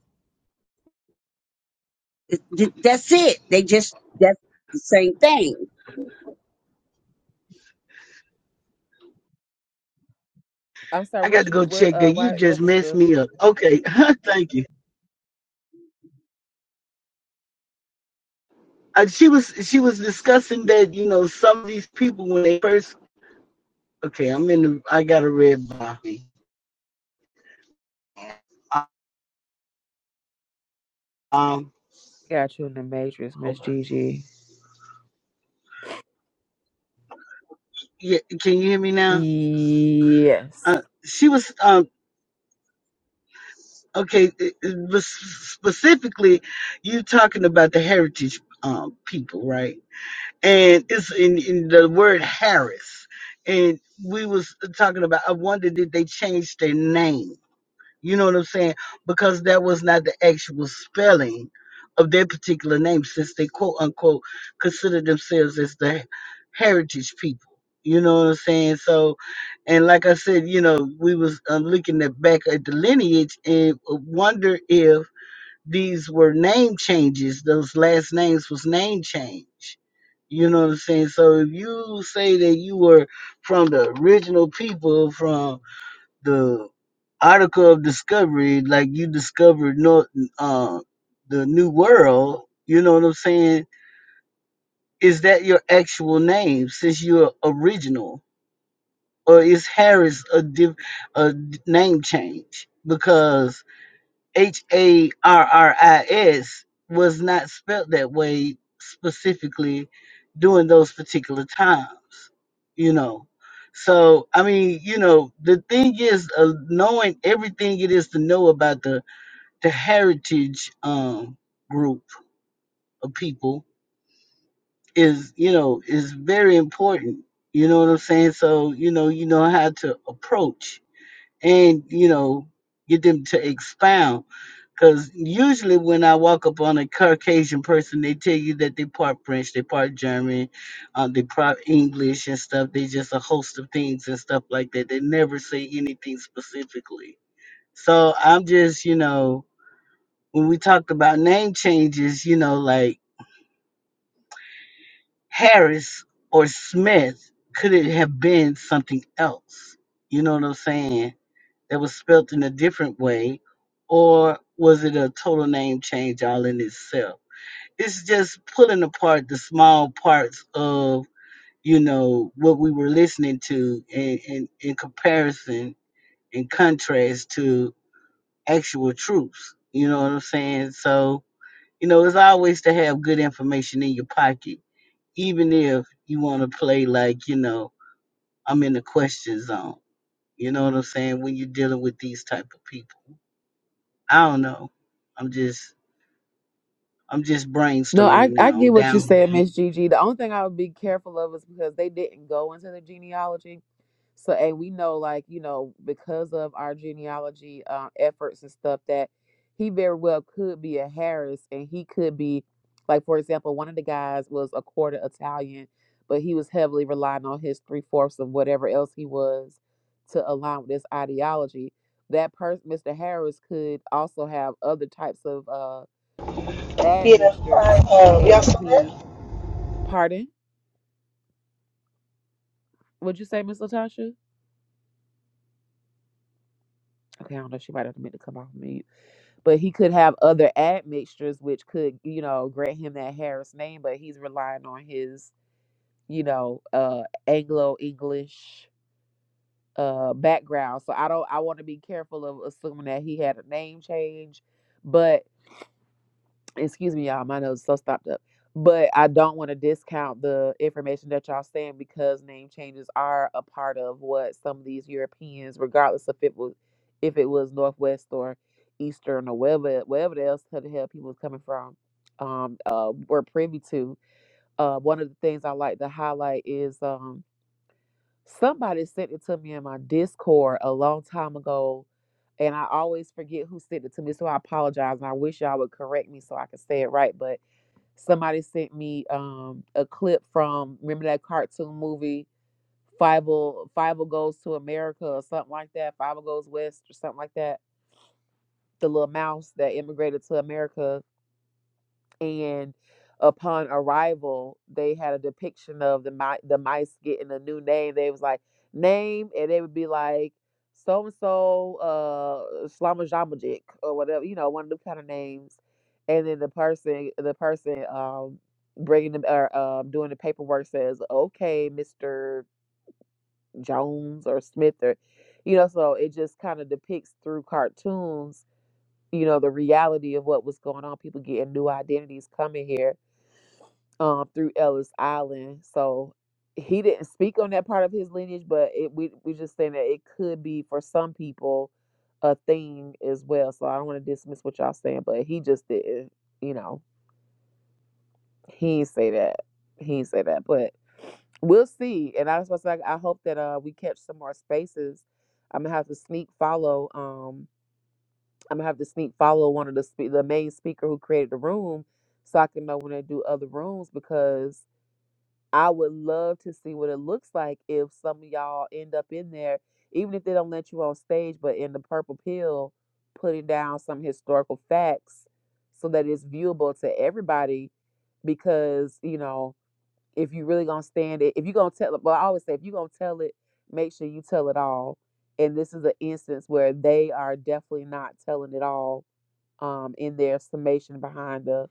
Th- th- That's it. They just, that's the same thing. I'm sorry. I got What to go you? What? check Uh. that. You Why? just What was messed the? me up. Okay, thank you. Uh, she was she was discussing that you know some of these people when they first. Okay, I'm in the. I got a red bar. Uh, Um, Got you in the matrix, Miss hold on. Gigi. Yeah, can you hear me now? Yes. Uh, she was um. Okay, it- it was specifically, you talking about the heritage um people, right? and it's in, in the word Harris. And we was talking about. I wonder did they change their name? You know what I'm saying? Because that was not the actual spelling of their particular name, since they quote unquote consider themselves as the heritage people. You know what I'm saying? So, and like I said, you know, we was um, looking at back at the lineage and wonder if these were name changes. Those last names was name change you know what I'm saying? So if you say that you were from the original people from the article of discovery, like you discovered North, uh, the new world, you know what I'm saying? Is that your actual name since you're original? Or is Harris a, div- a name change? Because H A R R I S was not spelt that way specifically during those particular times, you know. So, I mean, you know, the thing is uh, knowing everything it is to know about the the heritage um group of people is, you know, is very important. You know what I'm saying? So, you know, you know how to approach and you know get them to expound because usually when i walk up on a caucasian person they tell you that they part french they part german uh, they part english and stuff they just a host of things and stuff like that they never say anything specifically so i'm just you know when we talked about name changes you know like harris or smith could it have been something else you know what i'm saying that was spelt in a different way, or was it a total name change all in itself? It's just pulling apart the small parts of, you know, what we were listening to in, in, in comparison and contrast to actual truths. You know what I'm saying? So, you know, it's always to have good information in your pocket, even if you want to play like, you know, I'm in the question zone. You know what I'm saying? When you're dealing with these type of people. I don't know. I'm just I'm just No, brainstorming I I now. I'm get what you're down. saying, Miss Gigi. The only thing I would be careful of is because they didn't go into the genealogy. So, and we know, like, you know, because of our genealogy uh, efforts and stuff, that he very well could be a Harris and he could be, like, for example, one of the guys was a quarter Italian, but he was heavily relying on his three fourths of whatever else he was to align with this ideology. That person, Mr. Harris, could also have other types of uh, Yeah, admixtures, I, uh, y'all and still he, there? pardon, would you say, Miss Latasha? Okay, I don't know. She might have meant to come off mute, but he could have other admixtures, which could, you know, grant him that Harris name. But he's relying on his, you know, uh, Anglo English uh background. So I don't. I want to be careful of assuming that he had a name change, but excuse me, y'all, my nose is so stopped up. But I don't want to discount the information that y'all saying because name changes are a part of what some of these Europeans, regardless of if it was if it was Northwest or Eastern or wherever wherever else the hell people was coming from, um, uh, were privy to. Uh, one of the things I like to highlight is um somebody sent it to me in my Discord a long time ago, and I always forget who sent it to me, so I apologize and I wish y'all would correct me so I can say it right, but Somebody sent me um, a clip from remember that cartoon movie Five Five Goes to America or something like that. Five Goes West or something like that. The little mouse that immigrated to America and upon arrival they had a depiction of the mi- the mice getting a new name they was like name and they would be like so and so uh Slamajamajik or whatever you know one of them kind of names and then the person the person um bringing them or um doing the paperwork says okay Mr. Jones or Smith or you know so it just kind of depicts through cartoons you know the reality of what was going on people getting new identities coming here um, through Ellis Island. So he didn't speak on that part of his lineage, but it, we we just saying that it could be for some people a thing as well. So I don't want to dismiss what y'all saying, but he just didn't, you know, he ain't say that. He ain't say that, but we'll see. And I was supposed to, like, I hope that uh we catch some more spaces. I'm gonna have to sneak follow. Um, I'm gonna have to sneak follow one of the spe- the main speaker who created the room, so I can know when they do other rooms because I would love to see what it looks like if some of y'all end up in there, even if they don't let you on stage, but in the purple pill, putting down some historical facts so that it's viewable to everybody. Because, you know, if you really gonna stand it, if you're gonna tell it, well, I always say if you're gonna tell it, make sure you tell it all. And this is an instance where they are definitely not telling it all um, in their summation behind the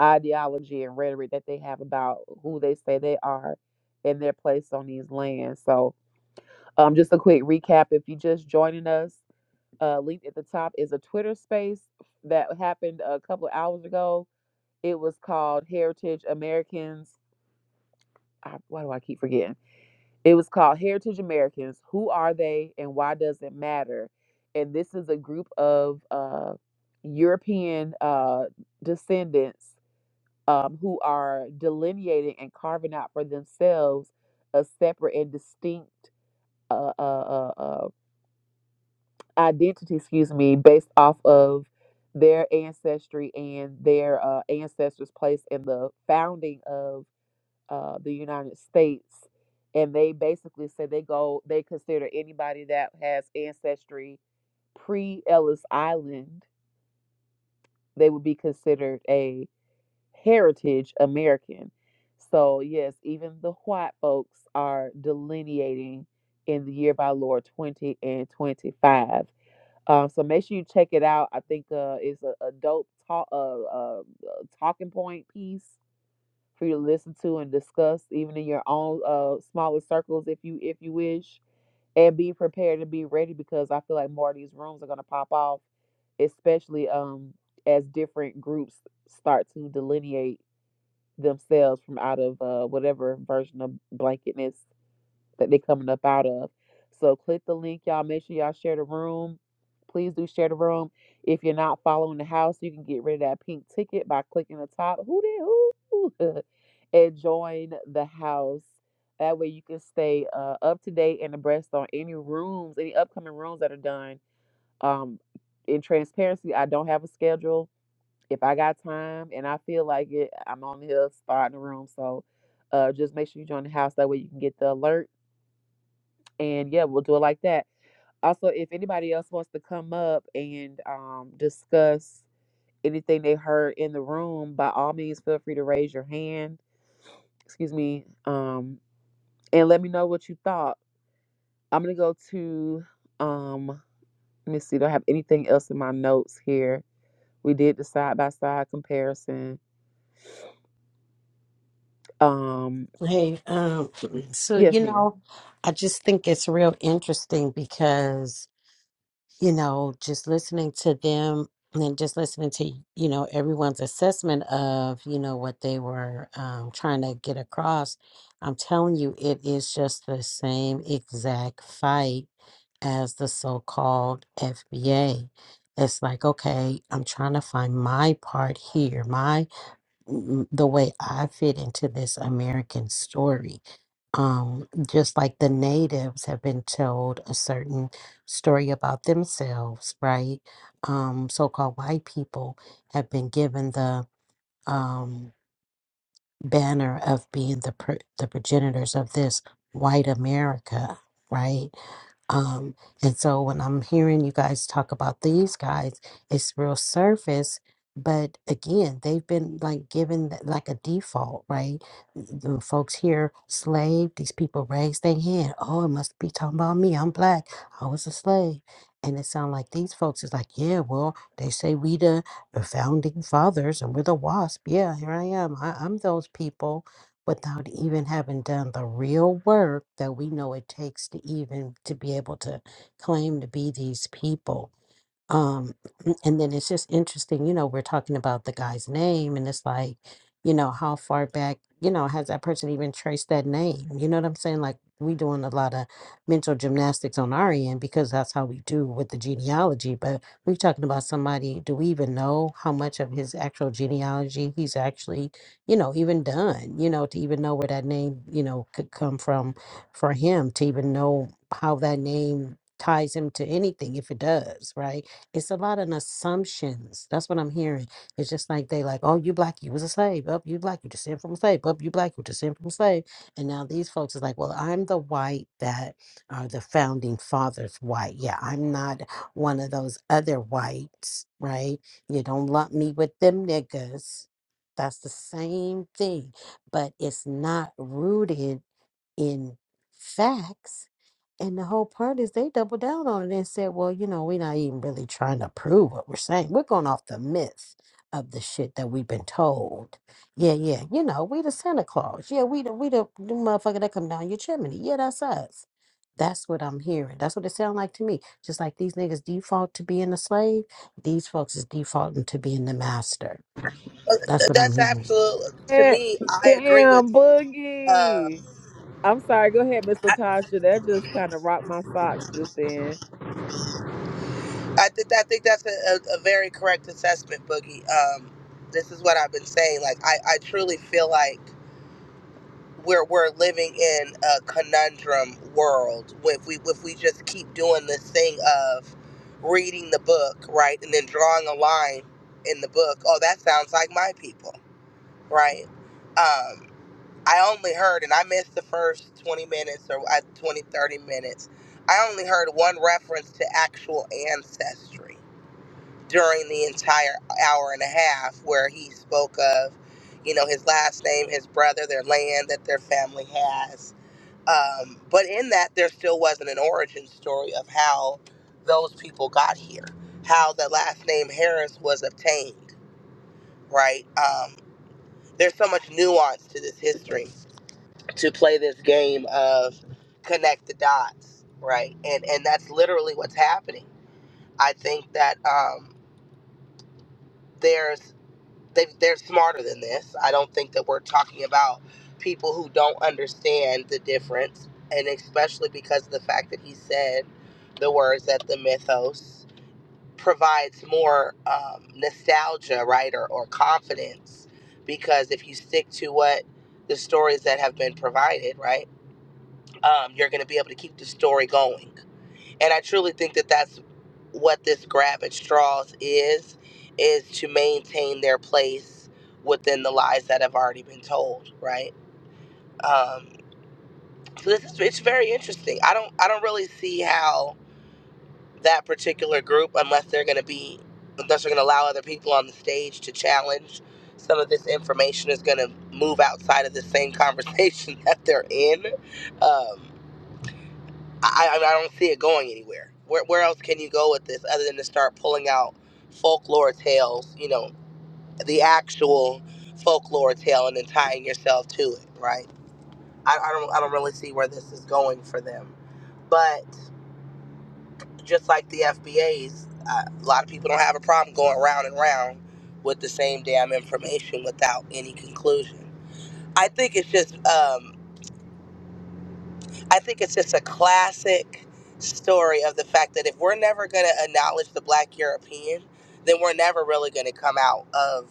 ideology and rhetoric that they have about who they say they are and their place on these lands. So, um, just a quick recap if you are just joining us, uh, linked at the top is a Twitter space that happened a couple of hours ago. It was called Heritage Americans. I, why do I keep forgetting? It was called Heritage Americans. Who are they and why does it matter? And this is a group of uh, European uh, descendants um, who are delineating and carving out for themselves a separate and distinct uh, uh, uh, uh, identity, excuse me, based off of their ancestry and their uh, ancestors' place in the founding of uh, the United States. And they basically say they go, they consider anybody that has ancestry pre Ellis Island, they would be considered a. heritage American. So, yes, even the white folks are delineating in the year of our Lord 20 and 25. Um, so make sure you check it out. I think uh, it's a, a dope talk, uh, uh, uh, talking point piece for you to listen to and discuss, even in your own uh, smaller circles, if you if you wish. And be prepared and be ready because I feel like more of these rooms are gonna pop off, especially um, as different groups start to delineate themselves from out of uh, whatever version of blanketness that they're coming up out of. So click the link, y'all. Make sure y'all share the room. Please do share the room. If you're not following the house, you can get rid of that pink ticket by clicking the top. Who did who? and join the house. That way you can stay uh, up to date and abreast on any rooms, any upcoming rooms that are done. Um, in transparency, I don't have a schedule if I got time and I feel like it, I'm on here starting the room. So uh, just make sure you join the house. That way you can get the alert. And yeah, we'll do it like that. Also, if anybody else wants to come up and um, discuss anything they heard in the room, by all means, feel free to raise your hand. Excuse me. Um, and let me know what you thought. I'm going to go to, um, let me see, do I have anything else in my notes here? We did the side by side comparison. Um, Hey, um, so yes, you ma'am. know, I just think it's real interesting because you know, just listening to them and just listening to, you know, everyone's assessment of, you know, what they were um, trying to get across, I'm telling you, it is just the same exact fight as the so called FBA. It's like, okay, I'm trying to find my part here, m- the way I fit into this American story. Um, just like the natives have been told a certain story about themselves, right? Um, so called white people have been given the um, banner of being the pr- the progenitors of this white America, right? Um, and so when I'm hearing you guys talk about these guys, it's real surface, but again, they've been like given th- like a default, right? The folks here, slave, these people raise their hand. Oh, it must be talking about me. I'm black. I was a slave. And it sounds like these folks is like, yeah, well, they say we the the founding fathers and we're the wasp. Yeah, here I am. I, I'm those people without even having done the real work that we know it takes to even to be able to claim to be these people um, and then it's just interesting, you know, we're talking about the guy's name and it's like, you know, how far back, you know, has that person even traced that name? You know what I'm saying? Like we doing a lot of mental gymnastics on our end because that's how we do with the genealogy. But we're talking about somebody, do we even know how much of his actual genealogy he's actually, you know, even done, you know, to even know where that name, you know, could come from for him, to even know how that name ties him to anything if it does, right? It's a lot of assumptions. That's what I'm hearing. It's just like they like, oh, you black, you was a slave. Up, you black, you descend from a slave. Up, you black, you descend from a slave. And now these folks is like, well, I'm the white that are the founding fathers white. Yeah, I'm not one of those other whites, right? You don't lump me with them niggas. That's the same thing, but it's not rooted in facts and the whole part is they doubled down on it and said, well, you know, we're not even really trying to prove what we're saying. We're going off the myth of the shit that we've been told. Yeah, yeah. You know, we the Santa Claus. Yeah, we the we the, the motherfucker that come down your chimney. Yeah, that's us. That's what I'm hearing. That's what it sounds like to me. Just like these niggas default to being a slave, these folks is defaulting to being the master. That's what I'm That's hearing. absolutely, to Eh, me, I agree Damn, with you. Uh, Boogie. I'm sorry. Go ahead, Miss I, Latasha. That just kind of rocked my socks just then. I, th- I think that's a, a, a very correct assessment, Boogie. Um, this is what I've been saying. Like, I, I truly feel like we're we're living in a conundrum world if we if we just keep doing this thing of reading the book right and then drawing a line in the book oh that sounds like my people right um i only heard and i missed the first 20 minutes or uh, 20 thirty minutes i only heard one reference to actual ancestry during the entire hour and a half where he spoke of you know his last name his brother their land that their family has um, but in that, there still wasn't an origin story of how those people got here, how the last name Harris was obtained, right? Um, there's so much nuance to this history to play this game of connect the dots, right? And and that's literally what's happening. I think that um, there's they, they're smarter than this. I don't think that we're talking about people who don't understand the difference, and especially because of the fact that he said the words that the mythos provides more um, nostalgia, right, or, or confidence. Because if you stick to what the stories that have been provided, right, um, you're going to be able to keep the story going and i truly think that that's what this grab at straws is is to maintain their place within the lies that have already been told right um, so this is it's very interesting i don't i don't really see how that particular group unless they're going to be unless they're going to allow other people on the stage to challenge some of this information is going to move outside of the same conversation that they're in um, I, I don't see it going anywhere. Where, where else can you go with this other than to start pulling out folklore tales, you know, the actual folklore tale and then tying yourself to it, right? I, I don't I don't really see where this is going for them. But just like the FBAs, uh, a lot of people don't have a problem going round and round with the same damn information without any conclusion. I think it's just um, I think it's just a classic story of the fact that if we're never going to acknowledge the black European, then we're never really going to come out of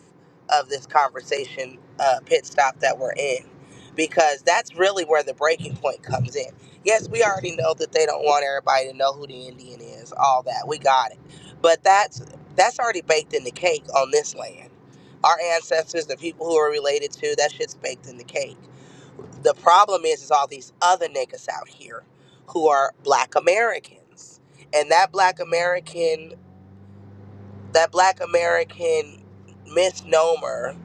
of this conversation uh, pit stop that we're in because that's really where the breaking point comes in. Yes, we already know that they don't want everybody to know who the Indian is, all that. We got it. But that's that's already baked in the cake on this land. Our ancestors, the people who are related to, that shit's baked in the cake the problem is, is all these other niggas out here who are black Americans. And that black American, that black American misnomer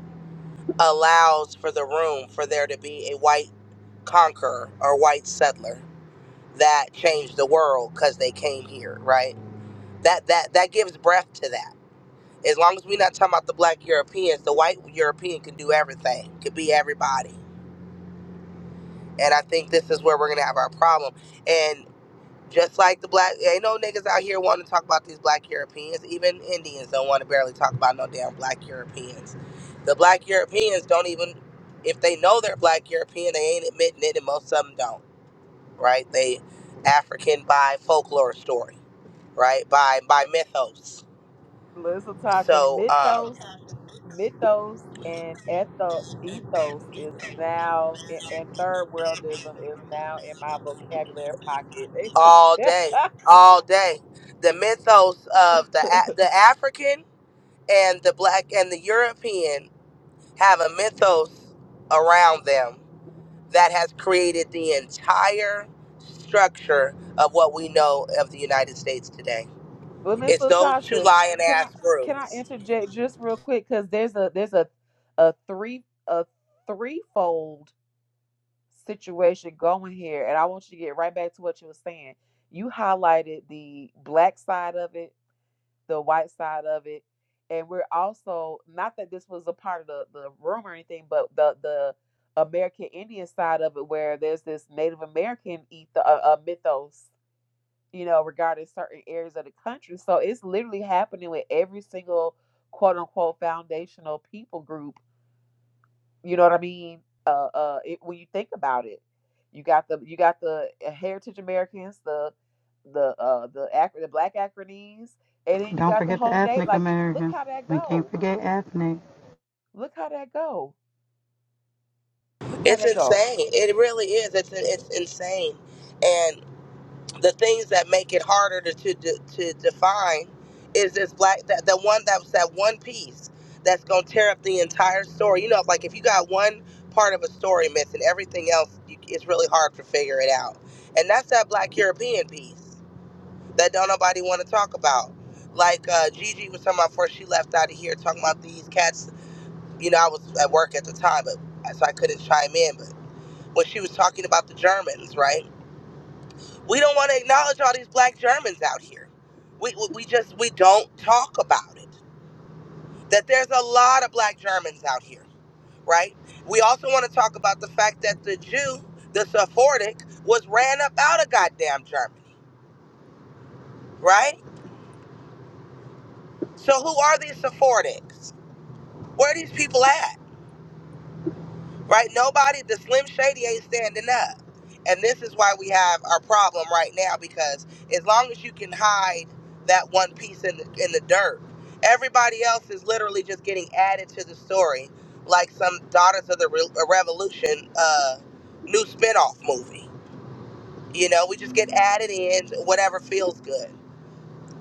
allows for the room for there to be a white conqueror or white settler that changed the world because they came here, right? That that that gives breath to that. As long as we're not talking about the black Europeans, the white European can do everything, could be everybody. And I think this is where we're gonna have our problem. and. Just like the black, ain't no niggas out here want to talk about these black Europeans. Even Indians don't want to barely talk about no damn black Europeans. The black Europeans don't even, if they know they're black European, they ain't admitting it, and most of them don't, right? They African by folklore story, right? By by mythos. Miss Latasha, So um, Mythos, Mythos, and etho, Ethos is now, and, and Third Worldism is now in my vocabulary pocket. They all say, day, all day, the mythos of the A- but the African and the black and the European have a mythos around them that has created the entire structure of what we know of the United States today. Miss It's those two Latasha, lion can I ass can I groups. interject just real quick? Because there's a there's a a three a threefold situation going here, and I want you to get right back to what you were saying. You highlighted the black side of it, the white side of it, and we're also not that this was a part of the, the room or anything, but the the American Indian side of it, where there's this Native American eth- uh, uh, mythos, you know, regarding certain areas of the country. So it's literally happening with every single quote unquote foundational people group you know what I mean? Uh, uh, it, when you think about it, you got the you got the uh, Heritage Americans, the the uh the Afri- the Black Acronese, and then you Don't got the forget the whole Nate. ethnic Like, it- look Americans. how that We can't go. forget ethnic. Look how that go. Look how It's that go. insane. It really is. It's it's insane, and the things that make it harder to to, to define is this black that the one that was that one piece that's gonna tear up the entire story. You know, like if you got one part of a story missing, everything else you, it's really hard to figure it out, and that's that black European piece that don't nobody want to talk about. Like uh, Gigi was talking about before she left out of here, talking about these cats. You know, I was at work at the time, but uh, so I couldn't chime in. But when she was talking about the Germans, right? We don't want to acknowledge all these black Germans out here. We, we we just we don't talk about it. That there's a lot of black Germans out here, right? We also want to talk about the fact that the Jew, the Sephardic, was ran up out of goddamn Germany, right? So who are these Sephardics? Where these people at? Right? Nobody, the Slim Shady ain't standing up. And this is why we have our problem right now because as long as you can hide that one piece in the, in the dirt, everybody else is literally just getting added to the story like some Daughters of the Re- uh, Revolution uh, new spinoff movie. You know, we just get added in whatever feels good.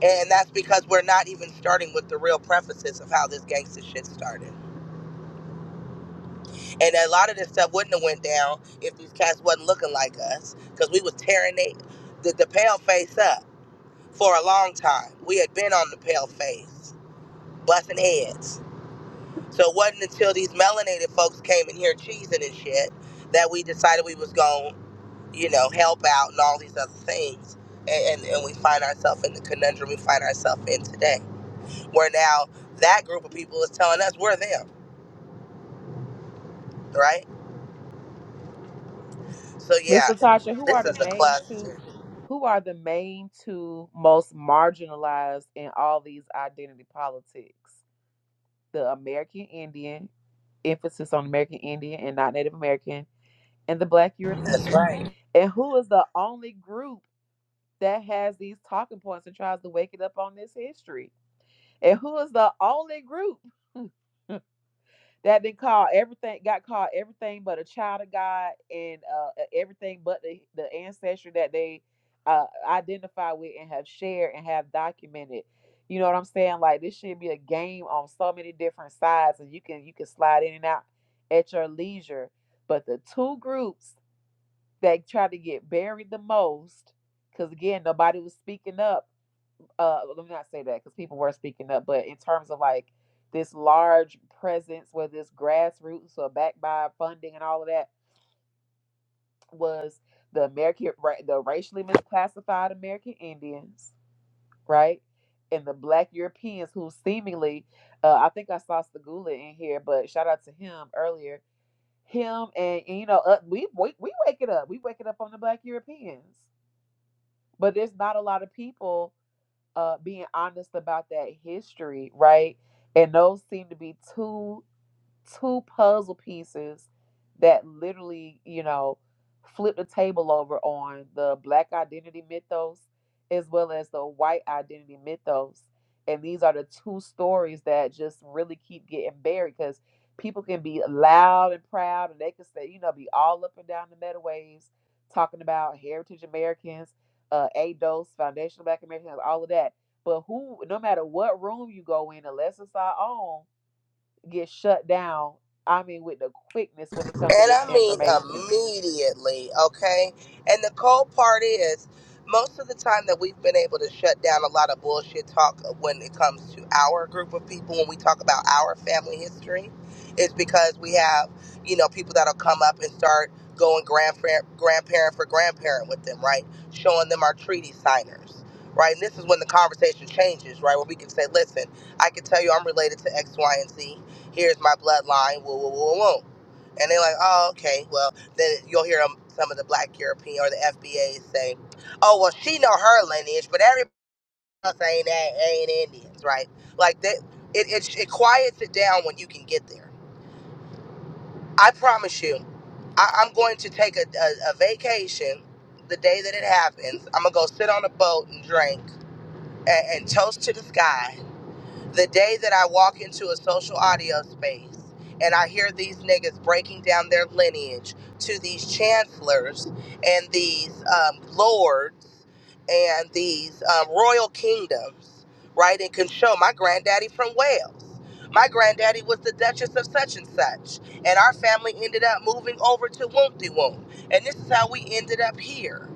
And that's because we're not even starting with the real prefaces of how this gangster shit started. And a lot of this stuff wouldn't have went down if these cats wasn't looking like us, because we was tearing it, the, the pale face up for a long time. We had been on the pale face, busting heads. So it wasn't until these melanated folks came in here cheesing and shit that we decided we was going, to you know, help out and all these other things. And, and, and we find ourselves in the conundrum we find ourselves in today, where now that group of people is telling us we're them, right? So Miss yeah, Latasha, who are this the is a main two? cluster. Who are the main two most marginalized in all these identity politics? The American Indian, emphasis on American Indian and not Native American, and the Black That's European. right. And who is the only group that has these talking points and tries to wake it up on this history? And who is the only group That been called everything, got called everything but a child of God and uh, uh, everything but the, the ancestry that they uh, identify with and have shared and have documented. You know what I'm saying? Like this should be a game on so many different sides, and you can you can slide in and out at your leisure. But the two groups that try to get buried the most, because again nobody was speaking up uh let me not say that because people were speaking up but in terms of like this large presence where this grassroots or backed by funding and all of that was the american ra- the racially misclassified american indians right and the black europeans who seemingly uh, i think i saw Segula in here but shout out to him earlier him and, and you know uh, we, we we wake it up we wake it up on the black europeans but there's not a lot of people uh being honest about that history, right? And those seem to be two two puzzle pieces that literally, you know, flip the table over on the black identity mythos as well as the white identity mythos. And these are the two stories that just really keep getting buried because people can be loud and proud and they can say, you know, be all up and down the metaways talking about heritage Americans, uh, ADOS, foundational Black Americans, all of that. But who, no matter what room you go in, unless it's our own, get shut down. I mean, with the quickness when it comes to And this I mean information. immediately, okay? And the cold part is, most of the time that we've been able to shut down a lot of bullshit talk when it comes to our group of people, when we talk about our family history, is because we have, you know, people that'll come up and start going grandparent, grandparent for grandparent with them, right? Showing them our treaty signers, right? And this is when the conversation changes, right? Where we can say, listen, I can tell you I'm related to X, Y, and Z. Here's my bloodline, woo, woo, woo, woo. And they're like, oh, okay, well, then you'll hear 'em- some of the black European or the FBA say, oh, well, she know her lineage, but everybody else ain't, ain't Indians, right? Like, that, it, it, it quiets it down when you can get there. I promise you, I, I'm going to take a, a, a vacation the day that it happens. I'm going to go sit on a boat and drink and, and toast to the sky the day that I walk into a social audio space and I hear these niggas breaking down their lineage to these chancellors and these um, lords and these um, royal kingdoms, right? And can show my granddaddy from Wales. My granddaddy was the Duchess of such and such, and our family ended up moving over to Wompty Wump. And this is how we ended up here,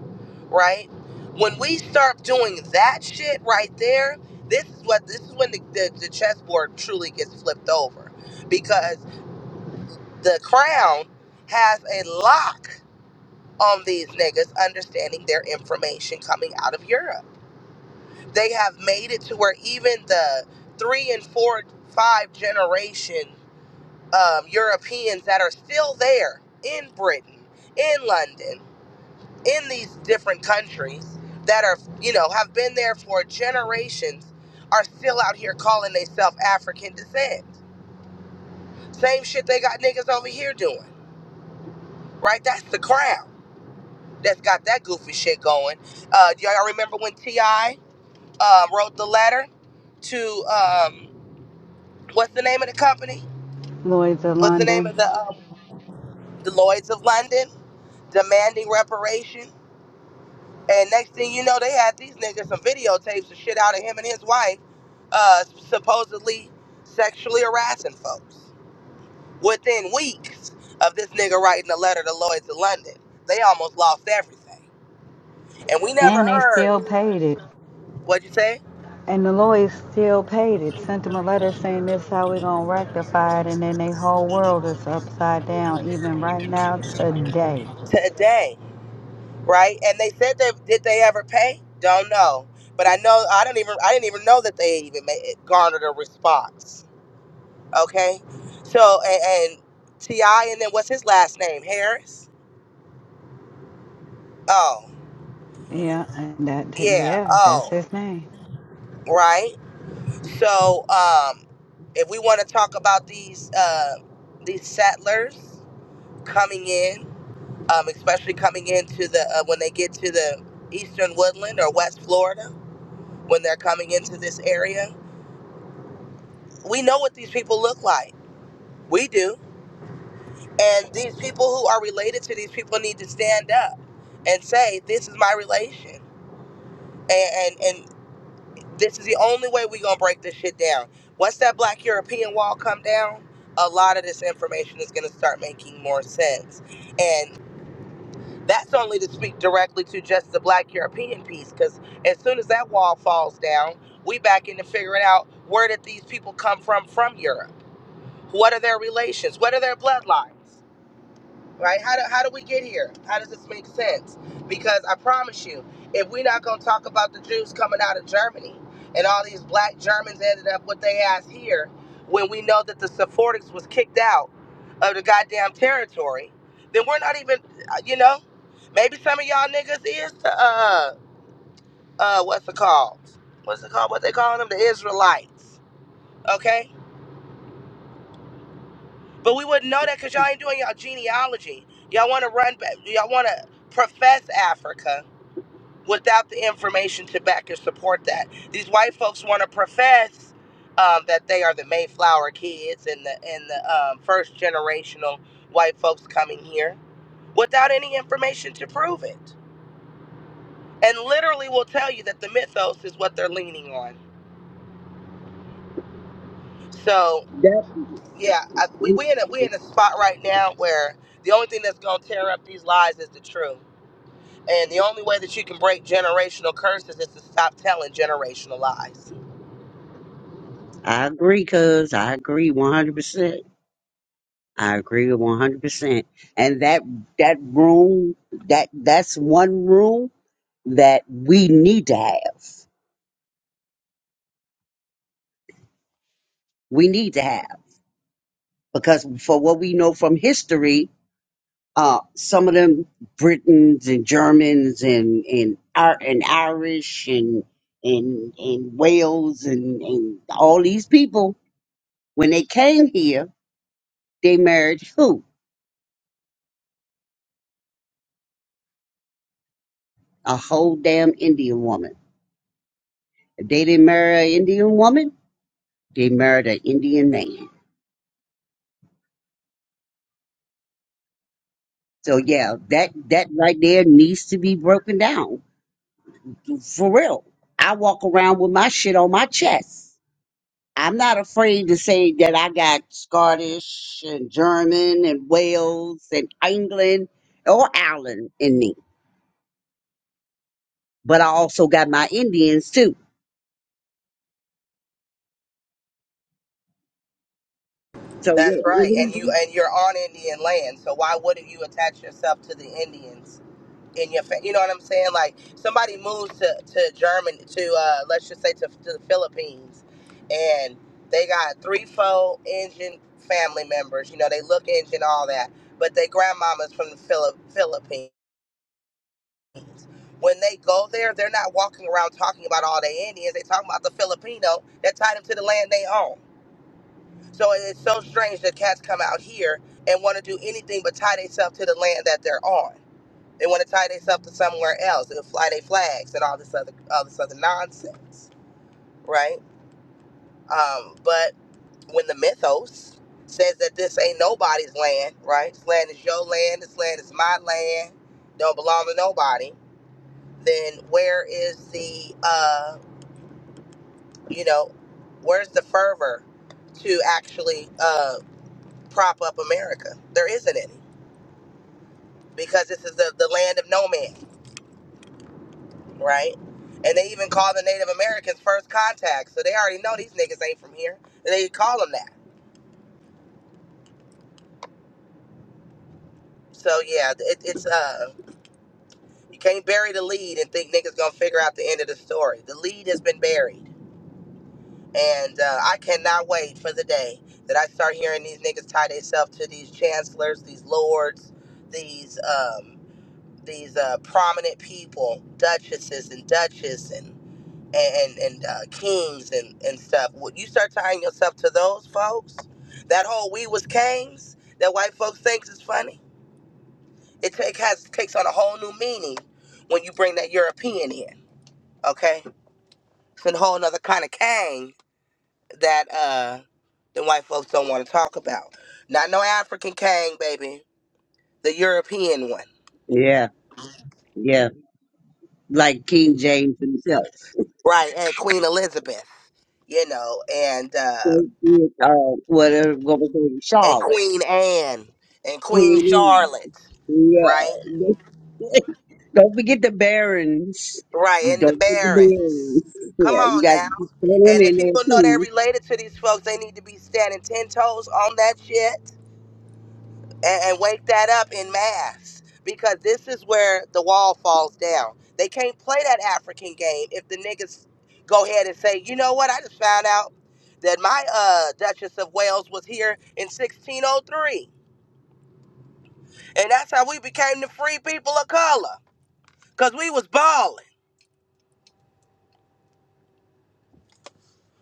right? When we start doing that shit right there, this is what this is when the, the, the chessboard truly gets flipped over because the crown has a lock on these niggas understanding their information coming out of Europe. They have made it to where even the three and four, five generation um, Europeans that are still there in Britain, in London, in these different countries that are, you know, have been there for generations are still out here calling themselves African descent Same shit they got niggas over here doing, right? That's the crowd that's got that goofy shit going. Uh, do y'all remember when T.I. Uh, wrote the letter to, um, what's the name of the company? Lloyds of What's the name of London. the, um, the Lloyds of London? Demanding reparation. And next thing you know, they had these niggas some videotapes and shit out of him and his wife, uh, supposedly sexually harassing folks. Within weeks of this nigga writing a letter to Lloyds of London, they almost lost everything. and we never And they heard still paid it. what'd you say And the Lloyds still paid it. Sent them a letter saying this is how we gonna rectify it and then their whole world is upside down even right now today. today right and they said they did they ever pay don't know but i know i don't even i didn't even know that they even made garnered a response okay so and, and ti and then what's his last name harris oh Yeah, and that yeah yeah, that's oh his name. right so um if we want to talk about these uh these settlers coming in um, especially coming into the uh, when they get to the eastern woodland or west florida when they're coming into this area we know what these people look like we do and these people who are related to these people need to stand up and say this is my relation and and, and this is the only way we're gonna break this shit down once that black european wall come down a lot of this information is going to start making more sense and. That's only to speak directly to just the black European piece, because as soon as that wall falls down, we back into figuring out where did these people come from from Europe? What are their relations? What are their bloodlines? right? How do, how do we get here? How does this make sense? Because I promise you, if we're not going to talk about the Jews coming out of Germany and all these black Germans ended up with their ass here, when we know that the Sephardics was kicked out of the goddamn territory, then we're not even, uh, you know, maybe some of y'all niggas is the, uh, uh, what's it called? What's it called? What they calling them? The Israelites, okay? But we wouldn't know that because y'all ain't doing y'all genealogy. Y'all want to run, back- y'all want to profess Africa without the information to back and support that. These white folks want to profess um, that they are the Mayflower kids and the and the um, first generational white folks coming here without any information to prove it, and literally will tell you that the mythos is what they're leaning on. So That, yeah, I, we we in a we in a spot right now where the only thing that's gonna tear up these lies is the truth And the only way that you can break generational curses is to stop telling generational lies. I agree, cuz I agree 100%. I agree 100%. And that, that room, that, that's one room that we need to have. We need to have because for what we know from history, Uh, some of them Britons and Germans and and Ir- and Irish and and and Wales and and all these people when they came here, they married who? A whole damn Indian woman. If they didn't marry an Indian woman, they married an Indian man. So yeah, that that right there needs to be broken down for real. I walk around with my shit on my chest. I'm not afraid to say that I got Scottish and German and Wales and England or Ireland in me, but I also got my Indians too. So That's yeah, right. mhm. And you and you're on Indian land, so why wouldn't you attach yourself to the Indians in your family? You know what I'm saying? Like somebody moves to to Germany to uh, let's just say to, to the Philippines, and they got three, four Indian family members. You know they look Indian, all that, but they grandmamas from the Philip Philippines. Philippines. When they go there, they're not walking around talking about all the Indians. They talking about the Filipino that tied them to the land they own. So it's so strange that cats come out here and want to do anything but tie themselves to the land that they're on. They want to tie themselves to somewhere else and fly their flags and all this other all this other nonsense, right? Um, but when the mythos says that this ain't nobody's land, right? This land is your land. This land is my land. Don't belong to nobody then where is the uh, you know where's the fervor to actually uh, prop up america there isn't any because this is the, the land of no man right and they even call the native americans first contacts so they already know these niggas ain't from here and they call them that so yeah it, it's uh you can't bury the lead and think niggas gonna figure out the end of the story the lead has been buried And uh, I cannot wait for the day that I start hearing these niggas tie themselves to these chancellors, these lords, these um, these uh, prominent people, duchesses and duchess and and and uh, kings and and stuff. When you start tying yourself to those folks, that whole "we was kings" that white folks thinks is funny, it take has takes on a whole new meaning when you bring that European in. Okay, it's a whole another kind of king. that uh the white folks don't want to talk about. Not no African king, baby. The European one. yeah, yeah, like King James himself. Right, and Queen Elizabeth, you know, and uh So, yeah, Uh, whatever, what was it, and Charlotte, Queen Anne and Queen Queen. Charlotte, Anne. right? Yeah, don't forget the barons. You Right, and the don't forget the Barons. barons. Come Yeah, you on got now. to put them And if in there people know they're too. related to these folks, they need to be standing ten toes on that shit and, and wake that up in mass because this is where the wall falls down. They can't play that African game if the niggas go ahead and say, you know what, I just found out that my uh, Duchess of Wales was here in 1603. And that's how we became the free people of color because we was balling.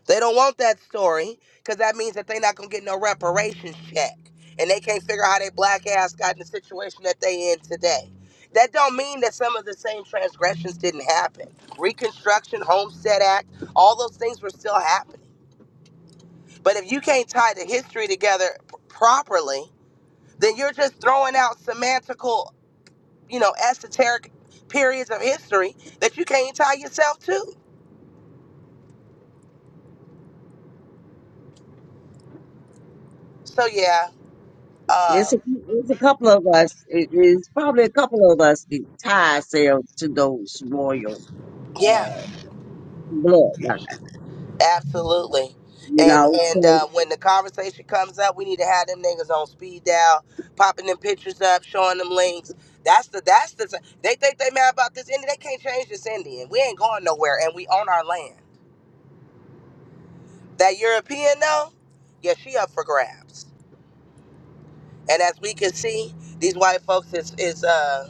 They don't want that story because that means that they're not gonna get no reparations check, and they can't figure out how they black ass got in the situation that they in today. That don't mean that some of the same transgressions didn't happen. Reconstruction, Homestead Act, all those things were still happening. But if you can't tie the history together p- properly, then you're just throwing out semantical, you know, esoteric periods of history that you can't tie yourself to. So yeah, It's uh, a, it's a couple of us. It, it's probably a couple of us that tie ourselves to those royal yeah. uh, bloodlines, Absolutely. you And know. and So, uh, when the conversation comes up, we need to have them niggas on speed dial, popping them pictures up, showing them links. That's the that's the they think they mad about this Indian. They can't change this Indian. We ain't going nowhere, and we own our land. That European though, yeah, she up for grabs. And as we can see, these white folks is is uh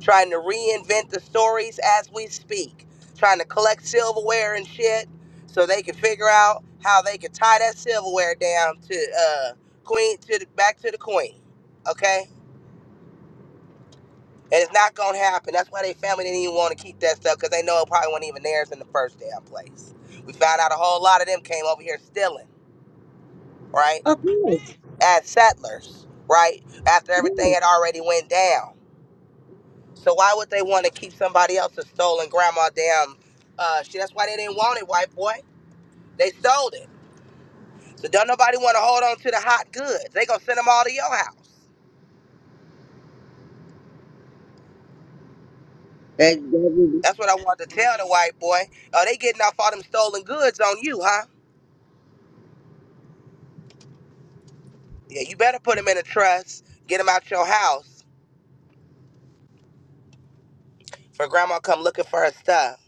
trying to reinvent the stories as we speak, trying to collect silverware and shit so they can figure out how they can tie that silverware down to uh queen to the back to the queen. Okay? And it's not gonna happen. That's why they family didn't even want to keep that stuff because they know it probably wasn't even theirs in the first damn place. We found out a whole lot of them came over here stealing, right? of course, As settlers, right? After yeah. everything had already went down. So why would they want to keep somebody else's stolen grandma damn uh shit? That's why they didn't want it, white boy. They sold it. So don't nobody want to hold on to the hot goods. They gonna send them all to your house. That, that, That's what I want to tell the white boy. Oh, they getting off all them stolen goods on you, huh? Yeah, you better put them in a trust. Get them out your house for grandma come looking for her stuff.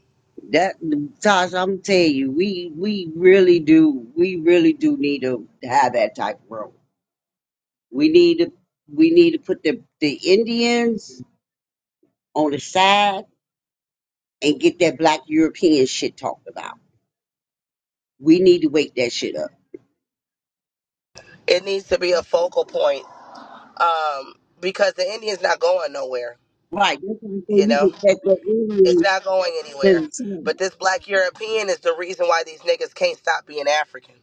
that, Tasha, I'm telling you, we we really do, we really do need to have that type of role. We need to, we need to put the the Indians on the side and get that Black European shit talked about. We need to wake that shit up. It needs to be a focal point um, because the Indian's not going nowhere, Right. That's why I say you we know? can back up It's earlier. not going to anywhere. the side But this black European is the reason why these niggas can't stop being African.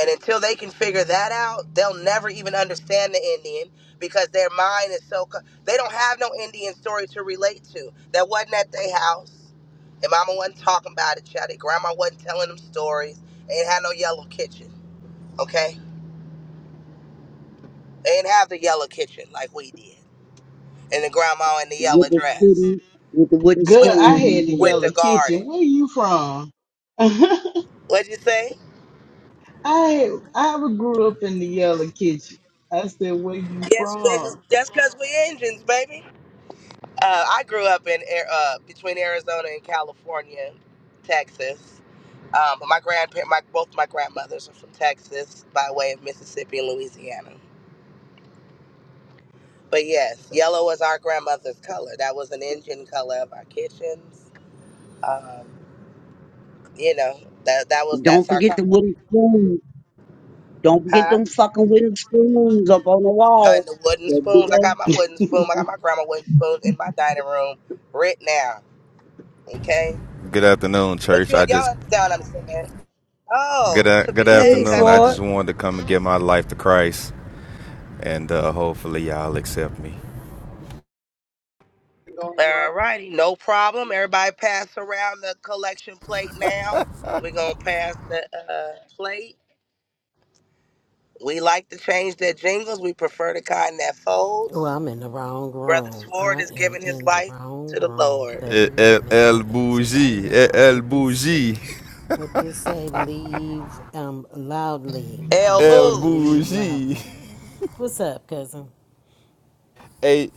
And until they can figure that out, they'll never even understand the Indian because their mind is so. Co- they don't have no Indian story to relate to. That wasn't at their house. And mama wasn't talking about it, child. Their grandma wasn't telling them stories. They ain't had no yellow kitchen, okay? They didn't have the yellow kitchen like we did. And the grandma in the with yellow the dress city, with the wooden with, Good. I had the spoon. with yellow the Yeah. kitchen. Where garden. you from? I What'd you say? I grew up in the yellow kitchen. I said, where you Yes, niggas. from? That's because we engines, baby. Uh, I grew up in Ar- uh, between Arizona and California, Texas. Um, but my grandparent, my both my grandmothers are from Texas by way of Mississippi and Louisiana. But yes, yellow was our grandmother's color. That was an engine color of our kitchens. Um, you know that that was Don't that's our forget the color, wooden spoon. Don't forget huh? them fucking wooden spoons up on the And wall. the wooden That big spoons. I old got my wooden spoon. I got my grandma wooden spoon in my dining room right now. Okay, Good afternoon, but church. you I just y'all understand what I'm saying? good Oh, to be, good hey, place afternoon. I cousin. for it. just wanted to come and give my life to Christ, and uh, hopefully y'all accept me. All righty, no problem. Everybody pass around the collection plate now. We're going to pass the uh, plate. We like to change their jingles. We prefer the kind that Well, folds. I'm in the wrong Brother room. Sword I is am giving his in the life wrong to the room. Lord. Let Eh, me El, make my el exit right bougie, Eh, now. el What this bougie, say? What this say? Leave um loudly. El Let, el Booge. leave bougie. loudly. What's up, cousin? Hey,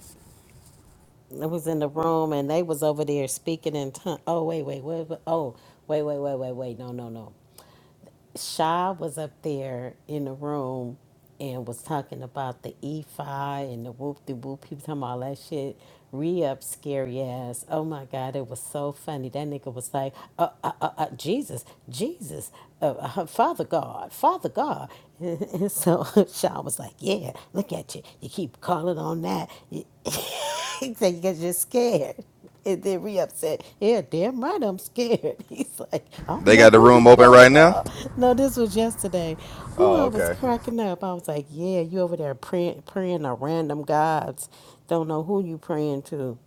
I was in the room and they was over there speaking in tongue. Oh wait, wait, wait, wait. Oh wait, wait, wait, wait, wait. No, no, no. Sha was up there in the room and was talking about the E5 and the whoop de whoop. He was talking about all that shit. Re up scary ass. Oh my God, it was so funny. That nigga was like, uh, uh, uh, uh, Jesus, Jesus, uh, uh, Father God, Father God. And so Sha was like, yeah, look at you. You keep calling on that. You- he said, because you're scared. And then Re-Up said, Yeah, damn right, I'm scared. He's like, I don't they know got the who room you open right calling now. up. No, this was yesterday. Who Oh, I was okay. cracking up. I was like, Yeah, you over there praying, praying to random gods. Don't know who you praying to.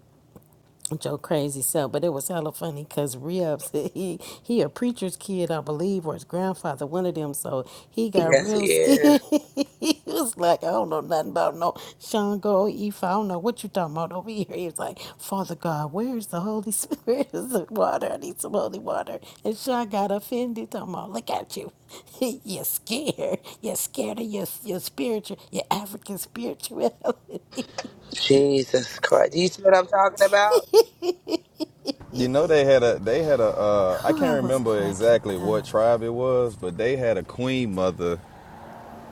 Joe crazy self, but it was hella funny because Reb said he he a preacher's kid, I believe, or his grandfather, one of them. So he got Yes, real he scared. is. he was like, I don't know nothing about no Shango Ifa. I don't know what you talking about over here. He was like, Father God, where's the Holy Spirit? Where's the water? I need some holy water. And Sean got offended. Talking about, look at you. you're scared. You're scared of your your spiritual, your African spirituality. Jesus Christ. Do you see what I'm talking about? You know they had a they had a uh, I Oh, can't I was remember cracking exactly what up. tribe it was, but they had a queen mother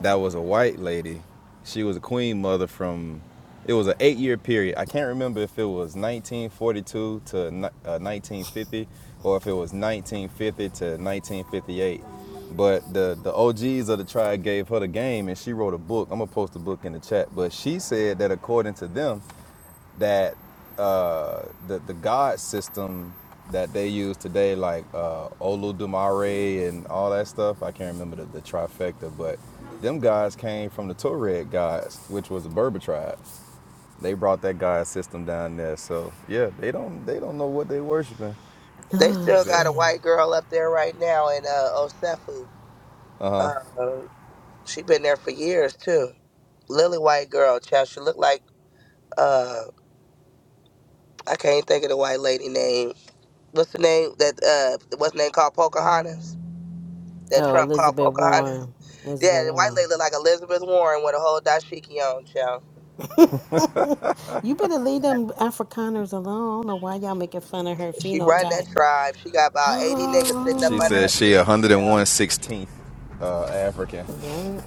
that was a white lady. She was a queen mother from. It was an eight-year period. I can't remember if it was 1942 to uh, 1950, or if it was 1950 to 1958. But the the OGs of the tribe gave her the game, and she wrote a book. I'm gonna post the book in the chat. But she said that according to them, that uh, the the god system that they use today, like uh, Oludumare and all that stuff. I can't remember the, the trifecta, but them guys came from the Tuareg gods, which was the Berber tribe. They brought that god system down there. So yeah, they don't they don't know what they worshiping. They Oh still The- got a shit. white girl up there right now in uh, Osefu. Uh, she been there for years, too. Lily White girl, child. She looked like uh I can't think of the white lady name. What's the name that uh what's the name called Pocahontas? That Oh, Trump called Elizabeth Pocahontas. Warren. Elizabeth Yeah, the white Warren. lady looked like Elizabeth Warren with a whole dashiki on, child. You better leave them Afrikaners alone. I don't know why y'all making fun of her She run that phenotype. tribe. She got about eighty niggas sitting up she under her says she feet, child. 101 16th uh, African. Oh, yeah.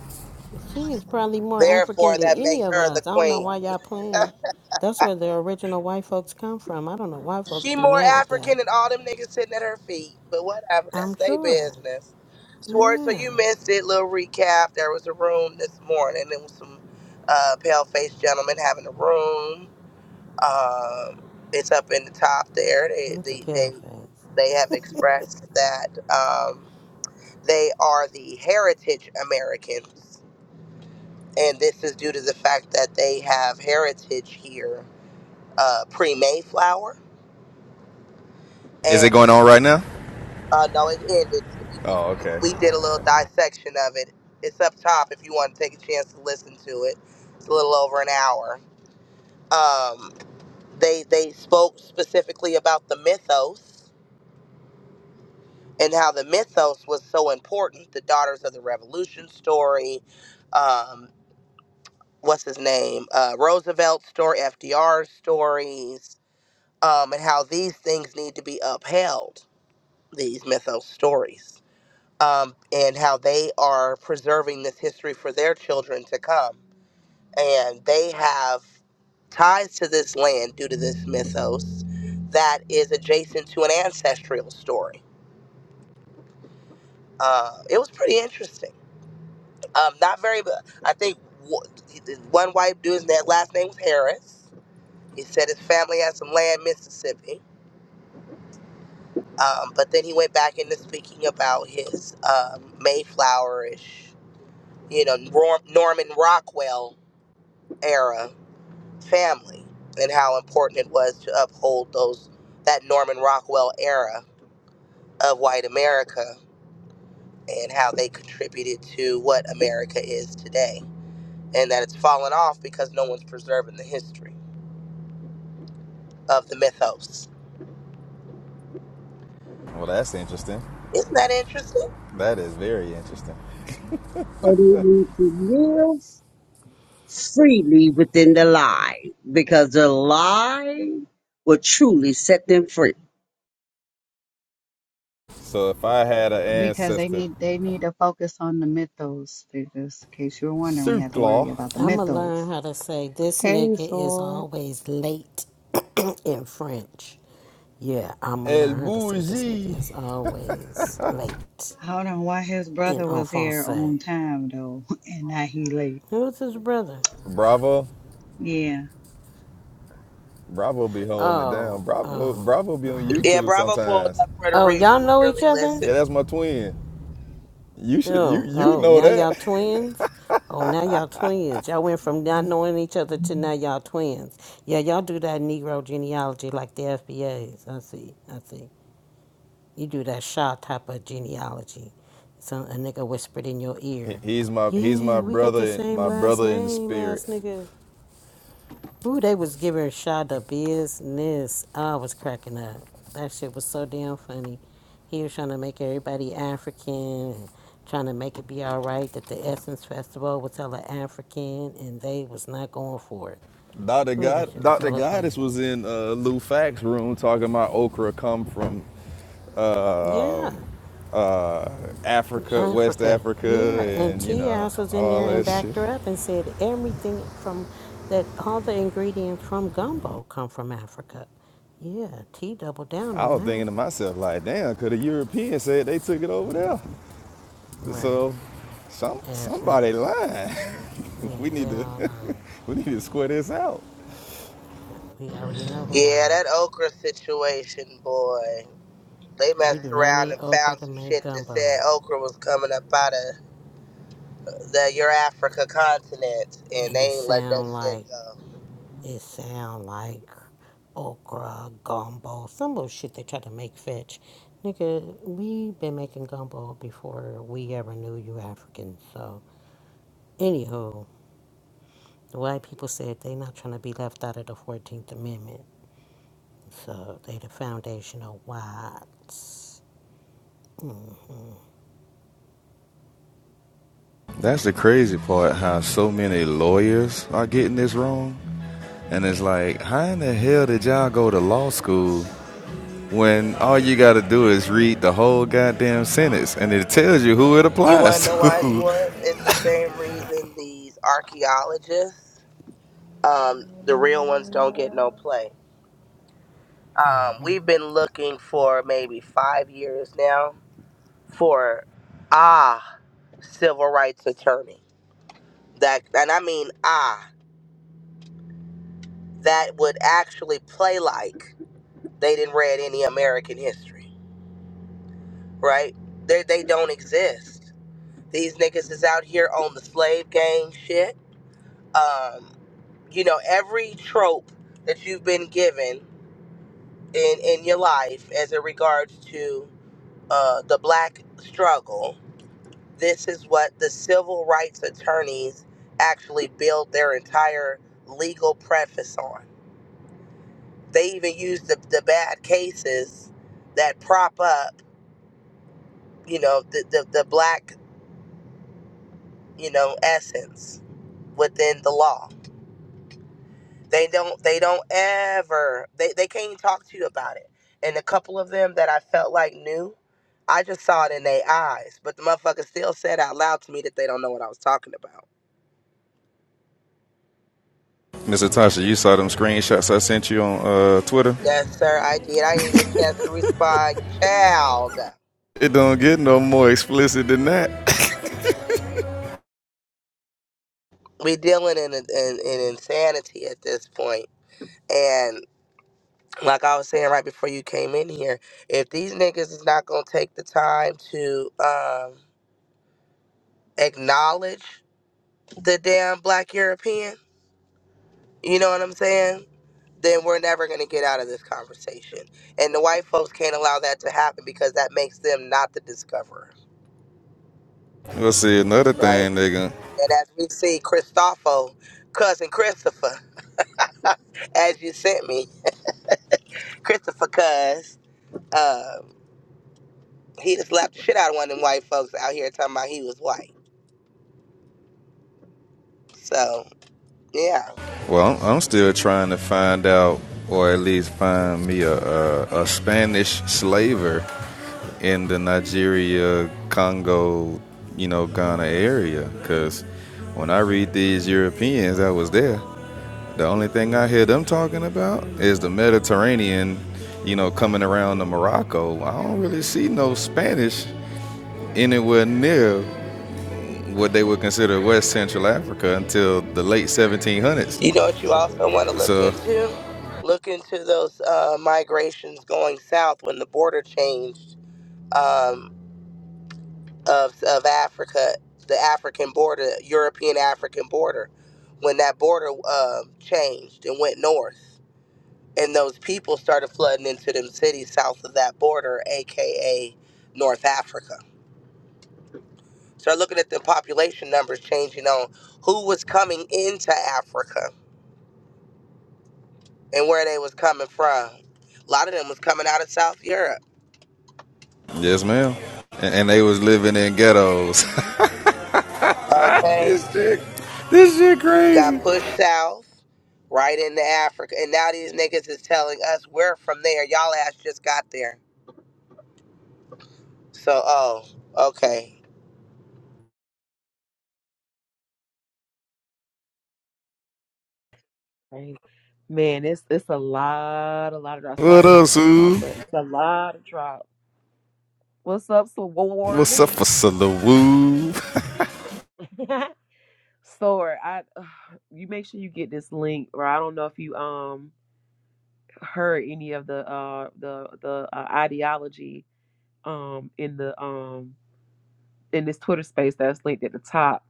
She is probably more African Therefore than that any makes of her the us. I don't know queen. why y'all playing. That's where the original white folks come from. I don't know why folks She be more mad at that. African than all them niggas sitting at her feet. But whatever, I'm that's their sure. business. Swartz, so Yeah. you missed it. Little recap. There was a room this morning. It was some uh, pale-faced gentlemen having a room. Um, it's up in the top there. They Not the they they, pale face. they have expressed that um, they are the heritage Americans, and this is due to the fact that they have heritage here uh, pre-Mayflower Is it going on right now? Uh, no, it ended. So we, we, Oh, we, okay. we did a little dissection of it. It's up top if you want to take a chance to listen to it. It's a little over an hour. Um, they they spoke specifically about the mythos and how the mythos was so important. The Daughters of the Revolution story, um, what's his name, uh, Roosevelt story, FDR stories, um, and how these things need to be upheld. These mythos stories um, and how they are preserving this history for their children to come. And they have ties to this land due to this mythos that is adjacent to an ancestral story. Uh, it was pretty interesting. Um, not very, but I think wh- one white dude's that last name was Harris. He said his family had some land in Mississippi, um, but then he went back into speaking about his um, Mayflowerish, you know, Nor- Norman Rockwell era family and how important it was to uphold those that Norman Rockwell era of white America and how they contributed to what America is today. And that it's fallen off because no one's preserving the history of the mythos. Well, that's interesting. Isn't that interesting? That is very interesting. So they need to live freely within the lie. Because the lie will truly set them free. So if I had an ancestor, They knew, Suclaw, I'm gonna learn how to say this nigga is always late in French. Yeah, I'm gonna El learn how to say this Bougie, nigga is always late I don't know why his in en brother was here français. on time though, and now he late. Who's his brother? Bravo, Yeah. Bravo be holding it Oh, down. Bravo, oh, Bravo be on oh. Yeah, YouTube Bravo pulled sometimes. up for the Oh, re y'all for know the each other? Yeah, re-listen. that's my twin. You should, you Oh, you oh, know now y'all that. twins? Oh, now y'all twins. Y'all went from not knowing each other to now y'all twins. Yeah, y'all do that Negro genealogy like the FBAs. I see, I see. You do that Shaw type of genealogy. Some a nigga whispered in your ear, He's my he's my "Yeah, we got the brother, same my last brother in the name, ass spirit. nigga." Ooh, they was giving Shaw the business. I was cracking up. That shit was so damn funny. He was trying to make everybody African and trying to make it be all right that the Essence Festival was hella African, and they was not going for it. Doctor Ooh, that God, shit was Doctor hella Goddess funny. was in uh, Lou Fack's room talking about okra come from Yeah. Africa, West Africa, Africa, yeah, and and you Tea know House was in there all and that backed shit. her up and said everything from that all the ingredients from gumbo come from Africa. Yeah, T doubled down I on was thinking that. to myself, like, damn, could a European said they took it over there? Right, So, some ass somebody niggas. lying. Yeah, we they need to all lying. we need to square this out. Yeah, We already know who Yeah, lying. that okra situation, boy. They We messed do not around need and okra found to some make shit that said gumbo, okra was coming up out of the your Africa continent, and and it they ain't let that sound shit like go. It sound like okra, gumbo, some little shit they try to make fetch. Nigga, we been making gumbo before we ever knew you Africans. So, anywho, the white people said they not trying to be left out of the 14th Amendment. So, they the foundational whites. That's the crazy part. How so many lawyers are getting this wrong, and it's like, how in the hell did y'all go to law school when all you got to do is read the whole goddamn sentence, and it tells you who it You wanna applies know why it's to? what? It's the same reason these archaeologists, um, the real ones, don't get no play. Um, we've been looking for maybe five years now for ah civil rights attorney that, and I mean ah that would actually play like they didn't read any American history, right? They they don't exist These niggas is out here on the slave gang shit. Um, you know, every trope that you've been given in, in your life as it regards to uh, the black struggle, this is what the civil rights attorneys actually build their entire legal preface on. They even use the, the bad cases that prop up, you know, the, the, the black, you know, essence within the law they don't they don't ever they, they can't even talk to you about it and a couple of them that i felt like knew i just saw it in their eyes but the motherfucker still said out loud to me that they don't know what i was talking about Mr. Tasha, you saw them screenshots I sent you on uh, Twitter. yes sir i did i didn't get a chance to respond child It don't get no more explicit than that. we dealing in, in, in insanity at this point point. and like i was saying right before you came in here if these niggas is not gonna take the time to um acknowledge the damn black european You know what I'm saying? Then we're never going to get out of this conversation. And the white folks can't allow that to happen because that makes them not the discoverer, well, see, another right? thing, nigga. And as we see, Christopho, cousin Christopher, as you sent me, Christopher Cuz, uh, he just slapped the shit out of one of them white folks out here talking about he was white. So, yeah. Well, I'm, I'm still trying to find out, or at least find me a, a, a Spanish slaver in the Nigeria, Congo, you know, Ghana area. Because when I read these Europeans that was there, the only thing I hear them talking about is the Mediterranean, you know, coming around to Morocco. I don't really see no Spanish anywhere near what they would consider West Central Africa until the late 1700s. You know what you also want to look So, into? Look into those uh, migrations going south when the border changed. Um, of, of Africa, the African border, European African border, when that border um changed and went north. And those people started flooding into them cities south of that border, aka North Africa. Start looking at the population numbers changing on who was coming into Africa and where they was coming from. A lot of them was coming out of South Europe. yes, ma'am. And, and they was living in ghettos. Okay this shit, this shit got crazy. pushed south right into Africa. And now these niggas is telling us we're from there. Y'all ass just got there. So, oh, okay. Right. Man, it's it's a lot, a lot of drops. What Sorry y'all up, for the pause, Sue? but it's a lot of drops. What's up, Sword? What's up, for Salawoo? Sword, I uh, you make sure you get this link, or I don't know if you um heard any of the uh the the uh, ideology um in the um in this Twitter space that's linked at the top.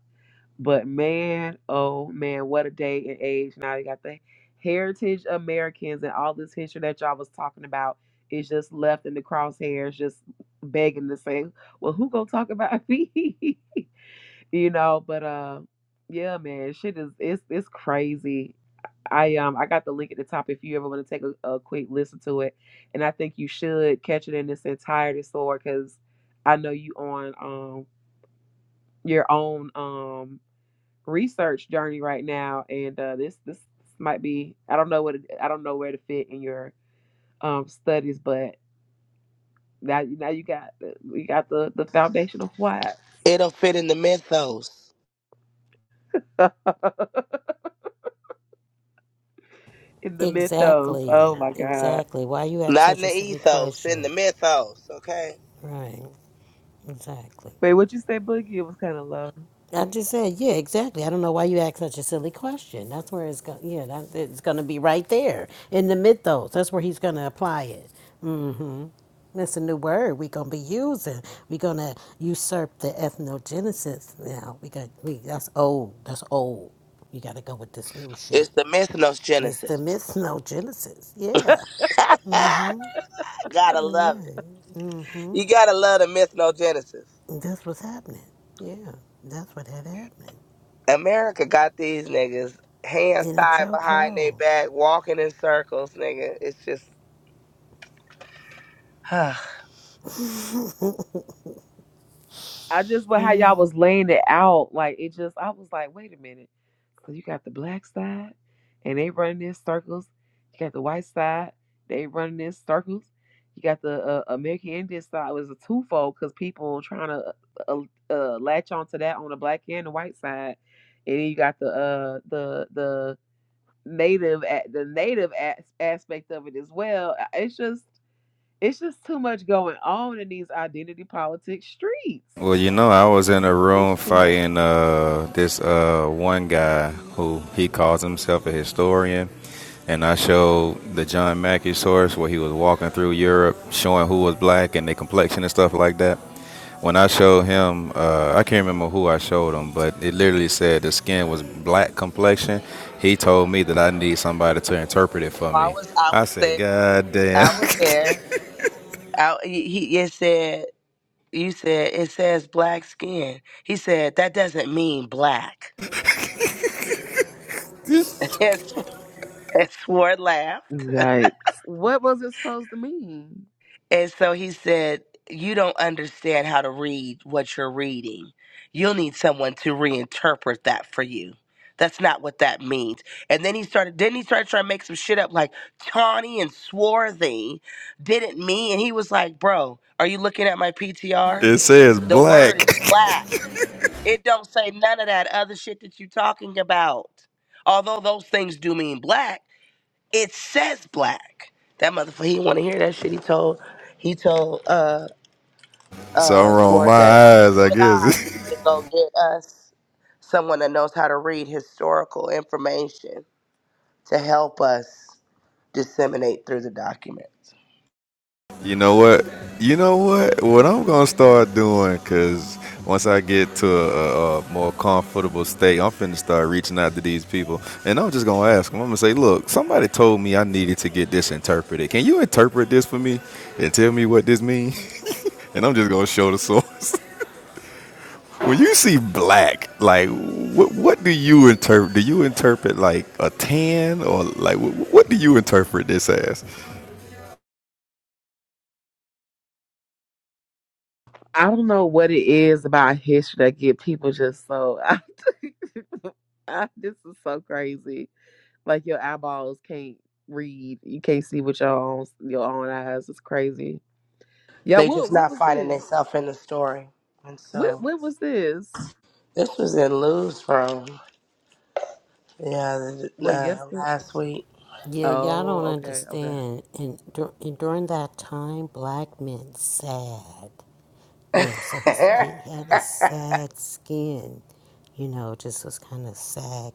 But man, oh man, what a day and age. Now you got the heritage Americans and all this history that y'all was talking about is just left in the crosshairs, just begging to say, Well, who gonna talk about me? you know, but uh yeah, man, shit is it's it's crazy. I um I got the link at the top if you ever want to take a, a quick listen to it. And I think you should catch it in its entirety, Sword, because I know you on um your own um research journey right now, and uh, this this might be I don't know what it, I don't know where to fit in your um, studies, but now now you got the- you got the the foundation of whats It'll fit in the mythos, in the mythos. Exactly, Oh my God! exactly. Why you ask not in such a the silly ethos, in the question? mythos, okay? Right, exactly. Wait, what you say, Boogie? It was kind of low. I just said, yeah, exactly. I don't know why you ask such a silly question. That's where it's going. Yeah, that, it's going to be right there in the mythos. That's where he's going to apply it. Mm-hmm. That's a new word we're going to be using. We're going to usurp the ethnogenesis now. We got we that's old. That's old. You got to go with this new It's shit. the It's the mythnogenesis. mythnogenesis. Yeah. gotta love Yeah. it. Mm. You gotta love the mythnogenesis. That's what's happening. Yeah, that's what had happened. America got these niggas hands In a tied behind their chokehold. back, walking in circles, nigga. It's just, I just but how y'all was laying it out, like it just I was like, wait a minute. So you got the black side and they running in circles. You got the white side, they running in circles. You got the uh, American Indian side it was a twofold because people trying to uh, uh, latch onto that on the black and the white side, and then you got the uh the the native at the native as- aspect of it as well. It's just it's just too much going on in these identity politics streets. well, you know, I was in a It's room too much. fighting uh, this uh, one guy who he calls himself a historian. And I showed the John Mackey source where he was walking through Europe showing who was black and their complexion and stuff like that. when I showed him, uh, I can't remember who I showed him, but it literally said the skin was black complexion. He told me that I need somebody to interpret it for oh, I me. was, I I was said, there. God damn, I was there. out he he- it said you said it says black skin he said that doesn't mean black and Sw- and swore laughed Yikes. What was it supposed to mean? and so he said you don't understand how to read what you're reading you'll need someone to reinterpret that for you that's not what that means and then he started then he started trying to make some shit up like tawny and swarthy didn't mean and he was like bro are you looking at my ptr it says the word is black. black It don't say none of that other shit that you talking about. Although those things do mean black, it says black. That motherfucker, he want to hear that shit. He told, he told, uh, so I'm uh, rolling my Swart that eyes, him I and I guess. need to go get us someone that knows how to read historical information to help us disseminate through the documents. You know what? You know what? What I'm gonna start doing, cause once I get to a, a, a more comfortable state, I'm finna start reaching out to these people, and I'm just gonna ask them. I'm gonna say, "Look, somebody told me I needed to get this interpreted. Can you interpret this for me and tell me what this means?" and I'm just gonna show the source. when you see black, like, what what do you interpret? Do you interpret like a tan, or like what, what do you interpret this as? I don't know what it is about history that get people just so I, this is so crazy. Like your eyeballs can't read. You can't see with your own your own eyes. It's crazy. Yeah, They what just what not was finding this? themselves in the story, and What so what was this? this was in Lou's room, yeah, Well uh, yesterday. last week. Yeah, y'all Oh, don't okay, okay. understand. And, dur- and during that time, black men sad. Yeah, so his he had a sad skin, you know, just was kind of sad,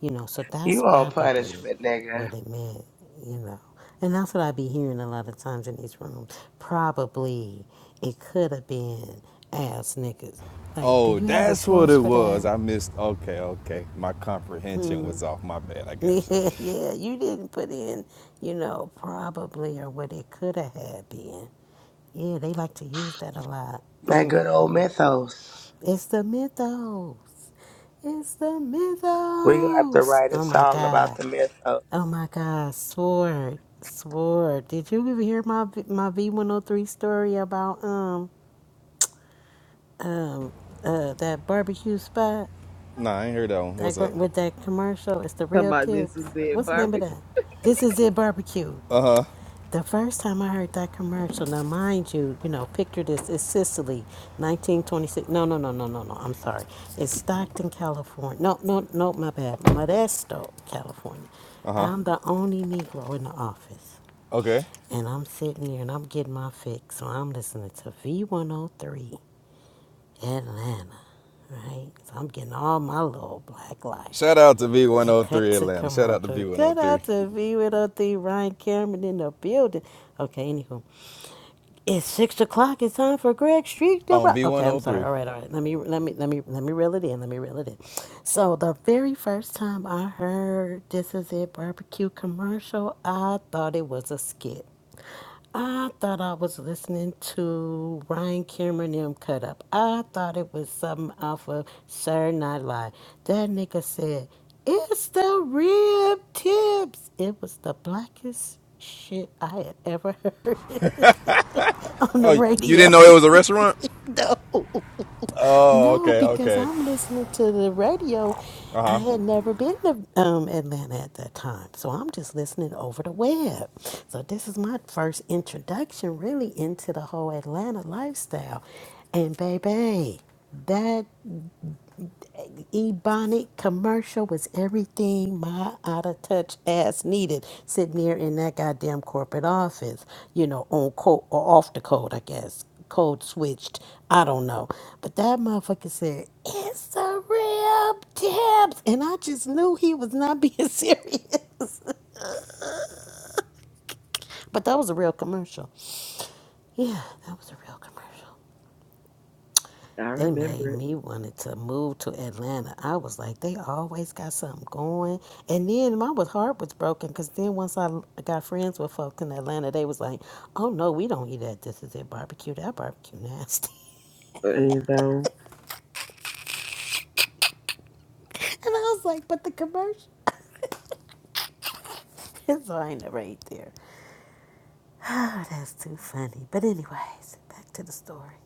you know. So that's you on probably punishment, nigga. what it meant, you know. And that's what I be hearing a lot of times in these rooms. Probably it could have been ass niggas. Like, do Oh, you have a that's what source it for was. that? I missed. Okay, okay. My comprehension was off. My bad. I got you. Yeah, yeah, you didn't put in, you know, probably or what it could have had been. Yeah, they like to use that a lot. That good old mythos. It's the mythos. It's the We gonna have to mythos. write a Oh my song about God. the mythos. Oh my God. Sword. Sword. Did you ever hear my my V- my V103 story about um um uh that barbecue spot Nah, I ain't heard that one. that What's gr- up? with that commercial? It's the Talking rib about this is tips. it, What's the name of barbecue. that? This is it barbecue. The first time I heard that commercial, now mind you, you know, picture this, it's Sicily, 1926. No, no, no, no, no, no, I'm sorry. It's Stockton, California. No, no, no, my bad. Modesto, California. I'm the only Negro in the office. Okay. And I'm sitting here and I'm getting my fix. So I'm listening to V103 Atlanta, right? So I'm getting all my little black life. Shout out to And they cut B103 to Atlanta. Shout out to commercial. Cut B103. out to V103 Ryan Cameron in the building. Okay, anywho. It's six o'clock. It's time for Greg Street to Oh, B103. Oh, rock. B one Okay, I'm oh sorry. three. All right, all right. Let me let me let me let me reel it in. Let me reel it in. So the very first time I heard this is it barbecue commercial, I thought it was a skit. I thought I was listening to Ryan Cameron them cut up. I thought it was something off of Saturday Night Live. That nigga said, It's the rib tips. It was the blackest shit I had ever heard on the Oh, you didn't radio. know it was a restaurant? No. Oh, No, okay, because okay. I'm listening to the radio. Uh I huh. had never been to um, Atlanta at that time, so I'm just listening over the web. So this is my first introduction, really, into the whole Atlanta lifestyle. And baby, that Ebonic commercial was everything my out of touch ass needed sitting here in that goddamn corporate office, you know, on code or off the code, I guess. Code switched. I don't know. But that motherfucker said, It's a real tips. And I just knew he was not being serious. But that was a real commercial. Yeah, that was a real commercial. I They made remember it. me wanted to move to Atlanta. I was like, they always got something going. And then my was heart was broken because then once I l- got friends with folks in Atlanta, they was like, oh no, we don't eat at this is it barbecue. That barbecue nasty. And um, and I was like, but the commercial. so I ain't never ate there. Oh, that's too funny. But anyways, back to the story.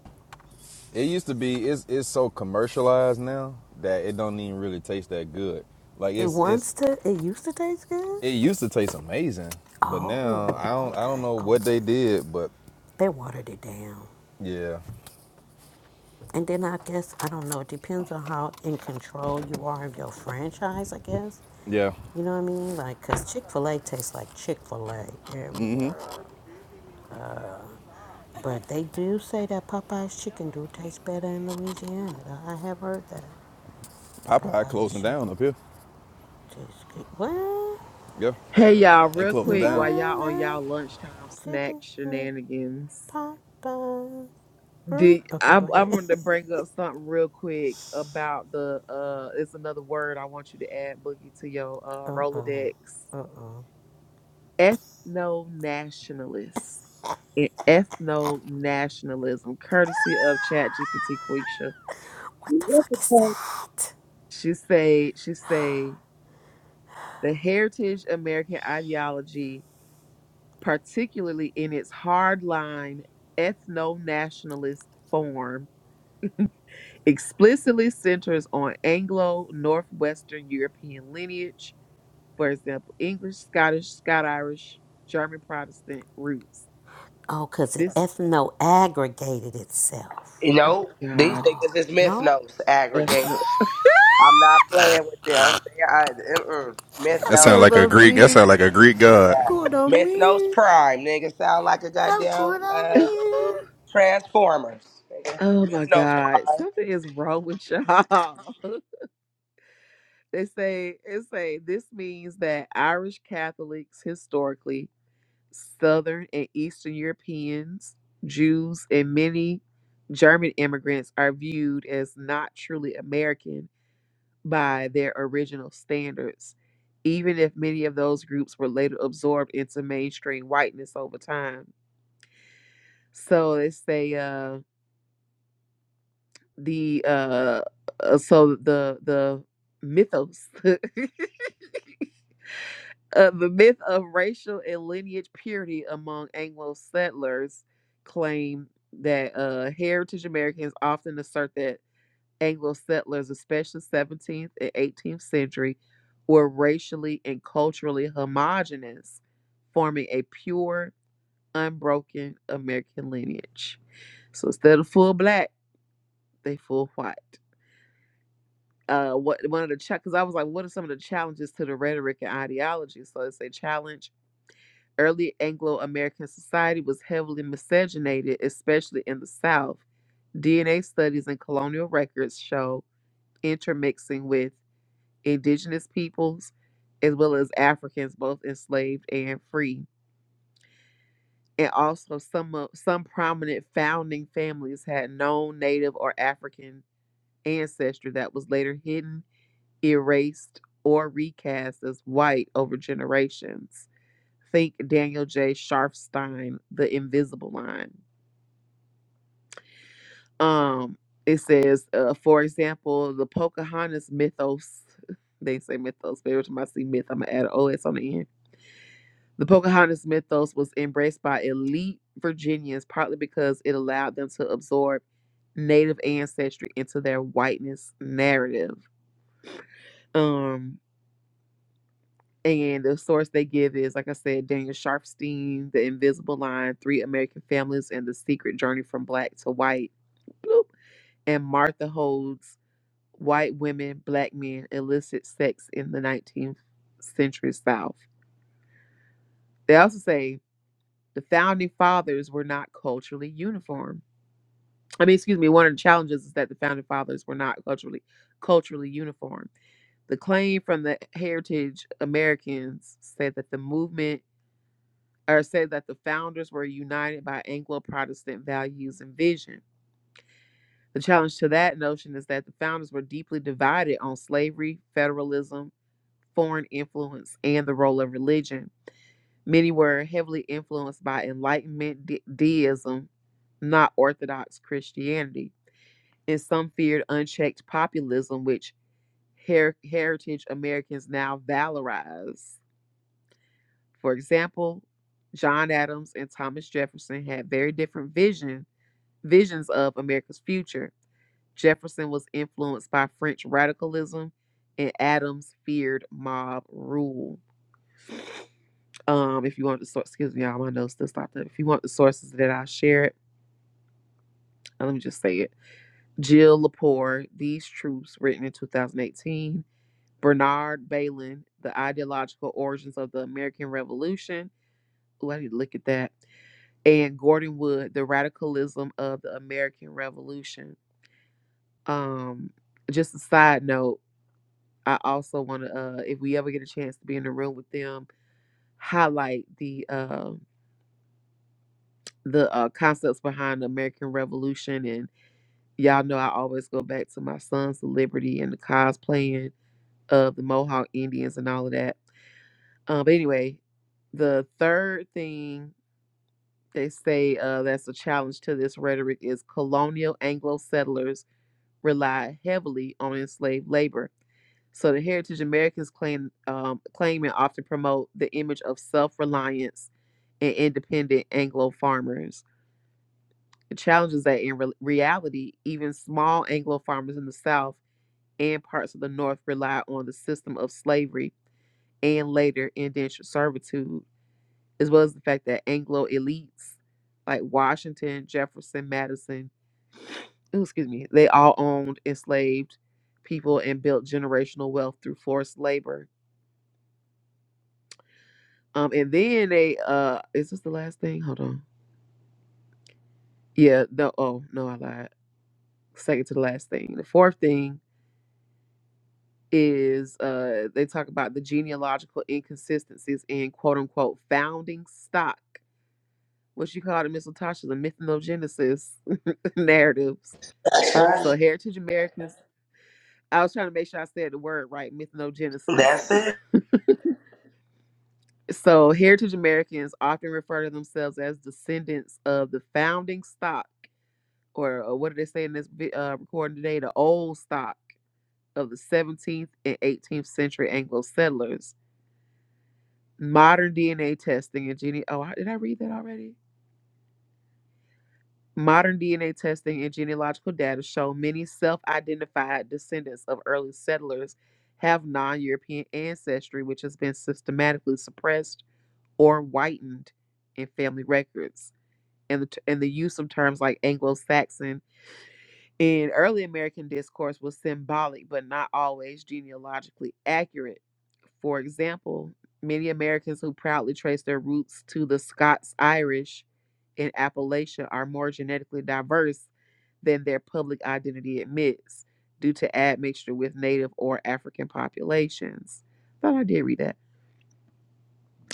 It used to be. It's it's so commercialized now that it don't even really taste that good. Like It it's it's wants to. It used to taste good. it used to taste amazing, but now Oh, I don't I don't okay, know what they okay. did, but They watered it down. yeah, And then I guess, I don't know, it depends on how in control you are of your franchise, I guess. yeah. You know what I mean? Like, because Chick fil A tastes like Chick fil A everywhere. But they do say that Popeye's chicken do taste better in Louisiana. I have heard that. Popeye Popeye's closing down chicken up here. tastes good. What? Yeah, Hey y'all, they real closing quick down. while Love y'all on that y'all lunchtime snack chicken from shenanigans. Popeye. Mm. The Okay, I go I ahead. wanted to bring up something real quick about the uh it's another word I want you to add boogie to your uh Rolodex. Ethno nationalist. Ethno nationalism, courtesy of Chat GPT Quisha. what the What fuck the is fuck? that? She say she say the heritage American ideology particularly in its hardline ethno nationalist form, explicitly centers on Anglo Northwestern European lineage, for example, English, Scottish, Scot Irish, German Protestant roots. Oh, 'cause it This, ethno aggregated itself. You oh know, these God, niggas is No? mythnos ethno. aggregated. I'm not playing with them. They are mm-mm. That I'm mythnos. sound going like a on Greek. That mute. sound like a Greek god. Yeah, Going on mythnos mute. prime. Nigga sound like a I'm goddamn going on uh, mute. transformers. Nigga. Oh my Mythnos God. prime. Something is wrong with y'all. they say it say this means that Irish Catholics historically, Southern and Eastern Europeans, Jews, and many German immigrants are viewed as not truly American by their original standards, even if many of those groups were later absorbed into mainstream whiteness over time. So they say uh, the uh uh, so the the mythos uh, the myth of racial and lineage purity among Anglo settlers claim that uh, heritage Americans often assert that Anglo settlers, especially 17th and 18th century, were racially and culturally homogenous, forming a pure, unbroken American lineage. So instead of full black, they full white. uh what one of the chat because I was like, what are some of the challenges to the rhetoric and ideology? So it's a challenge. Early Anglo-American society was heavily miscegenated, especially in the South. DNA studies and colonial records show intermixing with indigenous peoples as well as Africans, both enslaved and free. And also some of, some prominent founding families had known native or African ancestry that was later hidden erased or recast as white over generations. Think Daniel J. Sharfstein, The Invisible Line. Um, it says, uh, for example, the Pocahontas mythos. They say mythos, but every time I see myth, I'm gonna add an OS on the end. The Pocahontas mythos was embraced by elite Virginians partly because it allowed them to absorb Native ancestry into their whiteness narrative. Um, And the source they give is, like I said, Daniel Sharfstein, The Invisible Line, Three American Families, and The Secret Journey from Black to White. Bloop. And Martha Holds, White Women, Black Men, Illicit Sex in the 19th Century South. They also say the founding fathers were not culturally uniform. I mean, excuse me, one of the challenges is that the founding fathers were not culturally culturally uniform. The claim from the Heritage Americans said that the movement or say that the founders were united by Anglo Protestant values and vision. The challenge to that notion is that the founders were deeply divided on slavery, federalism, foreign influence, and the role of religion. Many were heavily influenced by Enlightenment de- deism, not Orthodox Christianity, and some feared unchecked populism, which her- heritage Americans now valorize. For example, John Adams and Thomas Jefferson had very different visions visions of America's future, Jefferson was influenced by French radicalism and Adams feared mob rule. Um, if you want the source, excuse me, y'all, my notes still stopped up. If you want the sources that I shared, let me just say it. Jill Lepore, These Truths, written in 2018. Bernard Balin, The Ideological Origins of the American Revolution. Ooh, I need to look at that. And Gordon Wood, The Radicalism of the American Revolution. Um, just a side note, I also want to, uh, if we ever get a chance to be in the room with them, highlight the uh, the uh, concepts behind the American Revolution. And y'all know I always go back to my son's liberty and the cosplaying of the Mohawk Indians and all of that. Uh, but anyway, the third thing they say uh, that's a challenge to this rhetoric is colonial Anglo settlers relied heavily on enslaved labor So the Heritage Americans claim um, claim and often promote the image of self-reliance and independent Anglo farmers. The challenge is that in re- reality, even small Anglo farmers in the South and parts of the North rely on the system of slavery and later indentured servitude, as well as the fact that Anglo elites like Washington, Jefferson, Madison, ooh, excuse me, they all owned enslaved people and built generational wealth through forced labor Um, and then they uh, is this the last thing? Hold on. Yeah, no. Oh no, I lied. Second to the last thing. The fourth thing is uh, they talk about the genealogical inconsistencies in quote unquote founding stock, what you call the Miss Latasha, the mythnogenesis narratives. That's So right. heritage Americans. I was trying to make sure I said the word right. Mythnogenesis. That's it. So, heritage Americans often refer to themselves as descendants of the founding stock or, or what do they say in this vi- uh, recording today? The old stock of the 17th and 18th century Anglo settlers. Modern DNA testing and gene. Oh, I- did I read that already? Modern DNA testing and genealogical data show many self-identified descendants of early settlers have non-European ancestry, which has been systematically suppressed or whitened in family records. And the, t- and the use of terms like Anglo-Saxon In early American discourse was symbolic but not always genealogically accurate. For example, many Americans who proudly trace their roots to the Scots Irish in Appalachia are more genetically diverse than their public identity admits due to admixture with native or African populations. Thought I did read that.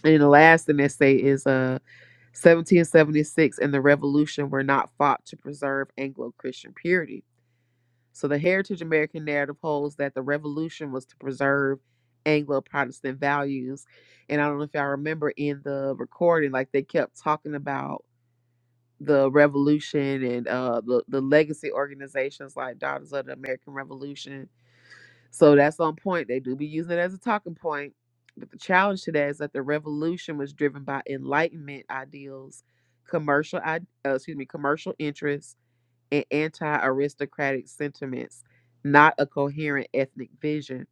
And the last thing they say is uh 1776 and the revolution were not fought to preserve Anglo-Christian purity so the heritage American narrative holds that the revolution was to preserve Anglo Protestant values. And I don't know if y'all remember in the recording, like they kept talking about the revolution and uh the, the legacy organizations like Daughters of the American Revolution. So that's on point. They do be using it as a talking point. But the challenge to that is that the revolution was driven by enlightenment ideals, commercial i- uh, excuse me, commercial interests and anti aristocratic sentiments, not a coherent ethnic vision.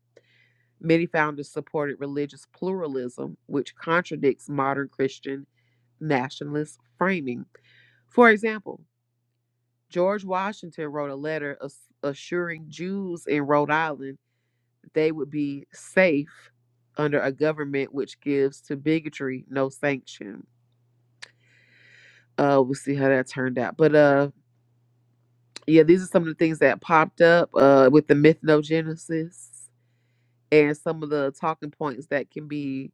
Many founders supported religious pluralism, which contradicts modern Christian nationalist framing. For example, George Washington wrote a letter assuring Jews in Rhode Island they would be safe under a government which gives to bigotry no sanction. Uh, we'll see how that turned out. But uh, yeah, these are some of the things that popped up uh, with the Mythnogenesis. and some of the talking points that can be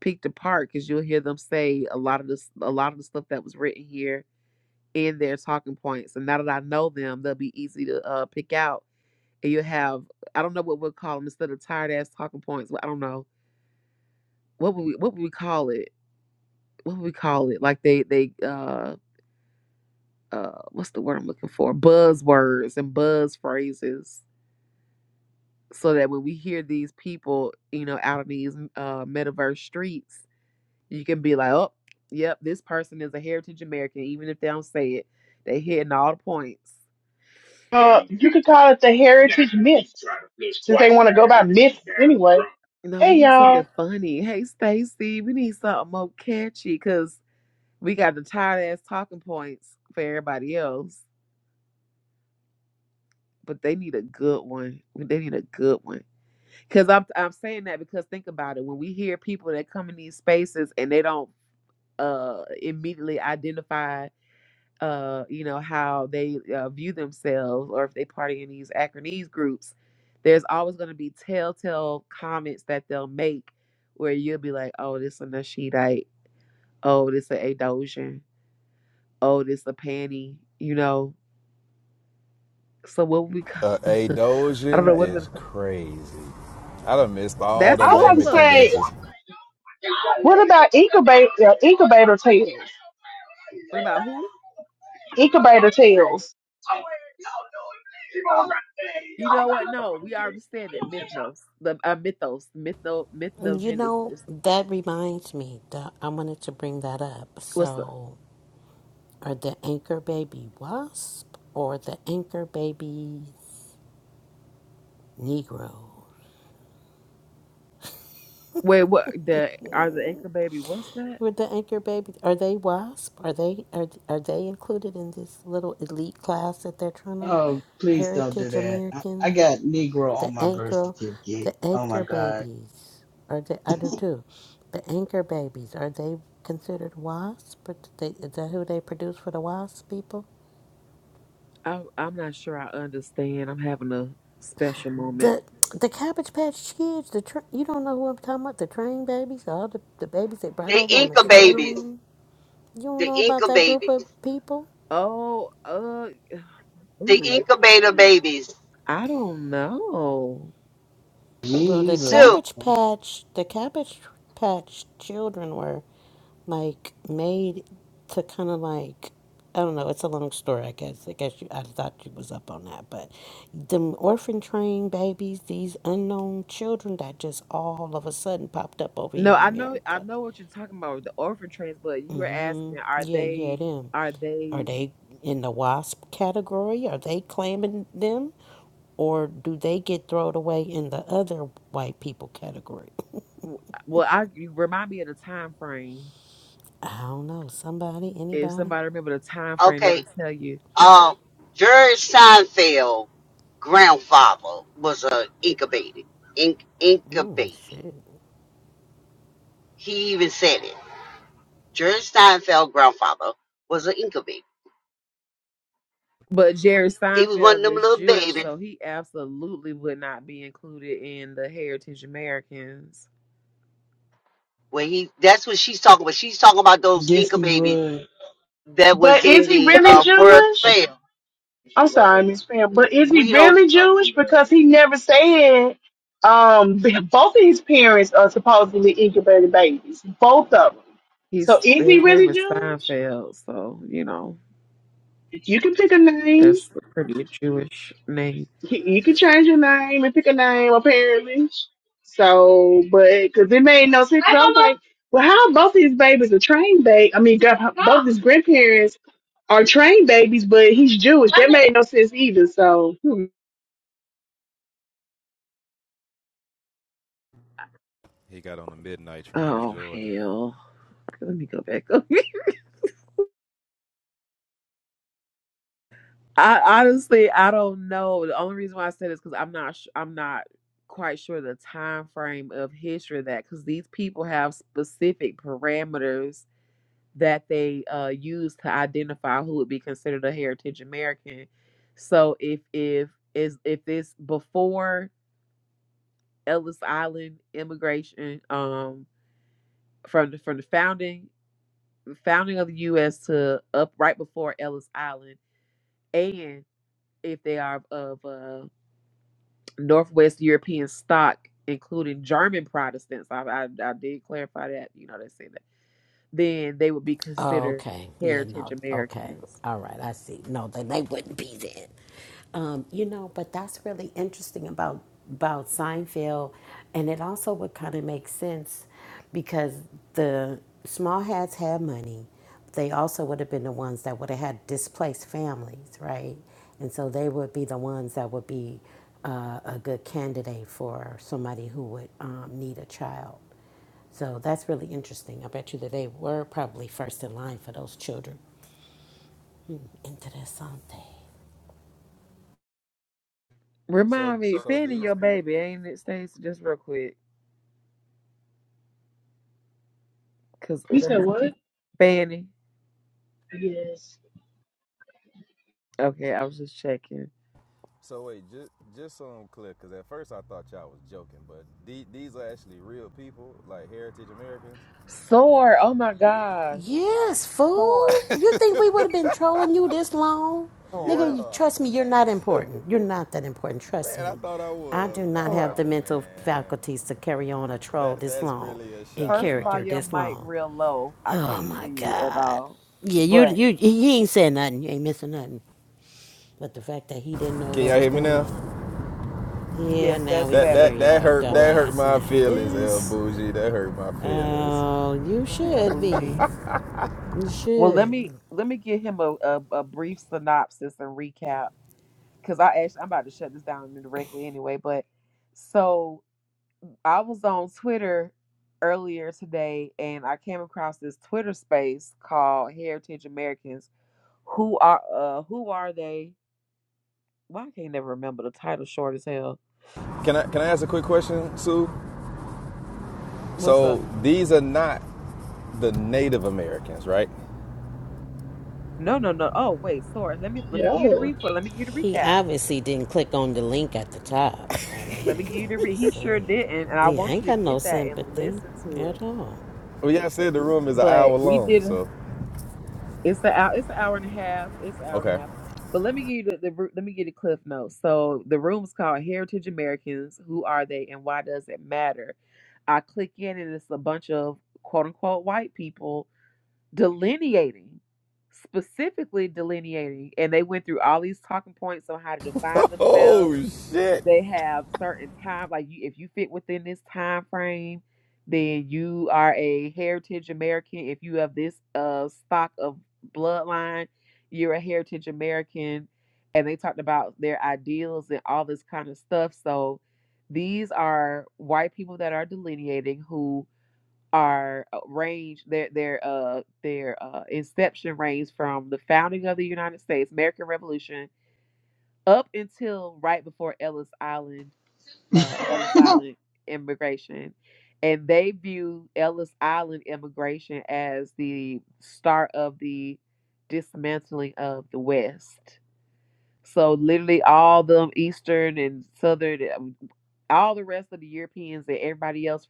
picked apart because you'll hear them say a lot of this a lot of the stuff that was written here in their talking points and now that i know them they'll be easy to uh, pick out and you'll have i don't know what we'll call them instead of tired ass talking points but i don't know what would we what would we call it what would we call it like they they uh uh what's the word i'm looking for buzzwords and buzz phrases so that when we hear these people you know out in these uh metaverse streets you can be like, oh, yep, this person is a heritage American, even if they don't say it. They hitting all the points. Uh, you could call it the heritage myths, since they want to go by myths anyway. No, we Hey, need y'all. something funny. Hey, Stacy, we need something more catchy because we got the tired ass talking points for everybody else. But they need a good one. They need a good one. Cause I'm I'm saying that because think about it. When we hear people that come in these spaces and they don't uh immediately identify uh, you know, how they uh, view themselves or if they party in these acronese groups, there's always going to be telltale comments that they'll make where you'll be like, oh, this a Nashidite. Oh, this a Adosian. Oh, this a panty, you know. So what would we call, Uh, a I don't know Dojin what, it- is crazy. I done missed all the I that's was about to naming Sukla. say, conventions. what about incubator, uh, incubator tales? What about who? Incubator tales. You know what? No, we already said it. Mythnos, the uh, mythos, mytho, You know, mythnogenesis. that reminds me that I wanted to bring that up. What's the So, are the anchor baby wasp or the anchor baby negro? wait? What the are the anchor baby? What's that? Were the anchor baby are they wasp? Are they are are they included in this little elite class that they're trying to Oh, please don't do heritage that. I, I American got Negro the on my birth anchor certificate. the Oh my anchor God. babies are they i do too the anchor babies are they considered wasps? But they, is that who they produce for the wasp people I, I'm not sure I understand. I'm having a special moment. the the cabbage patch kids the tra- you don't know who i'm talking about the train babies all the, the babies they brought The over on the Inca babies. train you don't The know about Inca that group babies. of people Oh, uh, The ooh, incubator babies. I don't know. Me Well, the either. Sue. Cabbage Patch, the Cabbage Patch children were like made to kind of like I don't know. It's a long story, I guess. I guess you, I thought you was up on that, but them orphan train babies, these unknown children that just all of a sudden popped up over here No, in I know, I America. know what you're talking about with the orphan trains, but you were hmm asking, are Yeah, yeah, they, them. are Are they? they in the WASP category? Are they claiming them, or do they get thrown away in the other white people category? w- Well, I you remind me of the time frame. I don't know. Somebody, If anybody? somebody remember the time frame, Okay. that'll tell you. Um, Jerry Seinfeld grandfather was a Inca baby. In- Inca Mm, baby. shit. He even said it. Jerry Seinfeld grandfather was an Inca baby. But Jerry He was one of Seinfeld them is little Jewish, babies so he absolutely would not be included in the Heritage Americans. where he that's what she's talking about. She's talking about those Guess Inca you babies would. that But was in is he the really uh, World Jewish? Fair. I'm sorry, Miss Pam, but is he We don't really Jewish? Because he never said um, both of his parents are supposedly incubator babies, both of them. So He's is he his name really is Jewish? Seinfeld, so you know. You can pick a name. That's a pretty Jewish name. you can change your name and pick a name apparently. So, but because it made no sense, 'cause I was like, well, how both these babies are trained babe? I mean, God, both his grandparents are trained babies, but he's Jewish. That made no sense either. So He got on the midnight train to Oh Georgia. hell. Let me go back up. I honestly I don't know. The only reason why I said is because I'm not sh- I'm not quite sure the time frame of history of that because these people have specific parameters that they uh, use to identify who would be considered a heritage American. So if if is if it's before Ellis Island immigration um from the from the founding founding of the U.S. to up right before Ellis Island, and if they are of uh, Northwest European stock, including German Protestants, I, I, I did clarify that. You know, they say that then they would be Oh, considered Okay. Yeah, heritage no. Okay. Americans. All right. I see. No, then they wouldn't be then. Um, you know, but that's really interesting about about Seinfeld, and it also would kind of make sense because the small hats had money. They also would have been the ones that would have had displaced families, right? And so they would be the ones that would be uh, a good candidate for somebody who would um, need a child. So that's really interesting. I bet you that they were probably first in line for those children. Interesante. So, Remind me, so Fanny, these your people. baby, ain't it, Stacey? Just real quick, cause you said what? Fanny. Yes. Okay, I was just checking. So wait, just just so I'm clear, because at first I thought y'all was joking, but the- these are actually real people, like Heritage Americans. Sword. Oh my gosh, Yes, sword, fool. You think we would have been trolling you this long? Nigga, sword, you Yeah, trust me, you're not important. You're not that important. Trust man, I me. thought I I was. do not sword. have Oh the mental man, faculties to carry on a troll that this that's long really a in shot at First of my all, character your this mic long. real low. I Oh my can't hear my you at God. all. Yeah, you But you he ain't said nothing. You ain't missing nothing. But the fact that he didn't know Can what y'all was hear me going now? on. Yeah, yes, now that's we That can hear better. that your that hurt that Well, hurt dumbass. my Now feelings, El this. Bougie. That hurt my feelings. Oh, you not El should be. Bougie. You Well, let me should. let me give him a, a, a brief synopsis and recap because I actually I'm about to shut this down indirectly anyway. But so I was on Twitter earlier today and I came across this Twitter space called Heritage Americans. Who are uh who are they? Why I can't never remember the title short as hell. Can I can I ask a quick question, Sue? What's up? So these are not the Native Americans, right? No, no, no. Oh, wait, sorry. Let me let me give you the No. replay. Let me give you the He recap. obviously didn't click on the link at the top. I Let me mean, give you I'm the re- he just sure saying. didn't, and I he want ain't you to got no get that and sympathy listen to at it. all. Well, y'all said the room is an But hour we long, did. so It's the hour. It's an hour and a half. It's an hour and okay. a half. But let me give you the, the ru- let me give you the cliff notes. So the room's called Heritage Americans. Who are they, and why does it matter? I click in, and it's a bunch of quote unquote white people delineating, specifically delineating, and they went through all these talking points on how to define themselves Oh shit! they have certain time like you if you fit within this time frame then you are a heritage american if you have this uh stock of bloodline you're a heritage american and they talked about their ideals and all this kind of stuff so these are white people that are delineating who are uh, range their their uh their uh inception range from the founding of the united states american revolution up until right before ellis island uh, Ellis Island immigration, and they view Ellis Island immigration as the start of the dismantling of the West. So literally, all the Eastern and Southern, um, all the rest of the Europeans and everybody else,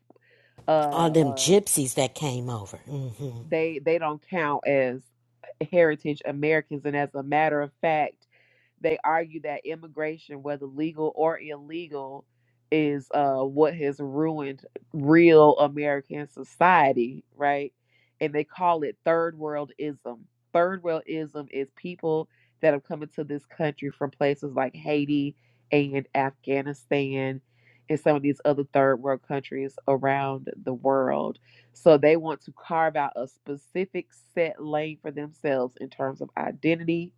uh, All them uh, gypsies that came over. hmm they they don't count as heritage Americans. And as a matter of fact They argue that immigration, whether legal or illegal, is uh, what has ruined real American society, right? And they call it third worldism. Third worldism is people that have come into this country from places like Haiti and Afghanistan and some of these other third world countries around the world. So they want to carve out a specific set lane for themselves in terms of identity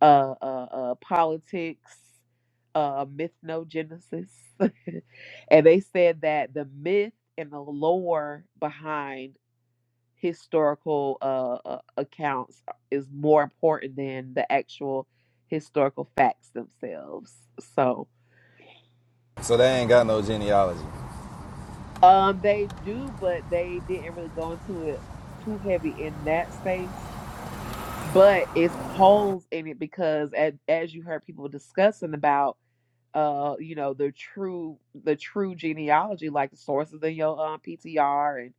uh, uh, uh, politics, uh, mythnogenesis. and they said that the myth and the lore behind historical uh, uh, accounts is more important than the actual historical facts themselves. So So they ain't got no genealogy. um, they do, but they didn't really go into it too heavy in that space. But it's holes in it because, as, as you heard people discussing about uh you know the true the true genealogy like the sources in your um PTR and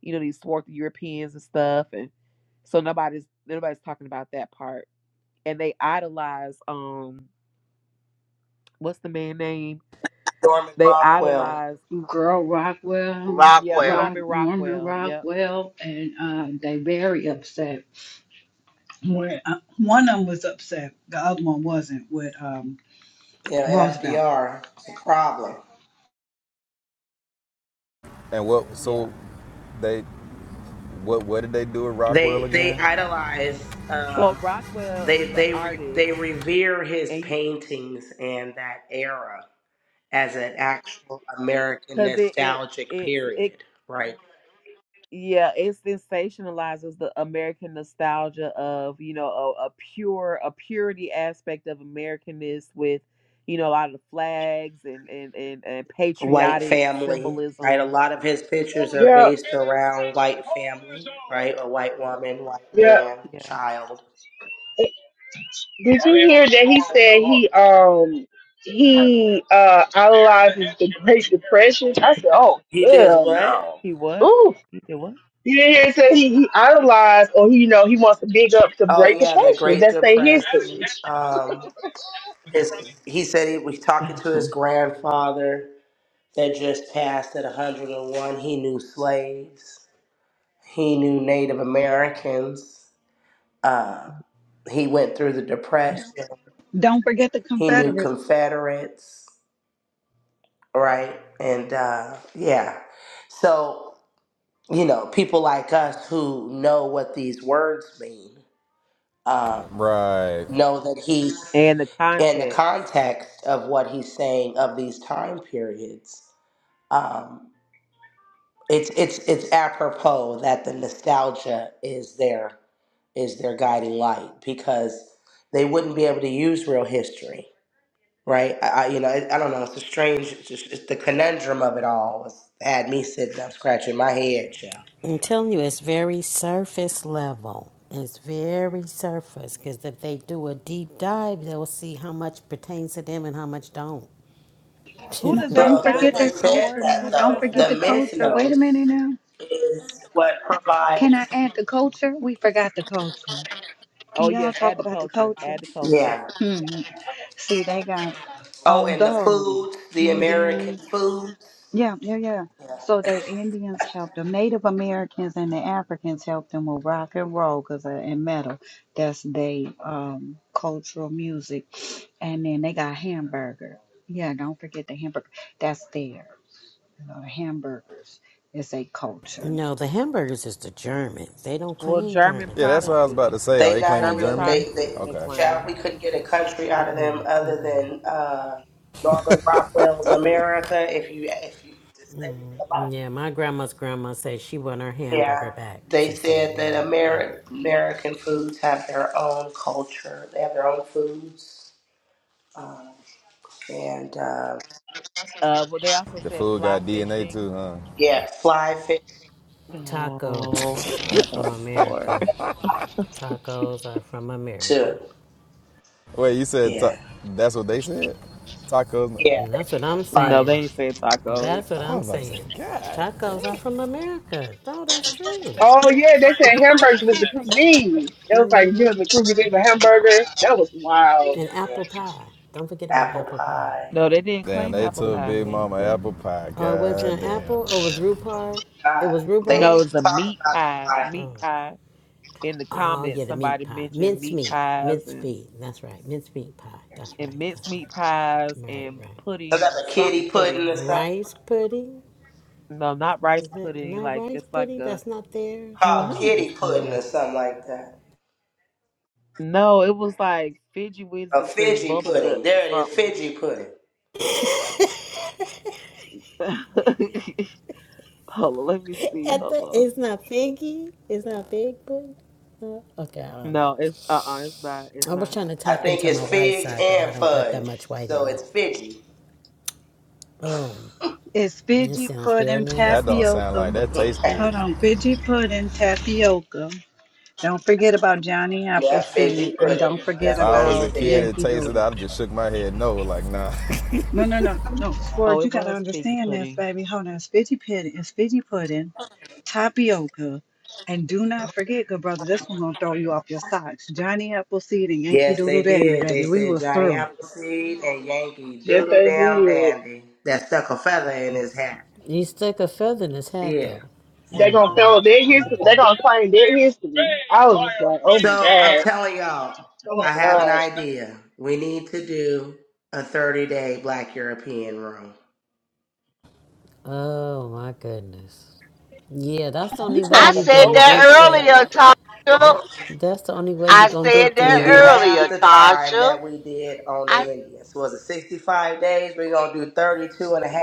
you know these swarthy Europeans and stuff and so nobody's nobody's talking about that part and they idolize um what's the man name Norman they Rockwell. idolize Girl Rockwell, yeah Rockwell. Rock Norman Norman Rockwell yep Rockwell, and uh, they very upset. where uh, one of them was upset, the other one wasn't with um, Yeah, Roosevelt. FDR. It's a problem. And what? yeah So they what? What did they do at Rockwell They they again? idolize so um Rockwell is they the they re, they artist revere his and paintings and that era as an actual American because it it nostalgic it's it period, right? Yeah, it sensationalizes the American nostalgia of, you know, a, a pure, a purity aspect of Americanness with, you know, a lot of the flags and and and, and White patriotic family, right? A symbolism. lot of his pictures are Yeah. based around white family, right? A white woman, white Yeah. man, Yeah. child. Did you hear that he said he um he uh idolizes the Great Depression? I said, oh He did hell what? He what? no. Did what? You didn't hear it say he, he idolized or he, you know, he wants to big up the Oh Great yeah, the Depression. Great That's their history. Depression. Um, his he said he was talking to his grandfather that just passed at 101. He knew slaves, he knew Native Americans, uh, he went through the Depression, Don't forget the he knew Confederates. Confederates, right? And uh, yeah, so, you know, people like us who know what these words mean uh, Right. know that he's and the in the context. context of what he's saying of these time periods. Um, it's it's it's apropos that the nostalgia is their is their guiding light because they wouldn't be able to use real history, right? I, I you know I, I don't know. It's a strange. It's, just, it's the conundrum of it all. Was, had me sitting up scratching my head, yeah. I'm telling you, it's very surface level. It's very surface because if they do a deep dive, they'll see how much pertains to them and how much don't. Who Well, does that Don't Girls, sound but forget they their like, said culture Sword? that now. Who does Don't that though. forget the The sound like? culture. Wait a Mythnos minute now. is what Can I provides. add the culture? We forgot the culture. Can Oh y'all yes, talk add the about the culture. culture? Add the culture. Yeah. Hmm. See, they got Oh, and the although foods, the Indians. American foods. Yeah, yeah, yeah. So the Indians helped them. Native Americans and the Africans helped them with rock and roll 'cause uh, and metal. That's they um cultural music. And then they got hamburger. Yeah, don't forget the hamburger. That's theirs. You know, the hamburgers is a culture. No, the hamburgers is the Germans. They don't Well, claim German Germans, Yeah, I that's what I thought. was Protestant. about to say. Are They they not claiming German even Germany? they Protestants they they Okay. child. claim. We couldn't get a country out of them other than uh, Norman Rockwell's America. If you if you just say Mm, it about yeah, my grandma's grandma said she want her it. hamburger yeah, back. they She said said that no. Ameri- American foods have their own culture. They have their own foods, uh, and uh, Uh, well, they also The said food fly got DNA fishing. too, huh? yeah, fly fish Tacos Oh, are shut from up, America. Sword. Tacos are from America. too. Wait, you said ta- Yeah, that's what they said? Tacos? yeah, And that's they what made up I'm fly. No, they saying. ain't said tacos. That's what I was I'm about to say, saying. God Tacos are damn. from America. No, that's true. Oh yeah, they said hamburgers was the cuisine. That was like you know the cuisine a hamburger. That was wild. And Yeah, apple pie. Don't forget about apple apple pie. pie. No, they didn't Damn, claim they apple took pie. Big They didn't Mama claim. apple it. pie. Oh, it God wasn't damn. apple? Oh, it was rhubarb? It Not, was they ain't No, rhubarb? even it's a talking meat about the pie. pie. Meat Oh. pie. In the Oh yeah, comments, the meat somebody pie, mentioned mince meat meat, pies mince and meat. That's right, mince meat pie. That's and right. minced That's right. meat pies Right, and right. Some pudding, other something kitty pudding pudding. or something. Rice pudding. No, not Is rice that pudding. not Like rice it's like pudding? a. That's not theirs. Hold on, called let Uh, me just kitty tell pudding y'all. or something like that. No, it was like Fiji A Wizards and Fiji bubble pudding. guts or There it is, something. Fiji pudding. Hold on, let me see. at Hold the, on. it's not piggy. It's not pig pudding. Uh, okay, I don't know. No, it's uh uh it's not. It's I was not. trying to I tap think into it's my white figs side, but I and don't got that fudge, much white so in me. it's Fiji. Oh, It's this Fiji sounds real pudding That don't nasty. sound like tapioca. that tastes good. Hold on, Fiji pudding tapioca. Don't forget about Johnny yeah, Appleseed, Fiji and pudding. don't forget If That's I what they was a about kid said. and Yankee tasted it, Doodle. I'd just shook my head no, like nah. No, no, no, no. Yeah. Oh, Sport, you it gotta was figgy understand this, pudding. baby. Hold on. Fizzy pudding is fizzy pudding, tapioca, and do not forget, good brother, this one's gonna throw you off your socks. Johnny Appleseed and Yankee Yes, Doodle they Dandy, did. They baby. We said was Johnny through. Appleseed and Yankee Yes, Doodle they Damn did. Dandy that stuck a feather in his hat. He stuck a feather in his hat Yeah. though. They gonna Mm-hmm. tell their history. Mm-hmm. They gonna claim their history. I was just like, oh my So I'm god, telling y'all, oh my I have an god. idea. We need to do a 30 day Black European room. Oh my goodness. Yeah, that's the only way I you said gonna that get there. earlier, Tasha. That that's the only way you I gonna said get that We'll do there. earlier, half the time Tasha. that we did on the I Indians. Was it 65 days? We're going to do 32 and a half.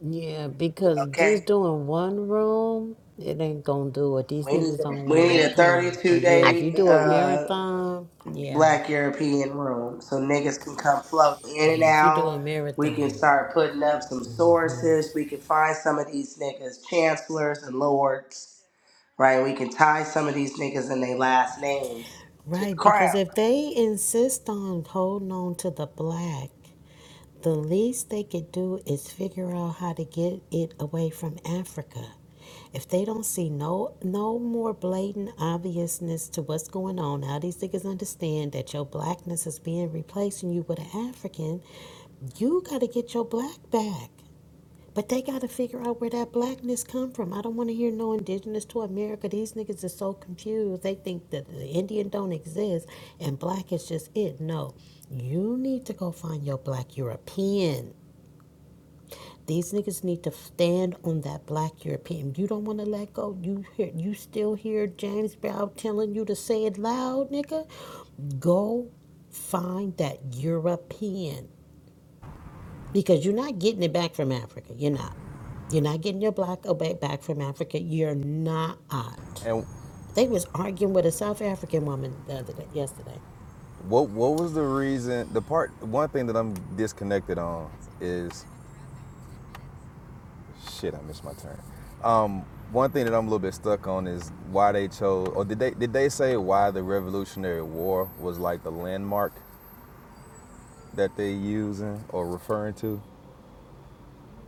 Yeah, because just Okay? doing one room, it ain't gonna do it. These We need, niggas don't we need wanna a we come. 32 But yeah, I, if you day do a uh, marathon, yeah. black European room so niggas can come float in and Yeah, if you do out. a We can marathon. start putting up some sources. We can find some of these niggas, chancellors and lords, right? We can tie some of these niggas and their last names to the Right, because crown. if they insist on holding on to the black, the least they could do is figure out how to get it away from Africa. If they don't see no no more blatant obviousness to what's going on, how these niggas understand that your blackness is being replacing you with an African, you gotta get your black back. But they gotta figure out where that blackness come from. I don't wanna hear no indigenous to America. These niggas are so confused. They think that the Indian don't exist and black is just it. No. You need to go find your black European. These niggas need to stand on that black European. You don't want to let go. You hear, you still hear James Brown telling you to say it loud, nigga. Go find that European because you're not getting it back from Africa. You're not. You're not getting your black obey back from Africa. You're not. and They was arguing with a South African woman the other day, yesterday. what what was the reason? The part one thing that I'm disconnected on is shit. I missed my turn. Um, one thing that I'm a little bit stuck on is why they chose, or did they did they say why the Revolutionary War was like the landmark that they using or referring to,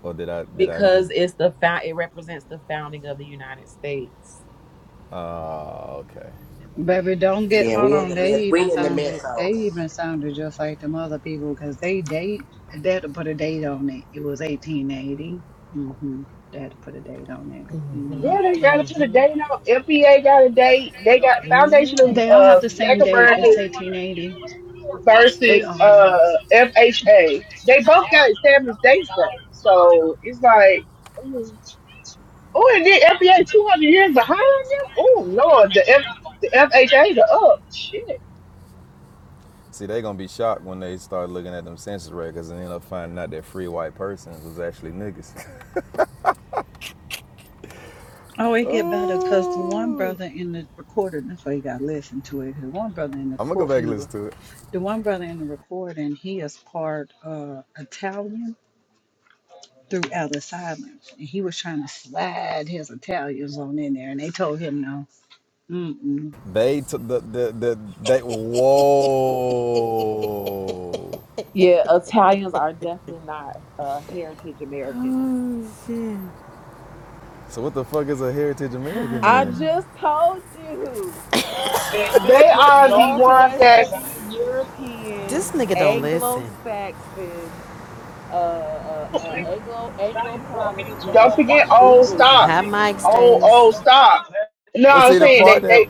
or did I did I because just? it's the found it represents the founding of the United States. Oh, okay, Baby, don't get Yeah, hold we in on. the okay. They mid, even we in the sounded midst. they even sounded just like them other people because they date they had to put a date on it. It was eighteen eighty. Mm-hmm. They had to put a date on it. Mm Yeah, Mhm. they gotta Mm put a hmm. hmm. date on. FBA got a date. They got Foundation Yeah. of They all have uh, to Black Mm hmm. Americans. be. versus uh FHA. They both got established dates though, so it's like. Oh, and then FBA 200 years behind them? Oh, Lord, the, F, the FHA, the up. Shit. See, they gonna be shocked when they start looking at them census records and end up finding out that free white persons was actually niggas. Oh, it get better because the one oh, brother in the recording. That's why you gotta listen to it. The one brother in the I'm gonna go court back in and the re- listen to it. the one brother in the recording. He is part uh, Italian through Ellis Island, and he was trying to slide his Italians on in there, and they told him no. Mm-mm. They took the the the they. Whoa. Yeah, Italians are definitely not uh heritage Americans. Oh shit. So what the fuck is a heritage American I then? just told you. And they are the ones that Northwestern Europeans, This nigga don't Anglo listen. Saxons, uh, uh, uh Anglo Anglo Protestant don't forget old stock. High Englishmen. mic Old, stays. old stock. No, Well, I'm see the saying they, part that. they,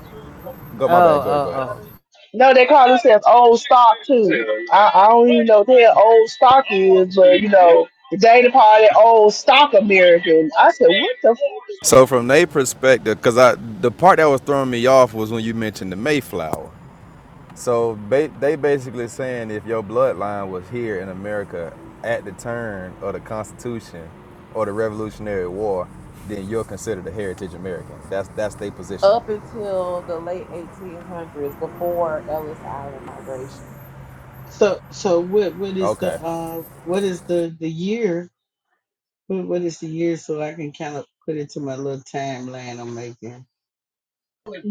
Go Oh, my bad. Go ahead. Go oh, ahead. oh. No, they call themselves old stock too. I, I don't even know what the old stock is, but you know, the Dana Party old stock American. I said, what the fuck? So from their perspective, because I the part that was throwing me off was when you mentioned the Mayflower. So ba- they basically saying if your bloodline was here in America at the turn of the Constitution or the Revolutionary War, then you're considered a heritage American. That's that's their position. up until the late 1800s before Ellis Island migration. So so what what is the Okay. uh what is the the year? What what is the year so I can kind of put it to my little timeline I'm making?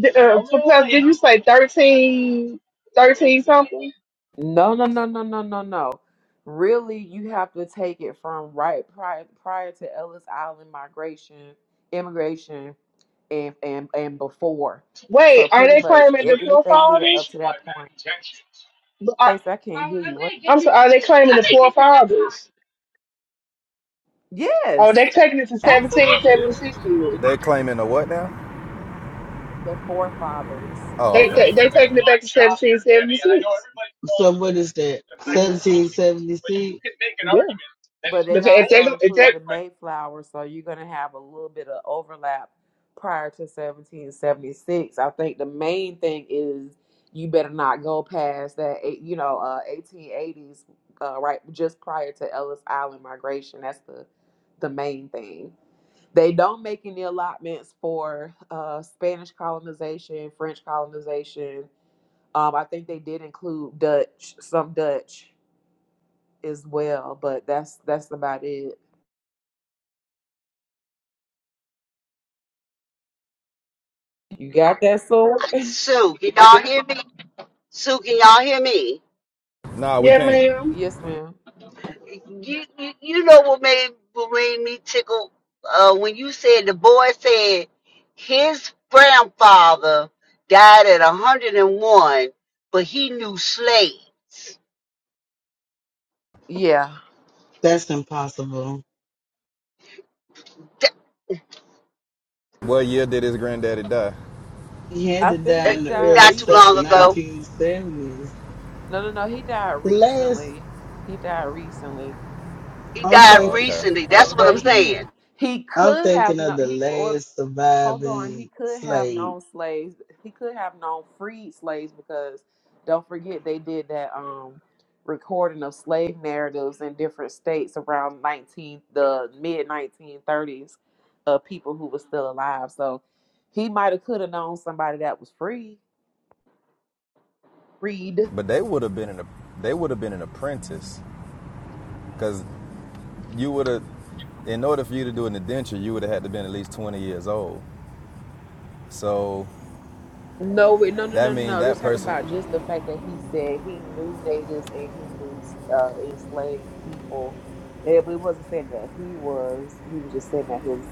Did, uh, Professor, did you say thirteen, thirteen something? No, no, no, no, no, no, no. Really, you have to take it from right prior prior to Ellis Island migration, immigration, and and and before. So Wait, are pretty they much claiming a- the anything leading up forefathers? to that point. Are, Stacey, I can't hear you. What? I'm sorry, are they claiming the forefathers? Oh, Yes, they're taking it to absolutely. 1776. then. They claiming a what now? The forefathers. Oh, They, okay. they, they taking it back to 1776. So what is that? Mm. 1776? Yeah. But they But it also take, it include take, the Mayflower, so you're gonna have a little bit of overlap prior to 1776. I think the main thing is you better not go past that, eight- you know, uh, 1880s, uh, right, just prior to Ellis Island migration. That's the the main thing. They don't make any allotments for uh, Spanish colonization, French colonization. Um, I think they did include Dutch, some Dutch as well, but that's that's about it. You got that sword? Sue, can y'all hear me? Sue, can y'all hear me? Nah, we yeah, can't. ma'am. Yes, ma'am. You you, you know what made what made me tickle uh, when you said the boy said his grandfather died at 101, but he knew slaves Yeah. That's impossible. What year did his granddaddy die? He had I to think die uh, he in the died early not too se- long recently. ago. 1970s. No, no, no. He died The last, recently. He died recently. He I'm died Oh, thinking, okay. recently. That's what I'm But he saying. he I'm could have thinking of not. the He well. last Hold on, he surviving could have slave. known slaves. He could have known freed slaves because don't forget they did that um recording of slave narratives in different states around 19 the mid 1930s of people who were still alive. So he might have could have known somebody that was free, freed. But they would have been an they would have been an apprentice because you would have, in order for you to do an indenture, you would have had to been at least 20 years old. So No, wait, no, no, that no, no. means no. They're that talking person, about just the fact that he said he knew natives and he knew uh, enslaved people. They, it wasn't saying that he was. He was just saying that his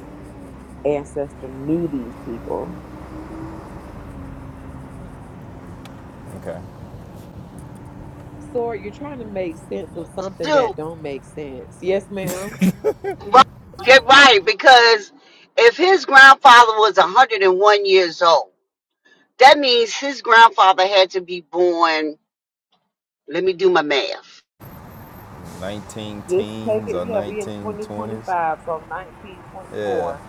ancestor knew these people. okay, So you're trying to make sense of something Sue, that don't make sense. Yes, ma'am. right, get right because if his grandfather was 101 years old, that means his grandfather had to be born Let me do my math. 19 Just take teens it. or Yeah, we in 1920s. 2025, so Yeah, 1924.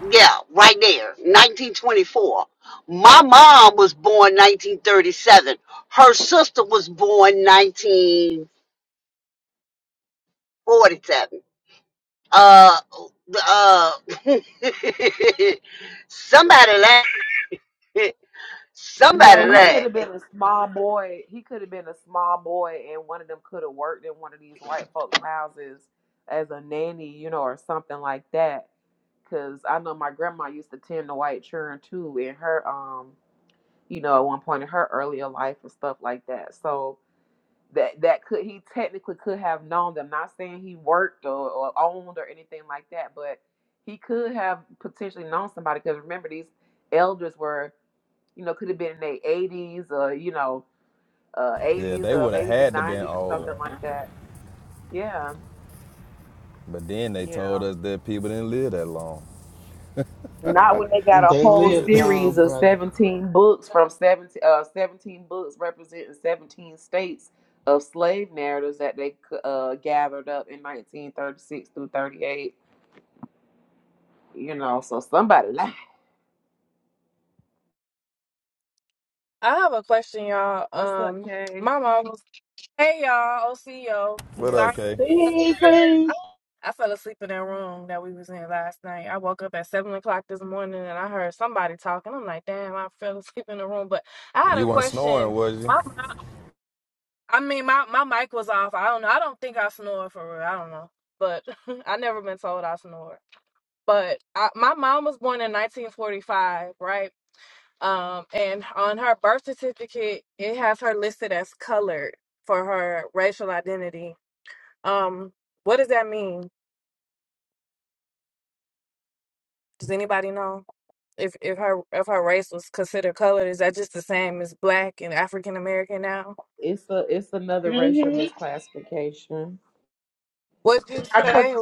Yeah, right there, 1924. My mom was born 1937. Her sister was born 1947. Uh, uh, somebody laugh. Somebody No, he could laugh. have been a small boy. He could have been a small boy, and one of them could have worked in one of these white folks' houses as a nanny, you know, or something like that. Because I know my grandma used to tend to white children too in her, um, you know, at one point in her earlier life and stuff like that. So that that could he technically could have known them. Not saying he worked or, or owned or anything like that, but he could have potentially known somebody because remember these elders were, you know, could have been in their eighties or you know, uh, yeah, eighties they or would have maybe even had to been nineties or old. something like that. Yeah, But then they yeah. told us that people didn't live that long. Not when they got a They whole lived But long, series of brother. 17 books from 17, uh, 17 books representing 17 states of slave narratives that they uh, gathered up in 1936 through 38. You know, so somebody lied. I have a question, y'all. What's up, Um, Kay? my mom was, hey y'all, OCO. what Yeah. up, Sorry, Kay? Please, I fell asleep in that room that we was in last night. I woke up at seven o'clock this morning and I heard somebody talking. I'm like, damn, I fell asleep in the room. But I had You a weren't snoring, question. was you? My, mi- I mean, my my mic was off. I don't know. I don't think I snore for real. I don't know, but I never been told I snore. But I, my mom was born in 1945, right? Um, and on her birth certificate, it has her listed as colored for her racial identity. Um, what does that mean? Does anybody know? If if her if her race was considered colored, is that just the same as black and African American now? It's a it's another racial Mhm. misclassification. What'd you I, co- say?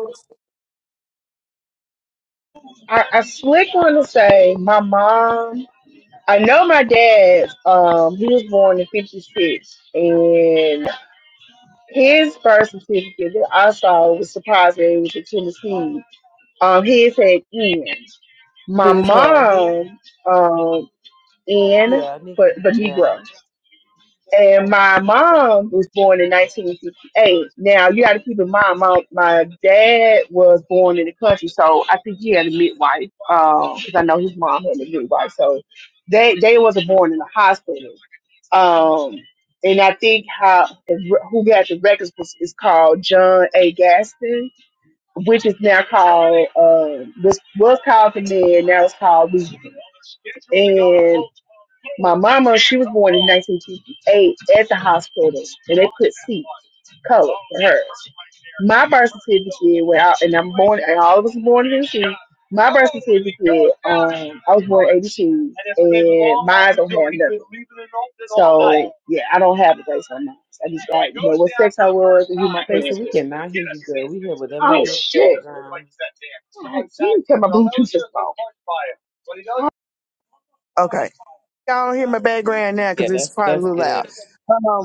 I, I slick want to say my mom. I know my dad. Um, he was born in '56, and his birth certificate that I saw was surprised that it was in Tennessee. Um, his had N. My His had who? mom, um, N Yeah, for nigga. for Yeah. Negro. And my mom was born in 1958. Now you got to keep in mind, my my dad was born in the country, so I think he had a midwife. Because I know his mom had a midwife, so they they wasn't born in a hospital. Um, and I think how who got the records was, is called John A. Gaston, which is now called uh, was was called the man, now it's called Regan. and. My mama, she was born in 1958 at the hospital, and they put C color for hers. My birth certificate, went out, and I'm born, and all of us were born in '82. My birth certificate, um, I was born in '82, and mine don't have nothing. So yeah, I don't have a race on mine. I just got you know what sex I was and who my They parents said we were. cannot hear you, girl. We hear whatever that is Oh in the shit! background. Oh, you cut my Bluetooth just off. Okay y'all don't hear my background now Yeah, because it's that's probably a that's little good. loud. Um,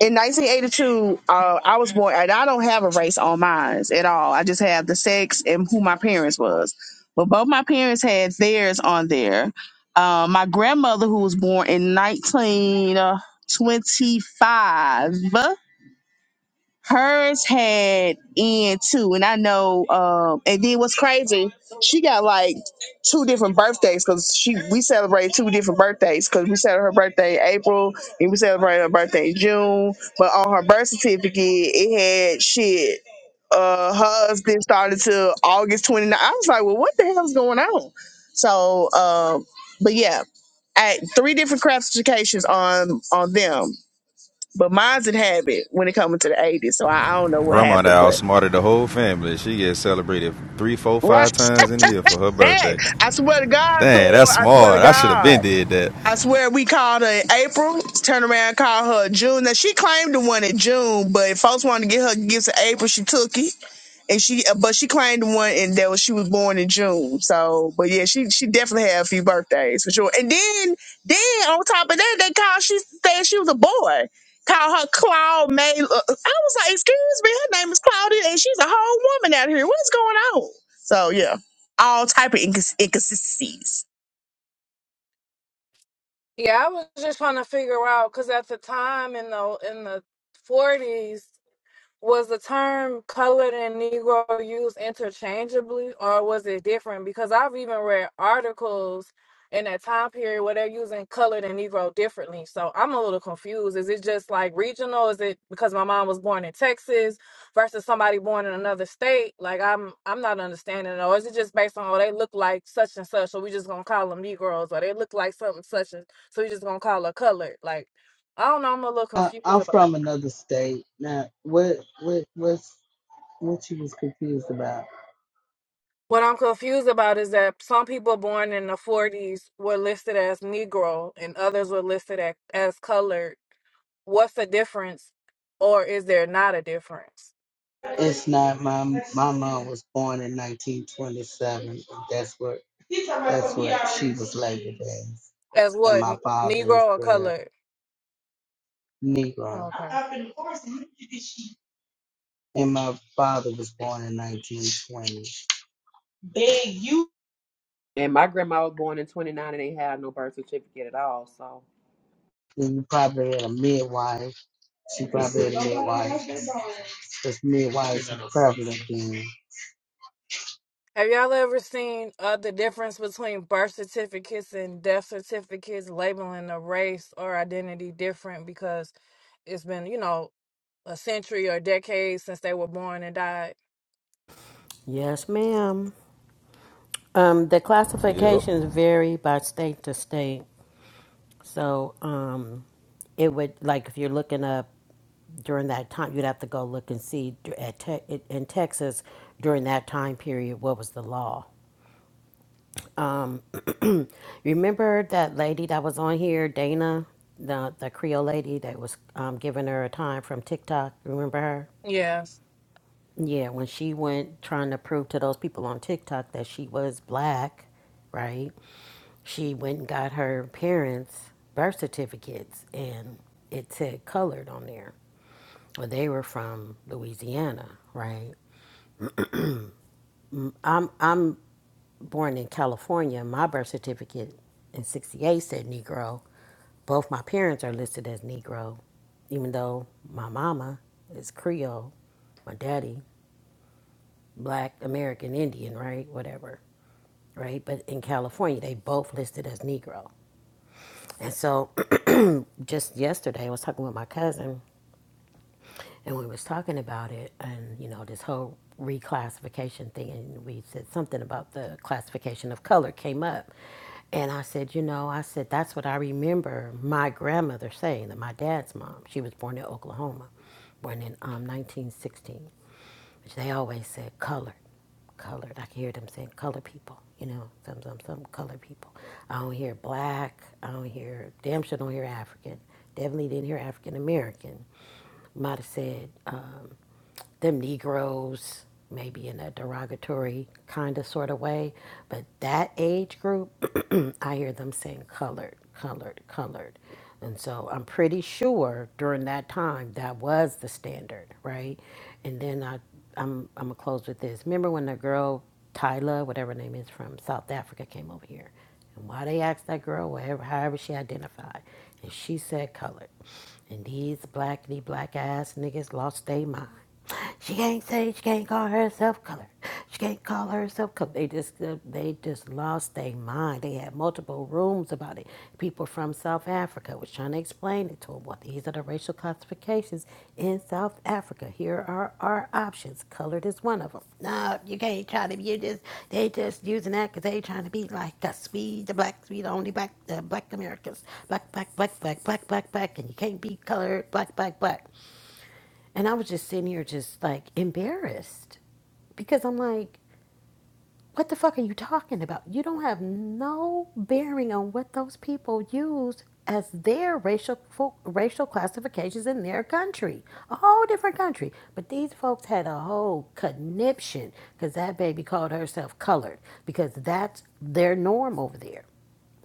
in 1982, uh, I was born, and I don't have a race on mine at all. I just have the sex and who my parents was. But both my parents had theirs on there. Um, my grandmother, who was born in 1925, Hers had end too, and I know. Um, and then what's crazy? She got like two different birthdays because she we celebrate two different birthdays because we celebrate her birthday in April and we celebrate her birthday in June. But on her birth certificate, it had shit. Uh, hers didn't August 29th. I was like, well, what the hell's going on? So, um, but yeah, at three different classifications on on them. But mine's in habit when it comes to the 80s. So I, I don't know what Grandma that happened, but outsmarted the whole family. She gets celebrated three, four, right. five times in a year for her Hey, birthday. I swear to God, Dang, Tor, that's I swear to smart. I should have God. been did that. I swear we called her in April, turned around and called her in June. Now she claimed the one in June, but if folks wanted to get her gifts in April, she took it. And she uh, but she claimed the one and that was she was born in June. So but yeah, she she definitely had a few birthdays for sure. And then then on top of that, they called she said she was a boy. Called her Claude May. uh, I was like, excuse me, her name is Claudia and she's a whole woman out here. What's going on? So yeah. All type of incons- inconsistencies. Yeah, I was just trying to figure out because at the time in the in the forties, was the term colored and negro used interchangeably or was it different because i've even read articles in that time period where they're using colored and negro differently so i'm a little confused is it just like regional is it because my mom was born in texas versus somebody born in another state like i'm i'm not understanding it. or is it just based on oh they look like such and such so we just gonna call them negroes or they look like something such and so we just gonna call her colored like i don't know i'm a little I, confused I'm about from another state. Now, what, what, what's, what you was confused about? What I'm confused about is that some people born in the 40s were listed as Negro and others were listed as, as colored. What's the difference, or is there not a difference? It's not my my mom was born in 1927. That's what that's what she was labeled as. As and what, my n- father is Negro or a colored? Negro. Okay. And my father was born in 1920. And my grandma was born in 29 and they had no birth certificate at all. So, Then you probably had a midwife. She probably had a midwife. Because midwives are prevalent then. Have y'all ever seen uh, the difference between birth certificates and death certificates labeling a race or identity different because it's been, you know, a century or decades since they were born and died? Yes, ma'am. Um, the Yep. classifications vary by state to state. So, um, it would like if you're looking up during that time, you'd have to go look and see d- at te- in Texas during that time period what was the law. Um, remember that lady that was on here, Dana, the the Creole lady that was um, giving her a time from TikTok. Remember her? Yeah. Yeah, when she went trying to prove to those people on TikTok that she was black, right? She went and got her parents' birth certificates and it said colored on there. Well, they were from Louisiana, right? I'm I'm born in California. My birth certificate in 68 said Negro. Both my parents are listed as Negro, even though my mama is Creole, my daddy, black American Indian, right? Whatever. right? But in California, they both listed as Negro. And so just yesterday, I was talking with my cousin, and we was talking about it, and you know this whole reclassification thing, and we said something about the classification of color came up. And I said, you know, I said, that's what I remember my grandmother saying, that my dad's mom, she was born in Oklahoma, born in um, 1916 which they always said colored, colored. I can hear them saying color people, you know, some, some, some color people. I don't hear black. I don't hear, damn sure don't hear African. Definitely didn't hear African American. Might have said um, them Negroes, maybe in a derogatory kind of sort of way. But that age group, I hear them saying colored, colored, colored. And so I'm pretty sure during that time that was the standard, right? And then I, I'm, I'm gonna close with this. Remember when the girl Tyla, whatever her name is, from South Africa came over here, and why they asked that girl, whatever, however she identified, and she said colored, and these blackity black ass niggas lost their mind. She can't say she can't call herself colored. She can't call herself colored. They just they just lost their mind like, They had multiple rooms about it. People from South Africa was trying to explain it to them. What these are the racial classifications in South Africa. Here are our options. Colored is one of them. No, you can't try to. You just they just using that because they trying to be like us. We the blacks, we the only black, uh, black Americans. Black, black, black, black, black, black, black, and you can't be colored. Black, black, black. And I was just sitting here, just like embarrassed because I'm like, what the fuck are you talking about? You don't have no bearing on what those people used as their racial racial classifications in their country, a whole different country. But these folks had a whole conniption because that baby called herself colored because that's their norm over there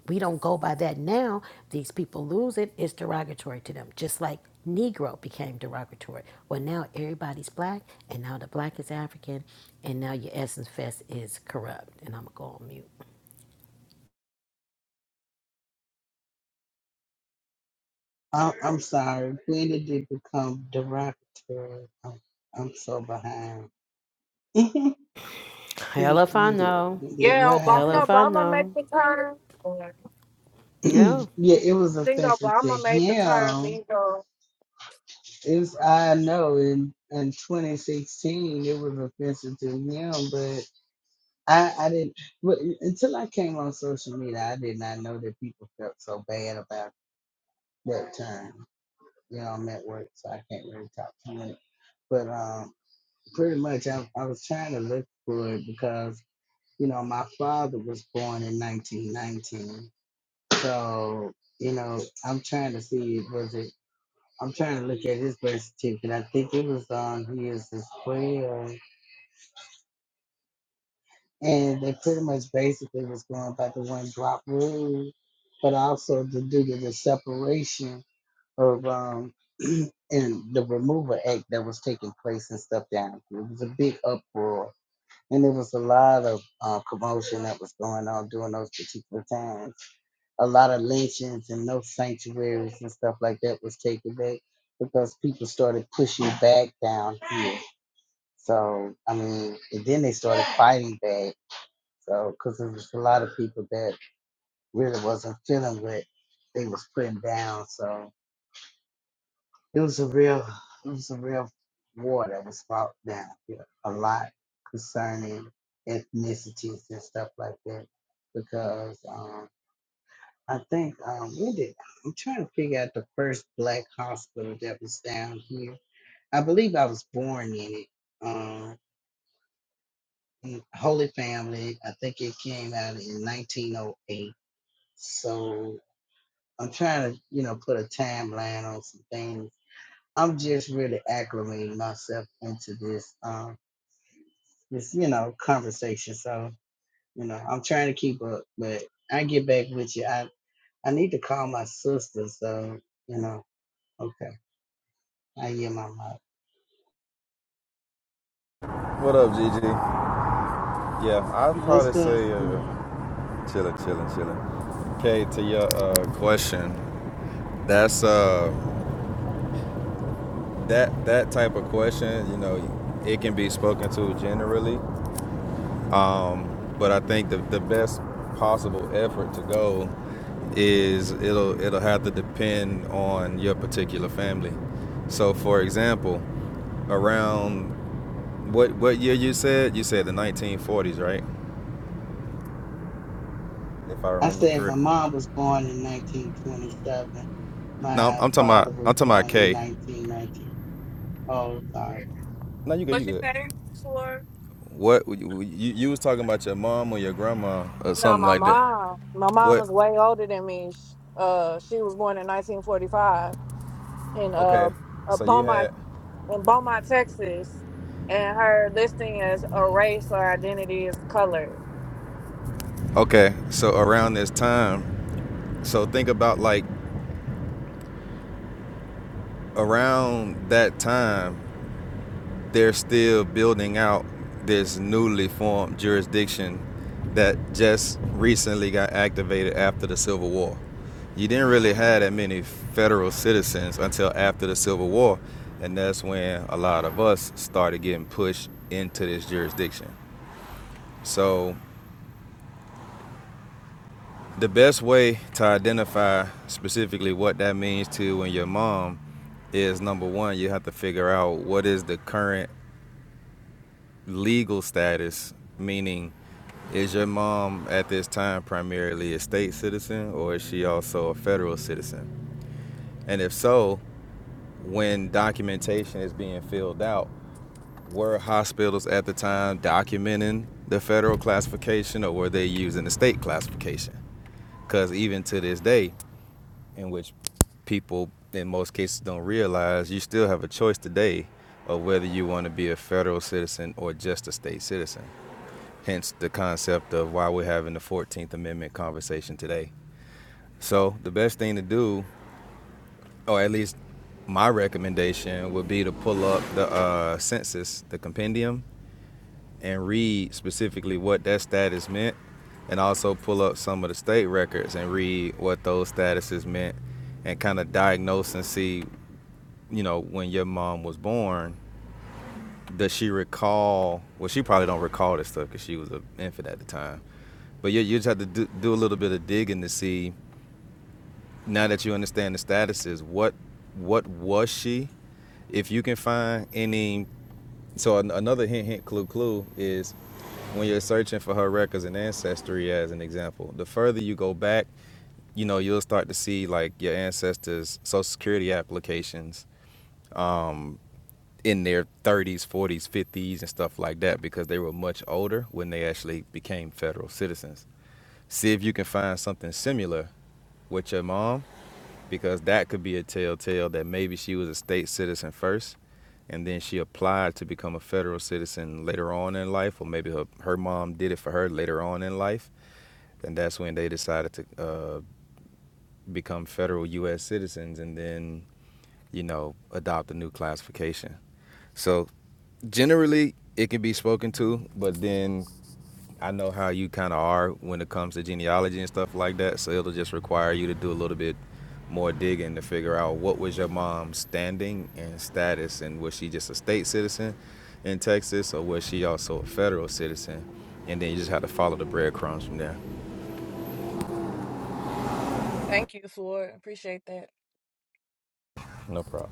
we don't go by that now. These people lose it. It's derogatory to them. Just like Negro became derogatory. Well, now everybody's black, and now the black is African, and now your Essence Fest is corrupt. And I'm going to go on mute. I'm, I'm sorry. When did it become derogatory? I'm, I'm so behind. Hell When, if I when did, know. when did- Yeah, what Hell Obama, happened? if I Obama made know. the turn. I Yeah. yeah, it was think offensive to Obama made the turn him. legal. It's I know in in 2016 it was offensive to him, but I I didn't but until I came on social media I did not know that people felt so bad about that term. You know, I'm at work, so I can't really talk to it. But um, pretty much I I was trying to look for it because you know my father was born in 1919, so you know I'm trying to see was it I'm trying to look at his verse too, but I think it was on He Is His Prayer. And they pretty much basically was going about the one drop rule, but also to do to the separation of um and the removal act that was taking place and stuff down. here. It was a big uproar. And there was a lot of uh, commotion that was going on during those particular times. a lot of lynchings and no sanctuaries and stuff like that was taken back because people started pushing back down here. So, I mean, and then they started fighting back. So, because there was a lot of people that really wasn't feeling what they was putting down. So it was a real, it was a real war that was fought down here a lot concerning ethnicities and stuff like that because um, I think um where did I'm trying to figure out the first black hospital that was down here. I believe I was born in it. Um in Holy Family. I think it came out in nineteen oh eight. So I'm trying to, you know, put a timeline on some things. I'm just really acclimating myself into this um this, you know, conversation. So, you know, I'm trying to keep up, but I get back with you. I I need to call my sister, so you know, okay. I hear my mic. What up, Gigi? Yeah, I'd probably What's up, say uh, son? chilling, chilling, chilling. Okay, to your uh, question, that's uh, that that type of question. You know, it can be spoken to generally, um, but I think the the best possible effort to go is it'll it'll have to depend on your particular family. So, for example, around what what year you said? You said the 1940s, right? If I I remember said my correct. mom was born in 1927. No, I'm, My I'm talking about father was I'm talking born about in K. 1919. Oh, sorry. No, you good. You What you good. say, Sure. What you, you was talking about your mom or your grandma or No, something my like that? mom. My mom What? is way older than me. Sh- Uh, she was born in 1945 in Okay. uh, uh So you Beaumont, had. in Beaumont, Texas, and her listing as a race or identity is color. Okay. So around this time, so think about like around that time, they're still building out this newly formed jurisdiction that just recently got activated after the Civil War. You didn't really have that many federal citizens until after the Civil War, and that's when a lot of us started getting pushed into this jurisdiction. So, the best way to identify specifically what that means to you and your mom is number one, you have to figure out what is the current legal status, meaning is your mom at this time primarily a state citizen or is she also a federal citizen? And if so, when documentation is being filled out, were hospitals at the time documenting the federal classification or were they using the state classification? Because even to this day, in which people in most cases don't realize, you still have a choice today of whether you want to be a federal citizen or just a state citizen. hence the concept of why we're having the 14th Amendment conversation today. So, the best thing to do, or at least my recommendation, would be to pull up the uh, census, the compendium, and read specifically what that status meant, and also pull up some of the state records and read what those statuses meant, and kind of diagnose and see, you know, when your mom was born, does she recall? Well, she probably don't recall this stuff because she was an infant at the time. But you, you just have to do, do a little bit of digging to see. Now that you understand the statuses, what what was she? If you can find any, so an, another hint, hint, clue, clue is when you're searching for her records and ancestry, as an example. The further you go back, you know you'll start to see like your ancestors' social security applications in their 30s, 40s, 50s, and stuff like that because they were much older when they actually became federal citizens. See if you can find something similar with your mom because that could be a telltale that maybe she was a state citizen first and then she applied to become a federal citizen later on in life, or maybe her, her mom did it for her later on in life, and that's when they decided to uh, become federal U.S. citizens and then, you know, adopt a new classification. So generally it can be spoken to, but then I know how you kind of are when it comes to genealogy and stuff like that. So it'll just require you to do a little bit more digging to figure out what was your mom's standing and status and was she just a state citizen in Texas or was she also a federal citizen? And then you just have to follow the breadcrumbs from there. Thank you, Ford. Appreciate that. No problem.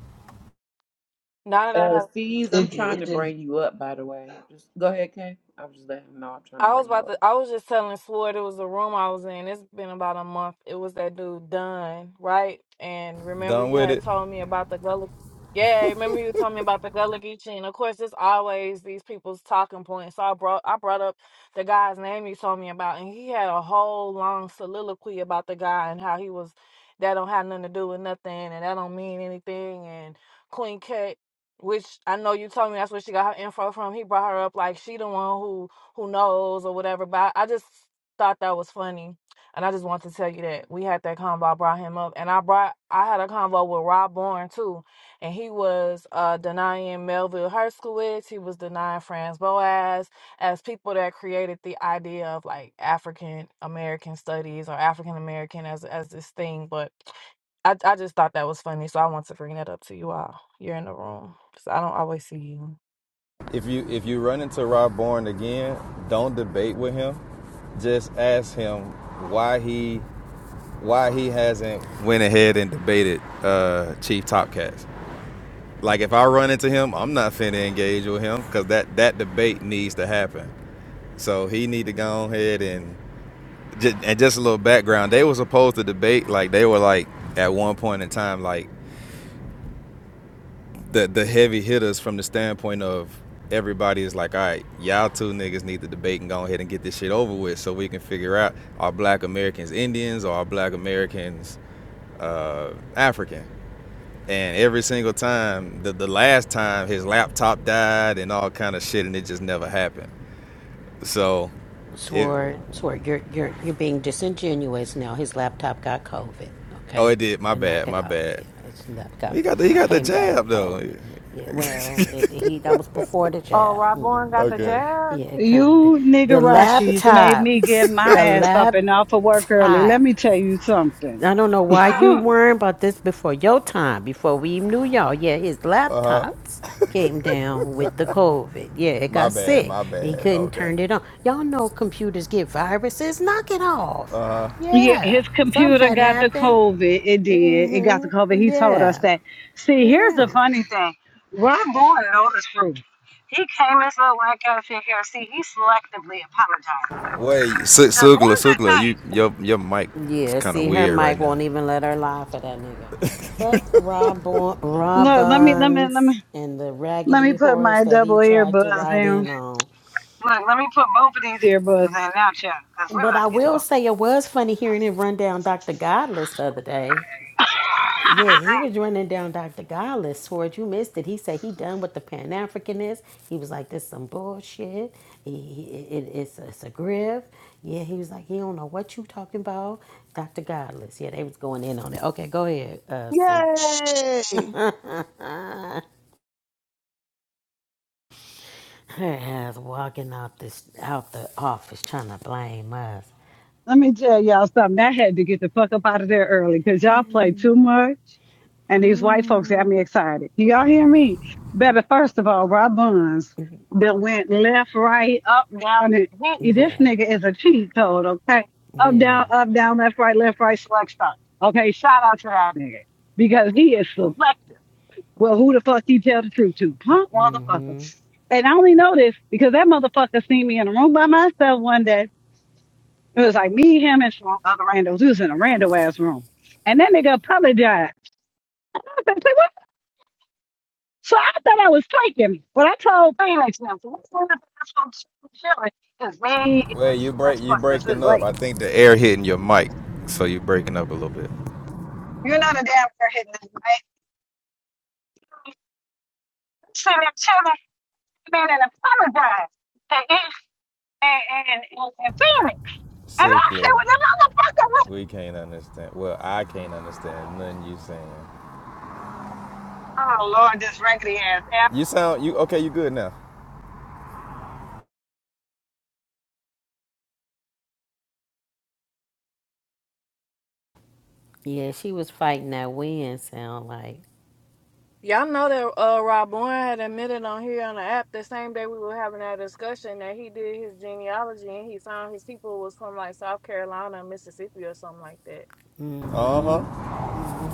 Now that I uh, have C's, I'm If trying to bring you up, by the way. Just go ahead, Kay. I am just letting him know I'm trying to I was bring him about up. to. I was just telling Floyd it was a room I was in. It's been about a month. It was that dude Dunn, right? And remember Done you with had it. told me about the Gullah. Yeah, remember you told me about the Gullah Geechee. And of course, it's always these people's talking points. So I brought I brought up the guy's name you told me about, and he had a whole long soliloquy about the guy and how he was that don't have nothing to do with nothing, and that don't mean anything. And Queen Cat, which I know you told me that's where she got her info from. He brought her up like she the one who who knows or whatever. But I, I just thought that was funny, and I just want to tell you that we had that convo. I brought him up, and I brought I had a convo with Rob Bourne too, and he was uh, denying Melville Herskowitz. He was denying Franz Boas as people that created the idea of like African American studies or African American as as this thing, but. I, I just thought that was funny, so I want to bring that up to you all. You're in the room, so I don't always see you. If you if you run into Rob Bourne again, don't debate with him. Just ask him why he why he hasn't went ahead and debated uh, Chief Topcats. Like if I run into him, I'm not finna engage with him because that that debate needs to happen. So he need to go ahead and just, and just a little background. They were supposed to debate like they were like at one point in time like the the heavy hitters from the standpoint of everybody is like, all right, y'all two niggas need to debate and go ahead and get this shit over with so we can figure out are black Americans Indians or are black Americans uh, African? and every single time the, the last time his laptop died and all kind of shit and it just never happened so it Swore, swore, you're, you're, you're being disingenuous now. His laptop got COVID, oh it okay? did my And knock bad it my off. bad Yeah, his laptop he got the, he got, got the came down jab with though COVID. Yeah, well, it, he that was before the Oh, jab. Rob hmm Bourne got He the got, okay jab. yeah, it come. The You the niggerachis made me get laptops, my the ass up and off of work early. Let laptops. me tell you something. I don't know why you worrying about this before your time, before we even knew y'all. Yeah, his laptops came down with the COVID. Yeah, it my got bad sick. my and He bad couldn't okay turn it on. Y'all know computers get viruses. Knock it off. Yeah, Yeah, his something computer had got the happened. COVID. It did. It got the COVID. Mm-hmm. He told us Yeah. that. See, here's the Yeah. funny thing. Ron Boy know the truth. He came into the Black outfit here. See, he selectively apologized. wait Su- There's sugla one good sugla night. you your your mic is Yeah, kind of see, her weird right mic now won't even let her lie for that nigga. Fuck Rob Look, let me let me let Robbins me and the let me raggedy put horse my that double he tried to earbuds ride in. in on. Look, let me put both of these earbuds in now, child, because we're But about I to get to go. will say it was funny hearing him run down Dr. Godless the other day. Yeah, he was running down Dr. Godless towards you missed it. He said he done with the Pan africanists He was like, this some bullshit. He, he- it, it's, it's a grift. Yeah, he was like, he don't know what you talking about. Dr. Godless. Yeah, they was going in on it. Okay, go ahead, uh, Sue. Yay! Her ass walking out this out the office trying to blame us. Let me tell y'all something. I had to get the fuck up out of there early because y'all play too much. And these white folks got me excited. Do y'all hear me? Better, first of all, Rob Buns that went left, right, up, down, and what- this Yeah, nigga is a cheat code, okay? Up, yeah. down, up, down, left, right, left, right, select stop. Okay, shout out to that nigga because he is selective. Well, who the fuck he tell the truth to? Punk motherfucker. mm-hmm. And I only know this because that motherfucker seen me in a room by myself one day it was like me, him, and some other randos. We was in a rando ass room. And that nigga apologized. I said, "Say what?" So I thought I was taking, But I told Phoenix now, so what's going on with this chilling? Because me, wait it's you break it's you what it was breaking it's up late. i think the air hitting your mic so you breaking up a little bit You know the damn girl hitting this right. So that chilling man and apologized. And, and, and, and, and Phoenix. And I said, sugla well, the motherfucker was... we can't understand well i can't understand nothing you saying Oh, Lord, this raggedy ass app. You sound you okay? You good now? Yeah, she was fighting that wind sound like. Y'all know that uh, Rob Bowen had admitted on here on the app the same day we were having that discussion that he did his genealogy and he found his people was from like South Carolina, Mississippi, or something like that. Uh Mm-hmm. huh.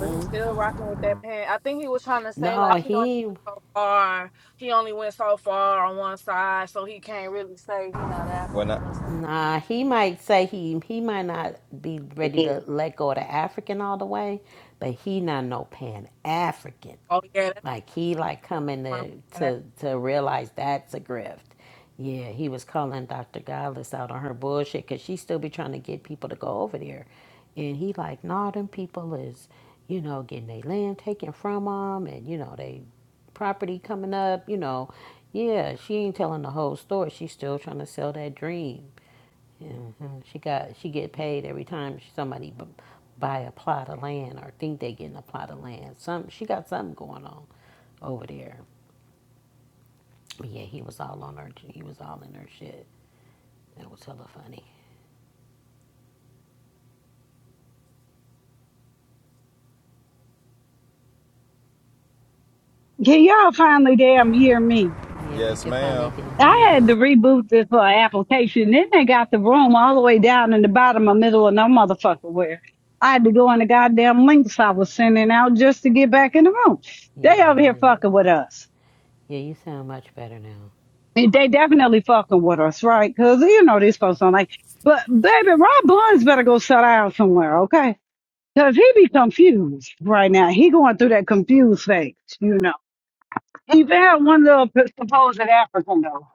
But he's still rocking with that pen. I think he was trying to say No, like he only he went so far, he only went so far on one side, so he can't really say he not When African I or something. nah, he might say he he might not be ready Mm. to let go of the African all the way, but he not no pan African. Oh yeah, that's Like he like coming to one. to to realize that's a grift. Yeah, he was calling Dr. Godless out on her bullshit because she still be trying to get people to go over there, and he like, nah, them people is, you know, getting their land taken from them, and you know they property coming up, you know. Yeah, she ain't telling the whole story. She's still trying to sell that dream. hmm She got she get paid every time somebody b- buy a plot of land or think they getting a plot of land. Some she got something going on over there. But yeah, he was all on her. He was all in her shit. That was hella funny. Can y'all finally damn hear me? Yeah, we yes, can ma'am. finally damn hear I had you. to reboot this uh, application. Then they got the room all the way down in the bottom of middle of no motherfucker where. I had to go on the goddamn links I was sending out just to get back in the room. They Yeah, over here yeah, fucking with us. yeah. You sound much better now. And They definitely fucking with us, right? 'Cause you know these folks don't like. But baby, Rob Blunt's better go sit down somewhere, okay? 'Cause he be confused right now. He going through that confused phase, you know. He found one little supposed African though.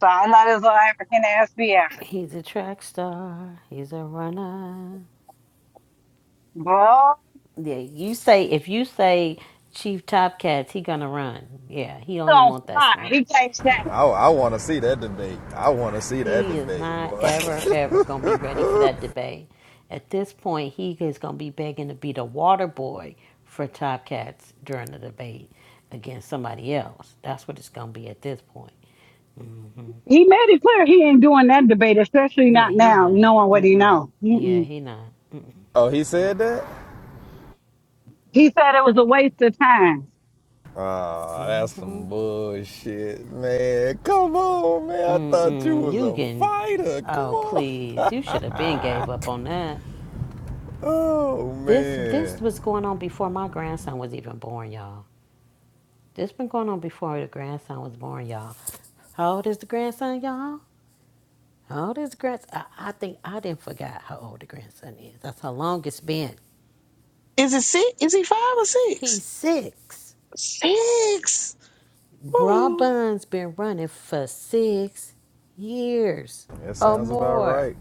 So I let his little African ass be African. He's a track star. He's a runner. Boy. Yeah, you say if you say Chief Top Cats, he gonna run. Yeah, he don't even on want that fire. smoke. He can't I I want to see that debate. I want to see that He is debate, not boy. ever, ever going to be ready for that debate. At this point, he is going to be begging to be the water boy for Top Cats during the debate against somebody else. That's what it's going to be at this point. He made it clear he ain't doing that debate, especially Yeah, not he now, not. knowing what he Mm-mm. know. Yeah, Mm-mm. he not. Mm-mm. oh, he said Nope. that. He said it was a waste of time. Oh, that's some bullshit, man. Come on, man. I thought you Mm-mm. was You a can. fighter. Come Oh, on. please. You should have been gave up on that. Oh This this man, was going on before my grandson was even born, y'all. This been going on before the grandson was born, y'all. How old is the grandson, y'all? All this grand, I, I think I didn't forget how old the grandson is. That's how long it's been. Is it six? Is he five or six? He's six. Six. Woo. Robin's been running for six years that or sounds about more. right.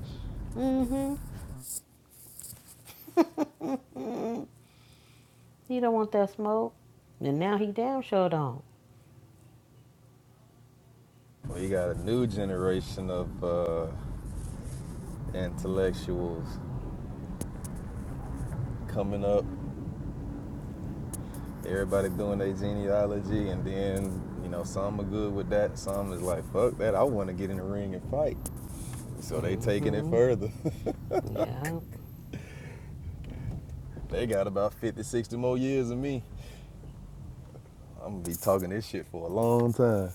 He don't want that smoke, and now he damn sure don't. We got a new generation of uh, intellectuals coming up Everybody doing their genealogy, and then you know some are good with that. Some is like, fuck that. I want to get in the ring and fight. So they taking it Mm, further. yeah. they got about 50, 60 more years than me. I'm gonna be talking this shit for a long time.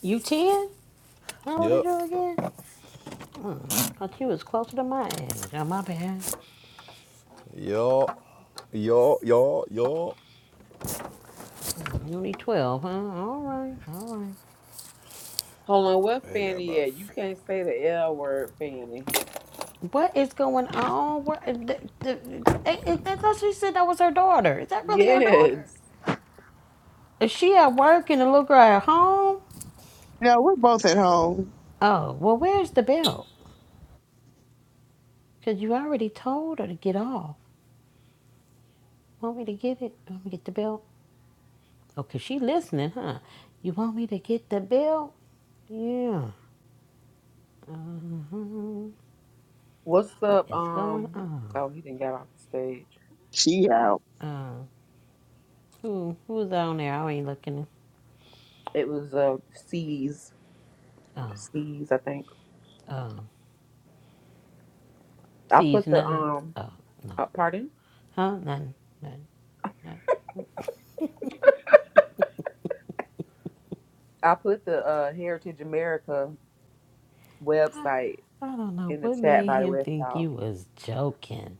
You ten? How old are Yep. you again? Mm, thought you was closer to my age. Oh, my bad. y'all, y'all, y'all, y'all. Mm, You only twelve, huh? All right, all right. Hold on, what They got Fanny about at? You 50. can't say the L word, Fanny. What is going on? Where, the, the, and- and that's all she said that was her daughter. Is that really her daughter? Yes. Is she at work and the little girl at home? No, we're both at home. Oh, well, where's the belt? Because you already told her to get off. Want me to get it? Want me to get the belt? Oh, 'cause she listening, huh? You want me to get the belt? Yeah. Uh-huh. What's What up? is going Um, on? oh, he didn't get off the stage. She out. Uh, who, who's on there? I ain't looking. It was uh C's, Oh, C's, I think. oh. I Sees put the nuts? um, Oh, no. uh, pardon. Huh? Nothing. Nothing. Nothing. I put the uh Heritage America website I don't know in the what chat, made by the him way, if think y'all you was joking.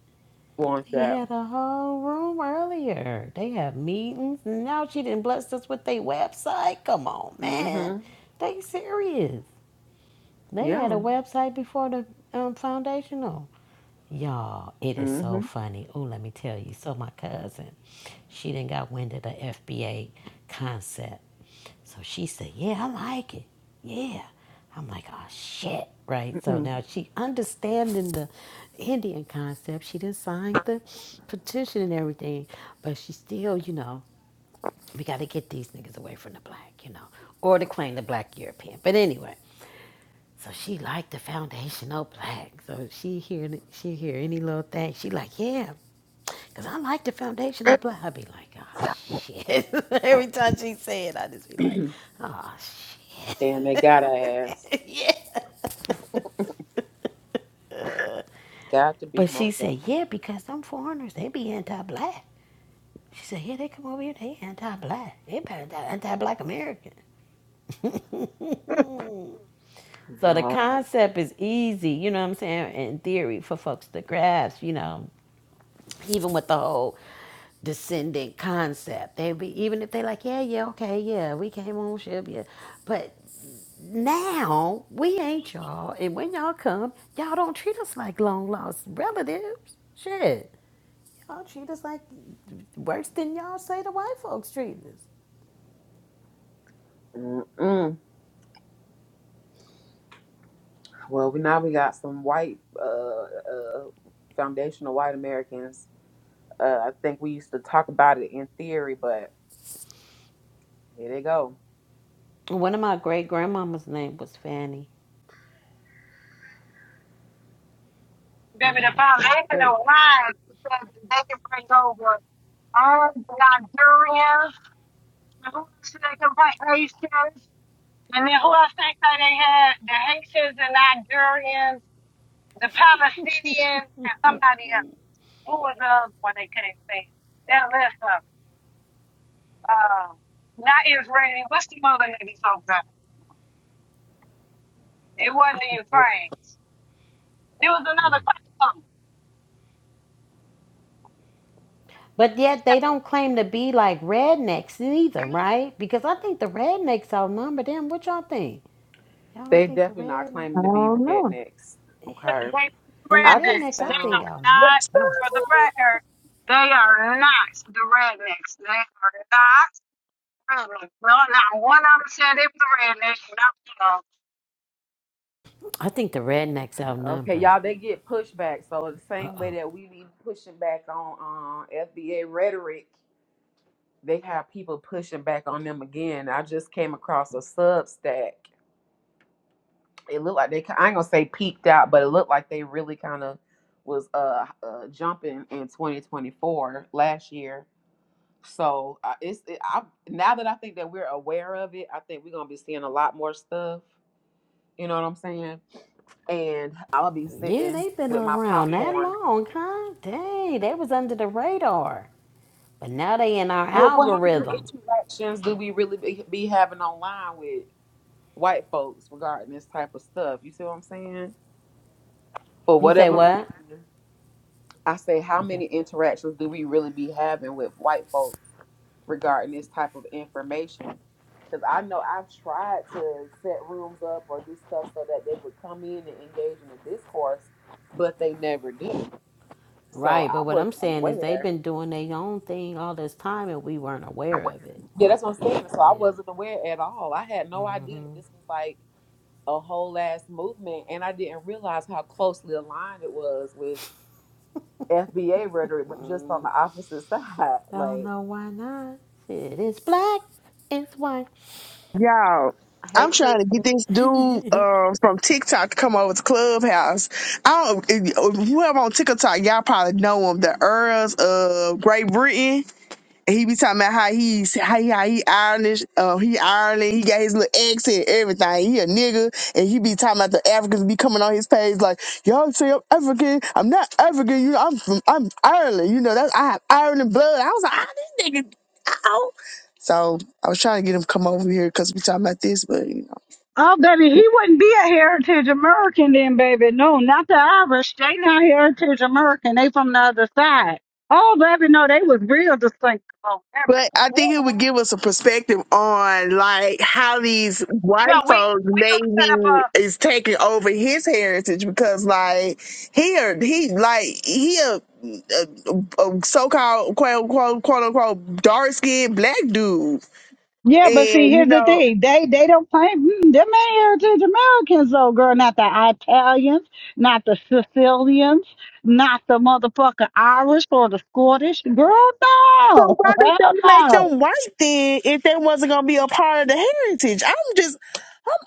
want They that. had a whole room earlier. They have meetings, and now she didn't bless us with their website. Come on, man. hmm They serious. They had a Yeah. website before the um, foundational. Y'all, it is so hmm funny. Oh, let me tell you. So my cousin, she didn't got wind of the FBA concept so she said, Yeah, I like it. Yeah. I'm like, Oh, shit. Right. So mm now she understanding the Indian concept. She didn't sign the petition and everything, but she still, you know, we got to get these niggas away from the black, you know, or to claim the black European. But anyway, so she liked the foundational black. So she hear she hear any little thing. She like, yeah, cause I like the foundational black. I be like, oh shit. Every time she say it, I just be like, oh shit!" Damn, they gotta ask. yes. Got to be But she more said, careful. yeah, because them foreigners, they be anti-black. She said, yeah, they come over here, they anti-black. They anti- anti-black American. So the No. concept is easy, you know what I'm saying, in theory for folks to grasp, you know, even with the whole descendant concept. They be even if they like, yeah, yeah, okay, yeah, we came on ship, yeah. But now we ain't y'all, and when y'all come, y'all don't treat us like long lost relatives. Shit. Y'all treat us like worse than y'all say the white folks treat us. Mm-mm. Well, we now we got some white, uh, uh, foundational white Americans. Uh, I think we used to talk about it in theory, but here they go. One of my great grandmama's name was Fanny. One Baby, of the my great great. foundational line said that they can bring over all the Nigerians, and who else they can bring Haitians, and then who else they say they had the Haitians and Nigerians, the Palestinians, and somebody else. Who was the other one they couldn't say? That list of uh, not Israeli. What's the other niggas over there? It wasn't in Well, France. There was another question. um, But yet they don't claim to be like rednecks either, right? Because I think the rednecks outnumber them. What y'all think? Y'all don't they think the definitely not rednecks? claiming I to be don't know. rednecks. Yeah. They don't Okay. do And the I just rednecks, rednecks. I They think found are outnumber not, them. for the record, they are not the rednecks. They are not rednecks. No, not one of them said they were the rednecks. Not one of I think the rednecks okay, outnumber. y'all. They get pushback, so the Uh same way oh. that we be pushing back on um, FBA rhetoric. they have people pushing back on them again. I just came across a Substack. It looked like they I ain't gonna say peaked out, but it looked like they really kind of was uh, uh jumping in 2024 last year. So uh, it's it, I now that I think that we're aware of it, I think we're gonna be seeing a lot more stuff. You know what I'm saying? And I'll be Yeah, sitting they've been with my around that popcorn. long, huh? Dang, they was under the radar. But now they in our Well, well how many algorithm. interactions do we really be, be having online with? white folks regarding this type of stuff. You see what I'm saying? For You say whatever reason, what? I say, how You say many interactions do we really be having with white folks regarding this type of information? Because I know I've tried to set rooms up or do stuff so that they would come in and engage in a discourse, but they never do. So Right, but I what was I'm saying is they've unaware. been doing their own thing all this time and we weren't aware of it. Yeah, that's what I'm Yeah, saying. So yeah. I wasn't aware at all. I had no idea mm-hmm. that this was like a whole ass movement, and I didn't realize how closely aligned it was with FBA rhetoric, but just on Mm, the opposite side. don't Like, know why not. It is black, it's white. Y'all, hey, I'm trying to get Kristen, this dude uh, from TikTok to come over to Clubhouse. I don't, whoever on TikTok, y'all probably know him, the Earls of Great Britain. he be talking about how he's how he, how he Irish, uh, he Ireland, he got his little accent, everything. He a nigga, and he be talking about the Africans be coming on his page like, y'all say I'm African, I'm not African, you, I'm from, I'm Ireland, you know that's I have Ireland blood. I was like, ah, this nigga, ow. So I was trying to get him to come over here because we talking about this, but you know, 'em. Oh, and they from the other side. Oh, baby, no, they was real distinct. Oh, everybody. But I Ooh, think it would ooh. give us a perspective on like how these No, white we folks we gonna set maybe up a. is taking over his heritage because like he a- he like he a, a, a so-called quote unquote quote unquote dark skinned black dude Yeah, but see, and you here's the know thing. They they don't claim mm, them ain't heritage Americans though, girl. Not the Italians, not the Sicilians, not the motherfucking Irish or the Scottish. Girl, so no. why did they Hell make no. them white then if they wasn't gonna be a part of the heritage? I'm just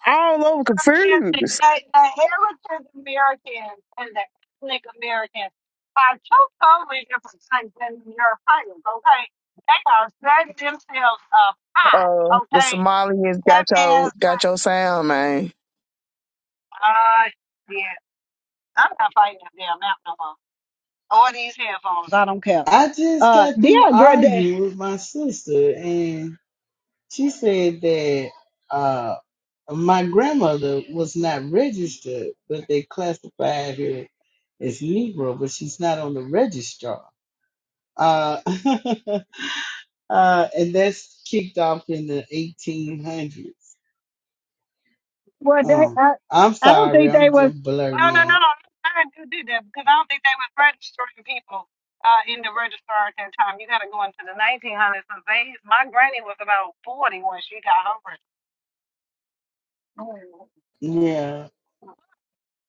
I'm all over Yes, the, confused. the, the heritage Americans and the ethnic Americans are two totally different things than the Europeans, okay? They are setting themselves up high, Uh, the okay? Somalians That got your means, got your sound man. uh, I'm not fighting that damn app no more. Or these headphones. I don't care. I just Uh, got through yeah, girl, they, arguing with my sister, and she said that uh, my grandmother was not registered, but they classified her as Negro, but she's not on the registrar. Uh, uh, and that's kicked off in the 1800s. well, they, Oh, I, I'm I don't sorry. think they I'm was. just No, blurting no, no, in. no. I did do did that because I don't think they was registering people uh, in the registrar at that time. You got to go into the 1900s. 'cause They, my granny was about 40 when she got her registration. Yeah.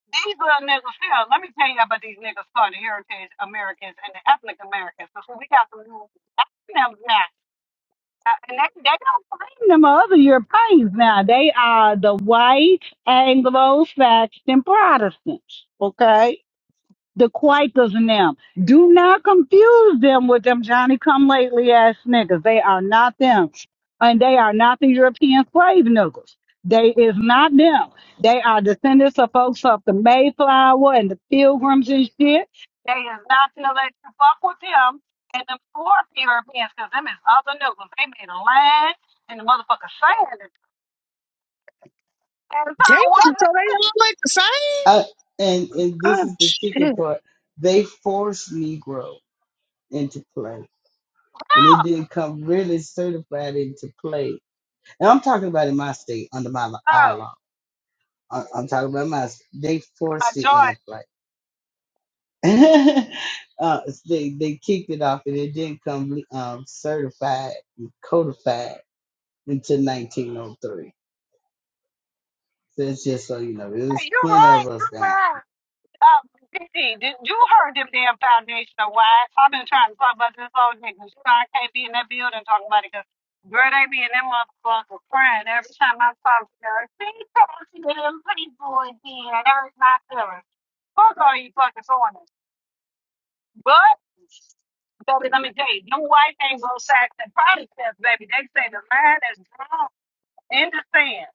These little niggas here, let me tell you about these niggas called the Heritage Americans and the Ethnic Americans. Because we got some new them now. Uh, and they, they don't claim them other Europeans now. They are the white Anglo Saxon Protestants. Okay the Quakers and them. Do not confuse them with them Johnny come lately ass niggas. They are not them. And they are not the European slave niggas. They is not them. They are descendants of folks of the Mayflower and the pilgrims and shit. They is not to let you fuck with them and them fourth Europeans because them is other niggas. They made a land and the motherfucker sand. And so Damn, it so they wasn't all look the same? I, and and this Oh is the kicking shit. part. They forced Negro into play, and it up. didn't come really certified into play. And I'm talking about in my state under my li- our Oh, law. I- I'm talking about my. s- They my forced it into Jordan. play. uh, they they kicked it off, and it didn't come um, certified, and codified until 1903. So it's just so you know, there's Hey, you're plenty of right. us You're now right. Uh, Vicky, did you heard them damn foundational wives? I've been trying to talk about this whole nigga. You know I can't be in that building talking about it because girl, they be in that motherfucker crying every time I talk to her. She talks to them people again, and everything's not feeling. Fuck all you fucking foreigners. But, baby, let me tell you, them white ain't go sack the Protestants, baby. They say the line is drawn in the sand.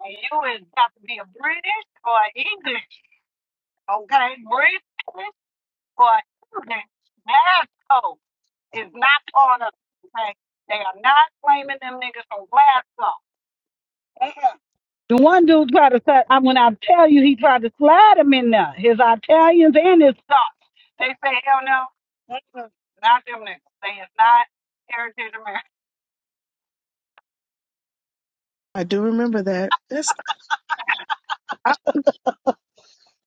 And you is got to be a British or an English, okay? British for children, Glasgow is not on us. Okay? They are not blaming them niggas from Glasgow. Uh-uh. The one dude tried to slide, I, when I tell you he tried to slide him in there, his Italians and his Scots. They say, hell no, Mm-mm. not them niggas. They is not heritage America. I do remember that. That's I,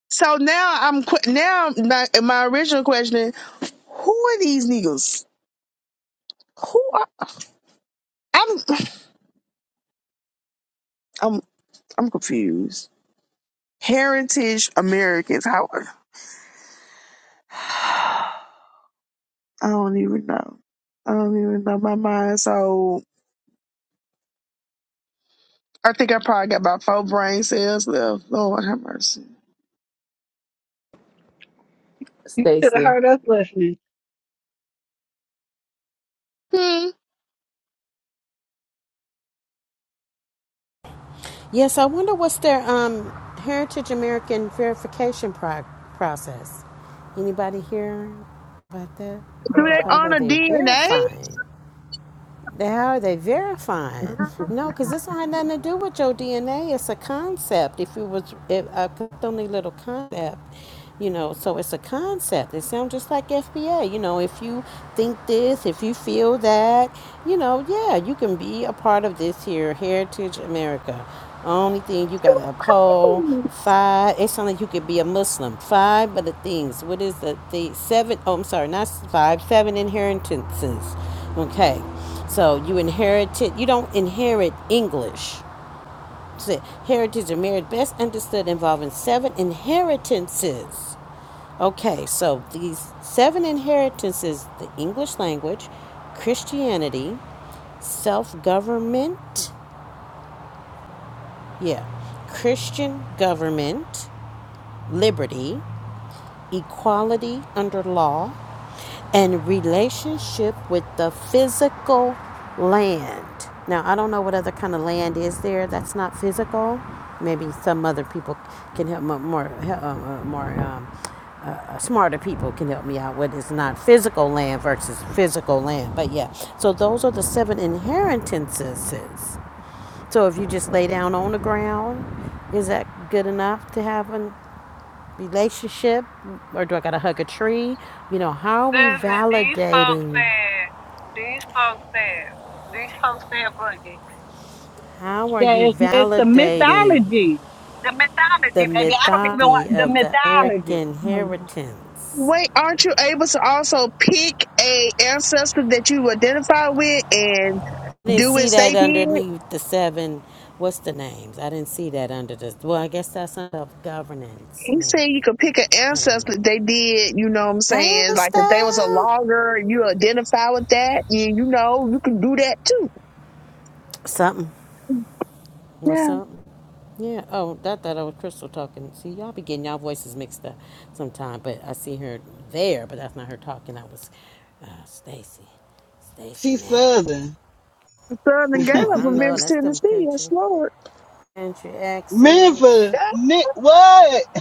so now I'm que- now my, my original question, who are these niggas? Who are I'm I'm I'm confused. Heritage Americans, how I don't even know. I don't even know my mind. So I think I probably got about four brain cells left. Lord have mercy. You should have Stacy, heard us listening. Hmm. Yes, I wonder what's their um, Heritage American verification pro- process. Anybody here about that? I Do wonder they how are honor they DNA? verifying? They- How are they verifying? No, because this don't have nothing to do with your DNA. It's a concept. If it was if, a only little concept, you know, so it's a concept. It sounds just like FBA. You know, if you think this, if you feel that, you know, yeah, you can be a part of this here, Heritage America. Only thing you gotta uphold five. It's not like you could be a Muslim. Five of the things. What is the the seven? Oh, I'm sorry, not s- five. Seven inheritances. Okay. So you inherited, you don't inherit English. So heritage and marriage best understood involving seven inheritances. Okay, so these seven inheritances the English language, Christianity, self government, yeah, Christian government, liberty, equality under law, and relationship with the physical land. Now, I don't know what other kind of land is there that's not physical. Maybe some other people can help mo- more uh, uh, more um, uh, uh, smarter people can help me out with it's not physical land versus physical land. But yeah, so those are the seven inheritances. So if you just lay down on the ground, is that good enough to have an relationship or do I got to hug a tree? You know, how are we Listen, these folks validating? said, these folks said, these folks said boogie. How are Yeah, you it's, it's the validating mythology. The mythology, the baby. I don't even want mythology the of the mythology. American Mhm. inheritance? Wait, aren't you able to also pick a ancestor that you identify with and I didn't do see as they that did? underneath the seven. What's the names? I didn't see that under the. Well, I guess that's self governance, He said you maybe. could pick an I don't ancestor know. they did, you know what I'm saying? Like if they was a Hairstyle? logger you identify with that, yeah, you know, you can do that too. Something. What's Yeah, up? Yeah. Oh, I thought I was Crystal talking. See, y'all be getting y'all voices mixed up sometime. But I see her there, but that's not her talking. That was uh, Stacy. Stacy She May. Southern. the Southern Oh, Gala I from know. Memphis, That's them Tennessee, yes, country Lord. country accents. Memphis. Yeah, Nick, what?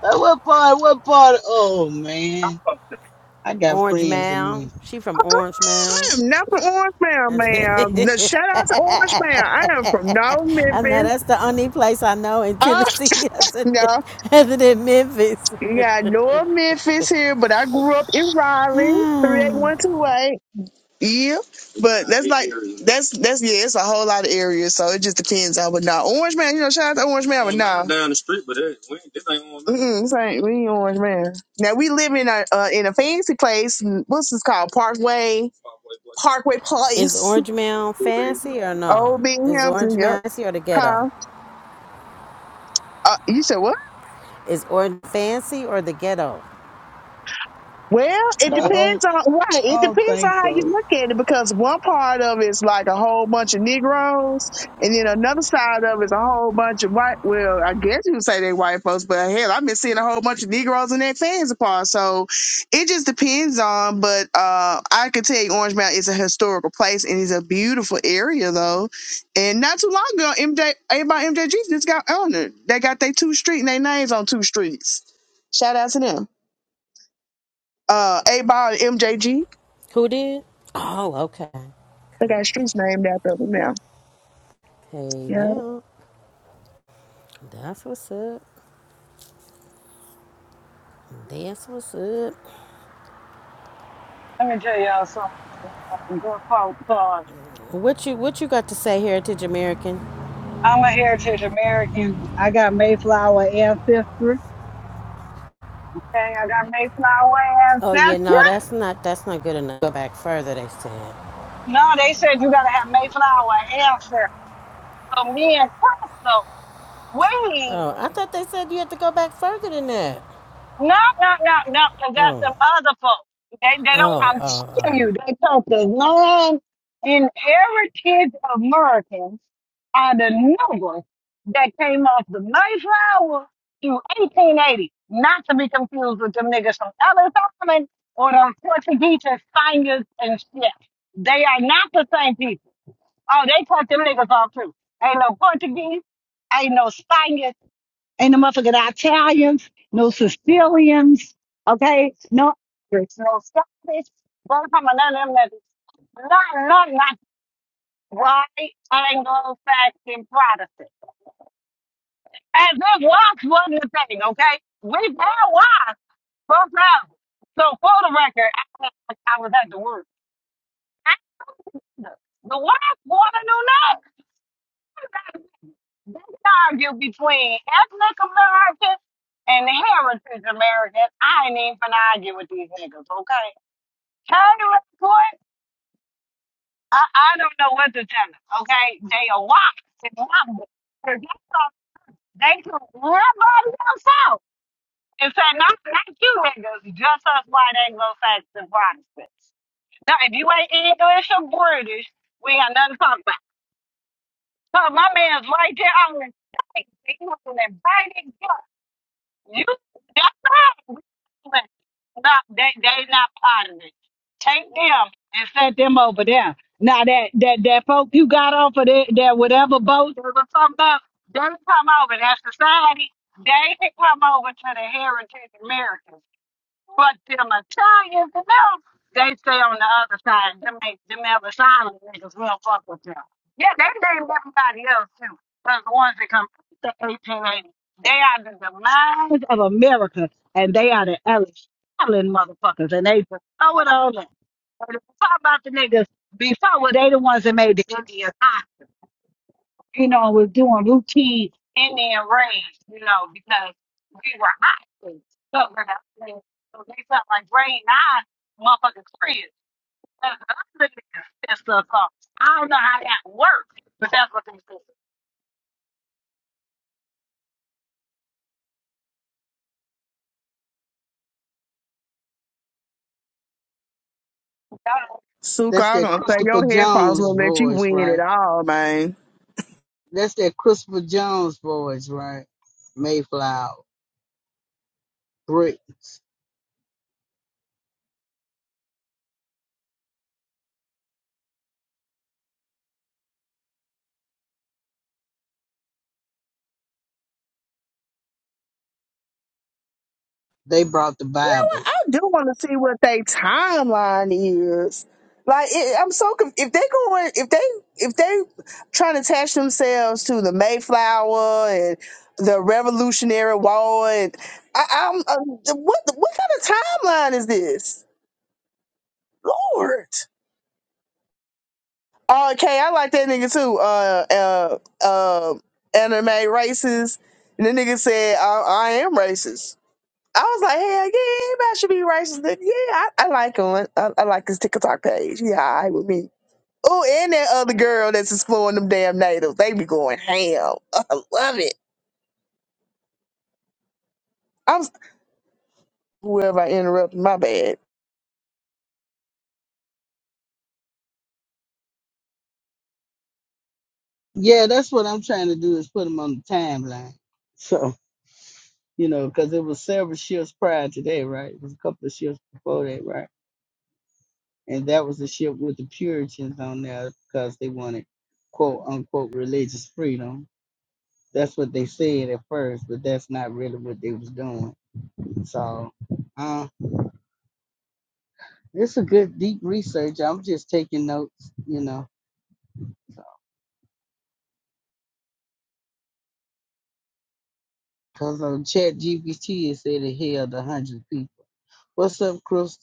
But what part? What part? Oh man, I got Orange friends in Mound. Memphis. She from Orange I Mound. am not from Orange Mound, I ma'am. No, shout out to Orange Mound. I am from no know Memphis. that's the only place I know in Oh, Tennessee other than no. other than Memphis. Yeah, I know Memphis here, but I grew up in Raleigh, three eight one two eight. Yeah, but that's that's that's yeah, it's a whole lot of areas, so it just depends on. But now Orange Man, you know, shout out to Orange Man. Mm-mm, it's ain't- we ain't Orange Man. Now we live in a uh, in a fancy place. mm, What's this called? Parkway Parkway Is Place, Orange Mound fancy or no? Old Big Is Orange Hampton. Yep. Mound fancy or the ghetto? Huh? Uh, you said what? Is Orange Fancy or the Ghetto? Well, it So I don't, depends on right. I It don't depends on think how you so. look at it because one part of it is like a whole bunch of Negroes, and then another side of it is a whole bunch of white. Well, I guess you would say they white folks, but hell, I've been seeing a whole bunch of Negroes in their fans apart. So it just depends on. But uh, I can tell you, Orange Mountain is a historical place and it's a beautiful area though. And not too long ago, MJ, about MJG just got honored. They got their two street and their names on two streets. Shout out to them uh A Ball and MJG. Who did? Oh, okay. They got streets named after them now. Hey Yeah. now, that's what's up. That's what's up. Let me tell y'all something. Good folk thought. What you what you got to say, Heritage American? I'm a heritage American. I got Mayflower ancestry. Okay, I got Mayflower Oh yeah, ancestry. no, that's not that's not good enough. Go back further, they said. No, they said you gotta have Mayflower ancestry. So me and Crystal, Oh, I thought they said you had to go back further than that. No, no, no, no, because that's them Oh, other folks. They, they don't, oh, I'm oh, oh. telling you, they took the long inheritance of Americans are the numbers that came off the Mayflower through 1880, not to be confused with them niggas from Ellis Island or the Portuguese and Spaniards and shit. They are not the same people. Oh, they cut them niggas off too. Ain't no Portuguese, ain't no Spaniards. Ain't no motherfucking Italians, no Sicilians, okay? No Irish, no Scottish, none of them, none, none, none, not white, Anglo-Saxon Protestant. And this was one the thing, okay? We had was both levels. So for the record, I, I was at the work. And the wife wanted to know. They can argue between ethnic Americans and heritage Americans. I ain't even finna argue with these niggas, okay? Taylor Court, I, I don't know what to tell them, okay? They are locked in number. They took they took everybody else out and said, not, not you niggas, just us white Anglo-Saxon Protestants. Now, if you ain't English or British, we ain't got nothing to talk about. So my man's right there. I'm like, he was an inviting, inviting You that's right. Not they they not part of it. Take them and set them over there. Now that that that folk you got off of that, that whatever boat they was talking about, they come over. That society they can come over to the heritage America. But them Italians, them, they stay on the other side. Them ain't them ever silent niggas will fuck with them. Yeah, they named everybody else too. But the ones that come after 1880, they are the demise of America, and they are the Ellis Allen motherfuckers, and they just throw it all up. But if you talk about the niggas before, well, they the ones that made the Indians you know, was doing routine Indian raids, you know, because we were hot. So we're not- so they felt like raid nine motherfucking cribs. That's the other niggas and stuff. So I don't know how that works, but that's what they said. Suka, That's I'm that gonna say Christopher your headphones Jones will let you voice, win it right? all, man. That's that Christopher Jones voice, right? Mayflower, Bricks. They brought the Bibles. I do want to see what their timeline is. Like it, I'm so conf- if they going if they if they trying to attach themselves to the Mayflower and the Revolutionary War and I, I'm uh, what what kind of timeline is this, Lord? Oh, okay, I like that nigga too. Uh, uh, uh, anime racist. And the nigga said, I, I am racist. I was like, hell yeah, everybody should be racist. Nigga. Yeah, I, I like him. I, I like his TikTok page. Yeah, all right with me. Oh, and that other girl that's exploring them damn natives. They be going ham. I love it. I'm s- whoever I interrupted, my bad. Yeah, that's what I'm trying to do is put them on the timeline. So you know, because it was several shifts prior to that, right? It was a couple of shifts before that, right? and that was the ship with the Puritans on there because they wanted quote unquote religious freedom. That's what they said at first, but that's not really what they was doing. So uh it's a good deep research. I'm just taking notes, you know. so. Cause on Chat GPT it said it held a hundred people. What's up, Chris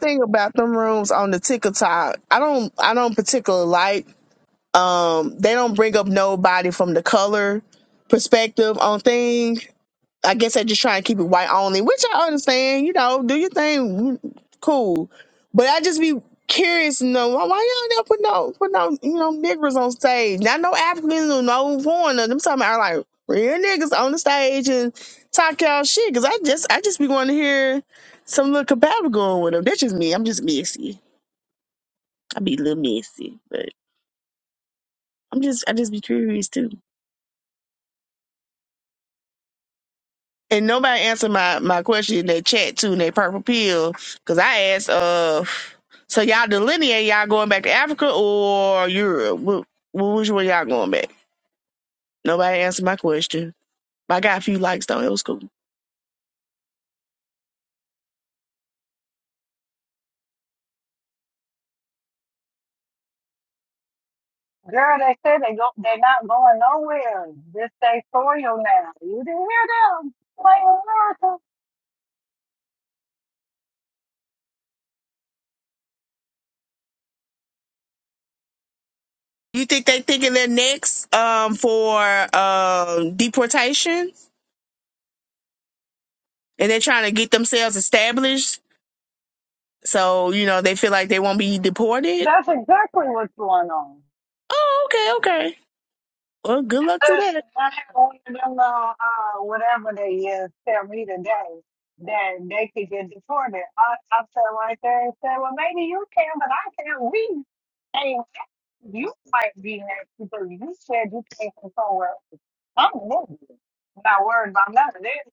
Thing about them rooms on the TikTok, I don't, I don't particularly like. um they don't bring up nobody from the color perspective on things. I guess they just try and keep it white only, which I understand. You know, do your thing, mm, cool. But I just be curious, you know, why, why y'all never put no put no you know niggers on stage? Not no Africans or no foreigner. Them talking about like real niggas on the stage and talk y'all shit. Cause I just I just be wanting to hear some little compatible going with them. That's just me. I'm just messy. I be a little messy, but I'm just I just be curious too. And nobody answered my, my question in that chat too, in that purple pill, because I asked, uh, so y'all delineate y'all going back to Africa or Europe? What, what which way y'all going back? Nobody answered my question. But I got a few likes though. It was cool. Girl, they said they go, they're not going nowhere. This they soil now. You didn't hear them playing America. You think they thinking they're next um, for um, deportation, and they're trying to get themselves established, so you know they feel like they won't be deported? That's exactly what's going on. Oh, okay, okay. Well, good luck to Listen, that. I have one of them little, uh, whatever they is, tell me today that they could get deported. I, I sat right there and said, well, maybe you can, but I can't. We ain't, you might be next because you said you came from somewhere. I'm moving. Not worried about none of this.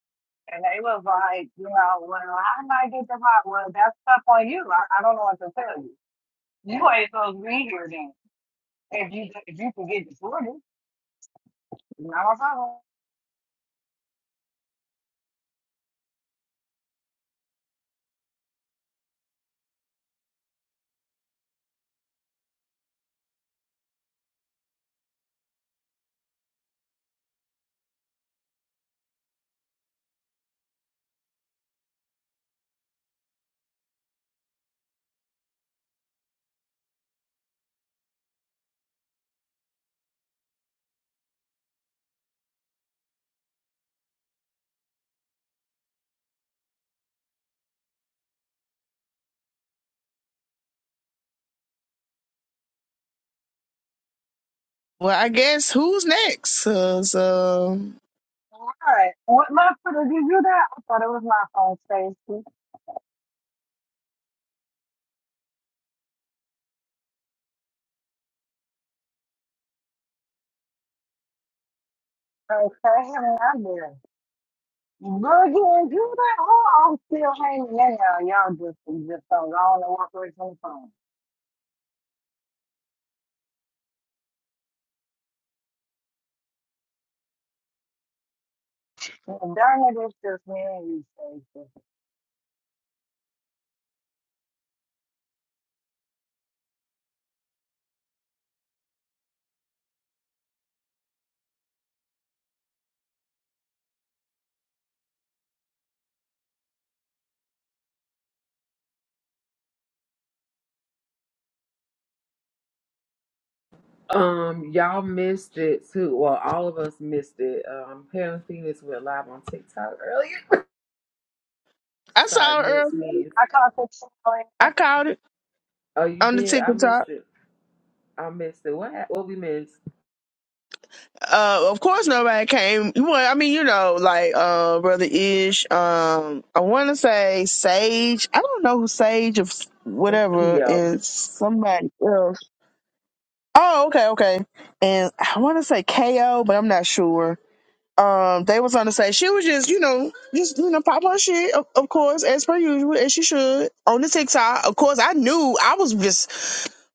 And they was like, you know, well, I might get the hot. Well, that's stuff on you. I, I don't know what to tell you. You ain't supposed to be here then. If you, if you can get deported, not a problem. Well, I guess who's next? 'Cause, um, All right. What my I thought it was my phone, Stacy. Okay, and I'm there. Boogie, you that oh, I'm still hanging in there. Y'all just just don't go and walk away from the phone. And Darn it, it's just me and you, Stacy. um, y'all missed it too. Well, all of us missed it. Um, Pam and Phoenix went live on TikTok earlier. I Sorry, saw it missed earlier. me. I caught the trailer. I called it Oh, you on the did? I missed TikTok. it. I missed it. What? hap- What we missed? Uh, of course, nobody came. Well, I mean, you know, like uh, brother Ish. Um, I want to say Sage. I don't know who Sage of That's whatever Keo. is somebody else. Oh, okay, okay. And I want to say Ko, but I'm not sure. um, they was on the stage. She was just, you know, just you know, pop her shit, of, of course, as per usual, as she should on the TikTok. Of course, I knew I was just,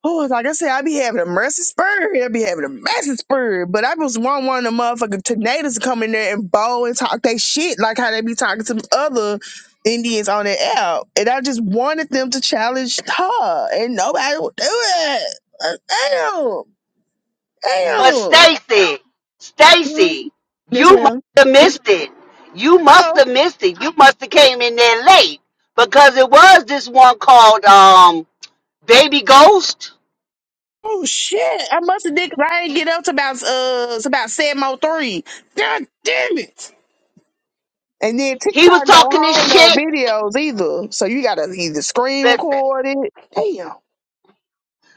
oh, like I said, I be having a mercy spur, I be having a massive spur, but I was one one of the motherfucking tornadoes to come in there and bow and talk they shit like how they be talking to other Indians on the app, and I just wanted them to challenge her, and nobody would do it. Like, Damn, But damn. Stacy, Mhm. Stacy, Yes, you must ma'am. have missed it. You Uh oh. must have missed it. You must have came in there late because it was this one called um Baby Ghost Oh shit! I must have did because I didn't get up to about uh it's about seven oh three. God damn it! And then He was TikTok don't talking hold this no shit. videos either, so you gotta either screen Listen, record it.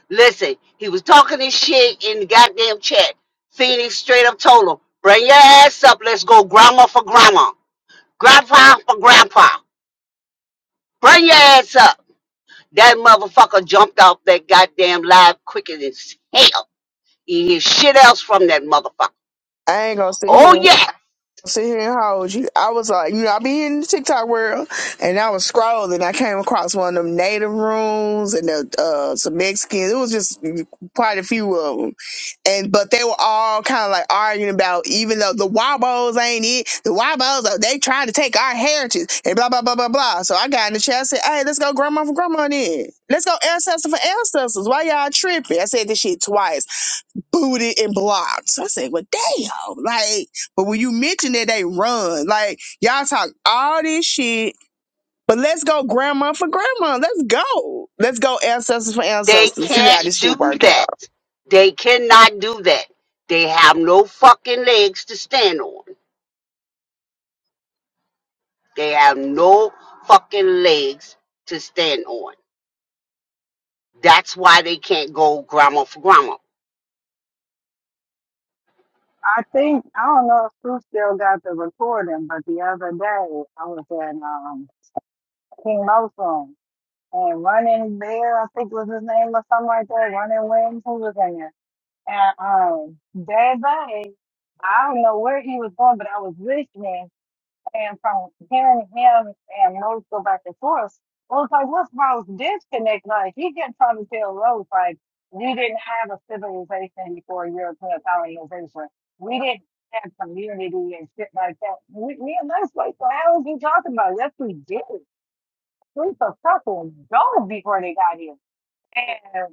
listen. He was talking this shit in the goddamn chat. Phoenix straight up told him, bring your ass up. Let's go grandma for grandma. Grandpa for grandpa. Bring your ass up. That motherfucker jumped off that goddamn live quicker than hell. You hear shit else from that motherfucker. I ain't gonna sit Oh here. yeah, sit here and how old you I was like, you know, I be in the TikTok world and I was scrolling. I came across one of them native rooms and the, uh, some Mexicans. It was just quite a few of them. And, but they were all kind of like arguing about even though the Wabos ain't it, the Wabos, uh, they trying to take our heritage and blah, blah, blah, blah, blah. So I got in the chat. I said, hey, let's go grandma for grandma then. Let's go ancestor for ancestors. Why y'all tripping? I said this shit twice booted and blocked. So I said, well, damn. Like, but when you mention that they run, like, y'all talk all this shit, but let's go grandma for grandma. Let's go. Let's go ancestors for they ancestors. See how this can't shit do work that. out. They cannot do that. They have no fucking legs to stand on. They have no fucking legs to stand on. That's why they can't go grandma for grandma. I think I don't know if Sue still got the recording, but the other day I was in um King Mo's room. And Running Bear, I think was his name or something like that. Running Wings, who was in there? And um, that day, I don't know where he was going, but I was listening. And from hearing him and Rose go back and forth, I was like, what's Rose disconnect? Like, he kept trying to tell Rose, like, we didn't have a civilization before European colonization. We didn't have community and shit like that. We, me and that's like, the hell is he talking about? it? Yes, we did. We was a fucking gold before they got here.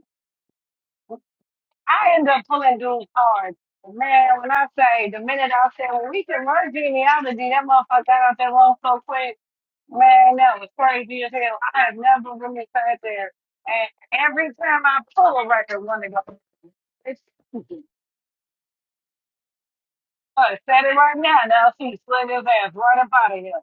I end up pulling dudes hard. Man, when I say the minute I said when we convert genealogy, that motherfucker got out there long so quick. Man, that was crazy as hell. I have never really sat there. And every time I pull a record, one to go, it's I said it right now. Now she slid his ass right up out of here.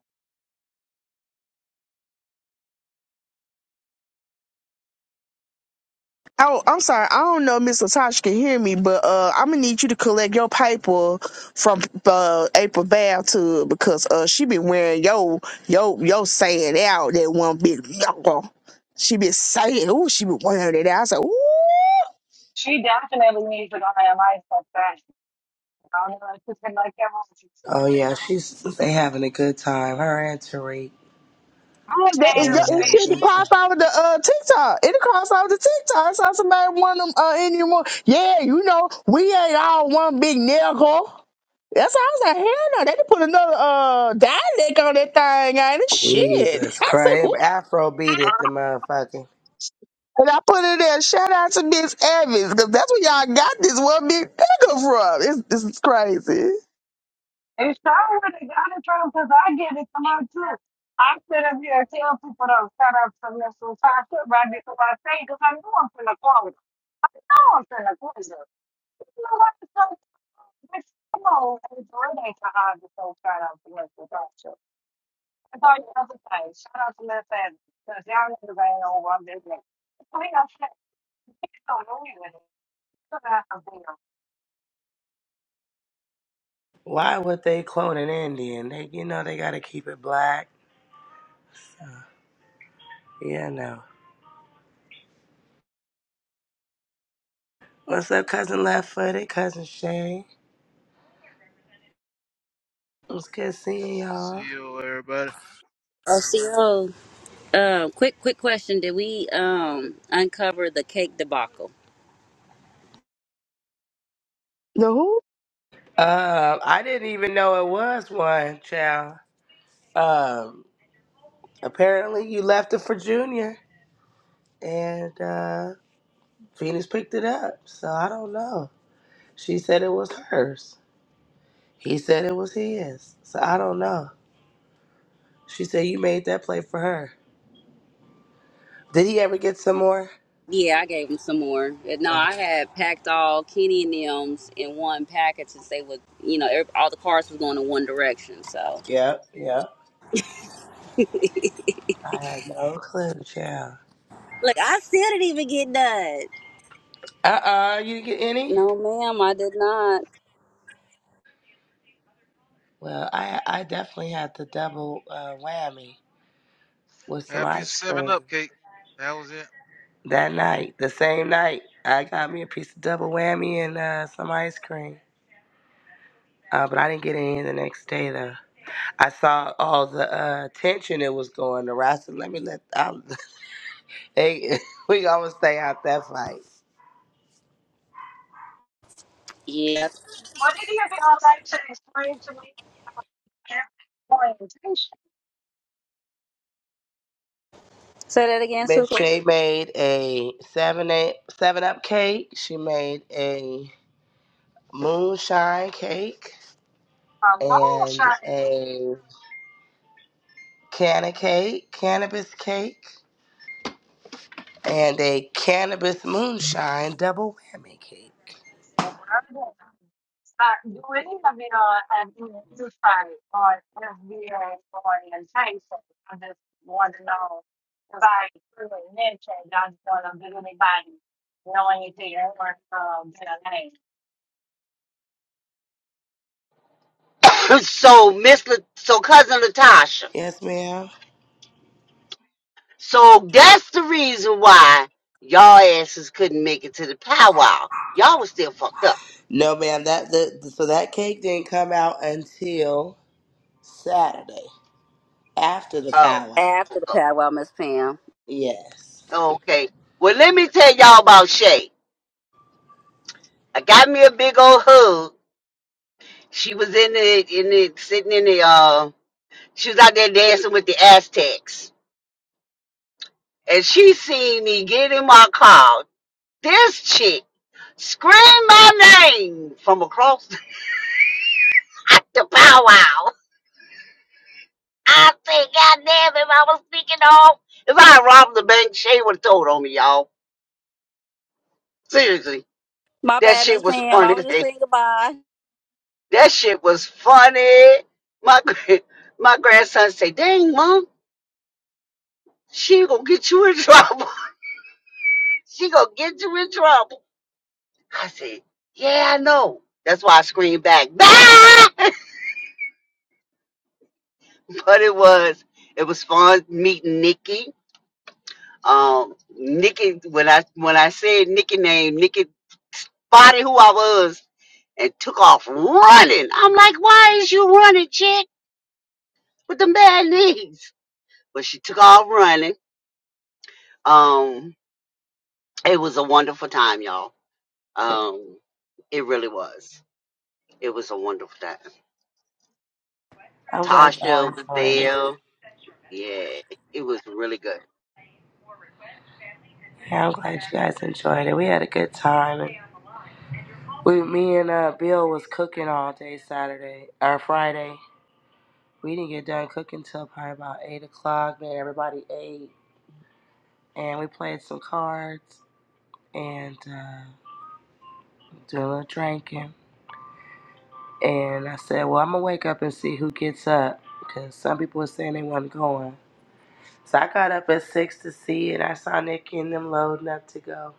Oh, I'm sorry. I don't know if Miss Latasha can hear me, but uh, I'm going to need you to collect your paper from uh, April Bath to because uh, she been wearing yo yo yo saying out that one big. She been saying, "Ooh, she been wearing it out. I said, ooh. She definitely needs to go have life like that. I don't know. She's been like Oh yeah, she's they having a good time. Her and Tariq, Oh, that, they it, yeah, ain't it had a that. should be good time. crossed over to uh, TikTok. It crossed over to TikTok. So somebody want them uh, in your Yeah, you know, we ain't all one big nigga. That's why I was like, hell no, they done put another uh dialect on that thing ain't it? Shit. Jesus I said, "Who?" Christ, Afro beat it, the motherfucking. and I put it there, shout out to Miss Evans, because that's where y'all got this one big nigga from. It's, this is crazy. It sure would have got in trouble because I get it from her too. I sit up here and tell people to shut up some this some time shit right because I say because I know I'm finna call it. I know I'm finna quiz her. You know what? It's so bitch, come on, it's really ain't so hard to so shut up some this some time shit. That's all you have to say. Shut up some this and because y'all niggas ain't over I'm just like, we don't shit. No, no, we don't. Why would they clone an Indian? They, you know, they gotta keep it black. So, yeah, no. What's up, cousin Left Footed, cousin Shay? It's good seeing See y'all. you, everybody. Oh, CO. Um, quick, quick question. Did we um uncover the cake debacle? No, who? Um, I didn't even know it was one child. Um, apparently you left it for Junior, and uh, Venus picked it up. So I don't know. She said it was hers. He said it was his. So I don't know. She said you made that play for her. Did he ever get some more? Yeah, I gave them some more. And No, Oh, I had packed all Kenny and them's in one package since they would, you know, every, all the cars was going in one direction. So, yep, yep. I had no clue, child. look, I still didn't even get done. Uh uh you didn't get any? No, ma'am, I did not. Well, I I definitely had the double uh, whammy with some Happy ice 7 cream Up, Kate. That was it. that night. The same night, I got me a piece of double whammy and uh, some ice cream. Uh, but I didn't get any the next day though. I saw all the uh, tension it was going around. I "Let me let." I, They we gonna stay out that fight. Yeah. What did he be all like to explain to me? That orientation, Say that again, Miss Super. J made a seven eight seven up cake. She made a moonshine cake a long and shot a canna cake, cannabis cake, and a cannabis moonshine double whammy cake. Uh, do any of you know, and you try on FBA orientation? I just want to know if I truly mentioned I'm going to be anybody knowing you anything or um, their name. so Miss, La- so cousin Latasha. Yes, ma'am. So that's the reason why y'all asses couldn't make it to the powwow. Y'all was still fucked up. No, ma'am. That the, so that cake didn't come out until Saturday after the Oh, powwow. After the pad, well, Miss Pam. Yes. okay. Well, let me tell y'all about Shay. I got me a big old hug. She was in the in the sitting in the uh. She was out there dancing with the Aztecs, and she seen me get in my car. This chick screamed my name from across the powwow. I said, God damn, if I was speaking off, if I had robbed the bank, Shay would have told on me, y'all. Seriously. My That bad, shit Miss was Pam. I funny. as was just heck. saying goodbye. That shit was funny. My gra- my grandson said, Dang, mom, she gonna get you in trouble. she gonna get you in trouble. I said, Yeah, I know. That's why I screamed back, bah! But it was, it was fun meeting Nikki Um, Nikki, when I when I said Nikki name, Nikki spotted who I was and took off running. I'm like, why is you running, chick, with the bad knees? But she took off running. Um, it was a wonderful time, y'all. Um, it really was. It was a wonderful time. I'm glad y'all Tasha was enjoyed it. there. Yeah, it was really good. Hey, I'm glad you guys enjoyed it. We had a good time. And we, me and uh, Bill was cooking all day Saturday or Friday. We didn't get done cooking till probably about eight o'clock. Man, everybody ate, and we played some cards and uh, doing a little drinking. And I said, "Well, I'm gonna wake up and see who gets up because some people were saying they wasn't going." So I got up at six to see, and I saw Nikki and them loading up to go.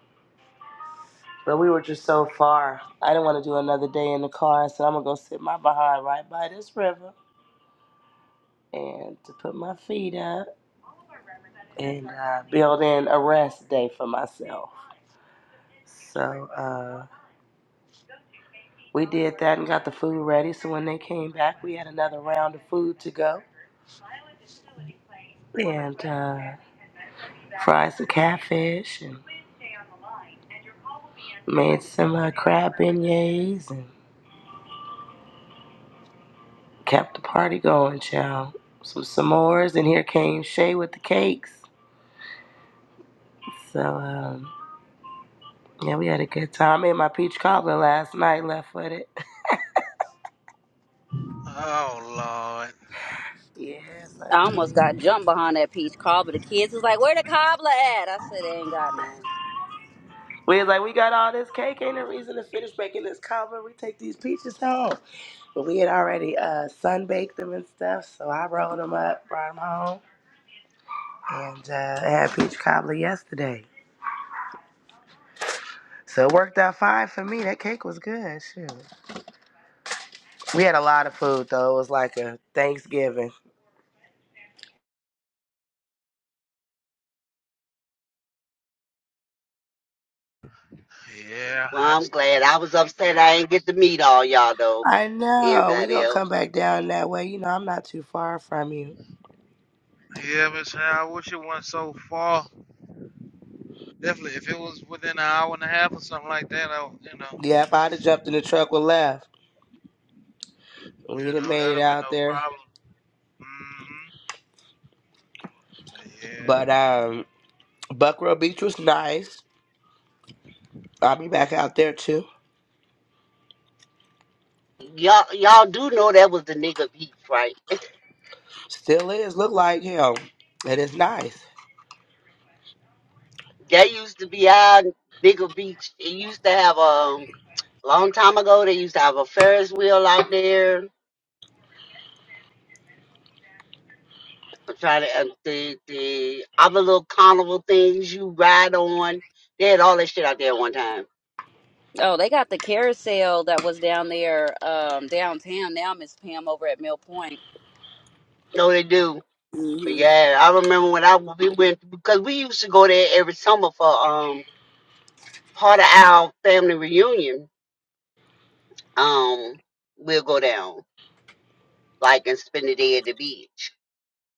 But we were just so far. I didn't want to do another day in the car. I said, I'm going to go sit my behind right by this river and to put my feet up and uh, build in a rest day for myself. So uh, we did that and got the food ready. So when they came back, we had another round of food to go and uh, fried some catfish and made some uh, crab beignets and kept the party going, child. Some s'mores, and here came Shay with the cakes. So, um, Yeah, we had a good time. I made my peach cobbler last night, left footed. Oh, Lord. yes, I I almost did. got jumped behind that peach cobbler. The kids was like, "Where the cobbler at?" I said, "They ain't got none." We was like, we got all this cake, ain't no reason to finish making this cobbler. We take these peaches home. But we had already uh, sun baked them and stuff, so I rolled them up, brought them home, and uh, I had peach cobbler yesterday. So it worked out fine for me. That cake was good. Shoot. We had a lot of food though. It was like a Thanksgiving. Yeah, Well, I'm that's, glad I was upset I didn't get to meet all y'all though. I know. We Everybody gonna else. come back down that way. You know, I'm not too far from you. yeah, Miss Howard, I wish it went so far. Definitely, if it was within an hour and a half or something like that, I, would- you know, Yep, I'd have jumped in the truck and left. We you didn't know, made that'd it have been out no there. problem. Mm-hmm. But yeah. But um Buckrow Beach was nice. I'll be back out there too. Y'all y'all do know that was the nigga beach, right? Still is. Look like him. And it's nice. That used to be our bigger beach. It used to have um, a long time ago. They used to have a Ferris wheel out there. I'm trying to uh, the the other little carnival things you ride on. They had all that shit out there one time. Oh, they got the carousel that was down there, um, downtown. Now, Miss Pam over at Mill Point. No, they do. But hmm yeah, I remember when I we went because we used to go there every summer for um part of our family reunion. Um, we'll go down like and spend the day at the beach,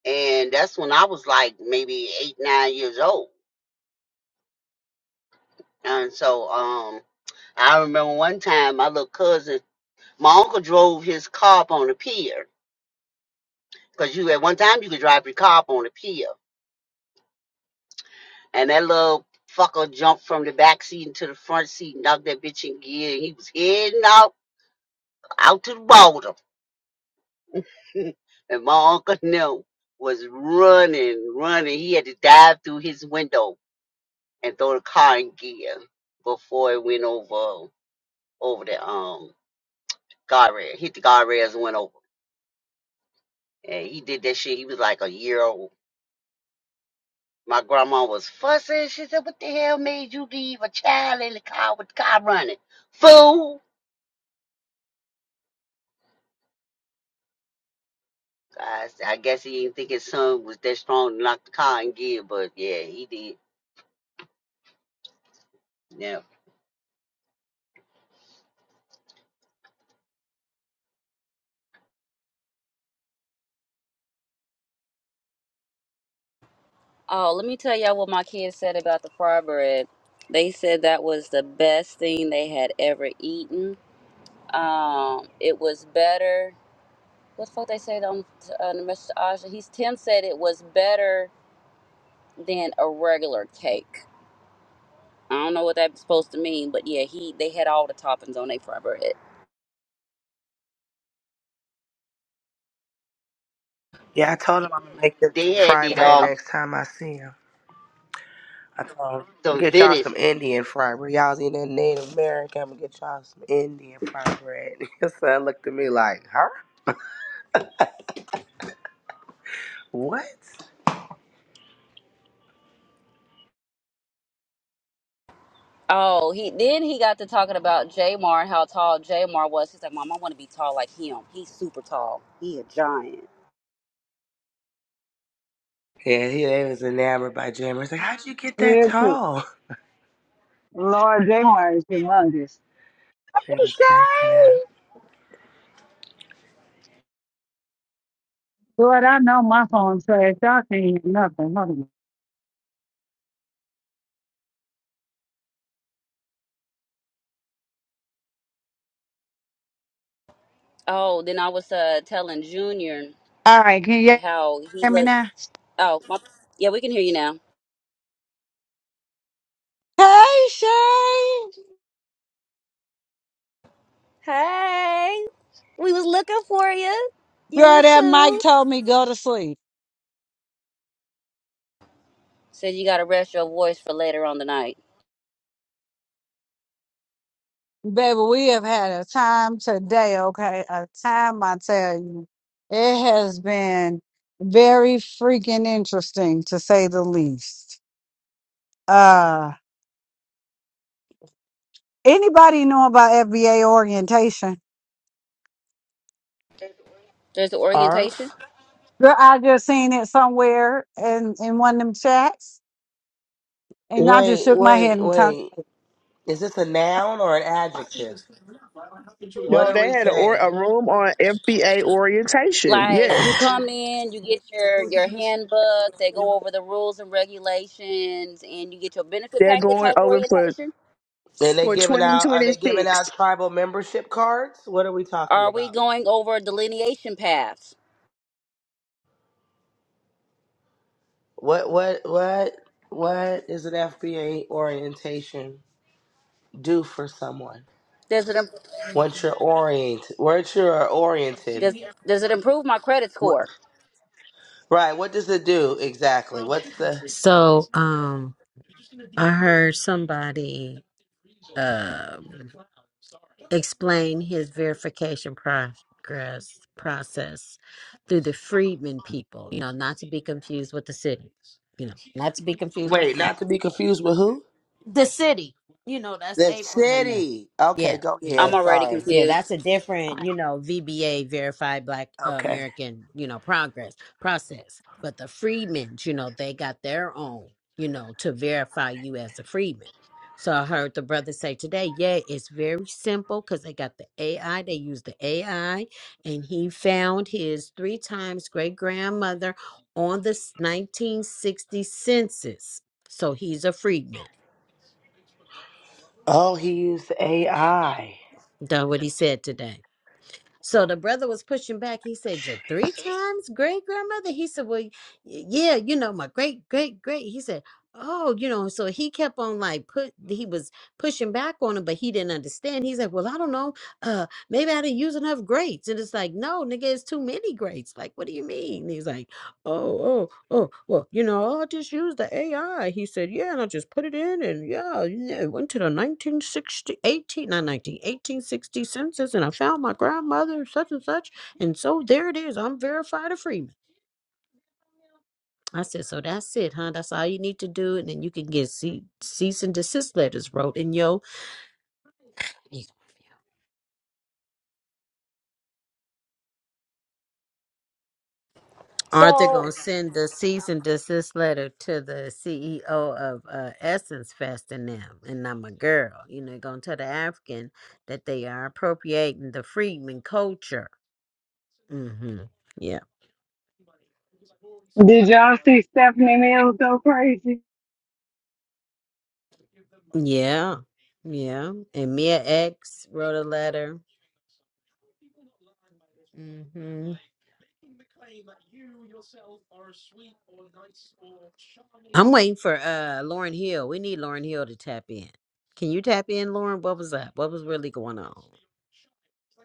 and that's when I was like maybe eight nine years old And so um I remember one time my little cousin, my uncle drove his car up on the pier. Cause you at one time you could drive your car up on the pier. And that little fucker jumped from the back seat into the front seat, knocked that bitch in gear, and he was heading out out to the water. and my uncle knew was running, running. He had to dive through his window and throw the car in gear before it went over over the um guardrail. Hit the guardrails and went over And he did that shit. He was like a year old. My grandma was fussing. She said, What the hell made you leave a child in the car with the car running? Fool! I, s- I guess he didn't think his son was that strong to knock the car in gear, but yeah, he did. Yeah. Oh, let me tell y'all what my kids said about the fry bread. They said that was the best thing they had ever eaten. Um, it was better. What the fuck they said on uh, the message to Asha? He's Tim said it was better than a regular cake. I don't know what that's supposed to mean, but yeah, he they had all the toppings on their fry bread. Yeah, I told him I'm gonna make them They some had fry the bread um next time I see him. I told him some get y'all Venice. some Indian fry bread. Y'all's eating that Native American. I'm gonna get y'all some Indian fry bread. His son looked at me like, huh? What? Oh, he then he got to talking about Jamar and how tall Jamar was. He's like, Mom, I want to be tall like him. He's super tall. He a giant. Yeah, he they was enamored by Jim. He's like, how'd you get that Real quick, tall? Lord J. Mongus. He was cracking up. Doing nothing, nothing. Oh, then I was uh telling Junior how he looked. Oh, my, yeah, we can hear you now. Hey, we was looking for you. You were too. Said you got to rest your voice for later on tonight. Day, okay, a time I tell you, it has been very freaking interesting to say the least. Anybody know about FBA orientation? There's the orientation. Arf. Girl, I just seen it somewhere in, in one of them chats, and I just Wait, shook my head wait, and turned. wait. Is this a noun or an adjective? What No, are they we had a, or- saying? a room on FBA orientation. Like you Yes. come in, you get your your handbook. They go over the rules and regulations, and you get your benefit They're packet going type over for orientation. And they for giving out? Are they giving 2026. out tribal membership cards? What are we talking Are we about? going over delineation paths? What what what what is an FBA orientation do for someone Does it im- once you're oriented? Once you're oriented, does does it improve my credit what, score? right? What does it do exactly? What's the So um I heard somebody um explain his verification progress process through the freedmen people, you know, not to be confused with the city. You know, not to be confused with wait? Not to be confused with who? the city. You know, that's The April in there. city. Yeah, Okay, go yeah, I'm ahead. yeah. already Sorry. Yeah, that's confused. a different, you know, VBA verified black uh, Okay. American, you know, progress process. But the freedmen, you know, they got their own, you know, to verify you as a freedman. So I heard the brother say today, yeah, it's very simple because they got the AI. They use the AI, and he found his three times great grandmother on the s- 1960 census. So he's a freedman. Oh, he used AI. done what he said today. So the brother was pushing back. He said, Your three times great grandmother? He said, Well, y- yeah, you know, my great, great, great. He said, Oh, you know, so he kept on like put he was pushing back on him, but he didn't understand. He's like, Well, I don't know. Uh, maybe I didn't use enough greats. And it's like, no, nigga, it's too many greats. Like, what do you mean? He's like, Oh, oh, oh, well, you know, I'll just use the AI. He said, yeah, and I'll just put it in. And yeah, you know, it went to the 1960, 18, not 19, 1860 census, and I found my grandmother, such and such. And so there it is. I'm verified a Freeman. I said, so that's it, huh? That's all you need to do. And then you can get ce- cease and desist letters wrote in yo. Aren't they So going to send the cease and desist letter to the CEO of uh, Essence Fest and them? And I'm a girl. You know, going to tell the African that they are appropriating the freedman culture. Mm-hmm. Yeah. Did y'all see Stephanie Mills go crazy? Yeah. Yeah. And Mia X wrote a letter. hmm I'm waiting for uh Lauren Hill. We need Lauren Hill to tap in. Can you tap in, Lauren? What was up? What was really going on?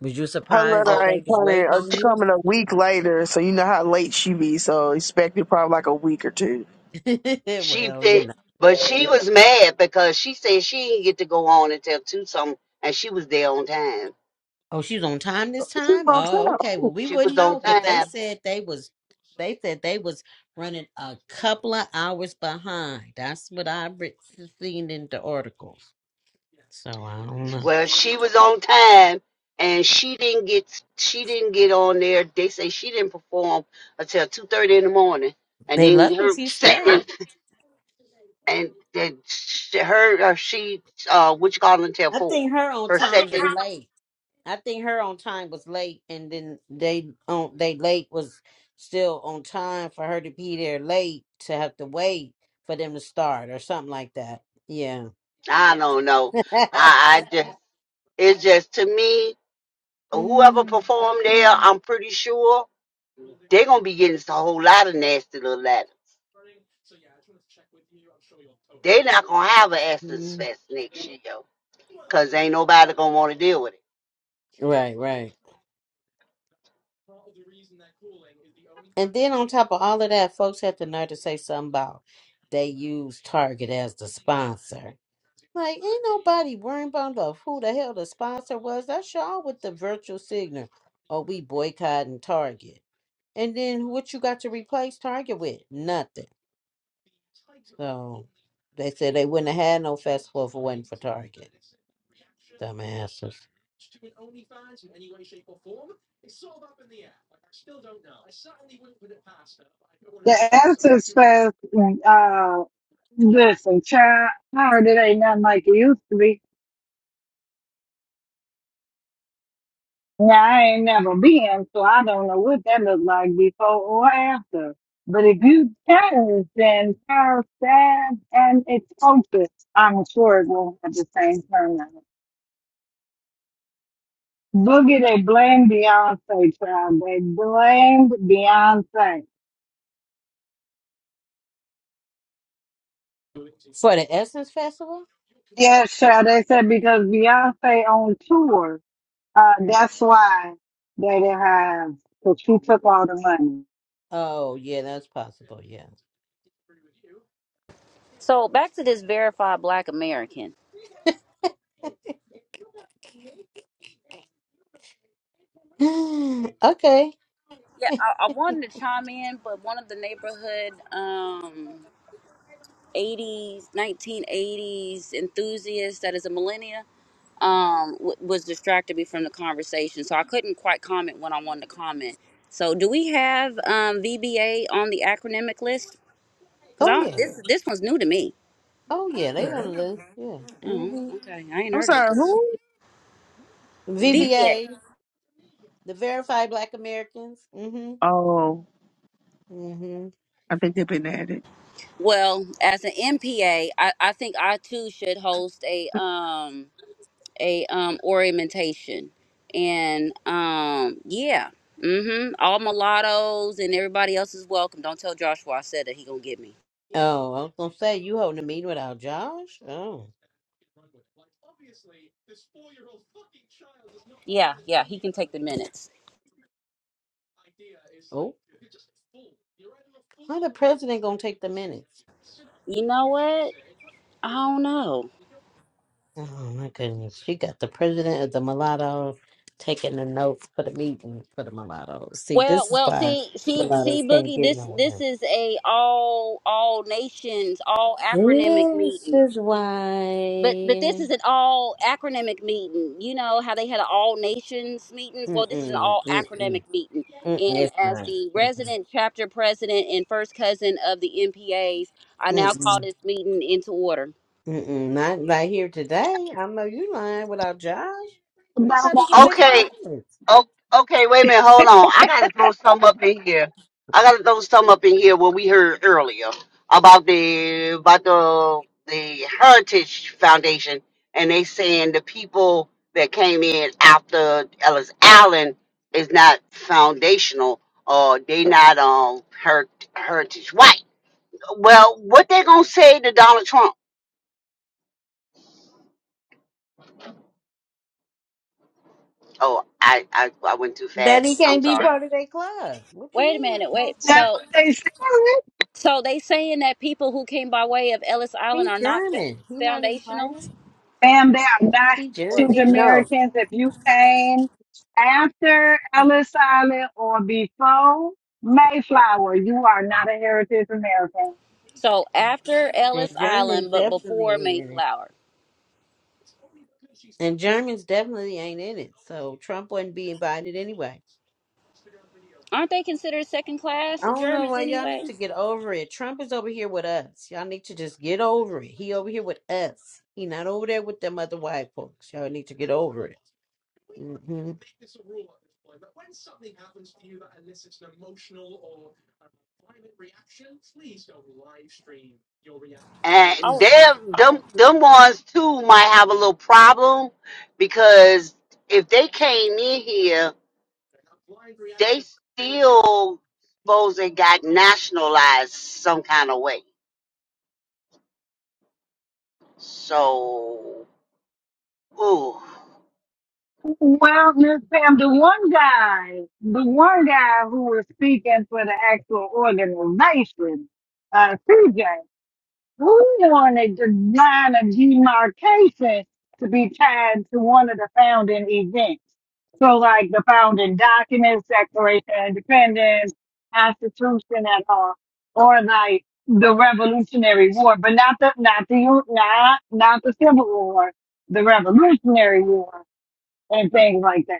Was you Her surprised letter that Oh, they ain't was coming. waiting uh, It's on you? coming a week later, so you know how late she be. So expect it probably like a week or two. she well, you know. did. But she was mad because she said she didn't get to go on until two something, and she was there on time. Oh, she's on time this Who time? gonna Oh, tell? okay. Who? Well, we She was wouldn't on know because they time, said they was they said they was running a couple of hours behind. That's what I re- seen in the article. So I don't know. Well, she was on time and she didn't get she didn't get on there. They say she didn't perform until two thirty in the morning, and They then lucky her she second stayed. and then sh- her uh, she uh which call until I four. think her on Her time second, was late. I think her on time was late, and then they on they late was still on time for her to be there late to have to wait for them to start or something like that. Yeah. I don't know. I, I just it's just to me whoever Mhm. performed there, I'm pretty sure they're gonna be getting a whole lot of nasty little letters. They're not gonna have an Essence Fest next year, yo, cause ain't nobody gonna want to deal with it. Right, right. And then on top of all of that, folks had the nerve to say something about they use Target as the sponsor. Like, ain't nobody worrying about the- who the hell the sponsor was. That's y'all with the virtual signal. Oh, we boycotting Target. And then what you got to replace Target with? Nothing. So they said they wouldn't have had no festival if it wasn't for Target. Dumbasses. The answers fast. Uh, listen, child, I heard it ain't nothing like it used to be. Now I ain't never been, so I don't know what that looked like before or after. But if you change then entire staff and its culture, I'm sure it won't have the same turnout. Boogie, they blamed Beyonce, child. They blamed Beyonce. For the Essence Festival? Yes, child. They said because Beyonce on tour, uh, that's why they didn't have, because she took all the money. Oh, yeah, that's possible. Yeah. so back to this verified Black American. okay. Yeah, I, I wanted to chime in, but one of the neighborhood um 80s 1980s enthusiasts that is a millennia um w- was distracted me from the conversation, so I couldn't quite comment when I wanted to comment. So do we have um VBA on the acronymic list? Because Oh, yeah. this this one's new to me. Oh, yeah. They on the list. Yeah. Oh, hmm okay. I ain't I'm heard of it. sorry. before. Who? VPA. VBA, the Verified Black Americans. mm hmm Oh, mm hmm I think they've been at it. Well, as an MPA, I, I think I too should host a um a um orientation, and um yeah, mm-hmm. All mulattoes and everybody else is welcome. Don't tell Joshua I said that he gonna get me. Oh, I was gonna say you holding a meeting without Josh. Oh. Yeah, yeah, he can take the minutes. Oh. How the president gonna take the minutes? You know what? I don't know. Oh my goodness. She got the president of the mulatto taking the notes for the meeting for the mulattoes. See, Well, this is well, why see, see, see, mulattoes can't Boogie. get This this nowhere. is a all all nations, all acronymic This meeting. is but but this why. is an all acronymic meeting. You know how they had an all nations meetings. Well, this is an Mm-mm, all acronymic mm-mm, meeting. mm-mm, And it's as not. the Mm-mm, resident chapter president and first cousin of the MPAs, I now call mm-mm, this meeting into order. mm-mm, not right here today. I know you lying without Josh. Who thought he was taking Okay. the minutes? Oh, okay. Wait a minute. Hold on. I gotta figure. I gotta throw some up in here with you about the about the the Heritage Foundation, and they saying the people that came in after Ellis Allen is not foundational, or they not um her, heritage white. Well, what they gonna say to Donald Trump? Oh, I I, I went too That he fast. I'm can't be sorry. part of their club. What you Wait a mean? What's minute. Wait. going That's on? So what they said. so they saying that people who came by way of Ellis Island He's are not f- German. He not foundational invited. Ma'am, they are not He or Asian German. heritage. No, Americans. If you No? came after Ellis Island or before Mayflower, you are not a Heritage American. So after And Ellis Germans Island, but definitely before ain't in it. Mayflower, And Germans definitely ain't in it. So Trump wouldn't be invited anyway. aren't they considered second class I the don't know Germans why y'all need anyway? to get over it. Trump is over here with us. Y'all need to just get over it. He over here with us. He not over there with them other white folks. Y'all need to get over it. hmm and Oh. they're them them ones too might have a little problem because if they came in here, they still supposed they got nationalized some kind of way. So ooh, Well, Miss Pam, the one guy, the one guy who was speaking for the actual organization, uh, CJ, who wanted the line of demarcation to be tied to one of the founding events. So, like the founding documents, Declaration of Independence, Constitution, and all, or like the Revolutionary War, but not the not the not not the Civil War, the Revolutionary War and things like that.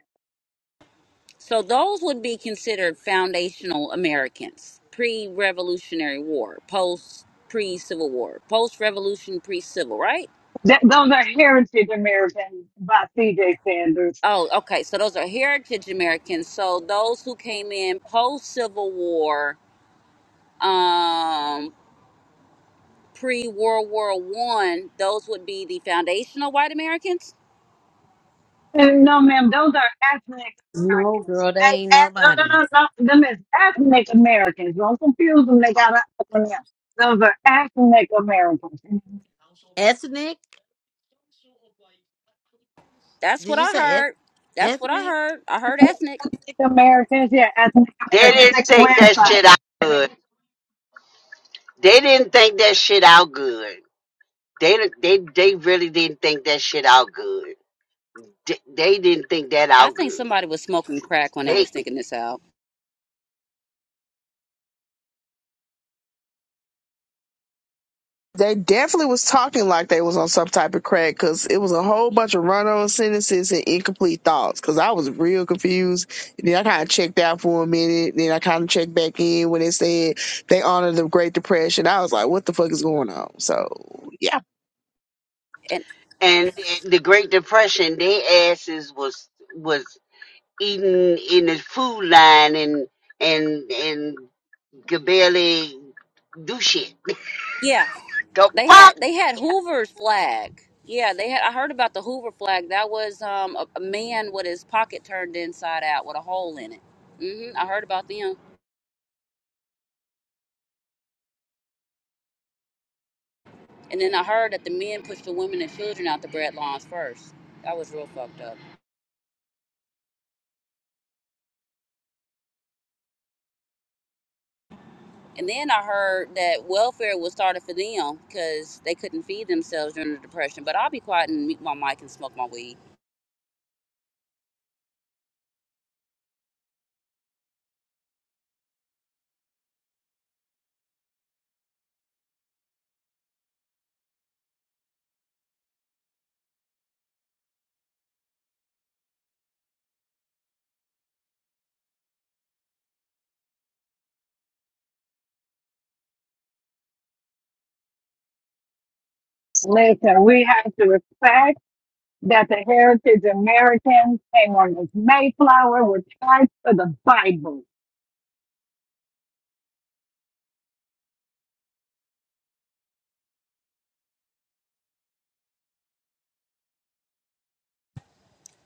So those would be considered foundational Americans, pre-Revolutionary War, post pre-Civil War, post-Revolution, pre-Civil, right? That, those are heritage Americans by C.J. Sanders. Oh, okay. So those are heritage Americans. So those who came in post-Civil War, um, pre-World War One, those would be the foundational white Americans. And no, ma'am, those are ethnic No, Americans. girl, they They ain't eth- no, nobody. no, no, no. Them is ethnic Americans. Don't confuse them. They got an acronym. Those are ethnic Americans. Ethnic? That's what Did you I say eth- heard. That's what I ethnic? heard. I heard ethnic. Ethnic Americans, yeah, ethnic they Americans. That's a website. they didn't think that shit out good. They didn't- they they really didn't think that out good. They, they didn't think that I out think good. somebody was smoking crack when they They was thinking this out. They definitely was talking like they was on some type of crack because it was a whole bunch of run on sentences and incomplete thoughts. Because I was real confused. And then I kind of checked out for a minute. Then I kind of checked back in when they said they honored the Great Depression. I was like, what the fuck is going on? So yeah. And and the Great Depression, their asses was was eating in the food line and and and could barely do shit. yeah, Nigga, They fuck had they had Hoover's flag. Yeah, they had. I heard about the Hoover flag. That was um, a, a man with his pocket turned inside out with a hole in it. hmm I heard about them, and then I heard that the men pushed the women and children out the bread lines first. That was real fucked up. And then I heard that welfare was started for them because they couldn't feed themselves during the depression. But I'll be quiet and mute my mic and smoke my weed. Listen, fact that heritage Americans came on this Mayflower were tied to the Bible.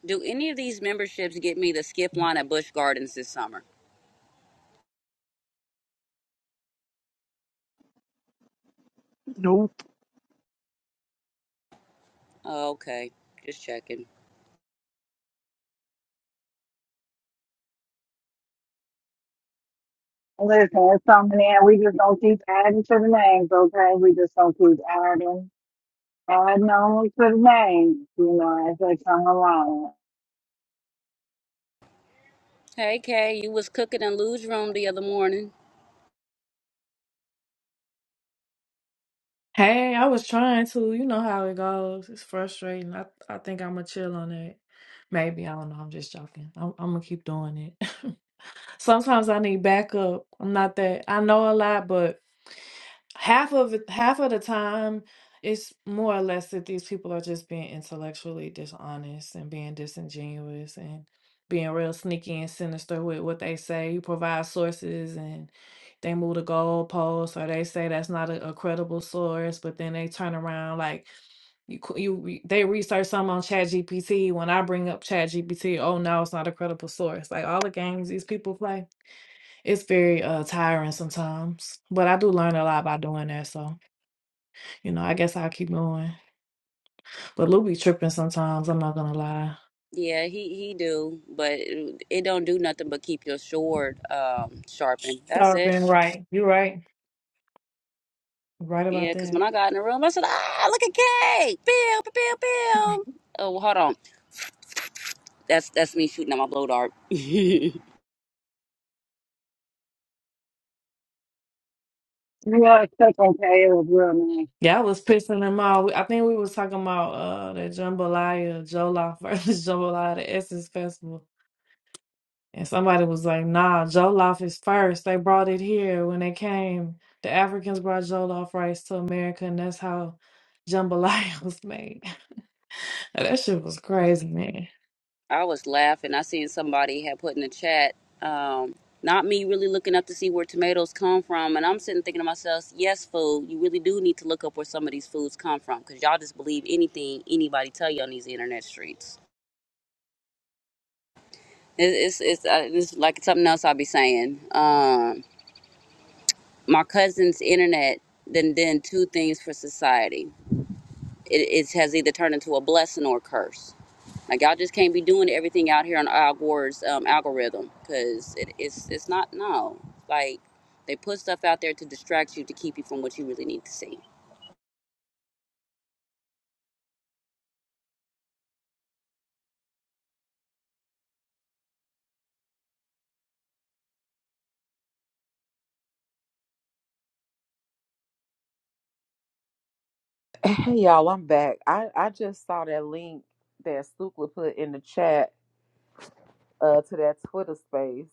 Do any of these memberships get me the skip line at Busch Gardens this summer? Okay, just checking. Listen, it's something there. We just don't keep adding to the names, okay? We just don't keep adding. I know most of the names, you know, as they come along. Hey Kay, you was cooking in Lou's room the other morning. Hey, I was trying to. You know how it goes. It's frustrating. I I think I'm gonna chill on it. Maybe I don't know. I'm just joking. I'm I'm gonna keep doing it. Sometimes I need backup. I'm not that. I know a lot, but half of it- half of the time it's more or less that these people are just being intellectually dishonest and being disingenuous and being real sneaky and sinister with what they say you provide sources and they move the goalposts or they say that's not a, a credible source but then they turn around like you, qu- you re- they research something on ChatGPT. when i bring up ChatGPT, oh no it's not a credible source like all the games these people play it's very uh tiring sometimes, but I do learn a lot by doing that. So, you know, I guess I'll keep going. But Lou be tripping sometimes, I'm not gonna lie. Yeah, he he do, but it, it don't do nothing but keep your sword um sharpened. That's Sharp it. and right. You're right. Right about Yeah, cause that. when I got in the room, I said, "Ah, look at Kay, pew pew pew pew." Oh, well, hold on, that's that's me shooting at my blow dart. We are such okay it was real nice. Yeah, I was pissing them off. I think we was talking about uh that jambalaya, jollof versus jambalaya, the Essence Festival. And somebody was like, nah, jollof is first. They brought it here when they came. The Africans brought jollof rice to America, and that's how jambalaya was made. Now, That shit was crazy, man. I was laughing. I seen somebody had put in the chat, um, not me really looking up to see where tomatoes come from. And I'm sitting thinking to myself, yes, food, you really do need to look up where some of these foods come from because y'all just believe anything anybody tell you on these internet streets. It- It's, it's, uh, it's like something else I'll be saying. Um, my cousin's internet then then two things for society. It, it has either turned into a blessing or a curse Like y'all just can't be doing everything out here on Al Gore's um, algorithm because it, it's it's not no like they put stuff out there to distract you to keep you from what you really need to see. Hey y'all, I'm back. I, I just saw that link that Stukla put in the chat uh, to that Twitter space.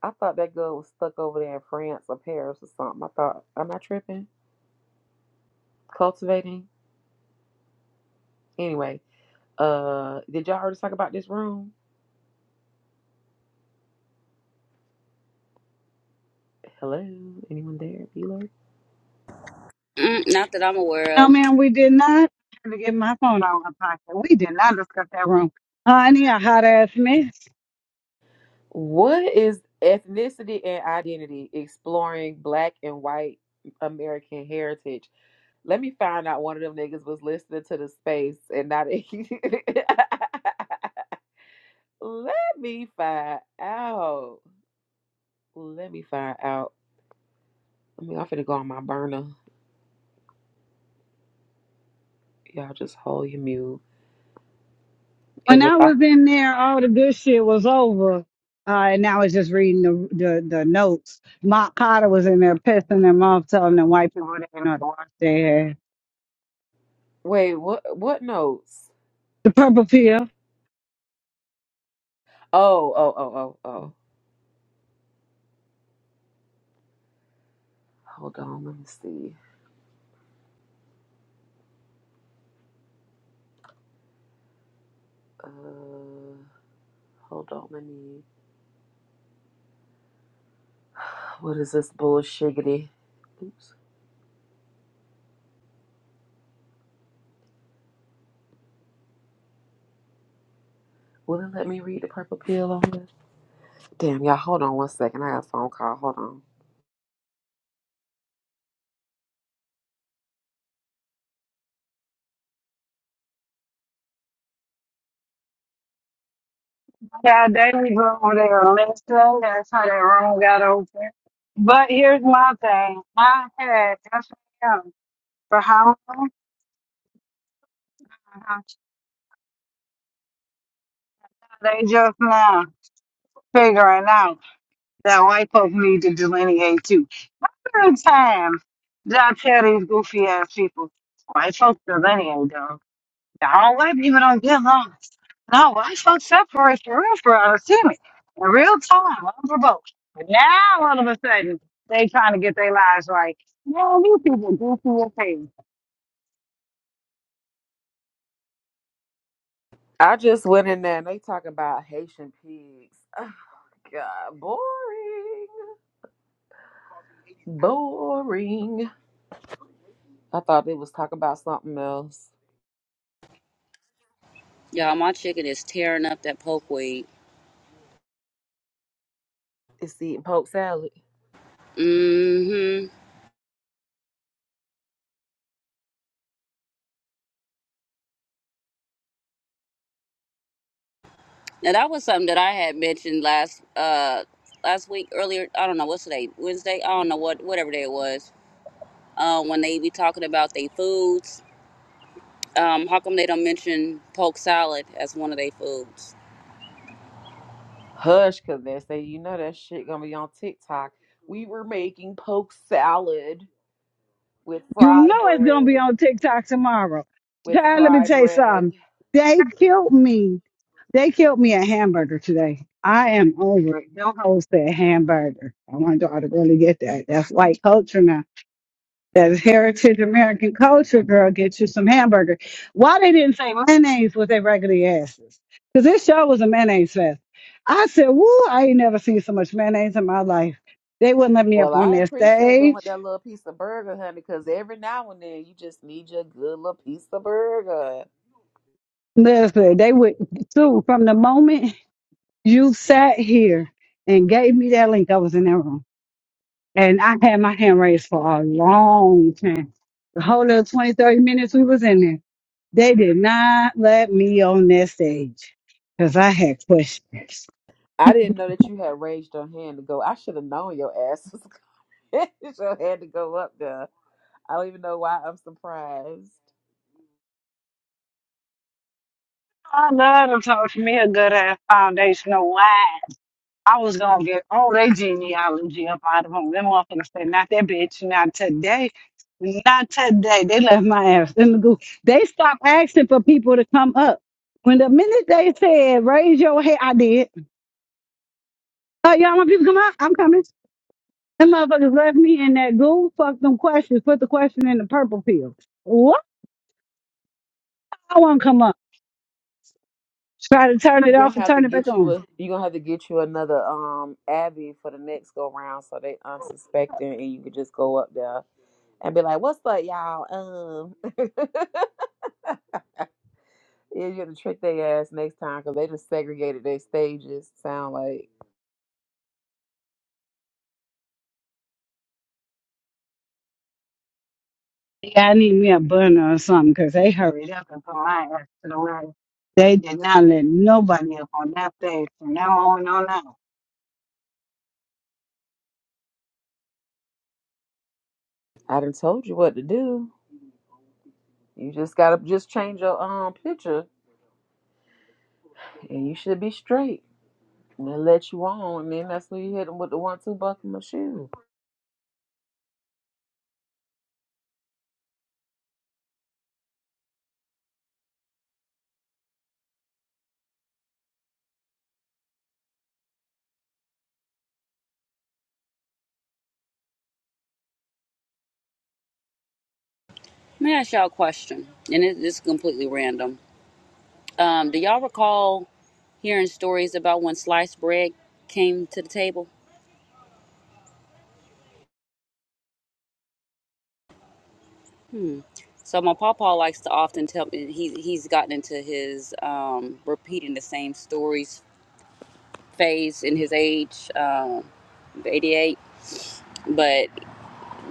I thought that girl was stuck over there in France or Paris or something. I thought, am I tripping? Cultivating? Anyway, uh, did y'all already talk about this room? Hello, anyone there? Mm, not that I'm aware No, of, ma'am, we did not. I had to get my phone out of my pocket. We did not discuss that room. Honey, a hot ass mess. What is ethnicity and identity? Exploring Black and White American heritage. Let me find out one of them niggas was listening to the space and not. Let me find out. Let me find out. I mean, I'm finna go on my burner. Y'all just hold your mute. When And if I I was in there, all the good shit was over. Uh, and I was just reading the, the, the notes. Mark Carter was in there pissing them off, telling the white people they didn't know the wash their hands. wait, what what notes? Oh, oh, oh, oh, oh. Hold on, let me see. Uh, hold on, let me. What is this bullshiggity? Oops. Will it let me read the purple pill on this? Damn, y'all, hold on one second. I got a phone call. Hold on. Yeah, they were over there listening. That's how that room got open. But here's my thing. I had FM for how long? They just now figuring out that white folks need to delineate too. Every time that I tell these goofy ass people, white folks delineate though. All white people don't get along. No, white folks separate for real for us, see me. In real time, unprovoked. They trying to get their lives right. Oh, these people goofy as hell. I just went in there and they talking about Haitian pigs. Oh, God, boring. Boring. I thought they was talking about something else. y'all. My chicken is tearing up that poke weed. It's eating poke salad. Mm-hmm. Now that was something that I had mentioned last uh last week earlier. I don't know what's today Wednesday. I don't know what whatever day it was. Uh, when they be talking about their foods, um, how come they don't mention poke salad as one of their foods? Hush, cause they say you know that shit gonna be on TikTok. We were making poke salad with You fry know it's gonna be bread. on TikTok tomorrow. With Child, let me fry tell you bread. something. They killed me. They killed me a hamburger today. I am over it. Don't host that hamburger. I want y'all to really get that. That's white culture now. That is heritage American culture, girl. Get you some hamburger. Why they didn't say mayonnaise with their regular asses? Because this show was a mayonnaise fest. I said, woo, I ain't never seen so much mayonnaise in my life. They wouldn't let me up Well, on I their appreciate them with stage. that little piece of burger, honey, because every now and then you just need your good little piece of burger. Listen, they would so from the moment You sat here and gave me that link. I was in that room. And I had my hand raised for a long time. The whole little 20, 30 minutes we was in there. They did not let me on that stage because I had questions. I didn't know that you had raised your hand to go. I should have known your ass was coming. your hand to go up there. I don't even know why I'm surprised. I love to talk to me a good ass foundational. Wow. I was gonna get all their genealogy up out of them. Them motherfuckers said, not that bitch, not today, not today. They left my ass in the goo. They stopped asking for people to come up. When the minute they said, raise your hand, I did. Oh, y'all want people to come up? I'm coming. Them motherfuckers left me in that goo. Fuck them questions. Put the question in the purple pill. What? I want to come up. Try to turn it You gonna off and have to turn it back get you on. a you gonna have to get you another um Abby for the next go round so they unsuspecting and you could just go up there and be like, What's up, y'all? Um Yeah, you have to trick their ass next time because they just segregated their stages. Sound like Yeah, I need me a burner or something 'cause they hurried up and put my ass to the rack. They did not let nobody up on that stage from now on on out. I done told you what to do. You just gotta just change your um picture, and you should be straight. And they let you on, and then that's when you hit them with the one-two buckle my shoe. Let me ask y'all a question, and it, this is completely random. Um, do y'all recall hearing stories about when sliced bread came to the table? Hmm. So my papa likes to often tell me he he's gotten into his um, repeating the same stories phase in his age, um, 88. But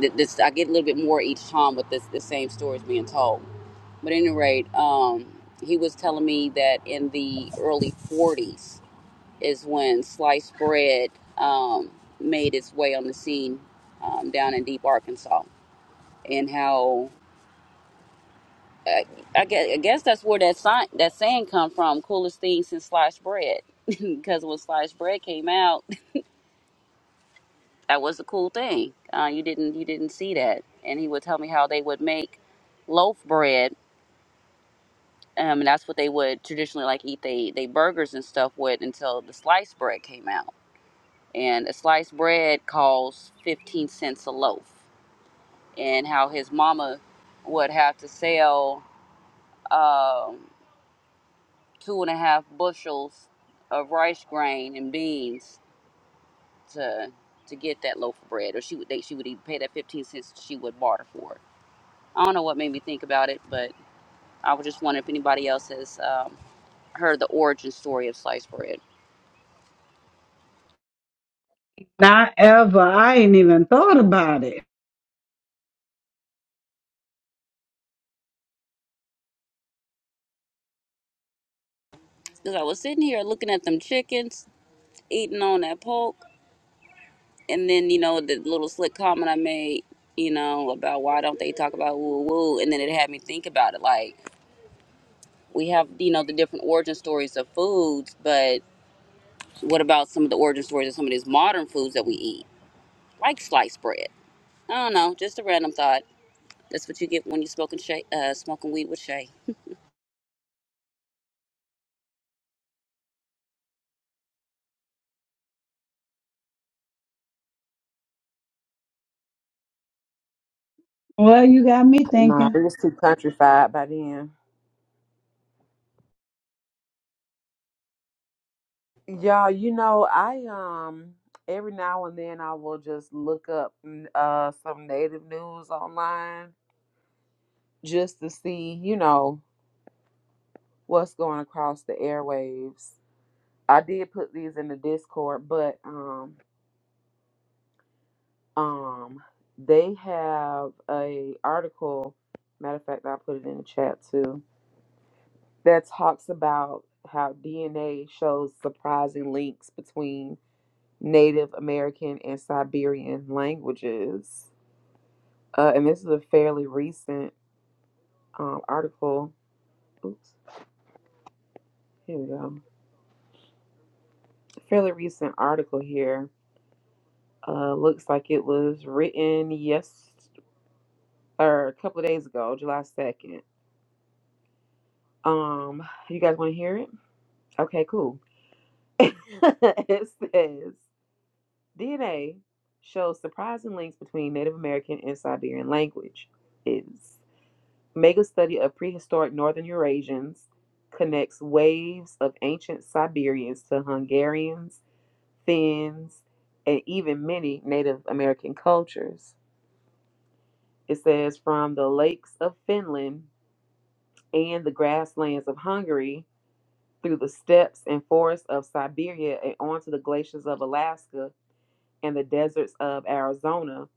th- this I get a little bit more each time with this the same stories being told. But at any rate, um, he was telling me that in the early 40s is when sliced bread um, made its way on the scene um, down in deep Arkansas, and how uh, I, guess, I guess that's where that sign, that saying come from. Coolest thing since sliced bread, because when sliced bread came out, that was the cool thing. Uh, you didn't you didn't see that, and he would tell me how they would make loaf bread. Um, and that's what they would traditionally like eat they, they burgers and stuff with until the sliced bread came out and a sliced bread costs 15 cents a loaf and how his mama would have to sell um, two and a half bushels of rice grain and beans to to get that loaf of bread, or she would they, she would even pay that fifteen cents she would barter for it. I don't know what made me think about it, but I was just wondering if anybody else has um, heard the origin story of sliced bread. Not ever. I ain't even thought about it. Because I was sitting here looking at them chickens eating on that pork, And then, you know, the little slick comment I made, you know, about why don't they talk about woo woo. And then it had me think about it. Like, we have, you know, the different origin stories of foods, but what about some of the origin stories of some of these modern foods that we eat, like sliced bread? I don't know, just a random thought. That's what you get when you're smoking, shay, uh, smoking weed with Shay. Well, you got me Nah, thinking. it was too countrified by then. Y'all, you know I um every now and then I will just look up mm, uh some native news online just to see you know what's going across the airwaves I did put these in the Discord, but um um they have a article. Matter of fact, I put it in the chat too. That talks about how DNA shows surprising links between Native American and Siberian languages. Uh, and this is a fairly recent um, article. Oops, here we go. Fairly recent article here. Uh, looks like it was written yes or a couple of days ago, July 2nd. Um, you guys want to hear it? Okay, cool. it says DNA shows surprising links between Native American and Siberian language. Is mega study of prehistoric northern Eurasians connects waves of ancient Siberians to Hungarians, Finns, and even many Native American cultures. It says from the lakes of Finland and the grasslands of Hungary through the steppes and forests of Siberia and onto the glaciers of Alaska and the deserts of Arizona,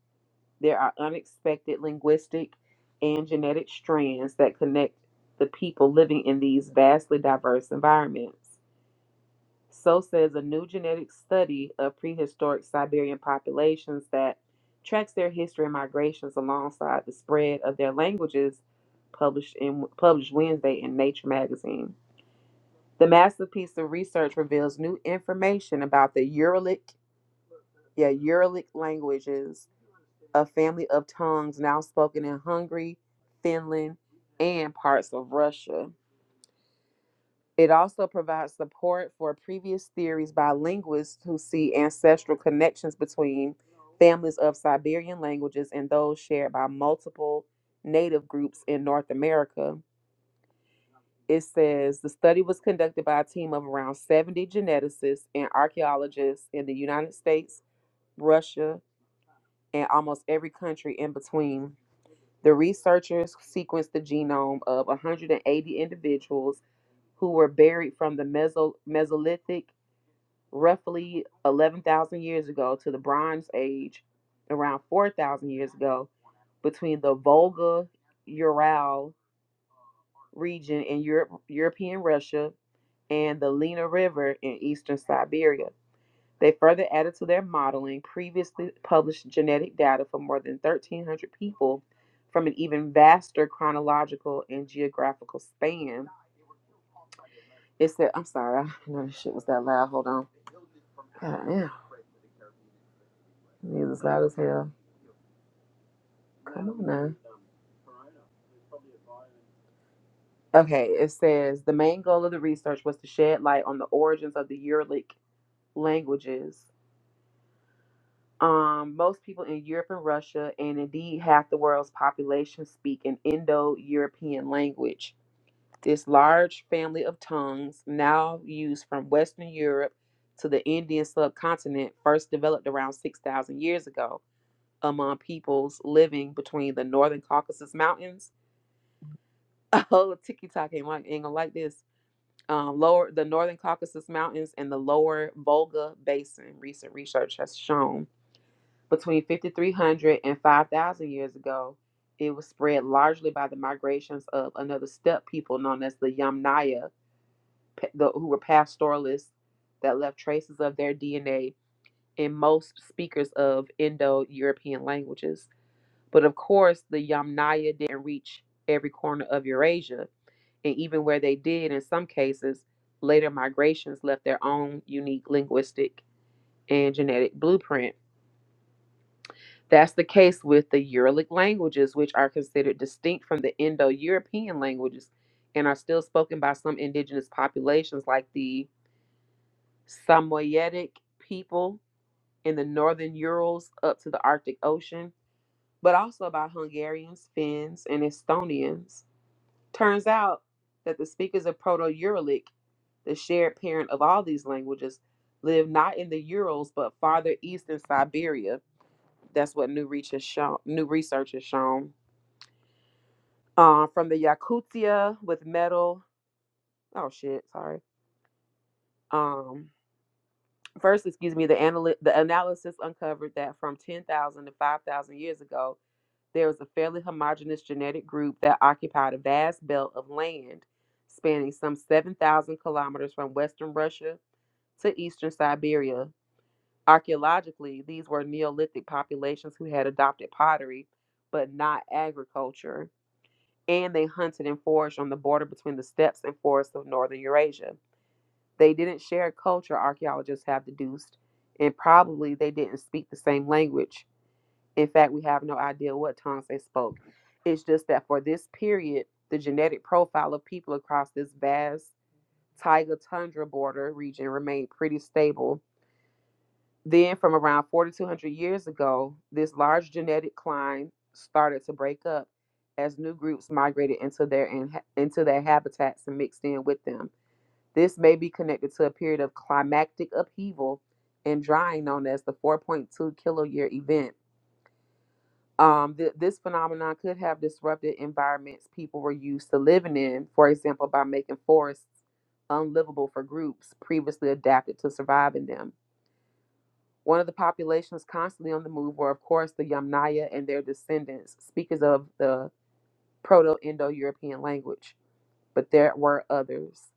there are unexpected linguistic and genetic strands that connect the people living in these vastly diverse environments. So says a new genetic study of prehistoric Siberian populations that tracks their history and migrations alongside the spread of their languages published in published Wednesday in Nature magazine. The masterpiece of research reveals new information about the Uralic, yeah, Uralic languages, a family of tongues now spoken in Hungary, Finland, and parts of Russia. It also provides support for previous theories by linguists who see ancestral connections between families of Siberian languages and those shared by multiple native groups in North America. It says the study was conducted by a team of around 70 geneticists and archaeologists in the United States, Russia, and almost every country in between. The researchers sequenced the genome of 180 individuals who were buried from the Meso- Mesolithic, roughly 11,000 years ago, to the Bronze Age, around 4,000 years ago, between the Volga Ural region in Europe, European Russia and the Lena River in eastern Siberia. They further added to their modeling previously published genetic data for more than 1,300 people from an even vaster chronological and geographical span. It said, I'm sorry, I didn't know this shit was that loud. Hold on. God damn, it is loud as hell. Come on now. Okay, it says the main goal of the research was to shed light on the origins of the Uralic languages Um, most people in Europe and Russia, and indeed half the world's population, speak an Indo European language. This large family of tongues, now used from Western Europe to the Indian subcontinent, first developed around 6,000 years ago among peoples living between the northern Caucasus Mountains. Oh, Tiki Tok ain't, like, ain't gonna like this. Um, lower the northern Caucasus Mountains and the lower Volga Basin, recent research has shown. Between 5,300 and 5,000 years ago, it was spread largely by the migrations of another steppe people known as the Yamnaya, the, who were pastoralists that left traces of their DNA in most speakers of Indo European languages. But of course, the Yamnaya didn't reach every corner of Eurasia, and even where they did, in some cases, later migrations left their own unique linguistic and genetic blueprint. That's the case with the Uralic languages, which are considered distinct from the Indo European languages and are still spoken by some indigenous populations, like the Samoyedic people in the northern Urals up to the Arctic Ocean, but also by Hungarians, Finns, and Estonians. Turns out that the speakers of Proto Uralic, the shared parent of all these languages, live not in the Urals but farther east in Siberia. That's what new research has shown. New research has shown uh, from the Yakutia with metal. Oh shit, sorry. Um, first, excuse me. The analy- the analysis uncovered that from ten thousand to five thousand years ago, there was a fairly homogeneous genetic group that occupied a vast belt of land spanning some seven thousand kilometers from western Russia to eastern Siberia. Archaeologically, these were Neolithic populations who had adopted pottery, but not agriculture. and they hunted and foraged on the border between the steppes and forests of northern Eurasia. They didn't share culture, archaeologists have deduced, and probably they didn't speak the same language. In fact, we have no idea what tongues they spoke. It's just that for this period, the genetic profile of people across this vast taiga tundra border region remained pretty stable then, from around 4,200 years ago, this large genetic climb started to break up as new groups migrated into their inha- into their habitats and mixed in with them. This may be connected to a period of climactic upheaval and drying known as the 4.2 kiloyear event. Um, th- this phenomenon could have disrupted environments people were used to living in, for example, by making forests unlivable for groups previously adapted to survive in them. One of the populations constantly on the move were, of course, the Yamnaya and their descendants, speakers of the Proto Indo European language. But there were others.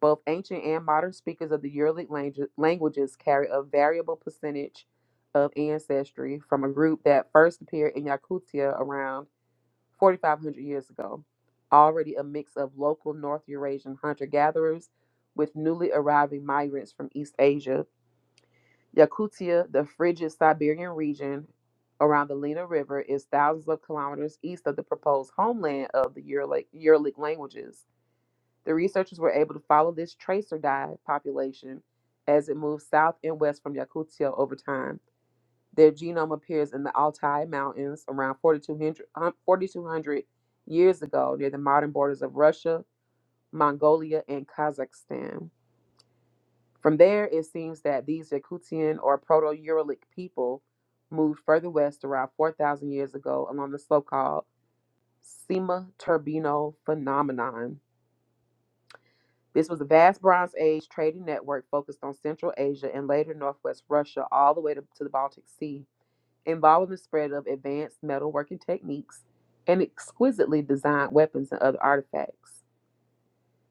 Both ancient and modern speakers of the Uralic langu- languages carry a variable percentage of ancestry from a group that first appeared in Yakutia around 4,500 years ago, already a mix of local North Eurasian hunter gatherers with newly arriving migrants from East Asia Yakutia, the frigid Siberian region around the Lena River, is thousands of kilometers east of the proposed homeland of the Uralic, Uralic languages. The researchers were able to follow this tracer dive population as it moves south and west from Yakutia over time. Their genome appears in the Altai Mountains around 4200, um, 4200 years ago near the modern borders of Russia, Mongolia, and Kazakhstan. From there, it seems that these Yakutian or Proto Uralic people moved further west around 4,000 years ago along the so called Sima Turbino phenomenon. This was a vast Bronze Age trading network focused on Central Asia and later Northwest Russia, all the way to, to the Baltic Sea, involving the spread of advanced metalworking techniques and exquisitely designed weapons and other artifacts.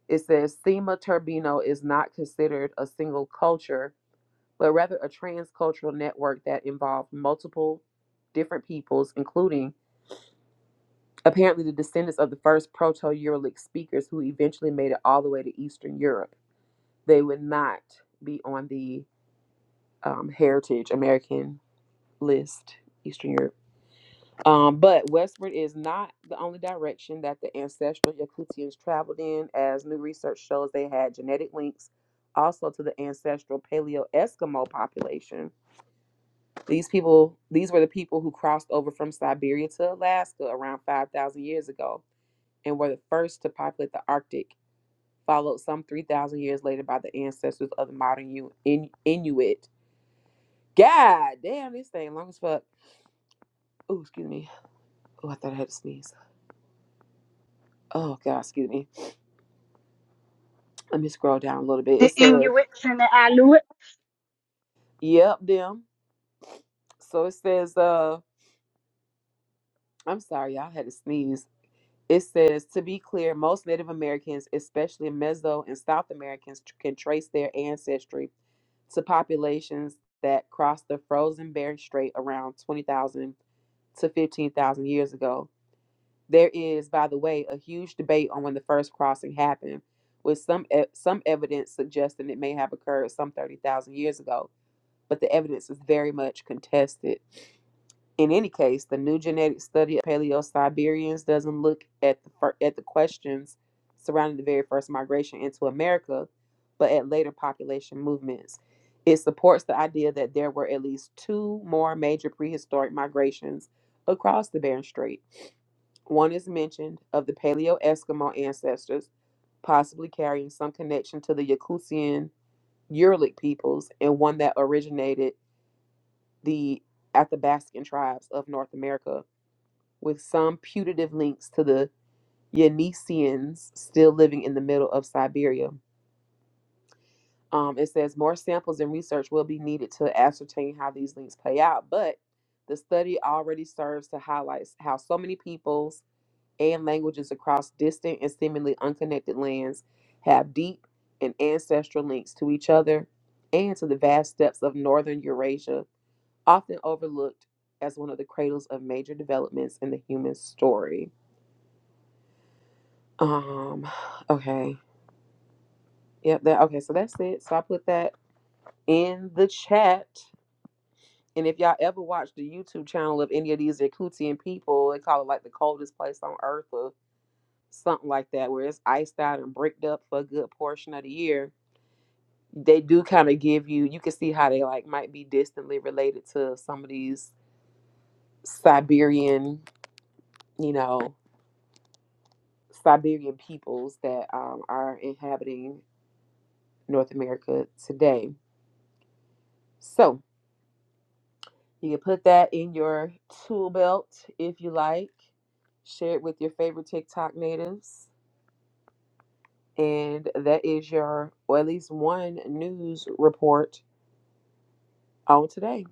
It says Sima Turbino is not considered a single culture but rather a transcultural network that involved multiple different peoples, including apparently the descendants of the first Proto Uralic speakers who eventually made it all the way to Eastern Europe. They would not be on the um, Heritage American list, Eastern Europe. Um, but westward is not the only direction that the ancestral Yakutians traveled in, as new research shows they had genetic links also to the ancestral Paleo Eskimo population These people, these were the people who crossed over from Siberia to Alaska around 5,000 years ago and were the first to populate the Arctic, followed some 3,000 years later by the ancestors of the modern U- in- Inuit. God damn, this thing long as fuck. Oh, excuse me. Oh, I thought I had to sneeze. Oh, God, excuse me. Let me scroll down a little bit. It says, yep, them. So it says, uh, I'm sorry, y'all had to sneeze It says, to be clear, most Native Americans, especially Meso and South Americans, tr- can trace their ancestry to populations that crossed the frozen Bering Strait around 20,000 to 15,000 years ago. There is, by the way, a huge debate on when the first crossing happened, with some e- some evidence suggesting it may have occurred some 30,000 years ago, but the evidence is very much contested. In any case, the new genetic study of Paleo-Siberians doesn't look at the fir- at the questions surrounding the very first migration into America, but at later population movements. It supports the idea that there were at least two more major prehistoric migrations across the Bering Strait. One is mentioned of the Paleo-Eskimo ancestors, possibly carrying some connection to the Yakutian Uralic peoples, and one that originated the Athabascan tribes of North America, with some putative links to the Yanisians still living in the middle of Siberia. Um, it says more samples and research will be needed to ascertain how these links play out, but the study already serves to highlight how so many peoples and languages across distant and seemingly unconnected lands have deep and ancestral links to each other and to the vast steppes of northern Eurasia often overlooked as one of the cradles of major developments in the human story. Um, okay. Yep, that okay, so that's it. So I put that in the chat. And if y'all ever watch the YouTube channel of any of these Yakutian people, they call it like the coldest place on earth or something like that, where it's iced out and bricked up for a good portion of the year. They do kind of give you you can see how they like might be distantly related to some of these Siberian, you know, Siberian peoples that um, are inhabiting North America today. So you can put that in your tool belt if you like. Share it with your favorite TikTok natives. And that is your, or at least one news report on today.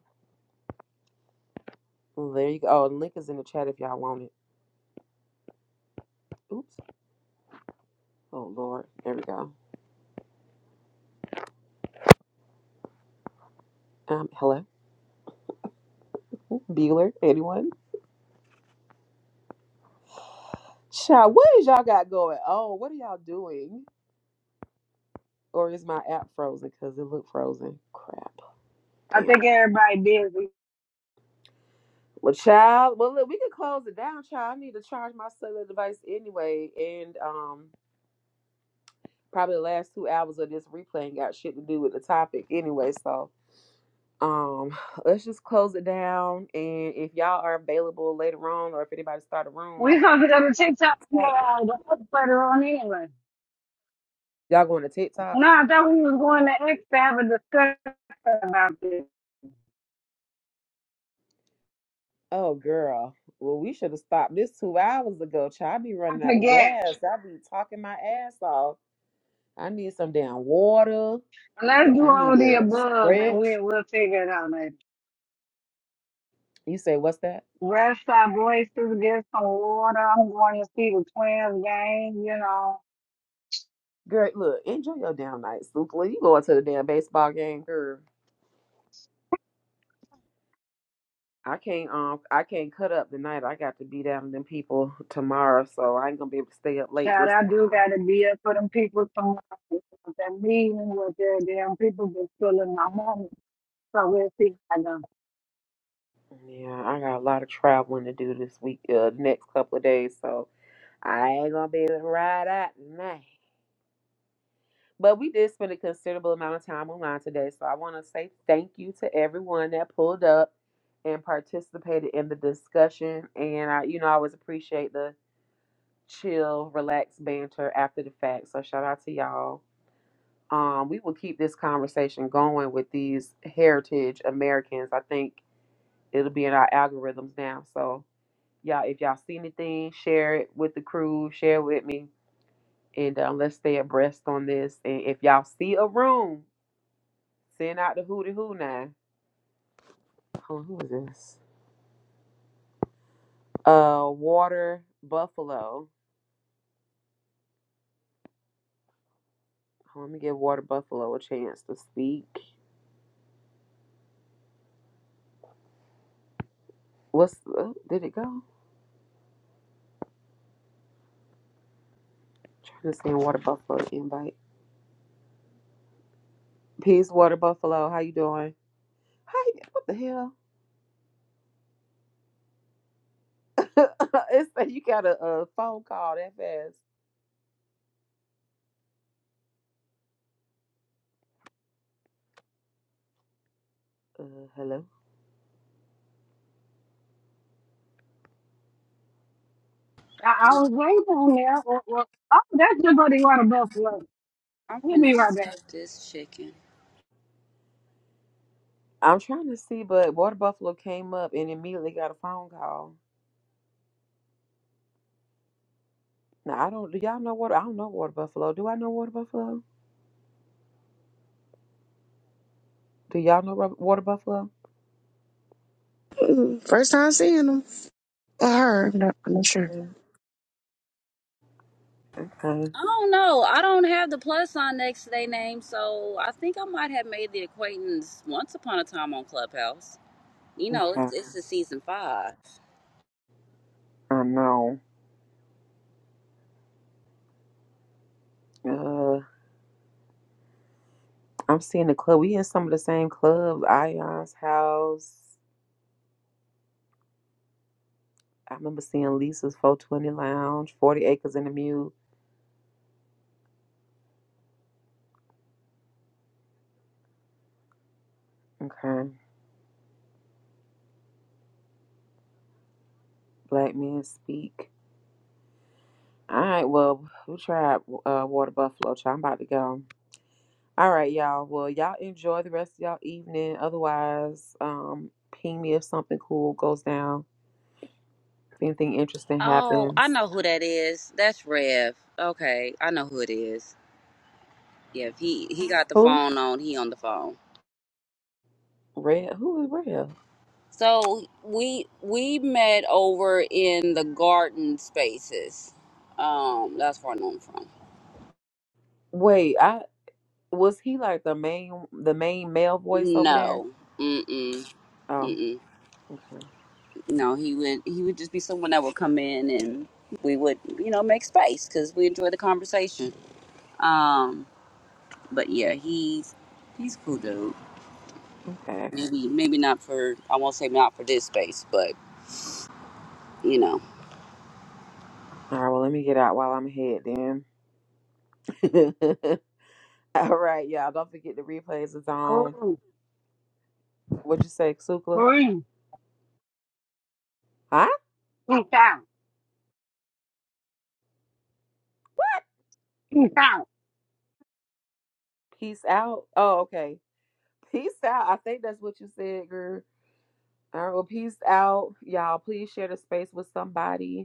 Well, There you go. Oh, the link is in the chat if y'all want it. Oops. Oh, Lord. There we go. Um, hello. Bueller, anyone? Child, what is y'all got going? Oh, what are y'all doing? Or is my app frozen? Cause it looked frozen. Crap. Damn. Well, child. Well, look, we can close it down, child. I need to charge my cellular device anyway, and um, probably the last two hours of this replay ain't got shit to do with the topic anyway. So, um, let's just close it down. And if y'all are available later on, or if anybody start a room, We're going to go to TikTok now. The other player on anyway. y'all going to TikTok? No, I thought we was going to X to have a discussion. Oh, girl. Well, we should have stopped this two hours ago, child. I be I running out of forget. gas. I be talking my ass off. I need some damn water. Let's do I need all the to above and stretch. we, we'll figure it out later. You say what's that? Rest our voices, get some water. I'm going to see the twins game, you know. Girl, look, enjoy your damn night, Super. When you going to the damn baseball game, girl. I can't um I can't cut up the night. I got to be down with them people tomorrow, so I ain't gonna be able to stay up late Child, this I do time. gotta be up for them people from that meeting with their damn people been stealing my money. So we'll see. I go, Yeah, I got a lot of traveling to do this week, uh, next couple of days, so I ain't gonna be able to ride out tonight. But we did spend a considerable amount of time online today. So I want to say thank you to everyone that pulled up and participated in the discussion. And I, you know, I always appreciate the chill, relaxed banter after the fact. So shout out to y'all. Um, we will keep this conversation going with these heritage Americans. I think it'll be in our algorithms now. So y'all, if y'all see anything, share it with the crew, share it with me, and um, let's stay abreast on this. And if y'all see a room, Send out the hootie hoo now. Hold on, who is this? Uh, Water Buffalo. Hold on, let me give Water Buffalo a chance to speak. What's uh, did it go? I'm trying to send Water Buffalo an invite. Peace, Water Buffalo. How you doing? Hi. What the hell? it's like you got a, a phone call that fast. Uh, hello. I'm finna stuff this chicken. I'm trying to see, but Water Buffalo came up and immediately got a phone call. Now I don't. Do y'all know Water? I don't know Water Buffalo. Do I know Water Buffalo? Do y'all know Ru- Water Buffalo? First time seeing him. Or her. I'm not, I'm not sure. Okay, I don't know. I don't have the plus sign next to their name, so I think I might have made the acquaintance once upon a time on Clubhouse. You know, okay. it's, it's the season five. I know. Uh, I'm seeing the club. We in some of the same clubs. Ion's house. I remember seeing Lisa's 420 Lounge, 40 Acres in the Mule. Okay. Black Men Speak. All right, well, we tried uh, Water Buffalo. Child. I'm about to go. All right, y'all. Well, y'all enjoy the rest of y'all evening. Otherwise, um, ping me if something cool goes down. If anything interesting Oh, I happens. know who that is. That's Rev. Okay, I know who it is. Yeah, if he he got the Who? phone on. He on the phone. Rev? Who is Rev? So we we met over in the garden spaces. Um, that's where I know him from. Wait, I Was he like the main the main male voice over there? No, mm mm mm. Oh, mm. okay. No, he would he would just be someone that would come in and we would you know make space because we enjoy the conversation. Um, but yeah, he's he's a cool dude. Okay. maybe maybe not for I won't say not for this space, but you know. All right, well let me get out while I'm ahead then. All right, y'all. Don't forget the replays is on. oh, What'd you say, Sukla? free, Huh? peace out, peace out. Peace out. Oh, okay. Peace out. I think that's what you said, girl. All right, well, peace out. Y'all, please share the space with somebody.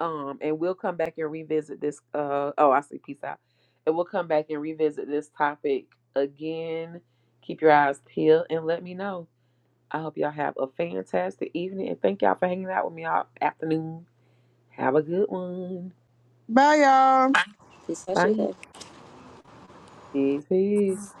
um and we'll come back and revisit this uh oh i see peace out and we'll come back and revisit this topic again keep your eyes peeled and let me know i hope y'all have a fantastic evening and thank y'all for hanging out with me all afternoon have a good one Bye, y'all. it's such bye a peace peace